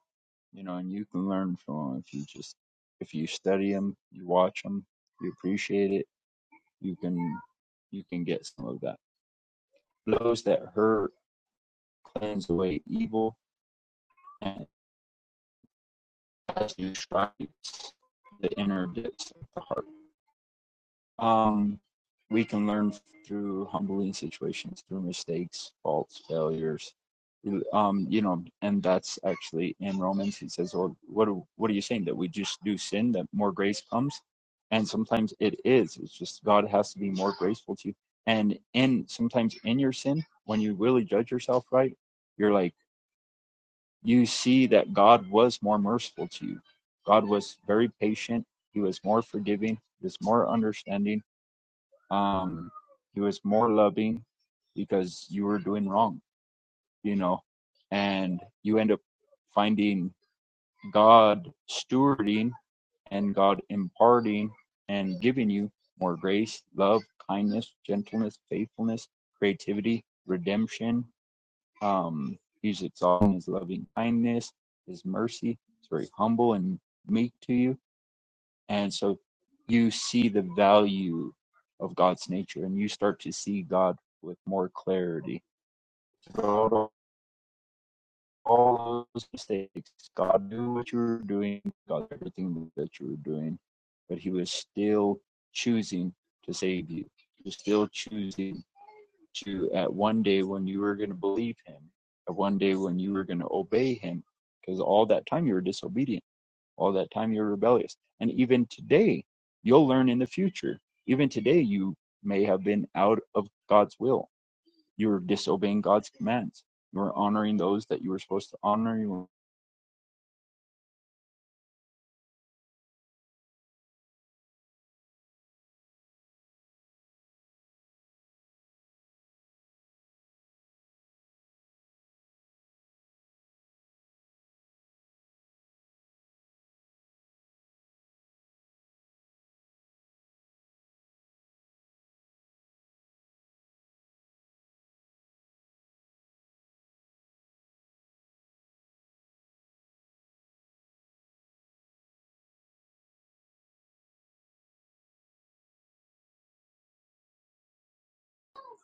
Speaker 2: you know and you can learn from 'em if you just if you study them you watch them you appreciate it you can you can get some of that blows that hurt cleanse away evil and as you strike the inner depths of the heart Um, we can learn through humbling situations, through mistakes, faults, failures. Um, you know, and that's actually in Romans. He says, "Well, what what are you saying that we just do sin that more grace comes?" And sometimes it is. It's just God has to be more graceful to you. And in sometimes in your sin, when you really judge yourself right, you're like you see that God was more merciful to you. God was very patient. He was more forgiving. He was more understanding um he was more loving because you were doing wrong you know and you end up finding god stewarding and god imparting and giving you more grace love kindness gentleness faithfulness creativity redemption um he's exalting his loving kindness his mercy It's very humble and meek to you and so you see the value of God's nature and you start to see God with more clarity. God, all those mistakes, God knew what you were doing, God, knew everything that you were doing, but He was still choosing to save you. He was still choosing to, at one day when you were going to believe Him, at one day when you were going to obey Him, because all that time you were disobedient all that time you're rebellious and even today you'll learn in the future even today you may have been out of god's will you were disobeying god's commands you were honoring those that you were supposed to honor You were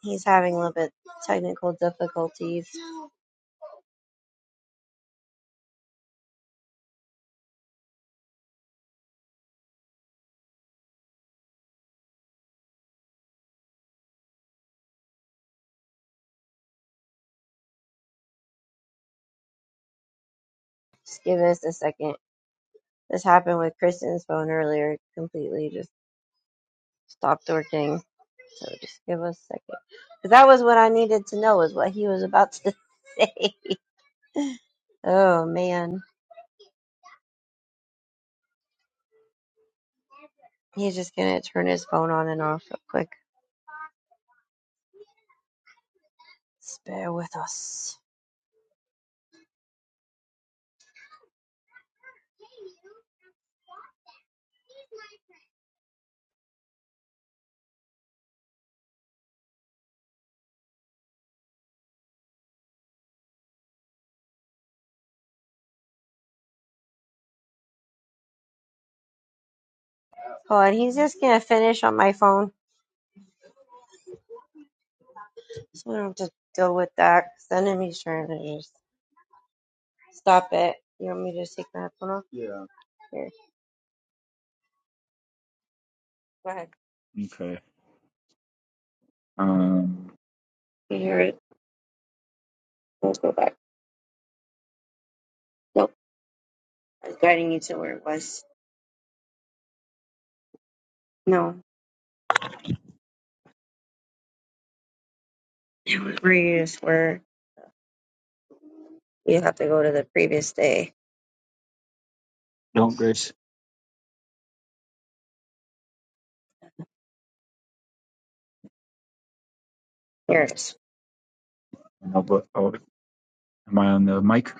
Speaker 3: He's having a little bit technical difficulties. Just give us a second. This happened with Kristen's phone earlier. Completely just stopped working. So just give us a second. 'Cause that was what I needed to know, is what he was about to say. Oh man. He's just gonna turn his phone on and off real quick. Just bear with us. Oh, and he's just gonna finish on my phone. So I don't have to deal with that. Then he's trying to just stop it. You want me to just take my phone off? Here. Go ahead. You hear it? Let's go back. Nope. I was guiding you to where it was. No. Where you just were. You have to go to the previous day. Here it is.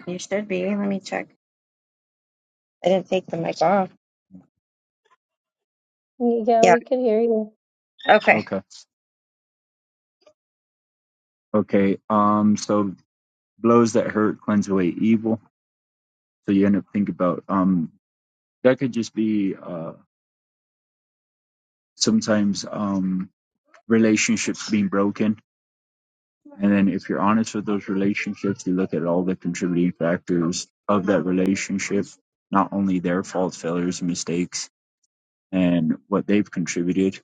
Speaker 3: You should be. Let me check. I didn't take the mic off.
Speaker 4: Yeah,
Speaker 3: Yeah.
Speaker 4: we can hear you.
Speaker 3: Okay. Okay. Okay. Um. So blows that hurt cleanse away evil. So you end up thinking about um. That could just be uh. Sometimes um. Relationships being broken, and then if you're honest with those relationships, you look at all the contributing factors of that relationship, not only their faults, failures, and mistakes, and what they've contributed,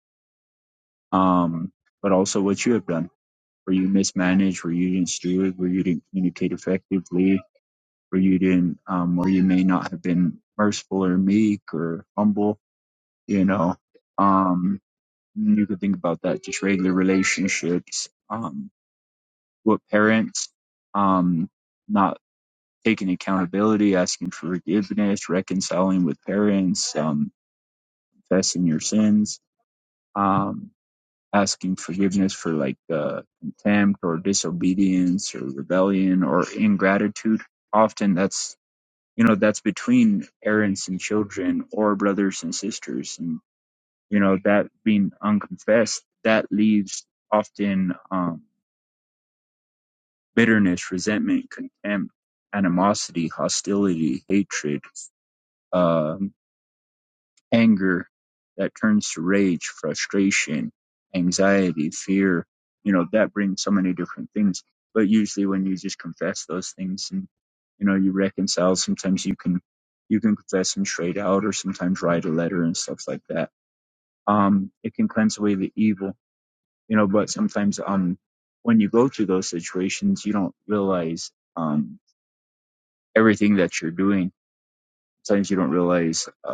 Speaker 3: um, but also what you have done. Where you mismanaged, where you didn't steward, where you didn't communicate effectively, or you didn't, um, or you may not have been merciful or meek or humble, you know. Um, you could think about that, just regular relationships, um, with parents, um, not taking accountability, asking for forgiveness, reconciling with parents, um, confessing your sins, um, asking forgiveness for like, uh, contempt or disobedience or rebellion or ingratitude. Often that's you know that's between parents and children or brothers and sisters and you know that being unconfessed that leaves often um, bitterness resentment contempt animosity hostility hatred um, anger that turns to rage, frustration, anxiety, fear. You know, that brings so many different things. But usually when you just confess those things and, you know, you reconcile, sometimes you can, you can confess them straight out or sometimes write a letter and stuff like that. Um, it can cleanse away the evil, you know, but sometimes, um, when you go through those situations, you don't realize, um, everything that you're doing. Sometimes you don't realize uh,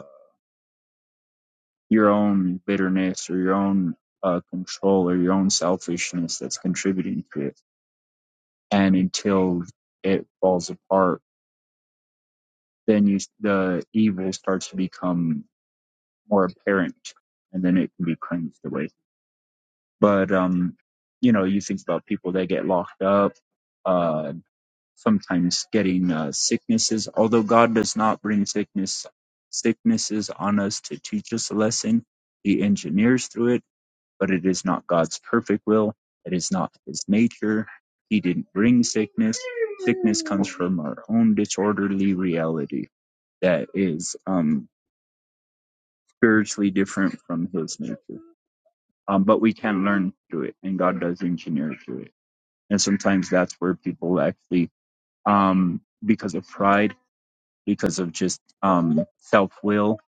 Speaker 3: your own bitterness or your own uh, control or your own selfishness that's contributing to it. And until it falls apart, then you, the evil starts to become more apparent and then it can be cleansed away. But, um, you know, you think about people that get locked up, uh, sometimes getting uh, sicknesses, although God does not bring sickness, sicknesses on us to teach us a lesson. He engineers through it But it is not God's perfect will. It is not his nature. He didn't bring sickness. Sickness comes from our own disorderly reality that is um, spiritually different from his nature. Um, but we can learn through it, and God does engineer through it. And sometimes that's where people actually, um, because of pride, because of just um, self will,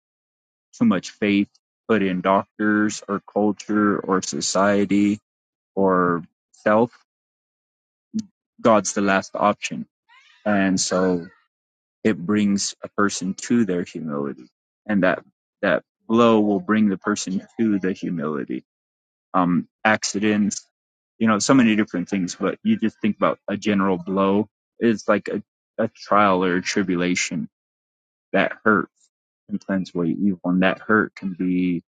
Speaker 3: too much faith put in doctors or culture or society or self God's the last option. And so it brings a person to their humility. And that, that blow will bring the person to the humility. Um, accidents, you know, so many different things, but you just think about a general blow is like a, a trial or a tribulation that hurt can cleanse away evil, and that hurt can be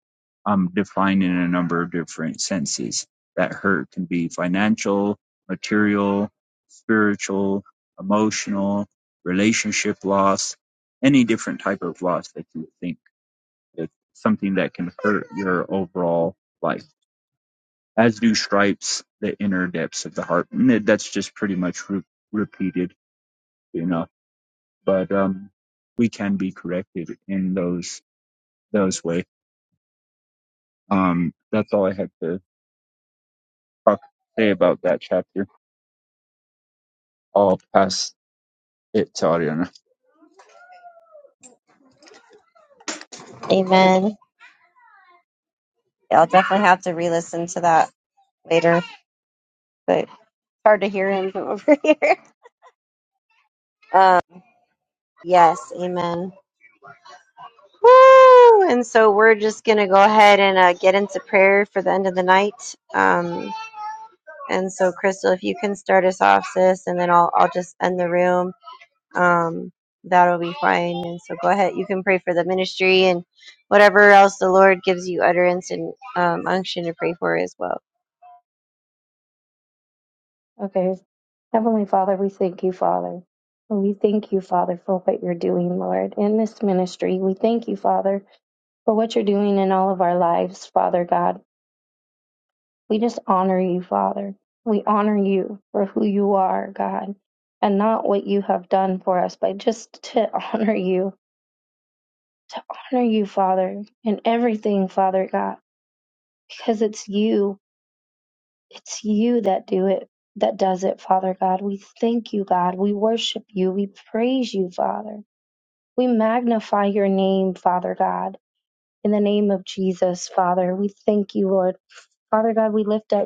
Speaker 3: um, defined in a number of different senses. That hurt can be financial, material, spiritual, emotional, relationship loss, any different type of loss that you think is something that can hurt your overall life. As do stripes, the inner depths of the heart. And that's just pretty much re- repeated enough. But um, we can be corrected in those those way. Um, that's all I had to talk, say about that chapter. I'll pass it to Ariana. Amen. Yeah, I'll definitely have to re-listen to that later, but it's hard to hear him from over here. Um, yes, amen. Woo! And so we're just gonna go ahead and uh, get into prayer for the end of the night. Um, and so, Crystal, if you can start us off, sis, and then I'll I'll just end the room. um, that'll be fine. And so go ahead. You can pray for the ministry and whatever else the Lord gives you utterance and um, unction to pray for as well.
Speaker 4: Okay. Heavenly Father, we thank you, Father. We thank you, Father, for what you're doing, Lord, in this ministry. We thank you, Father for what you're doing in all of our lives, Father God. We just honor you, Father. We honor you for who you are, God, and not what you have done for us, but just to honor you, to honor you, Father, in everything, Father God, because it's you, it's you that do it, that does it, Father God. We thank you, God. We worship you. We praise you, Father. We magnify your name, Father God. In the name of Jesus, Father, we thank you, Lord. Father God, we lift up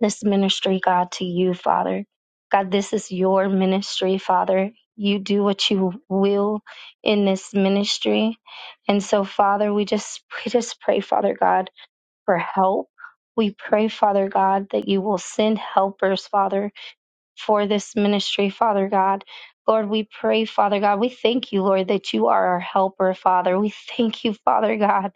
Speaker 4: this ministry, God, to you, Father. God, this is your ministry, Father. You do what you will in this ministry. And so, Father, we just we just pray, Father God, for help. We pray, Father God, that you will send helpers, Father, for this ministry, Father God. Lord, we pray, Father God. We thank you, Lord, that you are our helper, Father. We thank you, Father God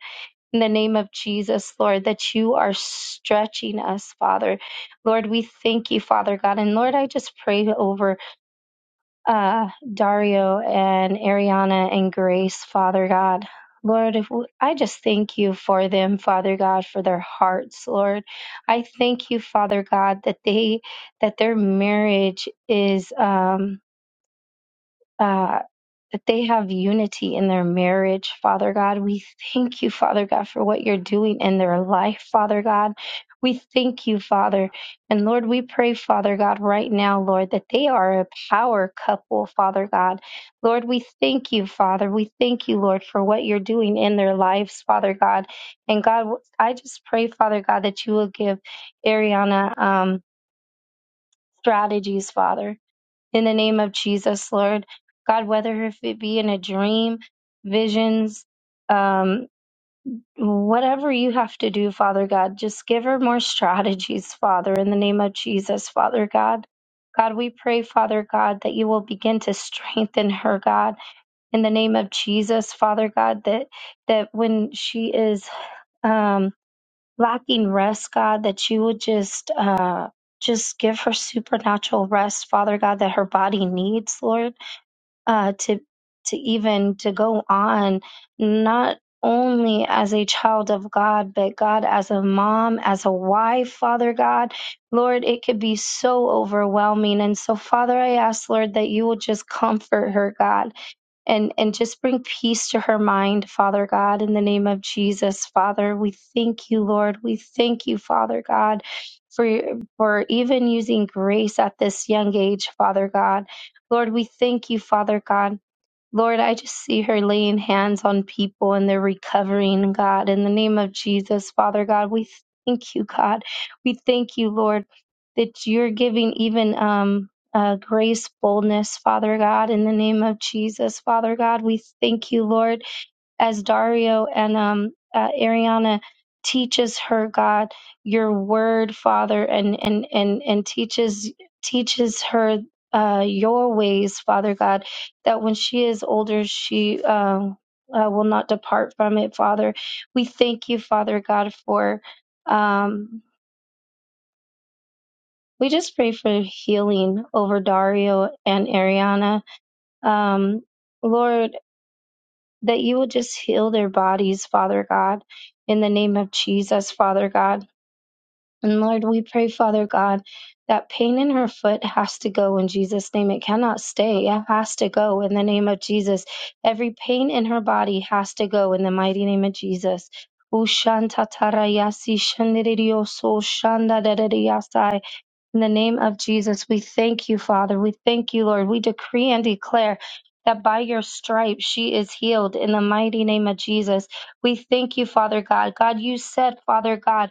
Speaker 4: in the name of Jesus, Lord, that you are stretching us, Father. Lord, we thank you, Father God. And Lord, I just pray over uh, Dario and Ariana and Grace, Father God. Lord, if we, I just thank you for them, Father God, for their hearts, Lord. I thank you, Father God, that they that their marriage is um, uh, that they have unity in their marriage, Father God. We thank you, Father God, for what you're doing in their life, Father God. We thank you, Father. And Lord, we pray, Father God, right now, Lord, that they are a power couple, Father God. Lord, we thank you, Father. We thank you, Lord, for what you're doing in their lives, Father God. And God, I just pray, Father God, that you will give Ariana um, strategies, Father in the name of Jesus, Lord. God, whether if it be in a dream, visions, um, whatever you have to do, Father God, just give her more strategies, Father, in the name of Jesus, Father God. God, we pray, Father God, that you will begin to strengthen her, God, in the name of Jesus, Father God, that that when she is um, lacking rest, God, that you would just uh, just give her supernatural rest, Father God, that her body needs, Lord uh, to to even to go on not only as a child of God, but God as a mom, as a wife, Father God, Lord, it could be so overwhelming. And so, Father, I ask, Lord, that you will just comfort her, God and and just bring peace to her mind father god in the name of jesus father we thank you lord we thank you father god for for even using grace at this young age father god lord we thank you father god Lord, I just see her laying hands on people and they're recovering, God. In the name of Jesus, Father God, we thank you, God. We thank you, Lord, that you're giving even um uh, grace, boldness, Father God, in the name of Jesus, Father God, we thank you, Lord as Dario and um, uh, Ariana teaches her, God, your word, Father, and and and and teaches teaches her uh, your ways, Father God, that when she is older, she um, uh, will not depart from it, Father. We thank you, Father God, for. Um, we just pray for healing over Dario and Ariana. Um, Lord, that you will just heal their bodies, Father God, in the name of Jesus, Father God. And Lord, we pray, Father God, that pain in her foot has to go in Jesus' name. It cannot stay. It has to go in the name of Jesus. Every pain in her body has to go in the mighty name of Jesus. Ushantatarayasi shandirioso shandadadadiyasai. In the name of Jesus, we thank you, Father. We thank you, Lord. We decree and declare that by your stripes she is healed in the mighty name of Jesus. We thank you, Father God. God, you said, Father God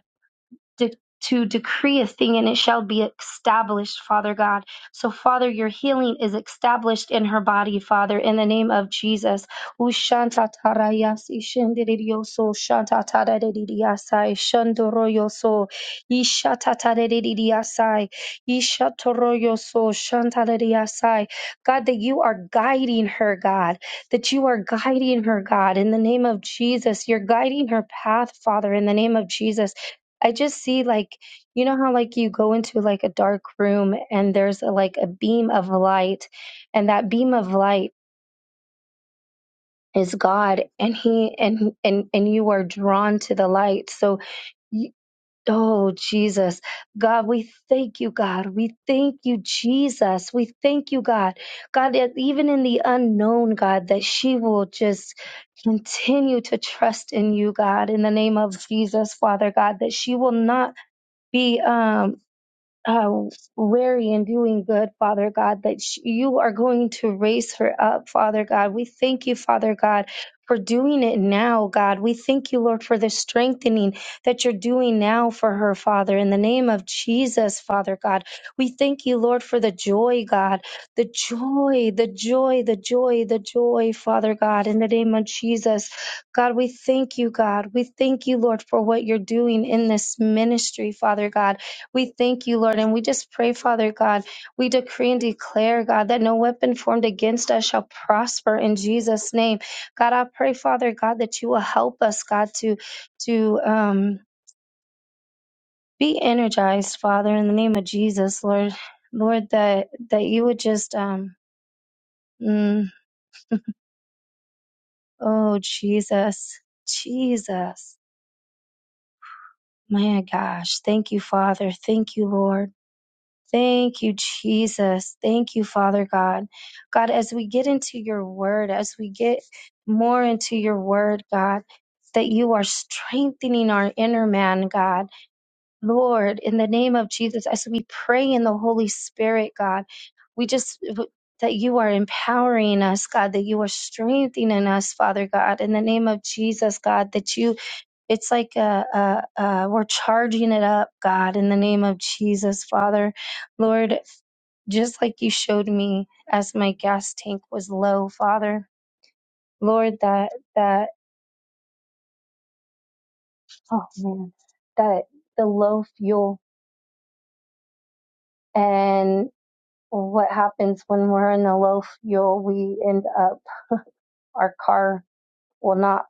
Speaker 4: de- to decree a thing and it shall be established, Father God. So, Father, your healing is established in her body, Father, in the name of Jesus. Ushantatarayasi shendiridioso, shantataradididiasai, shandoroyoso, ishatatadidididiasai, ishatoroyoso, shantaradidiasai. God, that you are guiding her, God, that you are guiding her, God, in the name of Jesus. You're guiding her path, Father, in the name of Jesus. I just see like you know how like you go into like a dark room and there's a, like a beam of light and that beam of light is God and he and and and you are drawn to the light so you, oh Jesus God we thank you God we thank you Jesus we thank you God God that even in the unknown God that she will just continue to trust in you God in the name of Jesus Father God that she will not be um uh, wary in doing good, Father God, that sh- you are going to raise her up, Father God. We thank you, Father God, for doing it now, God. We thank you, Lord, for the strengthening that you're doing now for her, Father, in the name of Jesus, Father God. We thank you, Lord, for the joy, God, the joy, the joy, the joy, the joy, Father God, in the name of Jesus. God, we thank you, God. We thank you, Lord, for what you're doing in this ministry, Father God we thank you, Lord, and we just pray, Father God. We decree and declare, God, that no weapon formed against us shall prosper in Jesus' name. God, I pray, Father God, that you will help us, God, to to um, be energized, Father, in the name of Jesus, Lord, Lord, that that you would just, um, mm, oh Jesus, Jesus, my gosh, thank you, Father, thank you, Lord. Thank you, Jesus. Thank you, Father God. God, as we get into your word, as we get more into your word, God, that you are strengthening our inner man, God. Lord, in the name of Jesus, as we pray in the Holy Spirit, God, we just. That you are empowering us, God, that you are strengthening us, Father God, in the name of Jesus, God, that you, it's like uh uh uh we're charging it up, God, in the name of Jesus, Father. Lord, just like you showed me as my gas tank was low, Father. Lord, that, that, oh man, that the low fuel and what happens when we're in the low fuel, we end up, our car will not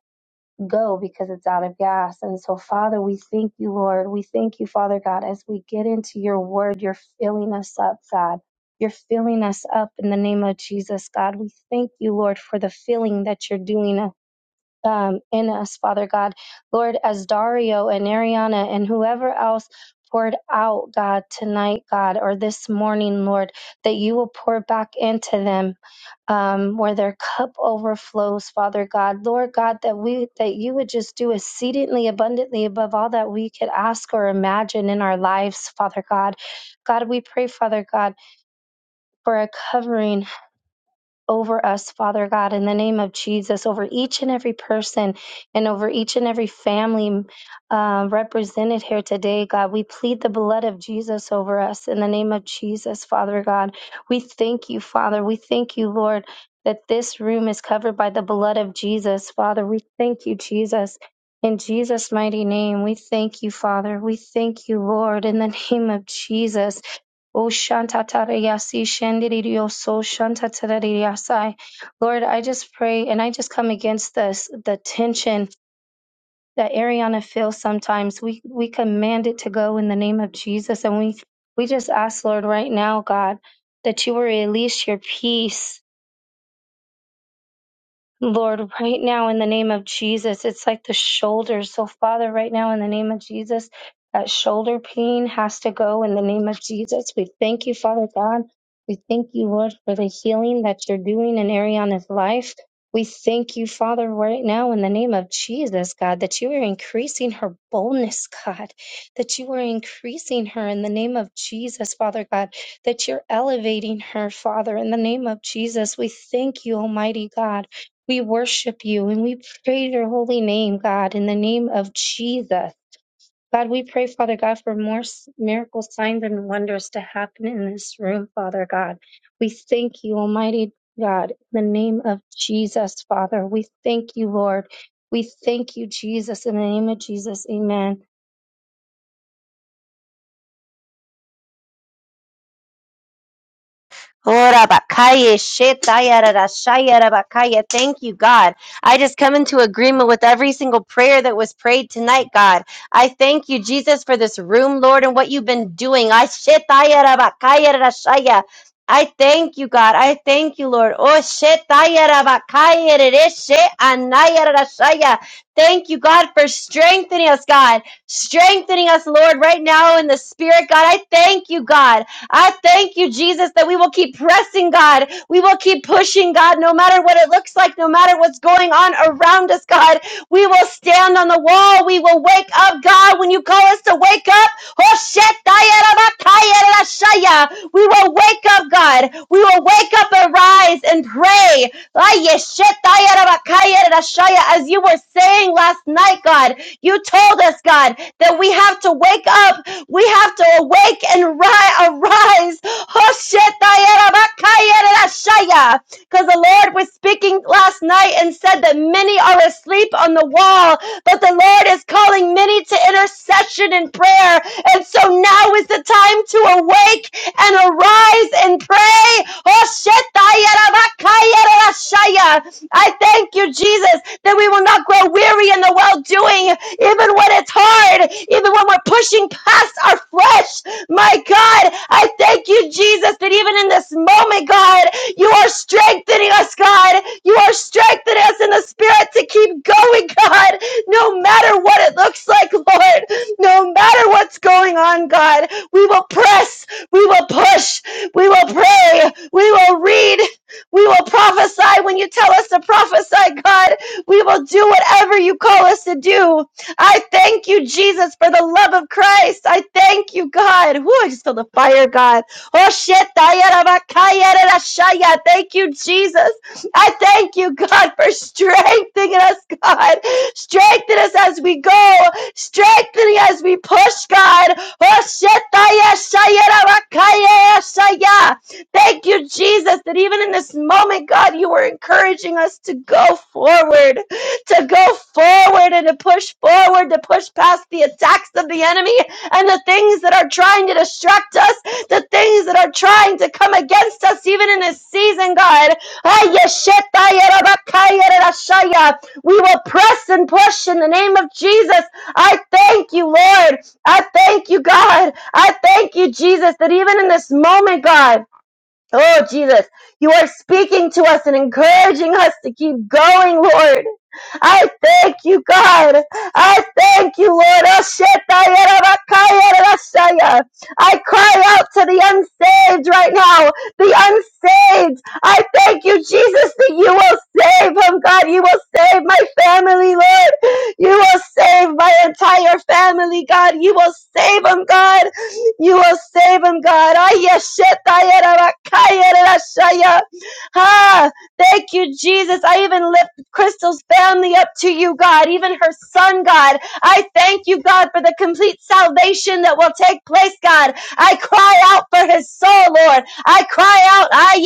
Speaker 4: go because it's out of gas. And so, Father, we thank you, Lord. We thank you, Father God, as we get into your word, you're filling us up, God. You're filling us up in the name of Jesus, God. We thank you, Lord, for the filling that you're doing us. um, in us, Father God. Lord, as Dario and Ariana and whoever else poured out, God, tonight, God, or this morning, Lord, that you will pour back into them um, where their cup overflows, Father God. Lord God, that we that you would just do exceedingly abundantly above all that we could ask or imagine in our lives, Father God. God, we pray, Father God, for a covering over us, Father God, in the name of Jesus, over each and every person and over each and every family uh, represented here today, God. We plead the blood of Jesus over us in the name of Jesus, Father God. We thank you, Father. We thank you, Lord, that this room is covered by the blood of Jesus, Father. We thank you, Jesus. In Jesus' mighty name, we thank you, Father. We thank you, Lord, in the name of Jesus. Oh, shantatarayasi, shandirioso, shantatarayasai. Lord, I just pray and I just come against this, the tension that Ariana feels sometimes. We we command it to go in the name of Jesus. And we we just ask, Lord, right now, God, that you will release your peace Lord, right now in the name of Jesus, it's like the shoulders. So, Father, right now in the name of Jesus, that shoulder pain has to go in the name of Jesus. We thank you, Father God. We thank you, Lord, for the healing that you're doing in Ariana's life. We thank you, Father, right now in the name of Jesus, God, that you are increasing her boldness, God, that you are increasing her in the name of Jesus, Father God, that you're elevating her, Father, in the name of Jesus. We thank you, Almighty God. We worship you and we praise your holy name, God, in the name of Jesus. God, we pray, Father God, for more s- miracles, signs, and wonders to happen in this room, Father God. We thank you, Almighty God, in the name of Jesus, Father. We thank you, Lord. We thank you, Jesus, in the name of Jesus. Amen.
Speaker 3: Ora bakaya shetaya rara shaya Thank you, God. I just come into agreement with every single prayer that was prayed tonight, God. I thank you, Jesus, for this room, Lord, and what you've been doing. I shetaya rara bakaya I thank you, God. I thank you, Lord. Oh, shetaya rara bakaya anaya rara Thank you, God, for strengthening us, God. Strengthening us, Lord, right now in the spirit, God. I thank you, God. I thank you, Jesus, that we will keep pressing, God. We will keep pushing, God, no matter what it looks like, no matter what's going on around us, God. We will stand on the wall. We will wake up, God, when you call us to wake up. We will wake up, God. We will wake up and rise and pray. As you were saying last night, God, you told us, God, that we have to wake up we have to awake and rise, arise. Because the Lord was speaking last night and said that many are asleep on the wall, but the Lord is calling many to intercession and prayer. And so now is the time to awake and arise and pray. I thank you, Jesus, that we will not grow weary in the well doing even when it's hard, even when we're pushing past our flesh. My God, I thank you, Jesus, that even in this moment, God, you are strengthening us, God. You are strengthening us in the spirit to keep going, God, no matter what it looks like, Lord, no matter what's going on, God. We will press, we will push, we will pray, we will read, we will prophesy when you tell us to prophesy, God. We will do whatever you call us to do. I thank you, Jesus, for the love of Christ. I thank you, God. Woo, I just feel the fire, God. Oh, shit. Thank you, Jesus. I thank you, God, for strengthening us, God. Strengthen us as we go. Strengthening as we push, God. Oh, shit. Thank you, Jesus, that even in this moment, God, you were encouraging us to go forward to go forward and to push forward, to push past the attacks of the enemy and the things that are trying to distract us, the things that are trying to come against us, even in this season, God. We will press and push in the name of Jesus. I thank you, Lord. I thank you, God. I thank you, Jesus, that even in this moment, God. Oh, Jesus, you are speaking to us and encouraging us to keep going, Lord. I thank you, God. I thank you, Lord. I cry out to the unsaved right now. The unsaved. I thank you, Jesus, that you will save him, God. You will save my family, Lord. You will save my entire family, God. You will save them, God. You will save him, God. Ay, Ah, thank you, Jesus. I even lift Crystal's family up to you, God, even her son, God. I thank you, God, for the complete salvation that will take place, God. I cry out for his soul, Lord. I cry out, ay,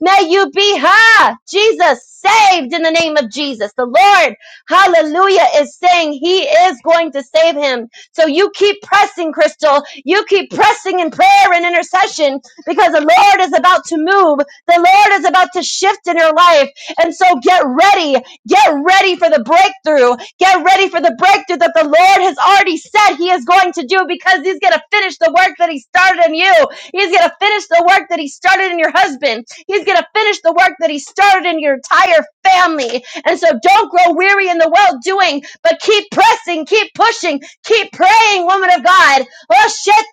Speaker 3: May you be, ha, Jesus, saved in the name of Jesus. The Lord, hallelujah, is saying he is going to save him. So you keep pressing, Crystal. You keep pressing in prayer and intercession because the Lord is about to move. The Lord is about to shift in your life. And so get ready. Get ready for the breakthrough. Get ready for the breakthrough that the Lord has already said He is going to do because He's going to finish the work that He started in you. He's going to finish the work that He started in your husband. He's going to finish the work that He started in your entire family. And so don't grow weary in the well doing, but keep pressing, keep pushing, Keep praying, woman of God. Oh, shit,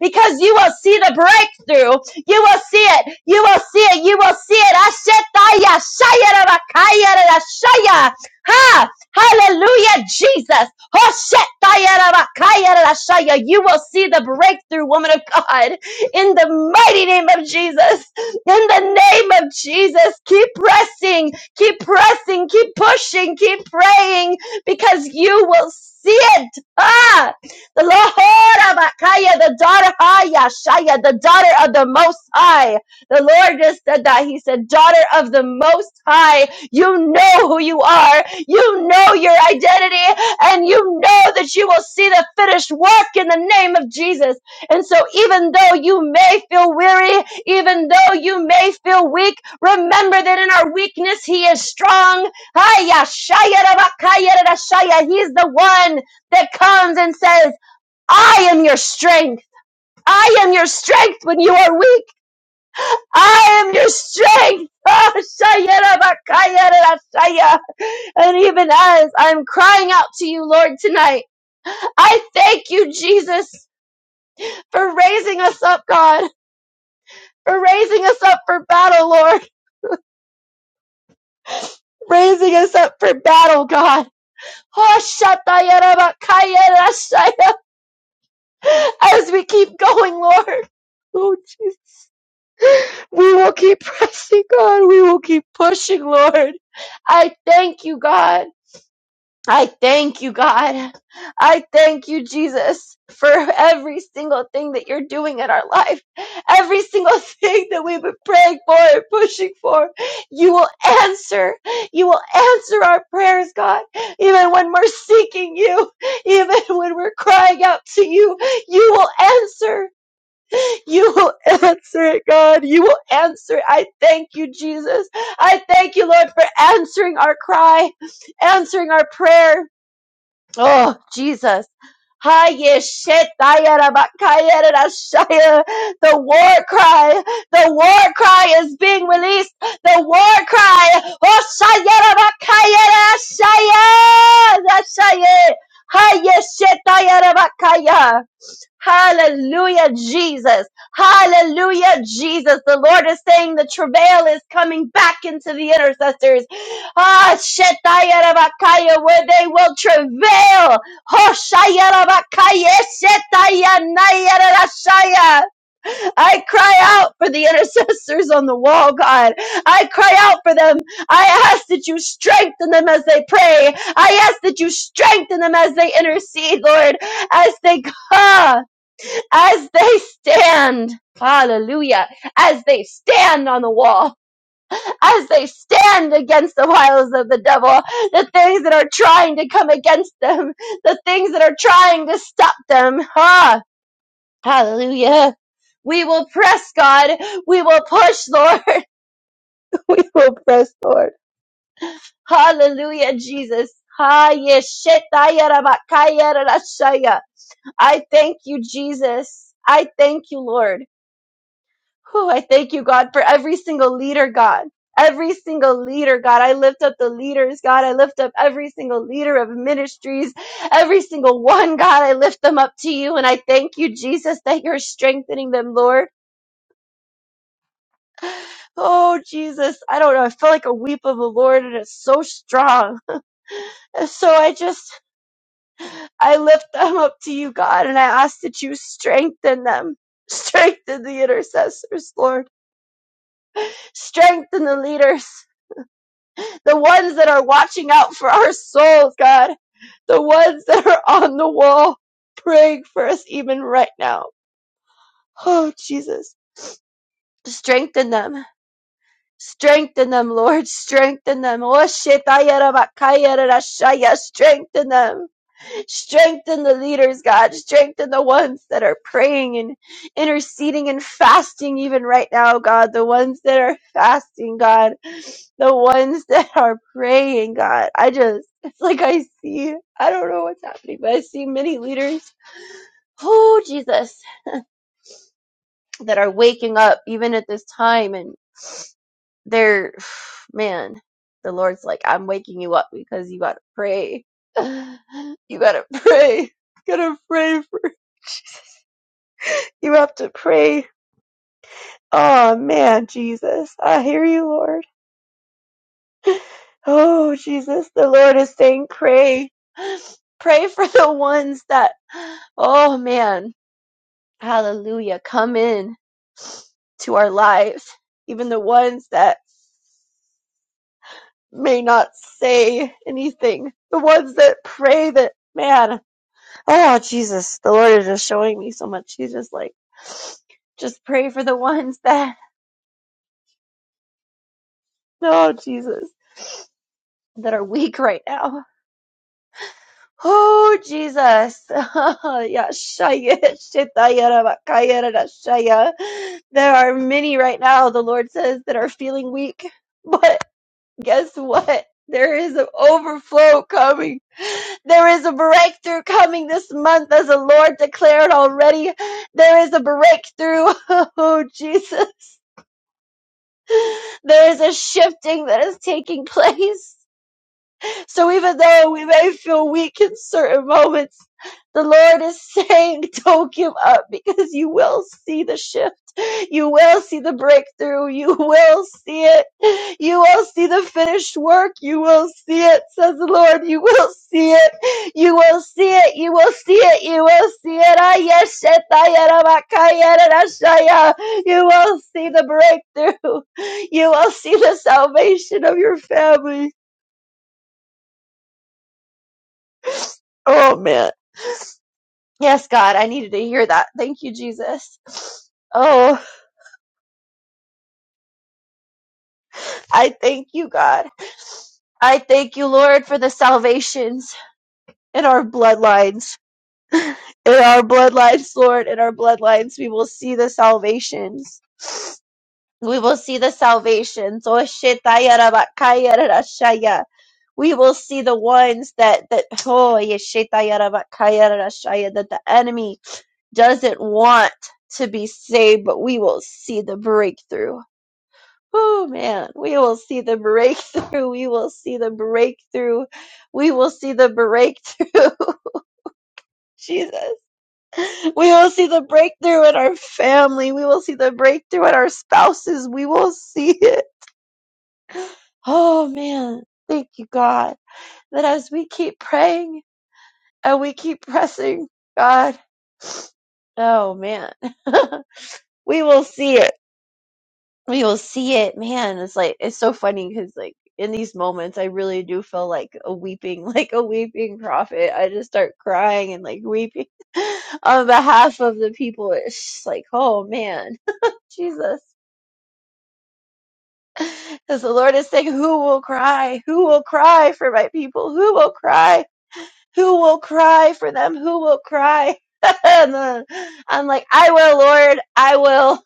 Speaker 3: because you will see the breakthrough. You will see it. You will see it. You will see it. Ashetaya, Shayarabakaya, Rashaya. Ha! Hallelujah, Jesus. Oh, shit, Dayarabakaya, Rashaya. You will see the breakthrough, woman of God. In the mighty name of Jesus. In the name of Jesus. Keep pressing. Keep pressing. Keep pushing. Keep praying because you will see it. Ah, the Lord of Akaya, the daughter Haya Shaya, the daughter of the Most High. The Lord just said that. He said, daughter of the Most High. You know who you are. You know your identity and you know that you will see the finished work in the name of Jesus. And so even though you may feel weary, even though you may feel weak, remember that in our weakness, He is strong. Hiya, shaya, raba, kaya, shaya. He's the one that comes and says, I am your strength. I am your strength when you are weak. I am your strength. Ah, shaya, raba, kaya, shaya. And even as I'm crying out to you, Lord, tonight, I thank you, Jesus, for raising us up, God, for raising us up for battle, Lord, raising us up for battle, God. Oh, shatayarabakayarashaya. as we keep going, Lord. Oh, Jesus. We will keep pressing, God. We will keep pushing, Lord. I thank you, God. I thank you, God. I thank you, Jesus, for every single thing that you're doing in our life. Every single thing that we've been praying for and pushing for. You will answer. You will answer our prayers, God. Even when we're seeking you, even when we're crying out to you, you will answer. You will answer it, God. You will answer it. I thank you, Jesus. I thank you, Lord, for answering our cry, answering our prayer. Oh, Jesus. Haye shetaya rabakaya The war cry, the war cry is being released. The war cry. Oh, shaya rabakaya rarashaya, rarashaya. Haye shetaya rabakaya. Hallelujah, Jesus. Hallelujah, Jesus. The Lord is saying the travail is coming back into the intercessors. Ah, Shetayarabakaya, where they will travail. Hoshayarabakaya, Shetayanayarashaya. I cry out for the intercessors on the wall, God. I cry out for them. I ask that you strengthen them as they pray. I ask that you strengthen them as they intercede, Lord, as they come as they stand, hallelujah, as they stand on the wall, as they stand against the wiles of the devil, the things that are trying to come against them, the things that are trying to stop them. Ah, hallelujah. We will press, God. We will push, Lord. We will press, Lord. Hallelujah, Jesus. Ah, yes, shetaya I thank you, Jesus. I thank you, Lord. Whew, I thank you, God, for every single leader, God. Every single leader, God. I lift up the leaders, God. I lift up every single leader of ministries, every single one, God. I lift them up to you and I thank you, Jesus, that you're strengthening them, Lord. Oh, Jesus. I don't know. I feel like a weep of the Lord and it's so strong. So I just, I lift them up to you, God, and I ask that you strengthen them. Strengthen the intercessors, Lord. Strengthen the leaders. the ones that are watching out for our souls, God, the ones that are on the wall praying for us even right now. Oh, Jesus, strengthen them. Strengthen them, Lord. Strengthen them. Oh, shit, I had yeah, Strengthen them. Strengthen the leaders, God. Strengthen the ones that are praying and interceding and fasting, even right now, God. The ones that are fasting, God. The ones that are praying, God. I just, it's like I see, I don't know what's happening, but I see many leaders, oh, Jesus, that are waking up even at this time. And they're, man, the Lord's like, I'm waking you up because you got to pray. You got to pray. Got to pray You have to pray. Oh man, Jesus. I hear you, Lord. Oh, Jesus, the Lord is saying, pray. Pray for the ones that, oh man, hallelujah, come in to our lives. Even the ones that may not say anything. The ones that pray that, man, oh, Jesus, the Lord is just showing me so much. He's just like, just pray for the ones that, oh, Jesus. that are weak right now. Oh, Jesus. There are many right now, the Lord says, that are feeling weak. But guess what? There is an overflow coming. There is a breakthrough coming this month, as the Lord declared already. There is a breakthrough. Oh, Jesus. There is a shifting that is taking place. So even though we may feel weak in certain moments, the Lord is saying, don't give up because you will see the shift. You will see the breakthrough. You will see it. You will see the finished work. You will see it, says the Lord. You will see it. You will see it. You will see it. You will see it. Ah, yes, shetayarabakayarashaya. You will see the breakthrough. You will see the salvation of your family. Oh man. Yes, God, I needed to hear that. Thank you, Jesus. Oh, I thank you, God. I thank you, Lord, for the salvations in our bloodlines. In our bloodlines, Lord, in our bloodlines, we will see the salvations. we will see the salvations. Oh, shetayarabakayarashaya. We will see the ones that that oh yeshetayarabakayarashaya, that the enemy doesn't want to be saved, but we will see the breakthrough. Oh man, we will see the breakthrough. We will see the breakthrough. We will see the breakthrough. Jesus. We will see the breakthrough in our family. We will see the breakthrough in our spouses. We will see it. Oh man, thank you, God, that as we keep praying and we keep pressing, God, oh man, we will see it. We will see it, man. It's like, it's so funny because, like, in these moments, I really do feel like a weeping, like a weeping prophet. I just start crying and like weeping on behalf of the people. It's just like, oh man, Jesus. Because the Lord is saying, Who will cry? Who will cry for my people? Who will cry? who will cry for them? Who will cry? and then I'm like, I will, Lord, I will.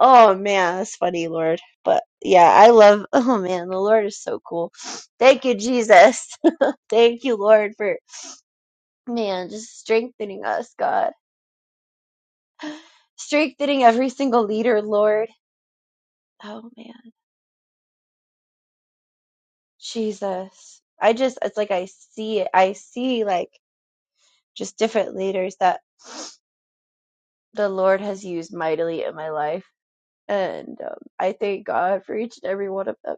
Speaker 3: Oh man, that's funny, Lord. But yeah, I love. Oh man, the Lord is so cool. Thank you, Jesus. Thank you, Lord, for man just strengthening us, God, strengthening every single leader, Lord. Oh man, Jesus. I just it's like I see it. I see like just different leaders that the Lord has used mightily in my life And um, I thank God for each and every one of them.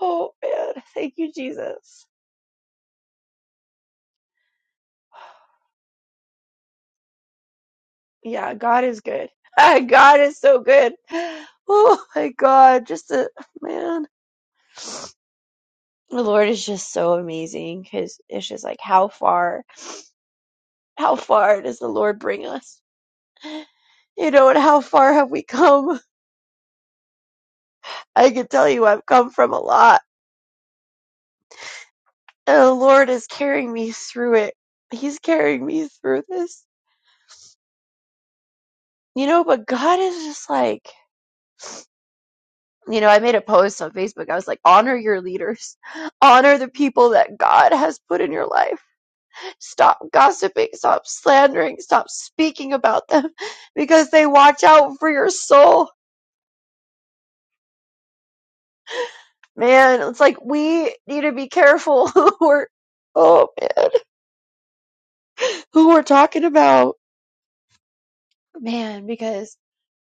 Speaker 3: Oh man, thank you, Jesus. Yeah, God is good. God is so good. Oh my God, just a man. The Lord is just so amazing. His it's just like how far, how far does the Lord bring us? You know, and how far have we come? I can tell you, I've come from a lot. And the Lord is carrying me through it. He's carrying me through this. You know, but God is just like. you know, I made a post on Facebook. I was like, honor your leaders, honor the people that God has put in your life. Stop gossiping, stop slandering, stop speaking about them because they watch out for your soul. Man, it's like we need to be careful who we're, oh man, who we're talking about. Man, because,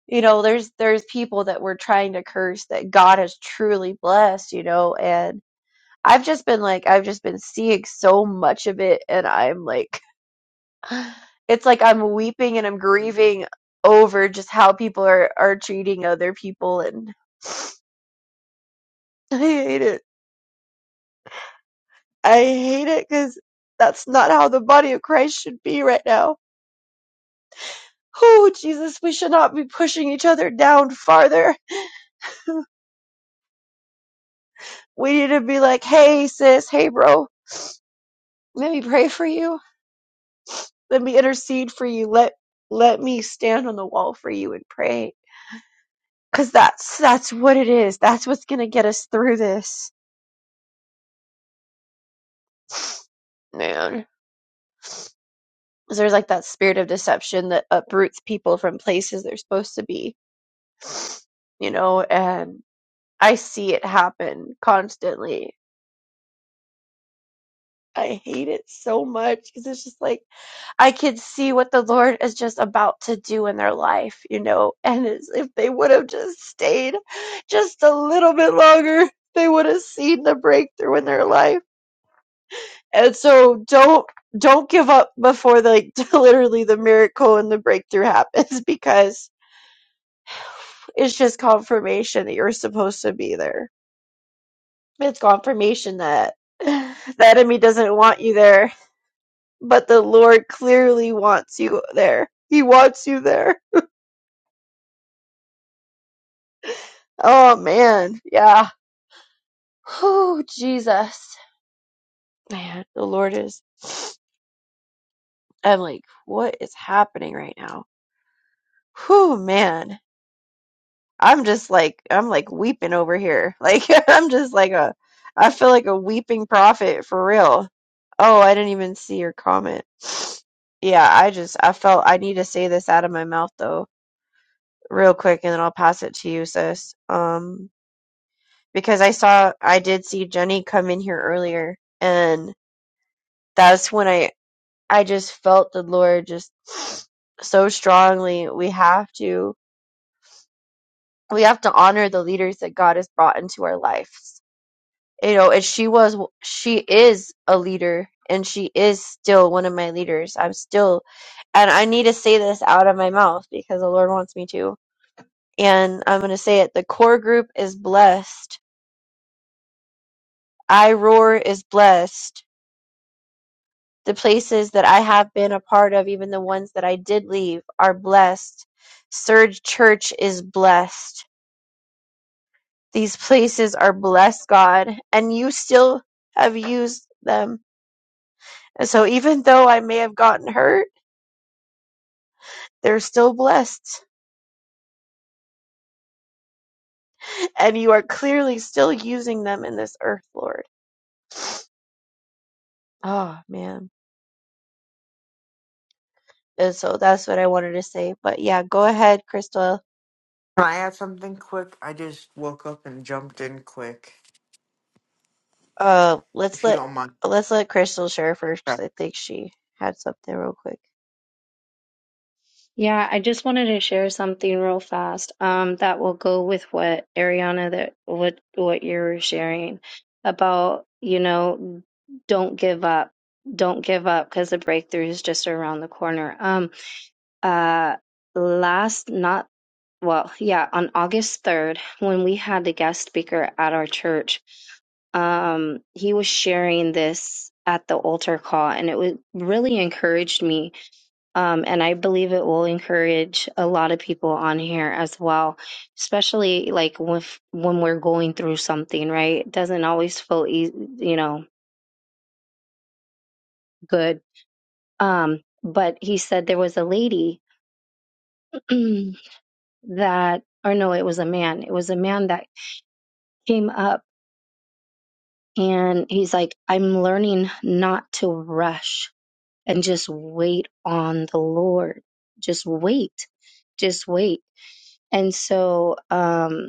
Speaker 3: you know, there's, there's people that we're trying to curse that God has truly blessed, you know, and I've just been like, I've just been seeing so much of it and I'm like, It's like I'm weeping and I'm grieving over just how people are are treating other people, and I hate it. I hate it because that's not how the body of Christ should be right now. Oh, Jesus, we should not be pushing each other down farther. We need to be like, hey, sis, hey, bro, let me pray for you. Let me intercede for you. Let let me stand on the wall for you and pray because that's that's what it is that's what's gonna get us through this man 'Cause there's like that spirit of deception that uproots people from places they're supposed to be, you know, and I see it happen constantly. I hate it so much because it's just like I can see what the Lord is just about to do in their life, you know, and it's, if they would have just stayed just a little bit longer, they would have seen the breakthrough in their life. And so don't don't give up before the, like literally the miracle and the breakthrough happens because It's just confirmation that you're supposed to be there. It's confirmation that the enemy doesn't want you there, but the Lord clearly wants you there. He wants you there. Oh man, yeah. Oh Jesus, man, the Lord is. I'm like, what is happening right now? Whew, man. I'm just like I'm like weeping over here. Like I'm just like a I feel like a weeping prophet for real. Oh, I didn't even see your comment. Yeah, I just I felt I need to say this out of my mouth though, real quick and then I'll pass it to you, sis. Um because I saw I did see Jenny come in here earlier and that's when I I just felt the Lord just so strongly we have to we have to honor the leaders that God has brought into our lives you know, and she was, she is a leader and she is still one of my leaders. I'm still, and I need to say this out of my mouth because the Lord wants me to. And I'm going to say it. The core group is blessed. I Roar is blessed. The places that I have been a part of, even the ones that I did leave, are blessed. Surge Church is blessed. These places are blessed, God, and you still have used them. And so, even though I may have gotten hurt, They're still blessed, and you are clearly still using them in this earth, Lord. Oh man. And so that's what I wanted to say. But yeah, go ahead, Crystal.
Speaker 6: Can I add something quick? I just woke up and jumped in quick,
Speaker 3: Uh, let's
Speaker 6: if you
Speaker 3: let
Speaker 6: don't mind.
Speaker 3: let's let Crystal share first
Speaker 6: Okay.
Speaker 3: because I think she had something real quick.
Speaker 4: Yeah, I just wanted to share something real fast. Um, that will go with what Ariana, that what what you're sharing about, you know, don't give up, don't give up, because the breakthrough is just around the corner. Um, uh, last not well, yeah, on August 3rd, when we had the guest speaker at our church, um, he was sharing this at the altar call, and it was really encouraged me um, and I believe it will encourage a lot of people on here as well, especially like with, when we're going through something, right? It doesn't always feel, easy, you know, good. Um, but he said there was a lady that, or no, it was a man. It was a man that came up and he's like, I'm learning not to rush and just wait on the Lord. Just wait. Just wait. And so, um,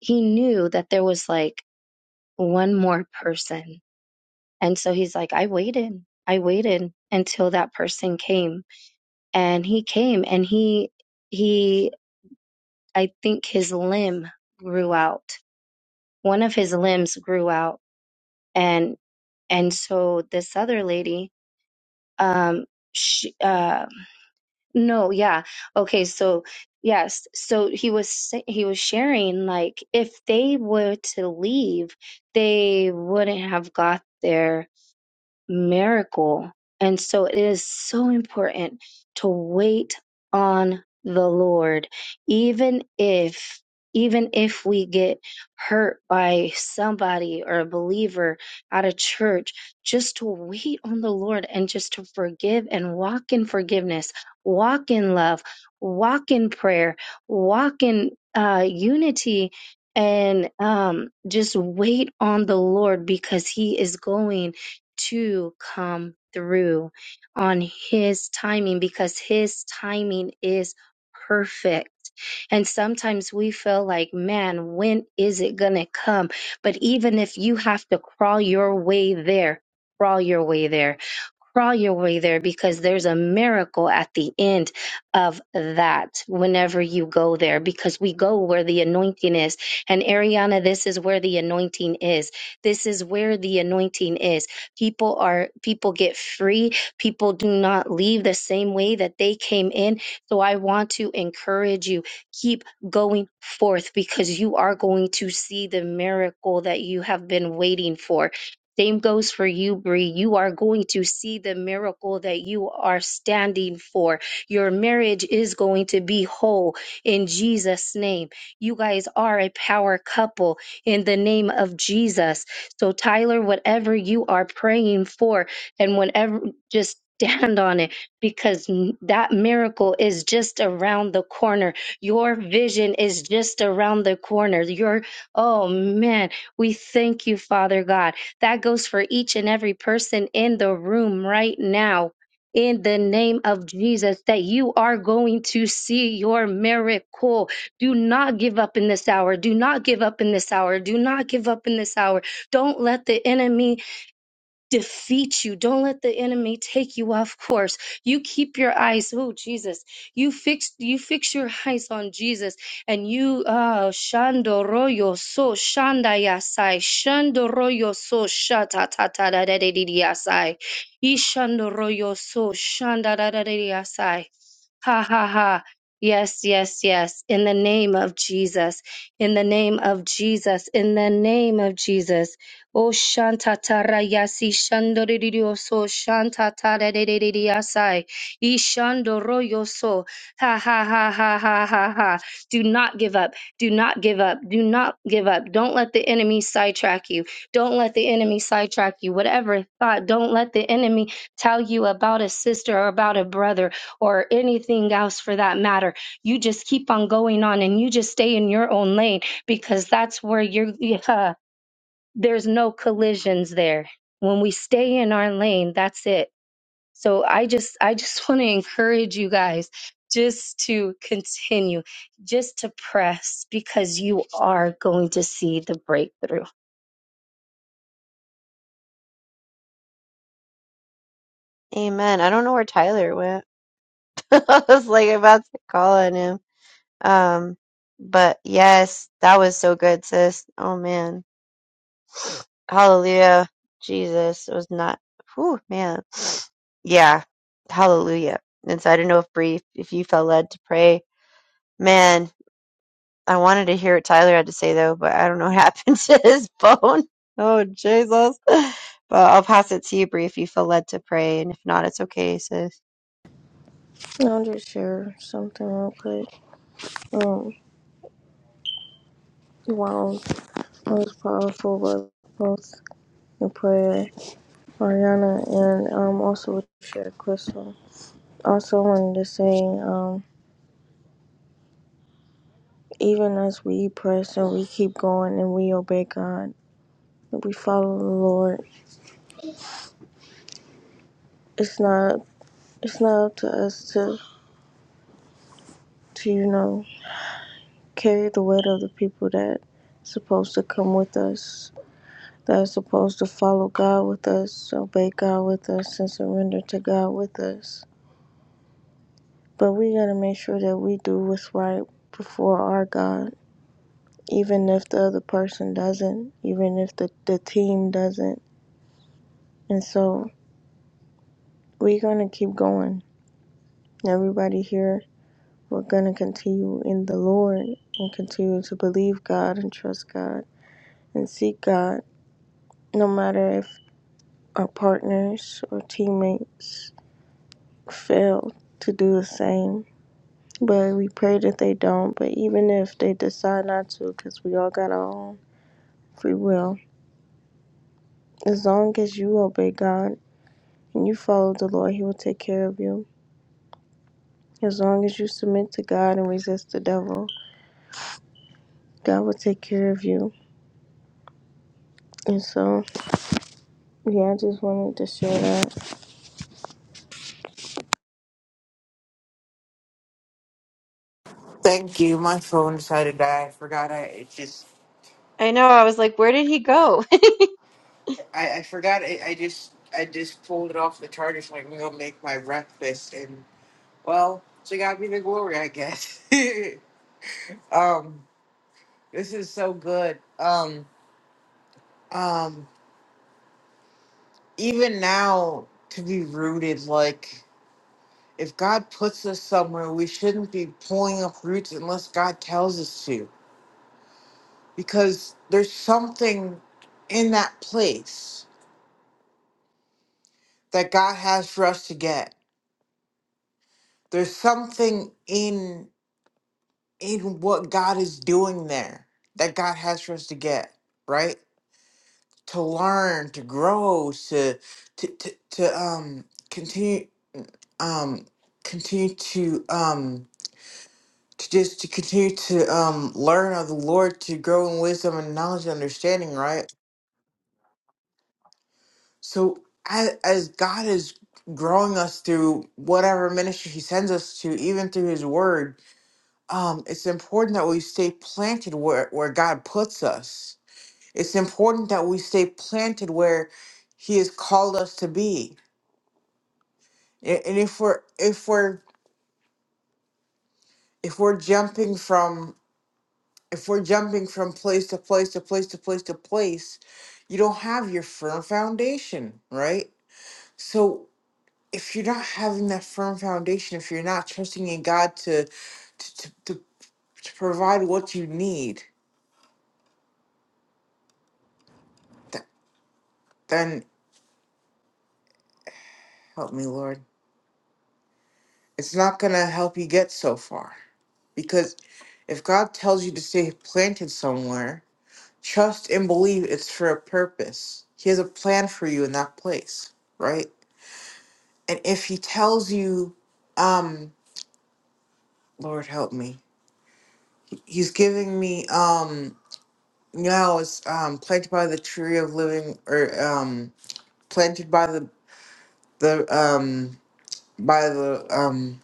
Speaker 4: he knew that there was like one more person. And so he's like, I waited. I waited until that person came. And he came and he, he, I think his limb grew out. One of his limbs grew out. And, and so this other lady, um, she, uh, No, yeah. Okay, so yes. So he was sa- he was sharing like if they were to leave, they wouldn't have got there miracle. And so it is so important to wait on the Lord, even if even if we get hurt by somebody or a believer at a church, just to wait on the Lord and just to forgive and walk in forgiveness, walk in love, walk in prayer, walk in uh, unity, and um, just wait on the Lord because He is going to come through on his timing because his timing is perfect. And sometimes we feel like, man, when is it going to come? But even if you have to crawl your way there, crawl your way there crawl your way there because there's a miracle at the end of that whenever you go there because we go where the anointing is. And Ariana, this is where the anointing is. This is where the anointing is. People are, people get free. People do not leave the same way that they came in. So I want to encourage you keep going forth because you are going to see the miracle that you have been waiting for same goes for you, Bree. You are going to see the miracle that you are standing for. Your marriage is going to be whole in Jesus' name. You guys are a power couple in the name of Jesus. So, Tyler, whatever you are praying for, and whenever, just stand on it because n- that miracle is just around the corner. Your vision is just around the corner. Your, oh man, we thank you, Father God. That goes for each and every person in the room right now. In the name of Jesus, that you are going to see your miracle. Do not give up in this hour. Do not give up in this hour. Do not give up in this hour. Don't let the enemy defeat you. Don't let the enemy take you off course. You keep your eyes, oh Jesus. You fix you fix your eyes on Jesus and you uh shandoroyo so shandayasai shandoroyo so shatatatadadadidiyasai ishandoroyo so shandadadadidiyasai Ha ha ha. Yes, yes, yes. In the name of Jesus. In the name of Jesus. In the name of Jesus. Oh, shanta tarayasi shandoririo shanta taraririasai. Ishandoroyo so. Ha ha ha ha ha ha ha. Do not give up. Do not give up. Do not give up. Don't let the enemy sidetrack you. Don't let the enemy sidetrack you. Whatever thought, don't let the enemy tell you about a sister or about a brother or anything else for that matter. You just keep on going on and you just stay in your own lane because that's where you're, yeah, there's no collisions there. When we stay in our lane, that's it. So I just, I just want to encourage you guys just to continue, just to press because you are going to see the breakthrough.
Speaker 3: Amen. I don't know where Tyler went. I was like about to call on him. Um, but yes, that was so good, sis. Oh man. Hallelujah. Jesus. It was not, whew, man. Yeah. Hallelujah. And so I don't know if Brief, if you felt led to pray. Man, I wanted to hear what Tyler had to say though, but I don't know what happened to his phone. Oh, Jesus. But I'll pass it to you, Brief, if you feel led to pray. And if not, it's okay, sis.
Speaker 1: I'll just share something real quick. Um, wow, it was powerful, but both the prayer, Ariana, and um, also what you Crystal. Also, wanted to say, um, even as we press and we keep going and we obey God, we follow the Lord. It's not It's not up to us to, to you know, carry the weight of the people that are supposed to come with us, that are supposed to follow God with us, obey God with us, and surrender to God with us. But we gotta make sure that we do what's right before our God, even if the other person doesn't, even if the, the team doesn't. And so we're gonna keep going. Everybody here, we're gonna continue in the Lord and continue to believe God and trust God and seek God no matter if our partners or teammates fail to do the same. But we pray that they don't. But even if they decide not to, because we all got our own free will, as long as you obey God and you follow the Lord, He will take care of you. As long as you submit to God and resist the devil, God will take care of you. And so, yeah, I just wanted to share that.
Speaker 6: Thank you. My phone decided to die. I forgot. I it just
Speaker 3: I know. I was like, where did he go?
Speaker 6: I, I forgot. I, I just I just pulled it off the charger so I can go make my breakfast, and well, she got me the glory, I guess. um, this is so good. Um, um, even now to be rooted like. If God puts us somewhere, we shouldn't be pulling up roots unless God tells us to because there's something in that place that God has for us to get. There's something in in what God is doing there that God has for us to get, right? To learn, to grow, to to to, to um continue um continue to um to just to continue to um learn of the Lord to grow in wisdom and knowledge and understanding, right? So as, as God is growing us through whatever ministry He sends us to, even through His Word, um, it's important that we stay planted where where God puts us. It's important that we stay planted where He has called us to be. A- And if we're if we're if we're jumping from if we're jumping from place to place to place to place to place, you don't have your firm foundation, right? So if you're not having that firm foundation, if you're not trusting in God to to to, to, to provide what you need, th- then help me, Lord. It's not gonna help you get so far because if God tells you to stay planted somewhere, trust and believe it's for a purpose. He has a plan for you in that place, right? And if He tells you, um, Lord help me, He's giving me um No, it's um planted by the tree of living or um planted by the the um by the um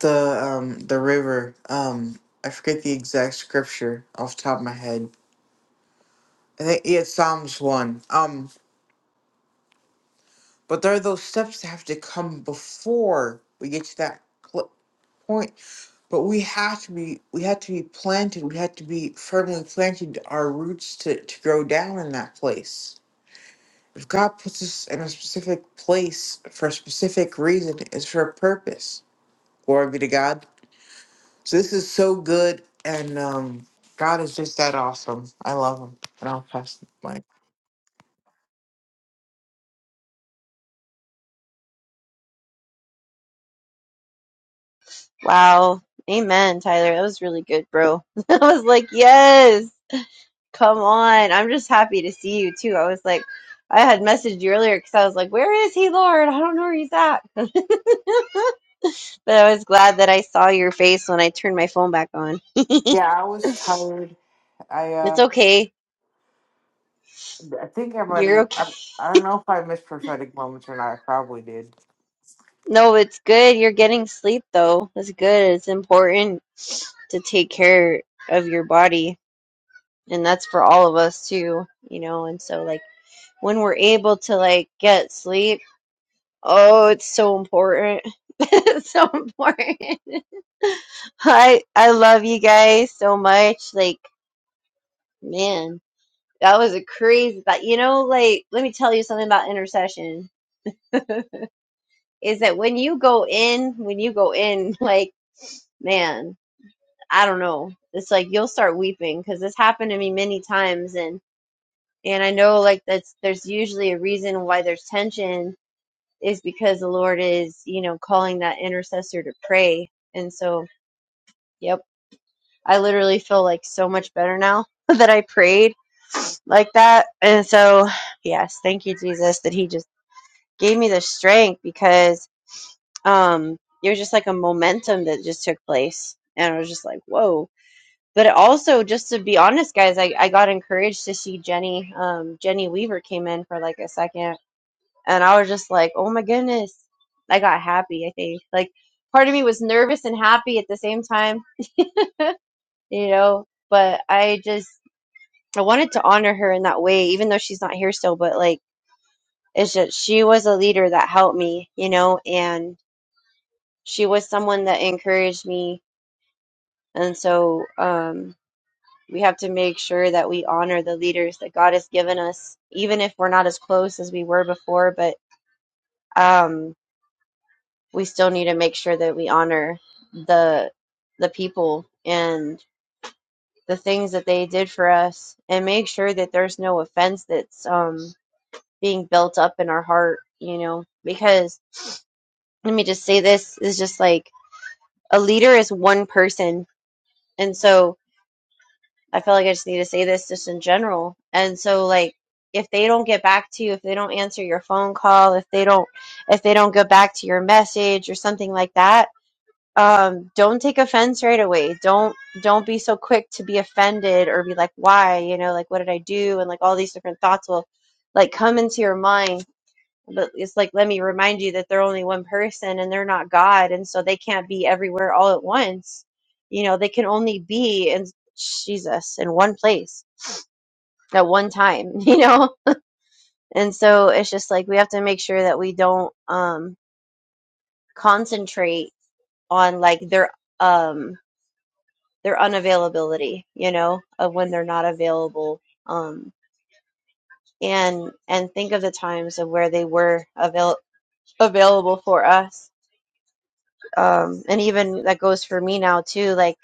Speaker 6: the um the river. Um I forget the exact scripture off the top of my head. I think yeah, it's Psalms one. Um but there are those steps that have to come before we get to that pl- point. But we have to be we have to be planted, we have to be firmly planted our roots to, to grow down in that place. If God puts us in a specific place for a specific reason, it's for a purpose. Glory be to God. So this is so good, and um, God is just that awesome. I love Him, and I'll pass the mic.
Speaker 3: wow. Amen, Tyler. That was really good, bro. I was like, yes. Come on. I'm just happy to see you too. I was like, I had messaged you earlier because I was like, where is he, Lord? I don't know where he's at. but I was glad that I saw your face when I turned my phone back on.
Speaker 6: Yeah, I was tired. I
Speaker 3: It's
Speaker 6: uh,
Speaker 3: okay.
Speaker 6: I think I might.
Speaker 3: You're
Speaker 6: have-
Speaker 3: okay.
Speaker 6: I, I don't know if I missed prophetic moments or not. I probably did.
Speaker 3: No, it's good. You're getting sleep though. It's good. It's important to take care of your body. And that's for all of us too, you know. And so, like, when we're able to like get sleep Oh, it's so important. It's so important. I I love you guys so much. Like, man, that was a crazy thought. You know, like, let me tell you something about intercession. Is that when you go in, when you go in, like, man, I don't know. It's like you'll start weeping because this happened to me many times, and and I know like that's there's usually a reason why there's tension is because the Lord is you know calling that intercessor to pray, and so. Yep. I literally feel like so much better now that I prayed like that. And so, yes, thank you, Jesus, that He just gave me the strength because um, it was just like a momentum that just took place. And I was just like, whoa. But it also, just to be honest, guys, I, I got encouraged to see Jenny. Um, Jenny Weaver came in for like a second. And I was just like, oh my goodness. I got happy, I think. Like, part of me was nervous and happy at the same time, you know, but I just I wanted to honor her in that way, even though she's not here still, but like it's just she was a leader that helped me, you know, and she was someone that encouraged me. And so um we have to make sure that we honor the leaders that God has given us, even if we're not as close as we were before, but um we still need to make sure that we honor the the people and the things that they did for us and make sure that there's no offense that's um being built up in our heart, you know, because let me just say this is just like a leader is one person. And so I feel like I just need to say this just in general. And so like if they don't get back to you, if they don't answer your phone call, if they don't if they don't go back to your message or something like that, um don't take offense right away. Don't don't be so quick to be offended or be like why, you know, like what did I do and like all these different thoughts will like come into your mind But it's like, let me remind you that they're only one person and they're not God. And so they can't be everywhere all at once. You know, they can only be in Jesus in one place at one time, you know? And so it's just like we have to make sure that we don't um, concentrate on like their um their unavailability, you know, of when they're not available. Um and and think of the times of where they were avail- available for us um and even that goes for me now too like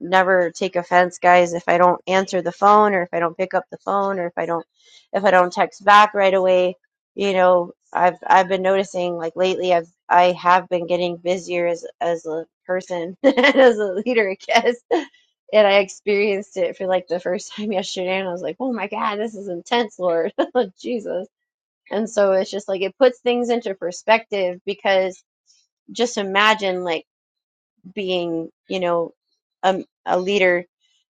Speaker 3: never take offense guys if i don't answer the phone or if i don't pick up the phone or if i don't if i don't text back right away you know i've i've been noticing like lately i've i have been getting busier as as a person as a leader i guess and i experienced it for like the first time yesterday and i was like oh my god this is intense lord jesus and so it's just like it puts things into perspective because just imagine like being, you know, a, a leader,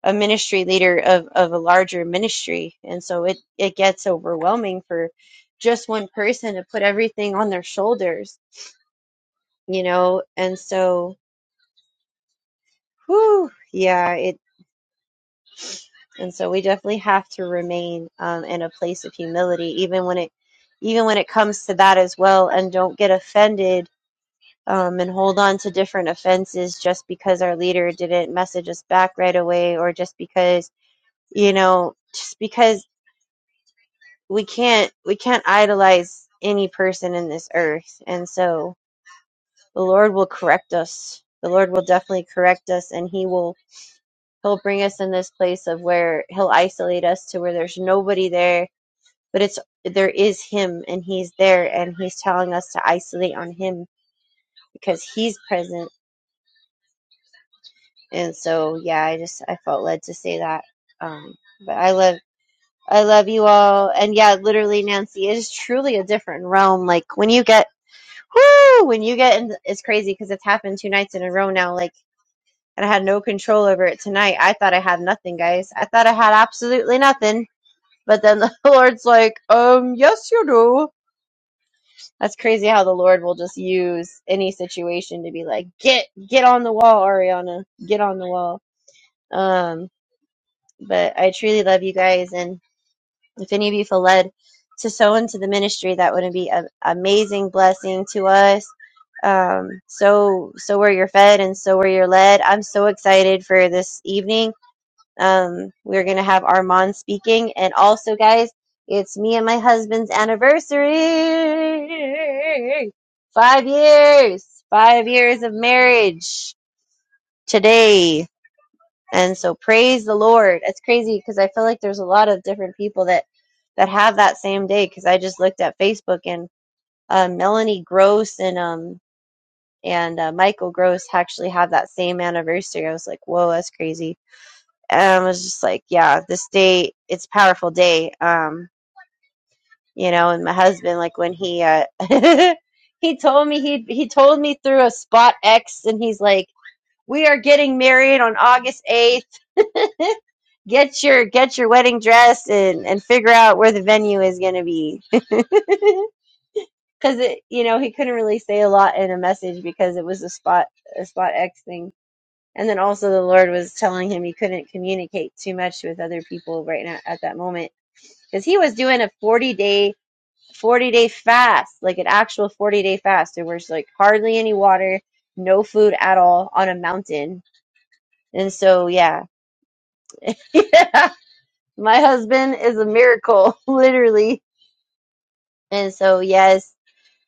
Speaker 3: a ministry leader of, of a larger ministry. And so it, it gets overwhelming for just one person to put everything on their shoulders, you know? And so, whew, yeah, it, and so we definitely have to remain um, in a place of humility, even when it, even when it comes to that as well, and don't get offended um, and hold on to different offenses just because our leader didn't message us back right away, or just because you know just because we can't we can't idolize any person in this earth and so the lord will correct us the lord will definitely correct us and he will he'll bring us in this place of where he'll isolate us to where there's nobody there but it's there is him and he's there and he's telling us to isolate on him because he's present and so yeah i just i felt led to say that um but i love I love you all. And yeah, literally, Nancy, it is truly a different realm. Like when you get, whoo, when you get in, it's crazy because it's happened two nights in a row now. Like, and I had no control over it tonight. I thought I had nothing, guys. I thought I had absolutely nothing. But then the Lord's like, um, yes, you do. That's crazy how the Lord will just use any situation to be like, get, get on the wall, Ariana, get on the wall. Um, but I truly love you guys. And If any of you feel led to sow into the ministry, that would be an amazing blessing to us. Um, so, so where you're fed and so where you're led. I'm so excited for this evening. Um, we're going to have Armand speaking. And also, guys, it's me and my husband's anniversary. Five years, five years of marriage today. And so praise the Lord. It's crazy because I feel like there's a lot of different people that that have that same day because I just looked at Facebook and uh, Melanie Gross and um and uh, Michael Gross actually have that same anniversary. I was like, whoa, that's crazy. And I was just like, yeah, this day it's a powerful day. Um, you know, and my husband like when he uh he told me he he told me through a spot X and he's like, we are getting married on August 8th get your get your wedding dress and and figure out where the venue is going to be because it you know he couldn't really say a lot in a message because it was a spot a spot x thing and then also the lord was telling him he couldn't communicate too much with other people right now at that moment because he was doing a 40 day 40 day fast like an actual 40 day fast there was like hardly any water no food at all on a mountain and so yeah yeah my husband is a miracle literally And so yes,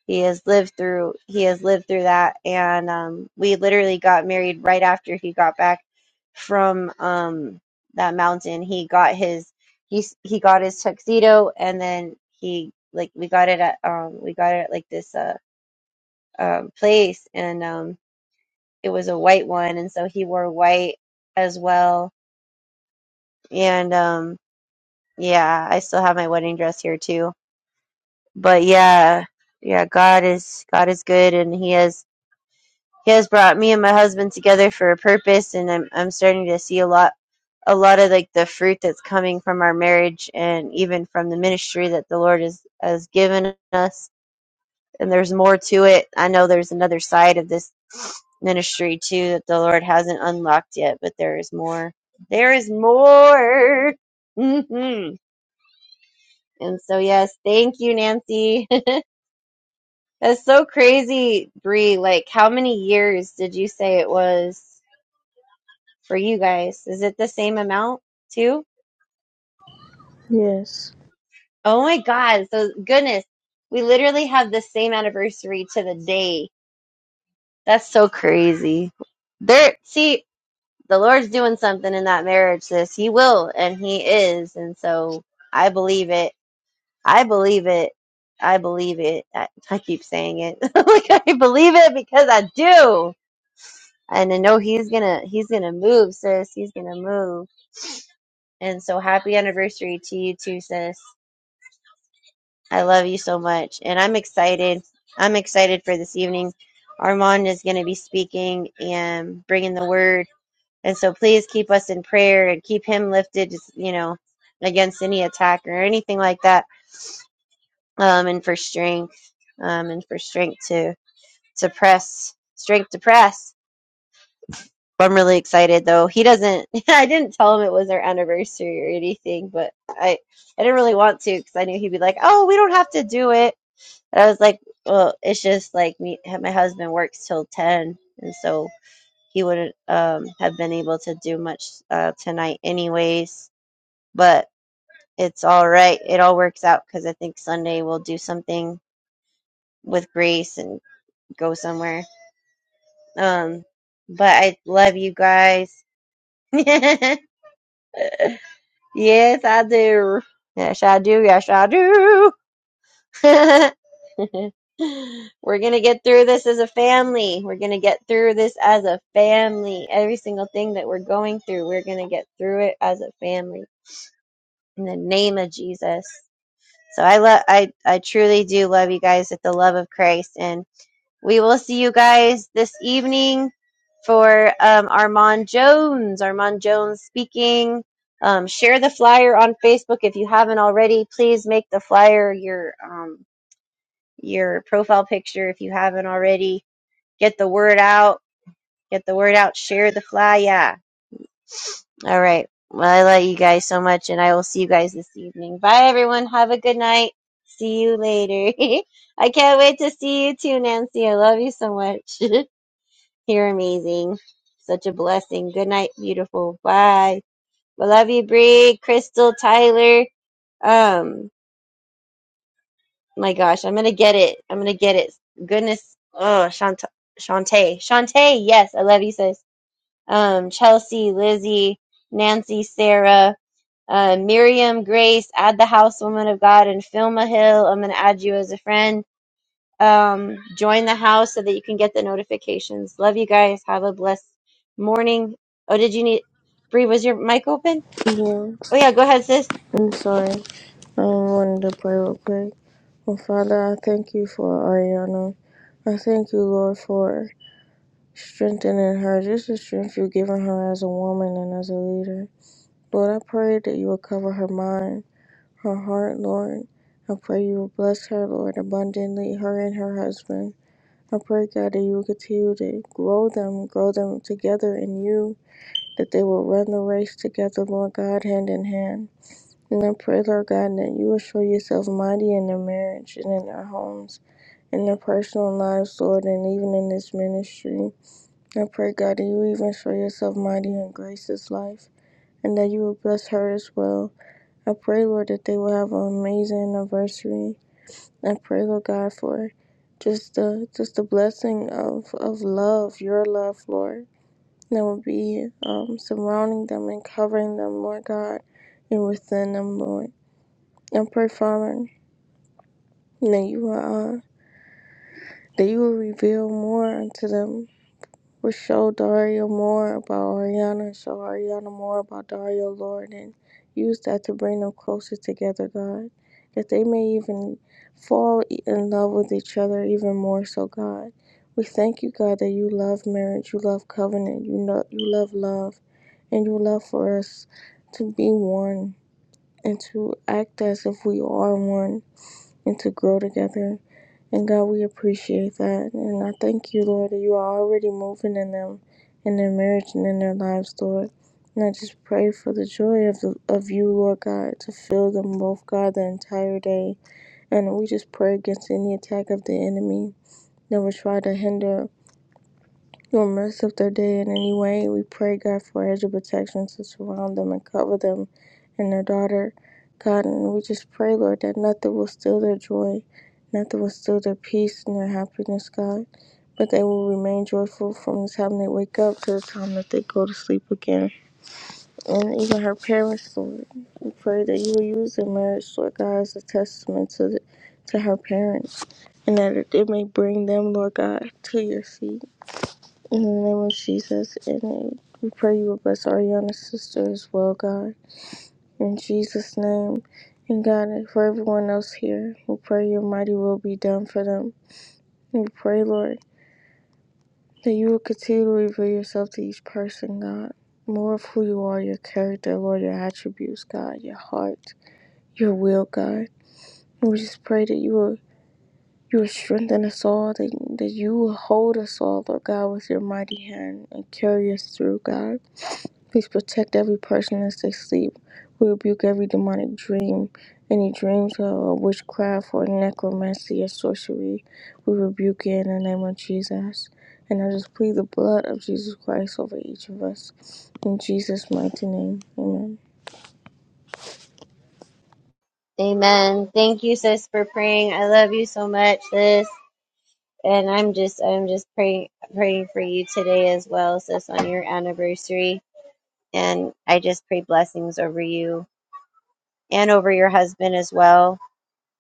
Speaker 3: he has lived through he has lived through that and um we literally got married right after he got back from um that mountain. He got his he s- he got his tuxedo and then he like we got it at um we got it at like this uh um place and um it was a white one and so he wore white as well. And um yeah, I still have my wedding dress here too. But yeah, yeah, God is God is good and he has He has brought me and my husband together for a purpose, and I'm I'm starting to see a lot a lot of like the fruit that's coming from our marriage and even from the ministry that the Lord has has given us. And there's more to it. I know there's another side of this ministry too that the Lord hasn't unlocked yet, but there is more. There is more. hmm And so, yes, thank you, Nancy. That's so crazy, Bree. Like, how many years did you say it was? for you guys. Is it the same amount too?
Speaker 1: Yes.
Speaker 3: Oh my God. So goodness, we literally have the same anniversary to the day. That's so crazy. There, see, the Lord's doing something in that marriage, sis. He will, and He is. And so I believe it. I believe it. I believe it. I, I keep saying it. like I believe it because I do. And I know he's gonna he's gonna move, sis. He's gonna move. And so happy anniversary to you too, sis. I love you so much. And I'm excited. I'm excited for this evening. Armand is going to be speaking and bringing the word. And so please keep us in prayer and keep him lifted, just, you know, against any attack or anything like that. Um, and for strength, um, and for strength to, to press, strength to press. I'm really excited though. He doesn't, I didn't tell him it was our anniversary or anything, but I, I didn't really want to because I knew he'd be like, oh, we don't have to do it And I was like, well, it's just like me. My husband works till ten, and so he wouldn't um, have been able to do much uh, tonight, anyways. But it's all right. It all works out because I think Sunday we'll do something with Grace and go somewhere. Um, but I love you guys. yes, I do. Yes, I do. Yes, I do. We're going to get through this as a family. We're going to get through this as a family. Every single thing that we're going through, we're going to get through it as a family in the name of Jesus. So I love I I truly do love you guys with the love of Christ and we will see you guys this evening for um, Armand Jones. Armand Jones speaking. Um, share the flyer on Facebook if you haven't already. Please make the flyer your um, your profile picture if you haven't already. Get the word out. Get the word out. Share the fly. Yeah. All right. Well, I love you guys so much, and I will see you guys this evening. Bye, everyone. Have a good night. See you later. I can't wait to see you too, Nancy. I love you so much. You're amazing. Such a blessing. Good night, beautiful. Bye. We love you, Bree, Crystal, Tyler. Um, My gosh, I'm gonna get it. I'm gonna get it. Goodness. Oh, Shant Shantae. Shantae, yes, I love you, sis. Um, Chelsea, Lizzie, Nancy, Sarah, uh, Miriam, Grace, add the house, woman of God, and Filma Hill. I'm gonna add you as a friend. Um, join the house so that you can get the notifications. Love you guys. Have a blessed morning. Oh, did you need Bree, was your mic open?
Speaker 1: Yeah.
Speaker 3: Oh yeah, go ahead, sis.
Speaker 1: I'm sorry. I wanted to pray real quick. Well, Father, I thank you for Ariana. I thank you, Lord, for strengthening her, just the strength you've given her as a woman and as a leader. Lord, I pray that you will cover her mind, her heart, Lord. I pray you will bless her, Lord, abundantly, her and her husband. I pray, God, that you will continue to grow them, grow them together in you, that they will run the race together, Lord God, hand in hand. And I pray, Lord God, that you will show yourself mighty in their marriage and in their homes, in their personal lives, Lord, and even in this ministry. I pray, God, that you even show yourself mighty in Grace's life and that you will bless her as well. I pray, Lord, that they will have an amazing anniversary. I pray, Lord God, for just the just the blessing of, of love, your love, Lord, that will be um, surrounding them and covering them, Lord God, and within them, Lord. I pray, Father. And that you will, uh, that you will reveal more unto them. Will show Dario more about Ariana, show Ariana more about Dario, Lord, and use that to bring them closer together, God. That they may even fall e- in love with each other even more so, God. We thank you, God, that you love marriage, you love covenant, you know you love love, and you love for us to be one and to act as if we are one and to grow together. And God, we appreciate that. And I thank you, Lord, that you are already moving in them, in their marriage and in their lives, Lord. And I just pray for the joy of, the, of you, Lord God, to fill them both, God, the entire day. And we just pray against any attack of the enemy that would try to hinder during The rest of their day in any way, we pray God for a hedge of protection to surround them and cover them and their daughter, God. And we just pray, Lord, that nothing will steal their joy, nothing will steal their peace and their happiness, God. But they will remain joyful from the time they wake up to the time that they go to sleep again. And even her parents, Lord, we pray that you will use their marriage, Lord God, as a testament to, the, to her parents, and that it may bring them, Lord God, to your feet. In the name of Jesus, and I- we pray you will bless Ariana's sister as well, God. In Jesus' name, and God, and for everyone else here, we pray your mighty will be done for them. We pray, Lord, that you will continue to reveal yourself to each person, God. More of who you are, your character, Lord, your attributes, God, your heart, your will, God. And we just pray that you will you will strengthen us all, that, that you will hold us all, Lord God, with your mighty hand and carry us through, God. Please protect every person as they sleep. We rebuke every demonic dream, any dreams of witchcraft or necromancy or sorcery. We rebuke it in the name of Jesus. And I just plead the blood of Jesus Christ over each of us. In Jesus' mighty name, amen.
Speaker 3: Amen. Thank you, sis, for praying. I love you so much, sis. and I'm just I'm just praying praying for you today as well, sis, on your anniversary. And I just pray blessings over you and over your husband as well.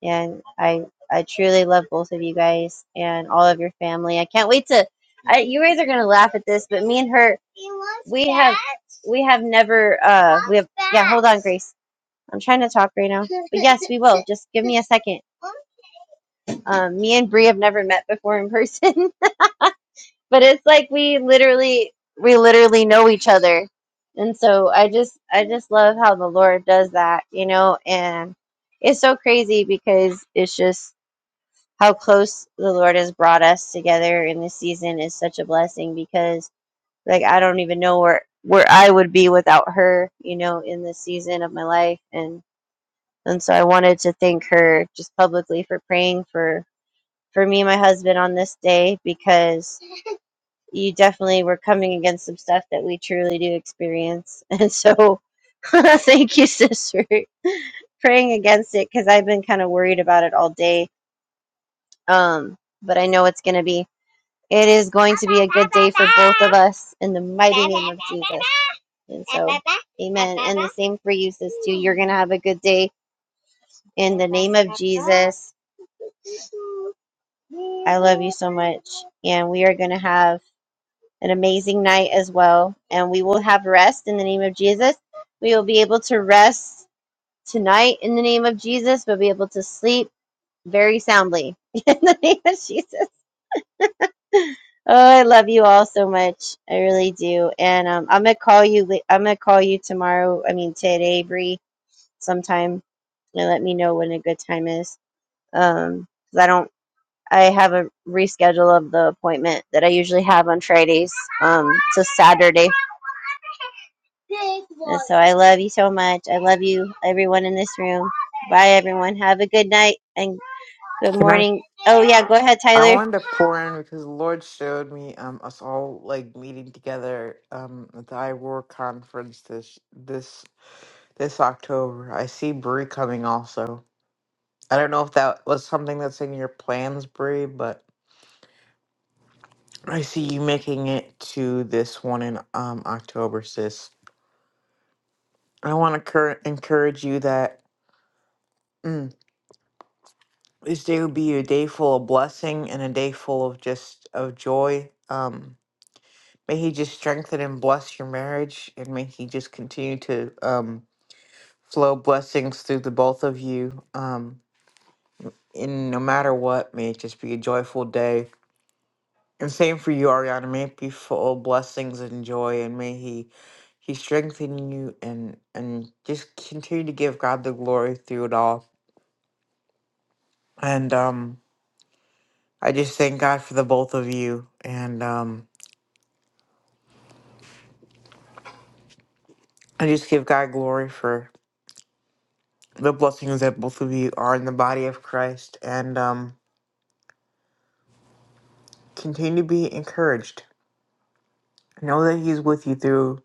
Speaker 3: And I I truly love both of you guys and all of your family. I can't wait to. I, you guys are gonna laugh at this, but me and her, we have we have never uh we have yeah. Hold on, Grace. I'm trying to talk right now, but yes, we will. Just give me a second. Um, me and Bree have never met before in person. but it's like we literally we literally know each other and so i just i just love how the lord does that you know and it's so crazy because it's just how close the lord has brought us together in this season is such a blessing because like i don't even know where where i would be without her you know in this season of my life and and so i wanted to thank her just publicly for praying for for me and my husband on this day because you definitely were coming against some stuff that we truly do experience. And so thank you, sis, for praying against it because I've been kind of worried about it all day. Um, but I know it's going to be, it is going to be a good day for both of us in the mighty name of Jesus. And so, amen. And the same for you, sis, too. You're going to have a good day in the name of Jesus. I love you so much. And we are going to have an amazing night as well. And we will have rest in the name of Jesus. We will be able to rest tonight in the name of Jesus. We'll be able to sleep very soundly in the name of Jesus. Oh, I love you all so much. I really do. And um, I'm gonna call you. I'm gonna call you tomorrow. I mean today, Bree, sometime, and let me know when a good time is. Um, 'cause I don't. I have a reschedule of the appointment that I usually have on Fridays um, to Saturday And so I love you so much. I love you, everyone in this room. Bye, everyone. Have a good night and good
Speaker 6: Can I?
Speaker 3: morning. Oh, yeah, go ahead,
Speaker 6: I
Speaker 3: Tyler.
Speaker 6: wanted to pour in because the Lord showed me um us all like meeting together um at the iWar conference this this this October. I see Brie coming also. I don't know if that was something that's in your plans, Brie, but I see you making it to this one in um, October, sis. I want to cur- encourage you that mm, this day would be a day full of blessing and a day full of just of joy. Um, may He just strengthen and bless your marriage, and may He just continue to um, flow blessings through the both of you. Um, and no matter what, may it just be a joyful day And same for you, Ariana. May it be full of blessings and joy, and may He He strengthen you and and just continue to give God the glory through it all. And um, I just thank God for the both of you, and um, I just give God glory for the blessings that both of you are in the body of Christ, and um, continue to be encouraged. Know that He's with you through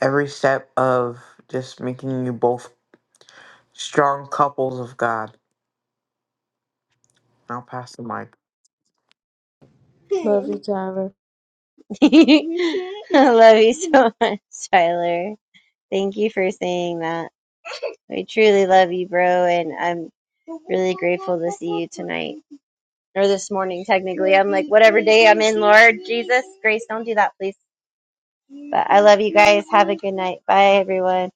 Speaker 6: every step of just making you both strong couples of God. I'll pass the mic.
Speaker 1: Love you, Tyler.
Speaker 3: I love you so much, Tyler. Thank you for saying that. I truly love you, bro, and I'm really grateful to see you tonight. Or this morning, technically. I'm like, whatever day I'm in, Lord Jesus, grace, don't do that, please. But I love you guys. Have a good night. Bye, everyone.